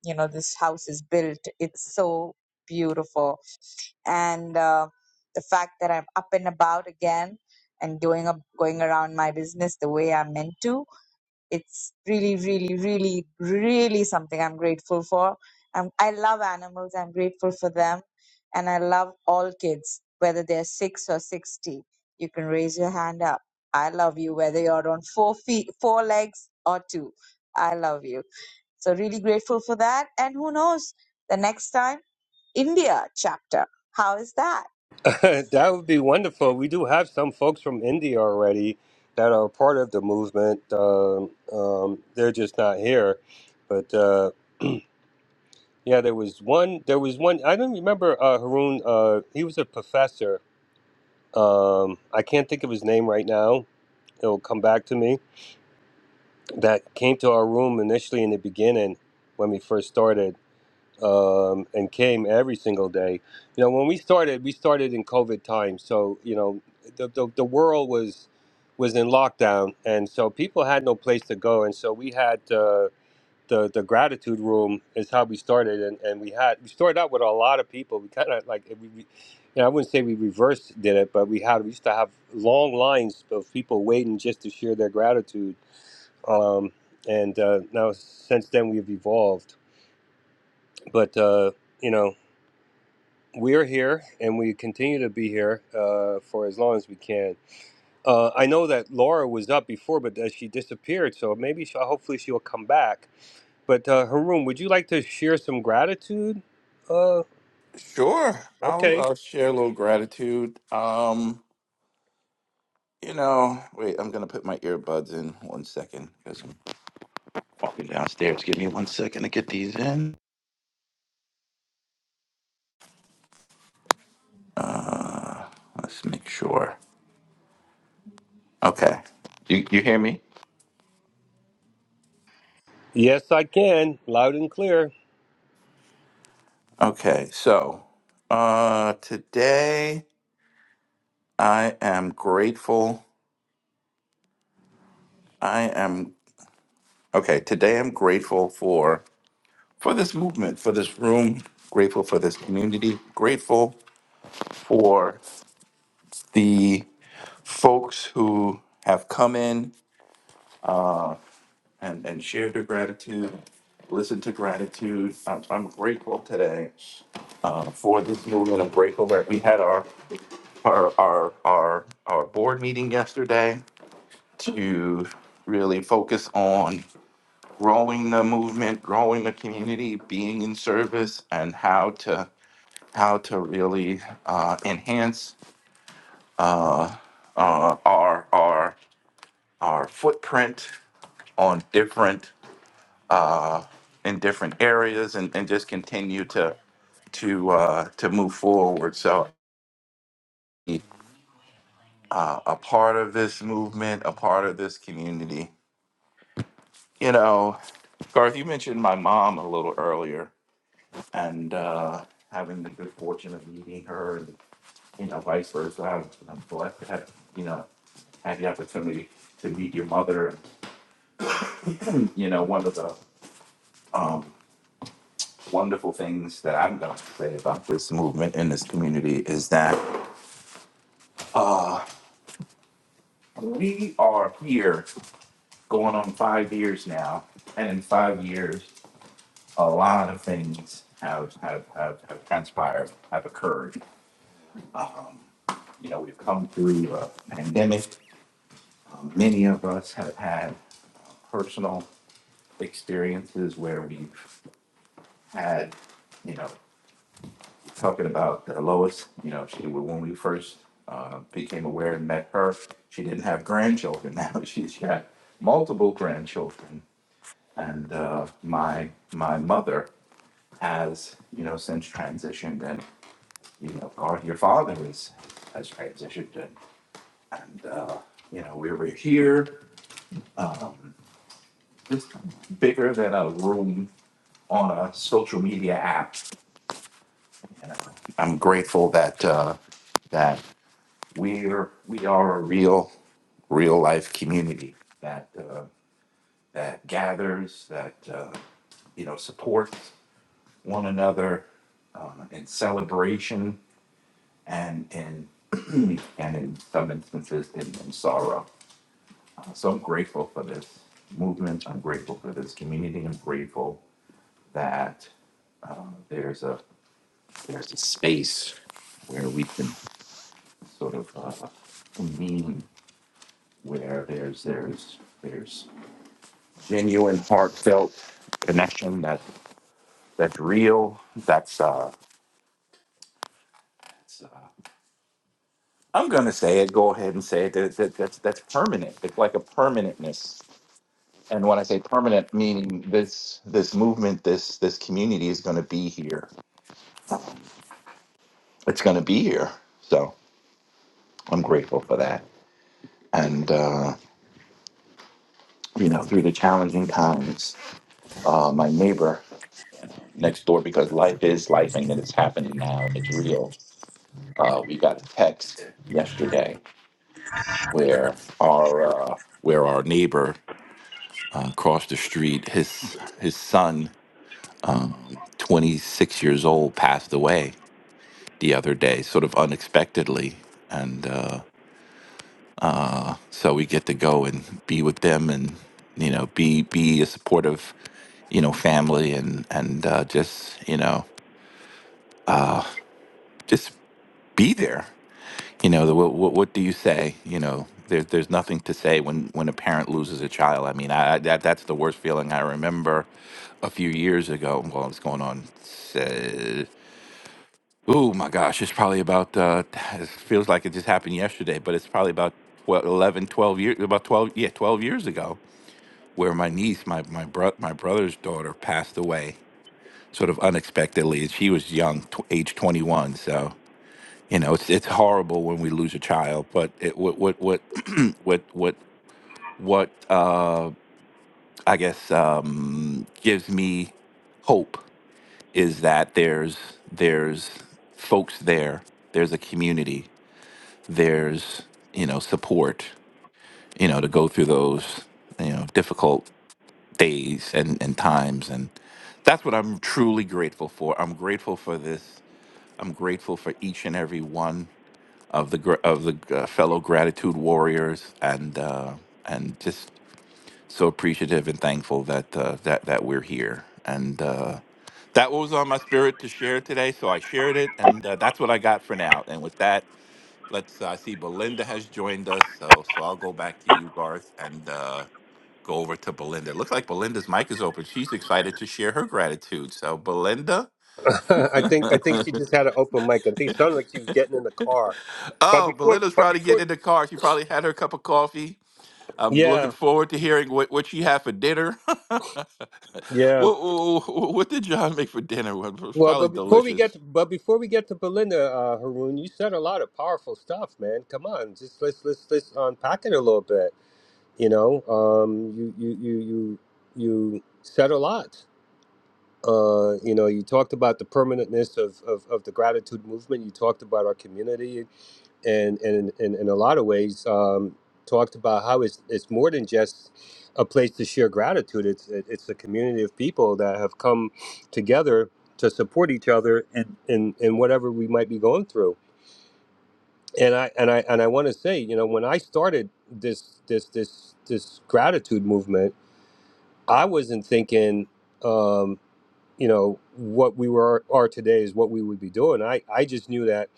S30: you know, this house is built. It's so beautiful. And uh, the fact that I'm up and about again and doing up, going around my business the way I'm meant to it's really, really, really, really something I'm grateful for. Um, I love animals. I'm grateful for them. And I love all kids, whether they're six or 60. You can raise your hand up. I love you, whether you're on four feet, four legs or two. I love you. So really grateful for that. And who knows, the next time, India chapter. How is that?
S24: that would be wonderful. We do have some folks from India already that are part of the movement. Um, um, they're just not here, but. Uh, Yeah, there was one. There was one. I don't remember uh, Haroon. Uh, he was a professor. Um, I can't think of his name right now. It'll come back to me. That came to our room initially in the beginning when we first started, um, and came every single day. You know, when we started, we started in COVID time, so you know, the the, the world was was in lockdown, and so people had no place to go, and so we had. Uh, the the gratitude room is how we started and, and we had we started out with a lot of people we kind of like we, we you know, I wouldn't say we reverse did it but we had we used to have long lines of people waiting just to share their gratitude um, and uh, now since then we've evolved but uh, you know we're here and we continue to be here uh, for as long as we can uh, I know that Laura was up before but uh, she disappeared so maybe she, hopefully she'll come back But uh, Haroon, would you like to share some gratitude? Uh,
S28: Sure. I'll
S24: okay.
S28: uh, share a little gratitude. Um, you know, wait, I'm gonna put my earbuds in one second because. Walking downstairs. Give me one second to get these in. Uh, let's make sure. Okay. You you hear me?
S24: Yes, I can, loud and clear.
S28: Okay. So, uh, today I am grateful. I am okay. Today I'm grateful for for this movement, for this room. Grateful for this community. Grateful for the folks who have come in uh, and and shared their gratitude, listened to gratitude. I'm, I'm grateful today uh, for this movement of break We had our our our our, our board meeting yesterday to really focus on growing the movement, growing the community, being in service, and how to how to really uh, enhance uh, uh, our our our footprint on different uh, in different areas, and, and just continue to to uh, to move forward. So uh, a part of this movement, a part of this community. You know, Garth, you mentioned my mom a little earlier and uh, having the good fortune of meeting her and, you know, vice versa. I'm, I'm blessed to have, you know, had the opportunity to meet your mother. You know, one of the um, wonderful things that I'm going to say about this movement in this community is that uh, we are here going on five years now. And in five years, a lot of things have have have, have transpired, have occurred. Um, you know, we've come through a pandemic. Um, many of us have had personal experiences where we've had, you know, talking about the Lois. You know, she when we first uh, became aware and met her, she didn't have grandchildren. Now she's got multiple grandchildren, and uh, my my mother has, you know, since transitioned and you know, our, your father was, has transitioned and, and, uh, you know, we were here, it's bigger than a room on a social media app. You know, I'm grateful that, uh, that we're, we are a real, real life community that, uh, that gathers, that, uh, you know, supports one another, um, in celebration and in, and in some instances in, in sorrow. So I'm grateful for this movement. I'm grateful for this community. I'm grateful that uh, there's a there's a space where we can sort of uh, convene, where there's there's there's genuine, heartfelt connection that that's real. That's uh, that's, uh I'm gonna say it. Go ahead and say it. That, that, that's that's permanent. It's like a permanentness. And when I say permanent, meaning this this movement, this this community is gonna be here it's going to be here. So I'm grateful for that. And, uh, you know, through the challenging times, uh, my neighbor next door, because life is life and it's happening now and it's real, uh, we got a text yesterday where our, uh, where our neighbor uh, across the street, his, his son, um, 26 years old, passed away the other day, sort of unexpectedly. And, uh, uh, so we get to go and be with them and you know be be a supportive you know family and and uh, just you know uh, just be there you know the, what, what do you say you know there's there's nothing to say when when a parent loses a child i mean i I- that that's the worst feeling i remember a few years ago well it's going on uh, oh my gosh it's probably about uh it feels like it just happened yesterday but it's probably about 12, eleven, twelve years about 12 yeah 12 years ago where my niece, my my bro- my brother's daughter, passed away sort of unexpectedly, and she was young, tw- age twenty one. So you know, it's it's horrible when we lose a child, but it, what what what what what what uh, I guess um, gives me hope is that there's there's folks there, there's a community, there's you know support, you know to go through those you know difficult days and, and times and that's what i'm truly grateful for i'm grateful for this i'm grateful for each and every one of the gr- of the uh, fellow gratitude warriors and uh and just so appreciative and thankful that uh, that that we're here and uh that was on my spirit to share today so i shared it and uh, that's what i got for now and with that let's uh, I see belinda has joined us so so i'll go back to you garth and uh go over to Belinda. It looks like Belinda's mic is open. She's excited to share her gratitude. So, Belinda.
S24: I think I think she just had an open mic. I think it sounded like she was getting in the car. But
S28: oh,
S24: before,
S28: Belinda's
S24: but
S28: probably getting
S24: before,
S28: in the car. She probably had her cup of coffee. I'm looking
S24: yeah,
S28: forward to hearing what, what she had for dinner. what,
S24: yeah.
S28: what, what did John make for dinner? It was
S24: Well,
S28: probably
S24: but before we get, to,
S28: delicious.
S24: but before we get to Belinda, uh, Haroon, you said a lot of powerful stuff, man. Come on, just let's let's let's unpack it a little bit. You know, um, you you you you you said a lot. Uh, you know, you talked about the permanentness of, of, of the gratitude movement. You talked about our community, and and in, in, a lot of ways, um, talked about how it's it's more than just a place to share gratitude. It's it, it's a community of people that have come together to support each other in, in, in whatever we might be going through. And I and I and I want to say, you know, when I started this this this this gratitude movement, I wasn't thinking. um, you know what we were are today is what we would be doing i i just knew that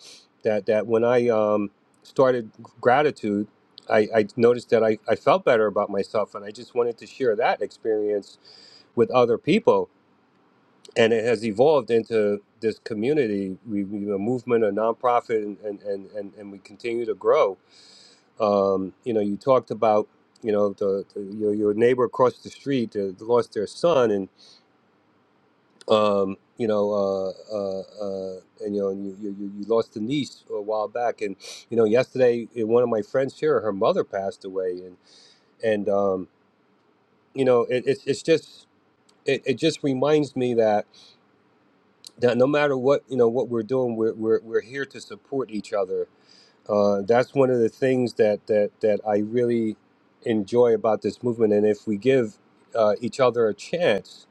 S24: that that when i um started gratitude i i noticed that i i felt better about myself and i just wanted to share that experience with other people and it has evolved into this community we, we a movement a nonprofit and and and, and, and we continue to grow um you know you talked about you know the, the your, your neighbor across the street uh, lost their son and. um, you know, uh, uh, uh, and you know, and you, you, you you lost a niece a while back, and you know, yesterday eh, one of my friends here, her mother passed away, and and um, you know, it, it's it's just. It, it just reminds me that, that no matter what you know what we're doing, we're, we're, we're here to support each other uh, that's one of the things that that that I really enjoy about this movement. And if we give uh, each other a chance,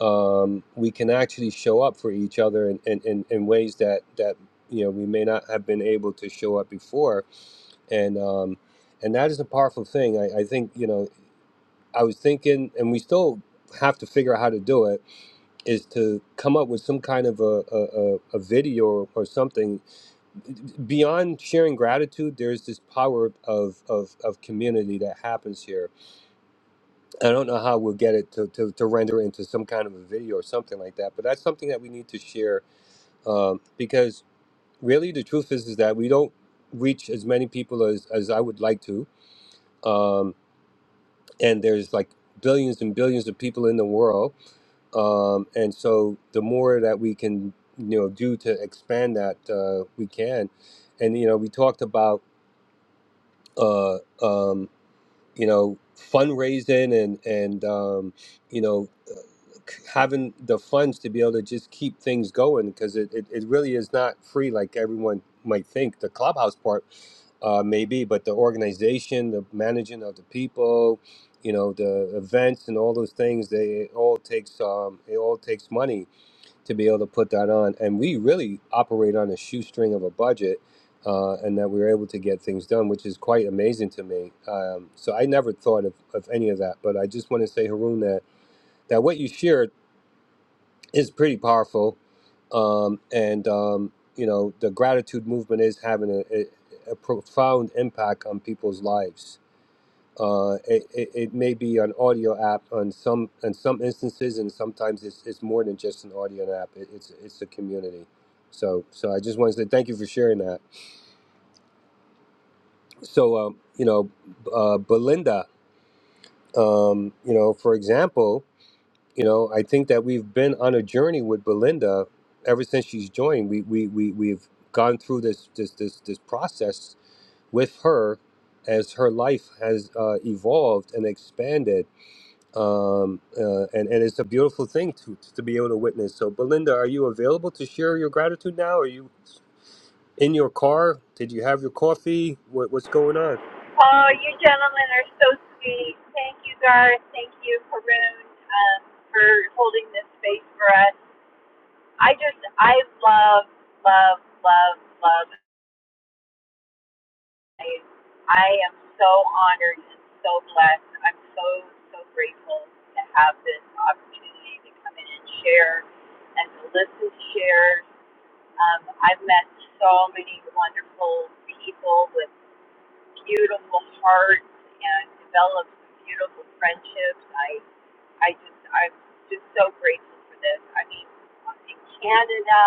S24: um, we can actually show up for each other in, in, in, in ways that that you know we may not have been able to show up before. And um, and that is a powerful thing. I, I think you know I was thinking, and we still have to figure out how to do it is to come up with some kind of a, a, a a video or something beyond sharing gratitude, there's this power of, of, of community that happens here. I don't know how we'll get it to, to, to render into some kind of a video or something like that, but that's something that we need to share um, because really the truth is, is that we don't reach as many people as, as I would like to. Um, and there's like billions and billions of people in the world. Um, and so the more that we can, you know, do to expand that, uh, we can. And, you know, we talked about uh, um, you know, fundraising and and um, you know, uh, having the funds to be able to just keep things going because it, it, it really is not free like everyone might think. The clubhouse part uh, maybe, but the organization, the managing of the people, you know, the events and all those things, they it all takes um, it all takes money to be able to put that on. And we really operate on a shoestring of a budget, uh, and that we were able to get things done, which is quite amazing to me. Um, so I never thought of, of any of that, but I just want to say, Haroon, that, that what you shared is pretty powerful. Um, and, um, you know, the gratitude movement is having a, a, a profound impact on people's lives. Uh, it, it, it may be an audio app on some in some instances, and sometimes it's, it's more than just an audio app. It, it's it's a community. So so I just want to say thank you for sharing that. So um, you know, uh, Belinda, um, you know, for example, you know, I think that we've been on a journey with Belinda ever since she's joined. We we we we've gone through this this this this process with her as her life has uh, evolved and expanded um, uh, and and it's a beautiful thing to to be able to witness. So, Belinda, are you available to share your gratitude now? Are you in your car? Did you have your coffee? What, what's going on?
S31: Oh, you gentlemen are so sweet. Thank you, Garth. Thank you, Haroon, um, for holding this space for us. I just, I love, love, love, love. I, I am so honored and so blessed. I'm so, so grateful to have this opportunity to come in and share and to listen to share. Um, I've met so many wonderful people with beautiful hearts and developed some beautiful friendships. I I just I'm just so grateful for this. I mean, in Canada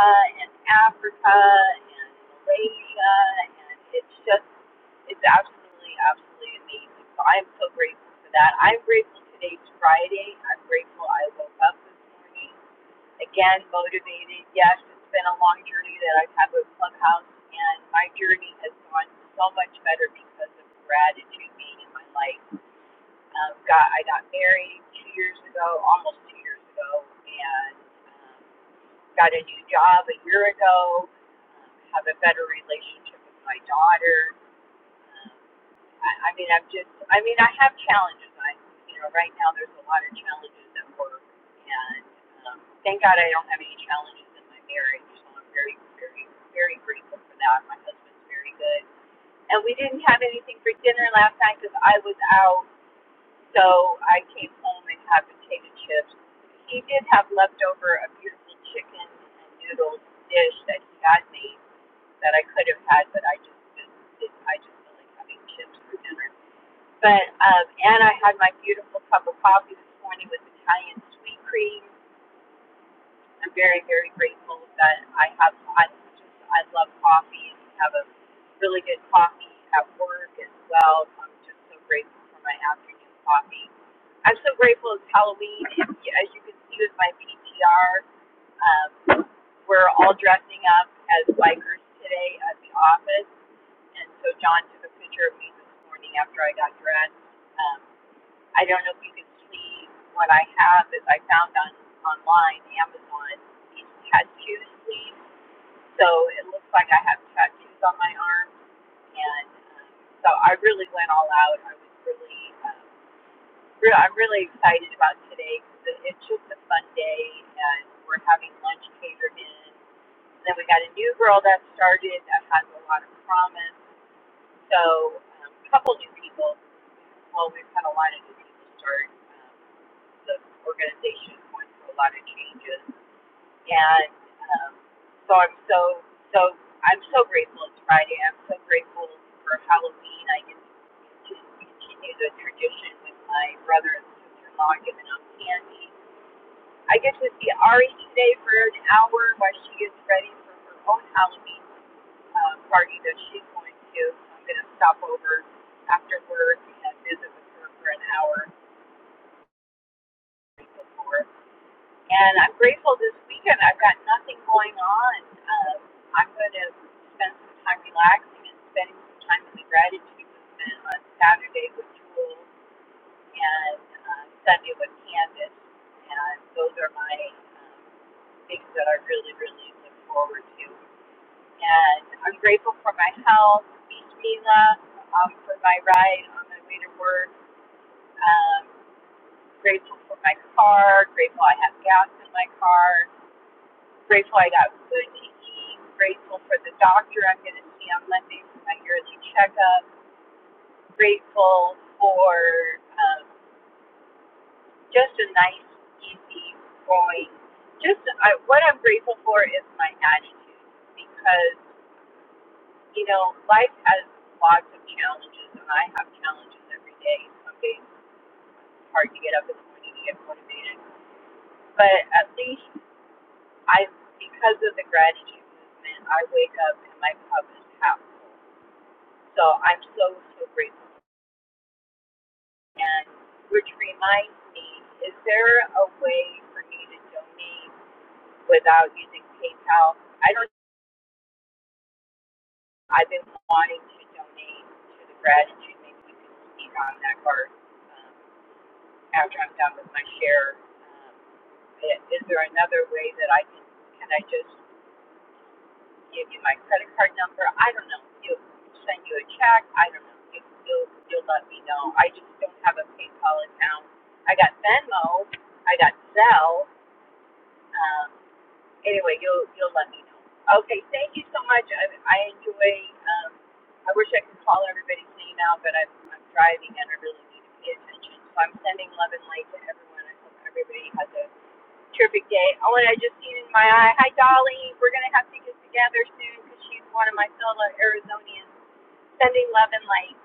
S31: and Africa and Malaysia, and it's just it's absolutely absolutely amazing. So I'm so grateful for that. I'm grateful today's Friday. I'm grateful I woke up this morning again motivated. Yes, it's been a long journey that I've had with Clubhouse, and my journey has gone so much better because of gratitude being in my life. Um, got I got married two years ago, almost two years ago, and um, got a new job a year ago. Um, have a better relationship with my daughter. um, I, I mean, I'm just, I mean, I have challenges. I, you know, right now there's a lot of challenges at work, and um, thank God I don't have any challenges in my marriage. So I'm very, very, very grateful for that. My husband's very good, and we didn't have anything for dinner last night because I was out. So I came home and had potato chips. He did have leftover a beautiful chicken and noodles dish that he had made that I could have had, but I just didn't. I just feel like having chips for dinner but um, and I had my beautiful cup of coffee this morning with Italian sweet cream. I'm very very grateful that I have. I just I love coffee and have a really good coffee at work as well. So I'm just so grateful for my afternoon coffee. I'm so grateful it's Halloween. And as you can see with my PTR, um, we're all dressing up as bikers today at the office. And so John took a picture of me this morning after I got dressed. Um, I don't know if you can see what I have is I found on online Amazon these tattoo sleeves. So it looks like I have tattoos on my arm, and um, so I really went all out. I was really, um, re- I'm really excited about today because it, it's just a fun day, and we're having lunch catered in. And then we got a new girl that started that has a lot of promise. So um, a couple new people well, we've had a lot of new people start. Um, the organization going through a lot of changes. And um, so I'm so, so, I'm so grateful it's Friday. I'm so grateful for Halloween. I get to continue the tradition with my brother and sister-in-law giving out candy. I get to see Ari today for an hour while she gets ready for her own Halloween uh, party that she's going to. I'm going to stop over after work and visit with her for an hour before. And I'm grateful this weekend. I've got nothing going on. Um, I'm going to spend some time relaxing and spending some time in the gratitude movement on Saturday with Jules and uh, Sunday with Candace. And those are my um, things that I really, really look forward to. And I'm grateful for my health, Bismillah, um, for my ride on my way to work. Um, grateful for my car, grateful I have gas in my car Grateful I got food to eat. Grateful for the doctor I'm going to see on Monday for my yearly checkup. Grateful for um, just a nice, easy going. Just I, what I'm grateful for is my attitude because you know life has lots of challenges and I have challenges every day. Some days it's hard to get up in the morning to get motivated, but at least I because of the gratitude movement, I wake up and my cup is half full. So I'm so, so grateful. And which reminds me, is there a way for me to donate without using PayPal? I don't, I've been wanting to donate to the gratitude. Maybe you can speak on that part um, after I'm done with my share. Um, is there another way that I can, can I just give you my credit card number. I don't know. if He'll send you a check. I don't know. He'll, he'll, he'll let me know. I just don't have a PayPal account. I got Venmo. I got Zelle. Um, anyway, you'll you'll let me know. Okay. Thank you so much. I, I enjoy. Um, I wish I could call everybody's name out, but I'm, I'm driving and I really need to pay attention. So I'm sending love and light to everyone. I hope everybody has a Terrific day. Oh, and I just seen in my eye. Hi, Dolly. We're going to have to get together soon because she's one of my fellow Arizonians. Sending love and light.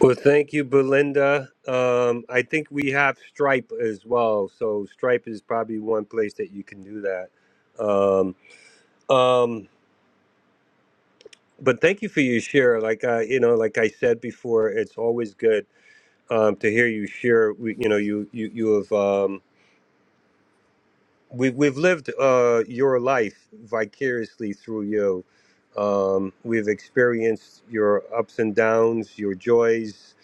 S24: Well, thank you, Belinda. Um, I think we have Stripe as well, so Stripe is probably one place that you can do that. Um, um, but thank you for your share. Like I, you know, like I said before, it's always good um, to hear you share. We- You know, you you you have. Um, we we've lived uh, your life vicariously through you. Um, we've experienced your ups and downs, your joys,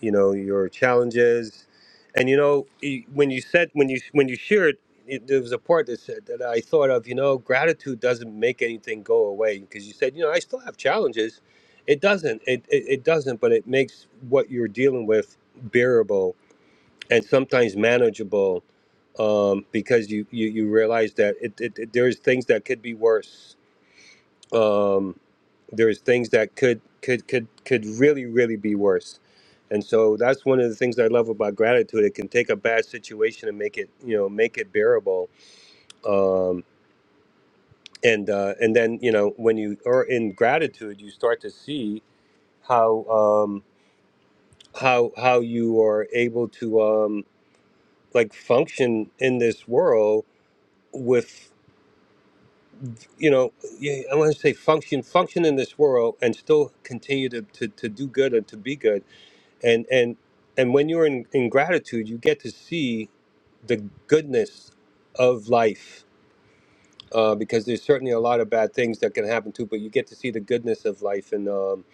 S24: you know, your challenges, and you know y- when you said when you when you shared. It, there was a part that said that I thought of. You know, gratitude doesn't make anything go away because you said, you know, I still have challenges. It doesn't. It, it it doesn't, but it makes what you're dealing with bearable and sometimes manageable um, because you, you you realize that it, it, it- there's things that could be worse. Um, there's things that could could could could really really be worse, and so that's one of the things I love about gratitude. It can take a bad situation and make it you know make it bearable. Um, and uh, and then you know when you are in gratitude, you start to see how um, how how you are able to um, like function in this world with. you know, yeah, I want to say function, function in this world, and still continue to, to, to do good and to be good. And and and when you're in, in gratitude, you get to see the goodness of life, uh, because there's certainly a lot of bad things that can happen too. But you get to see the goodness of life, and um,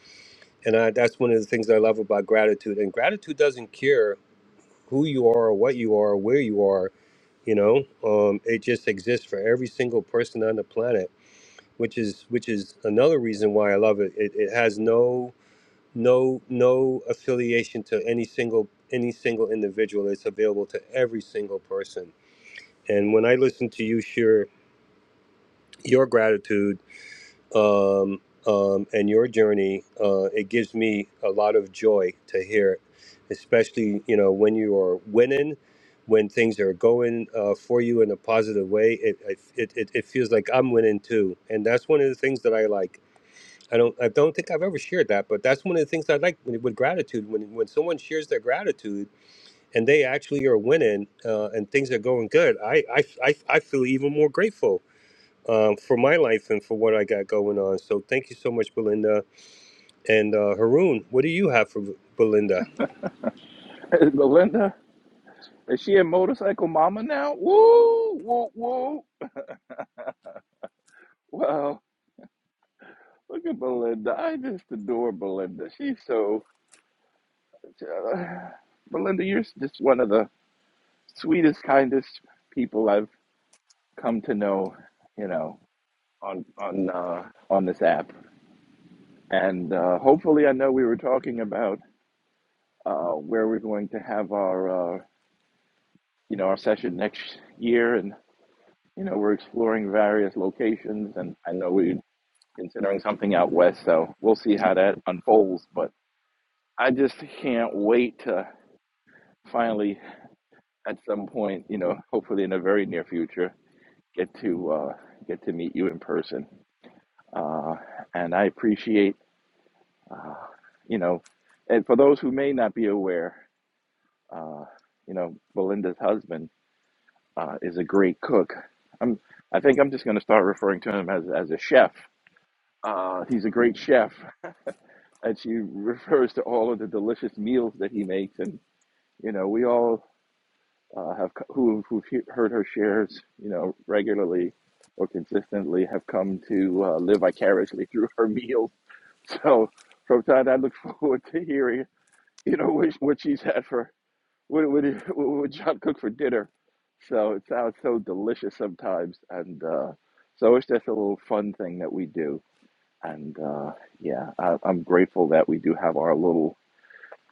S24: and I, that's one of the things I love about gratitude. And gratitude doesn't care who you are, or what you are, or where you are. You know, um, it just exists for every single person on the planet which is which is another reason why I love it. It, it has no no no affiliation to any single any single individual. It's available to every single person. And when I listen to you share your gratitude um, um, and your journey, uh, it gives me a lot of joy to hear, it. especially you know when you are winning. When things are going uh, for you in a positive way, it, it, it, it feels like I'm winning too, and that's one of the things that I like I don't I don't think I've ever shared that, but that's one of the things I like with with gratitude. When when someone shares their gratitude and they actually are winning uh, and things are going good, I I, I, I feel even more grateful um, for my life and for what I got going on. So thank you so much, Belinda and uh, Haroon. What do you have for Belinda?
S28: Hey, Belinda, is she a motorcycle mama now? Woo, woo, woo. Wow, look at Belinda. I just adore Belinda. She's so. Uh, Belinda, you're just one of the sweetest, kindest people I've come to know, you know, on on uh, on this app. And uh, hopefully, I know we were talking about uh, where we're going to have our uh, you know our session next year, and you know we're exploring various locations, and I know we're considering something out west, so we'll see how that unfolds. But I just can't wait to finally, at some point, you know, hopefully in the very near future, get to uh, get to meet you in person. Uh, and I appreciate, uh, you know, and for those who may not be aware, uh, you know, Belinda's husband uh, is a great cook. I'm, I think I'm just going to start referring to him as, as a chef. Uh, he's a great chef, and she refers to all of the delicious meals that he makes. And you know, we all uh, have co- who who've he- heard her shares, you know, regularly or consistently have come to uh, live vicariously through her meals So, so Todd, I look forward to hearing, you know, what, what she's had for, what, what, what John cooked for dinner. So it sounds so delicious sometimes. And uh, so it's just a little fun thing that we do. And uh, yeah, I, I'm grateful that we do have our little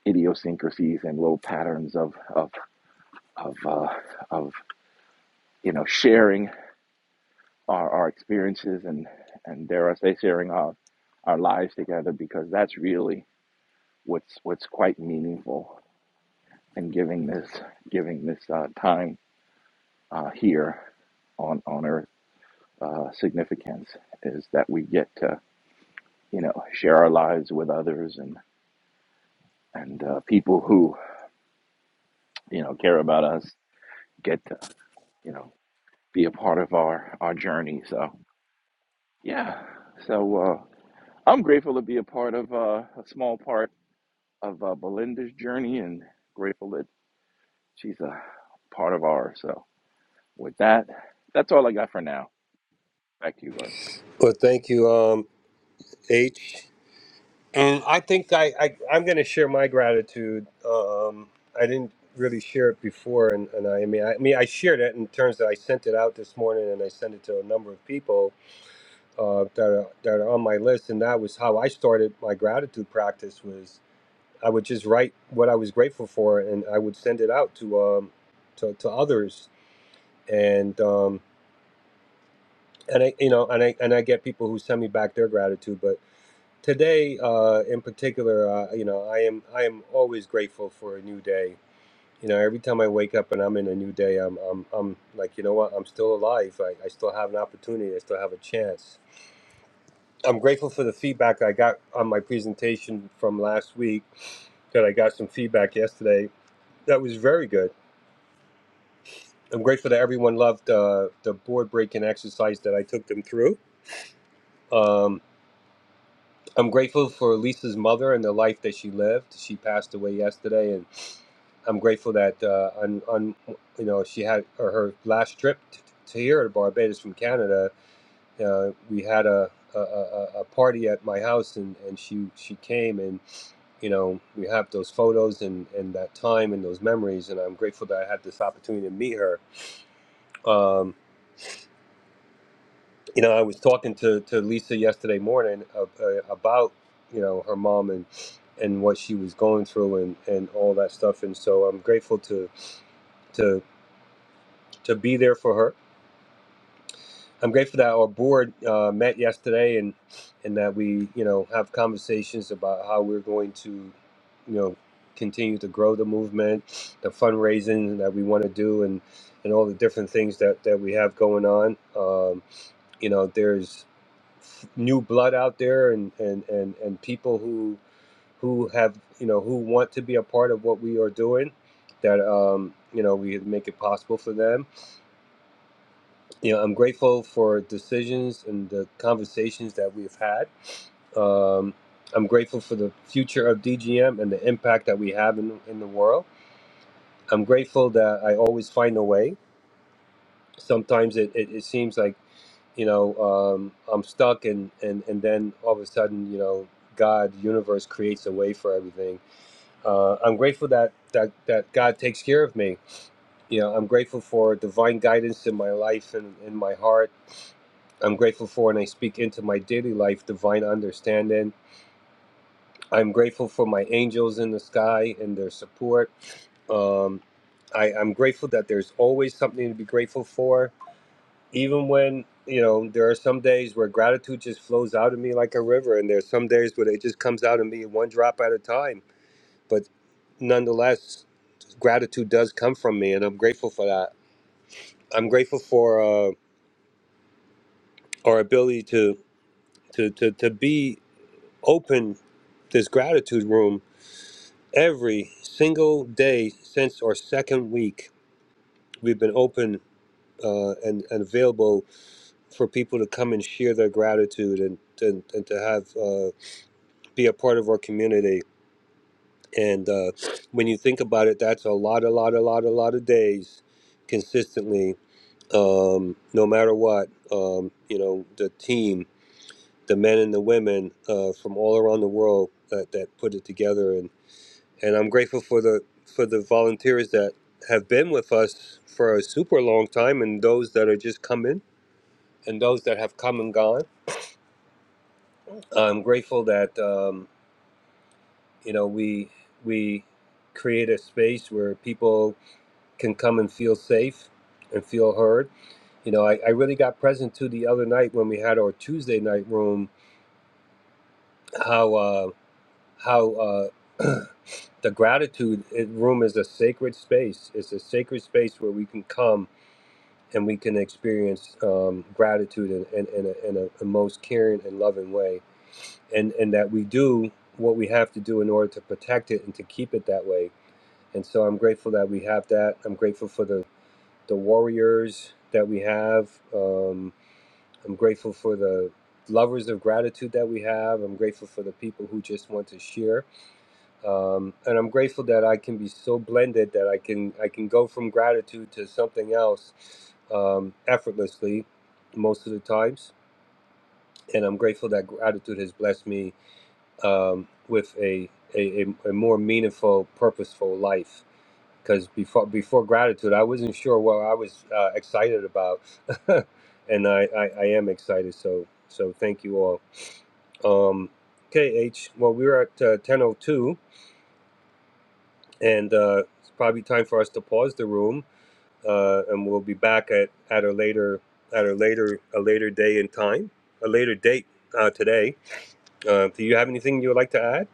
S28: idiosyncrasies and little patterns of, of, of, uh, of you know, sharing our, our experiences and, and dare I say, sharing our, our lives together because that's really what's what's quite meaningful and giving this giving this uh, time uh, here on on Earth uh, significance is that we get to you know share our lives with others and and uh, people who you know care about us get to you know be a part of our our journey. So yeah, so uh, I'm grateful to be a part of uh, a small part of uh, Belinda's journey and grateful that she's a part of ours. So with that, that's all I got for now. Back to you, guys.
S24: Well, thank you, um, H. And I think I, I I'm going to share my gratitude. Um, I didn't really share it before, and, and I, I mean I, I mean I shared it in terms that I sent it out this morning, and I sent it to a number of people uh, that are, that are on my list, and that was how I started my gratitude practice. Was I would just write what I was grateful for, and I would send it out to um, to, to others, and um, and I you know and I and I get people who send me back their gratitude, but today uh, in particular uh, you know i am i am always grateful for a new day you know every time i wake up and i'm in a new day i'm i'm, I'm like you know what i'm still alive I, I still have an opportunity i still have a chance i'm grateful for the feedback i got on my presentation from last week that i got some feedback yesterday that was very good i'm grateful that everyone loved uh, the board breaking exercise that i took them through um, i'm grateful for lisa's mother and the life that she lived she passed away yesterday and I'm grateful that uh, on on you know she had or her last trip t- to here to Barbados from Canada. Uh, we had a, a, a, a party at my house and, and she she came and you know we have those photos and, and that time and those memories and I'm grateful that I had this opportunity to meet her. Um, you know I was talking to, to Lisa yesterday morning of, uh, about you know her mom and and what she was going through and, and all that stuff and so I'm grateful to to to be there for her I'm grateful that our board uh, met yesterday and and that we you know have conversations about how we're going to you know continue to grow the movement, the fundraising that we want to do, and and all the different things that that we have going on. Um, you know, there's new blood out there and and and and people who who have you know who want to be a part of what we are doing that um you know we make it possible for them you know, I'm grateful for decisions and the conversations that we've had. Um, I'm grateful for the future of DGM and the impact that we have in, in the world. I'm grateful that I always find a way. Sometimes it, it, it seems like, you know, um, I'm stuck and, and, and then all of a sudden, you know, God, universe creates a way for everything. Uh, I'm grateful that, that, that God takes care of me. You know, I'm grateful for divine guidance in my life and in my heart I'm grateful for and I speak into my daily life divine understanding. I'm grateful for my angels in the sky and their support. Um, I, I'm grateful that there's always something to be grateful for, even when you know there are some days where gratitude just flows out of me like a river, and there's some days where it just comes out of me one drop at a time. But nonetheless, gratitude does come from me, and I'm grateful for that. I'm grateful for uh, our ability to to to to be. open this gratitude room every single day since our second week. We've been open uh, and, and available for people to come and share their gratitude and, and, and to have uh, be a part of our community. And uh, when you think about it, that's a lot, a lot, a lot, a lot of days consistently, um, no matter what. Um, you know, the team, the men and the women uh, from all around the world that, that put it together and. and I'm grateful for the for the volunteers that have been with us for a super long time, and those that are just coming, and those that have come and gone. I'm grateful that um, you know we we create a space where people can come and feel safe and feel heard. You know, I, I really got present to the other night when we had our Tuesday night room how uh, how uh, the gratitude room is a sacred space. It's a sacred space where we can come and we can experience um, gratitude in, in, in, a, in a, a most caring and loving way and and that we do what we have to do in order to protect it and to keep it that way and so i'm grateful that we have that i'm grateful for the the warriors that we have um, i'm grateful for the lovers of gratitude that we have i'm grateful for the people who just want to share um, and I'm grateful that I can be so blended that I can I can go from gratitude to something else um, effortlessly most of the times. And I'm grateful that gratitude has blessed me um, with a, a, a a more meaningful, purposeful life. Because before before gratitude, I wasn't sure what I was uh, excited about, and I, I, I am excited. So so thank you all. Um, KH, well, we're at uh, 10:02. and uh, it's probably time for us to pause the room, uh, and we'll be back at, at a later at a later a later day in time, a later date uh, today. Uh, do you have anything you would like to add?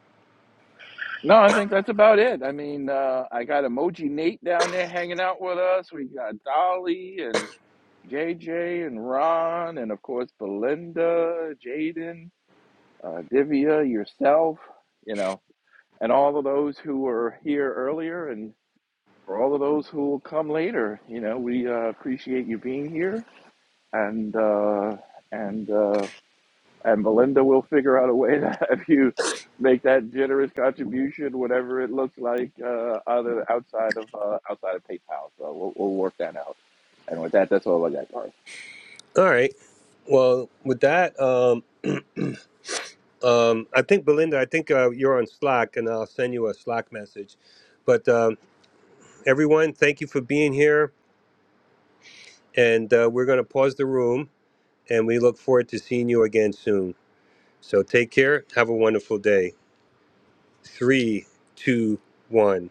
S28: No, I think that's about it. I mean, uh, I got Emoji Nate down there hanging out with us. We got Dolly and JJ and Ron, and of course Belinda, Jaden, uh, Divya, yourself, you know, and all of those who were here earlier, and for all of those who will come later. You know, we uh, appreciate you being here, and uh, and uh, and Melinda will figure out a way to have you make that generous contribution, whatever it looks like, uh, other outside of uh, outside of PayPal. So we'll, we'll work that out. And with that, that's all I got.
S24: All right. Well, with that, um, um, I think Belinda, I think uh, you're on Slack, and I'll send you a Slack message. But um, everyone, thank you for being here, and uh, we're going to pause the room, and we look forward to seeing you again soon. So take care. Have a wonderful day. three, two, one.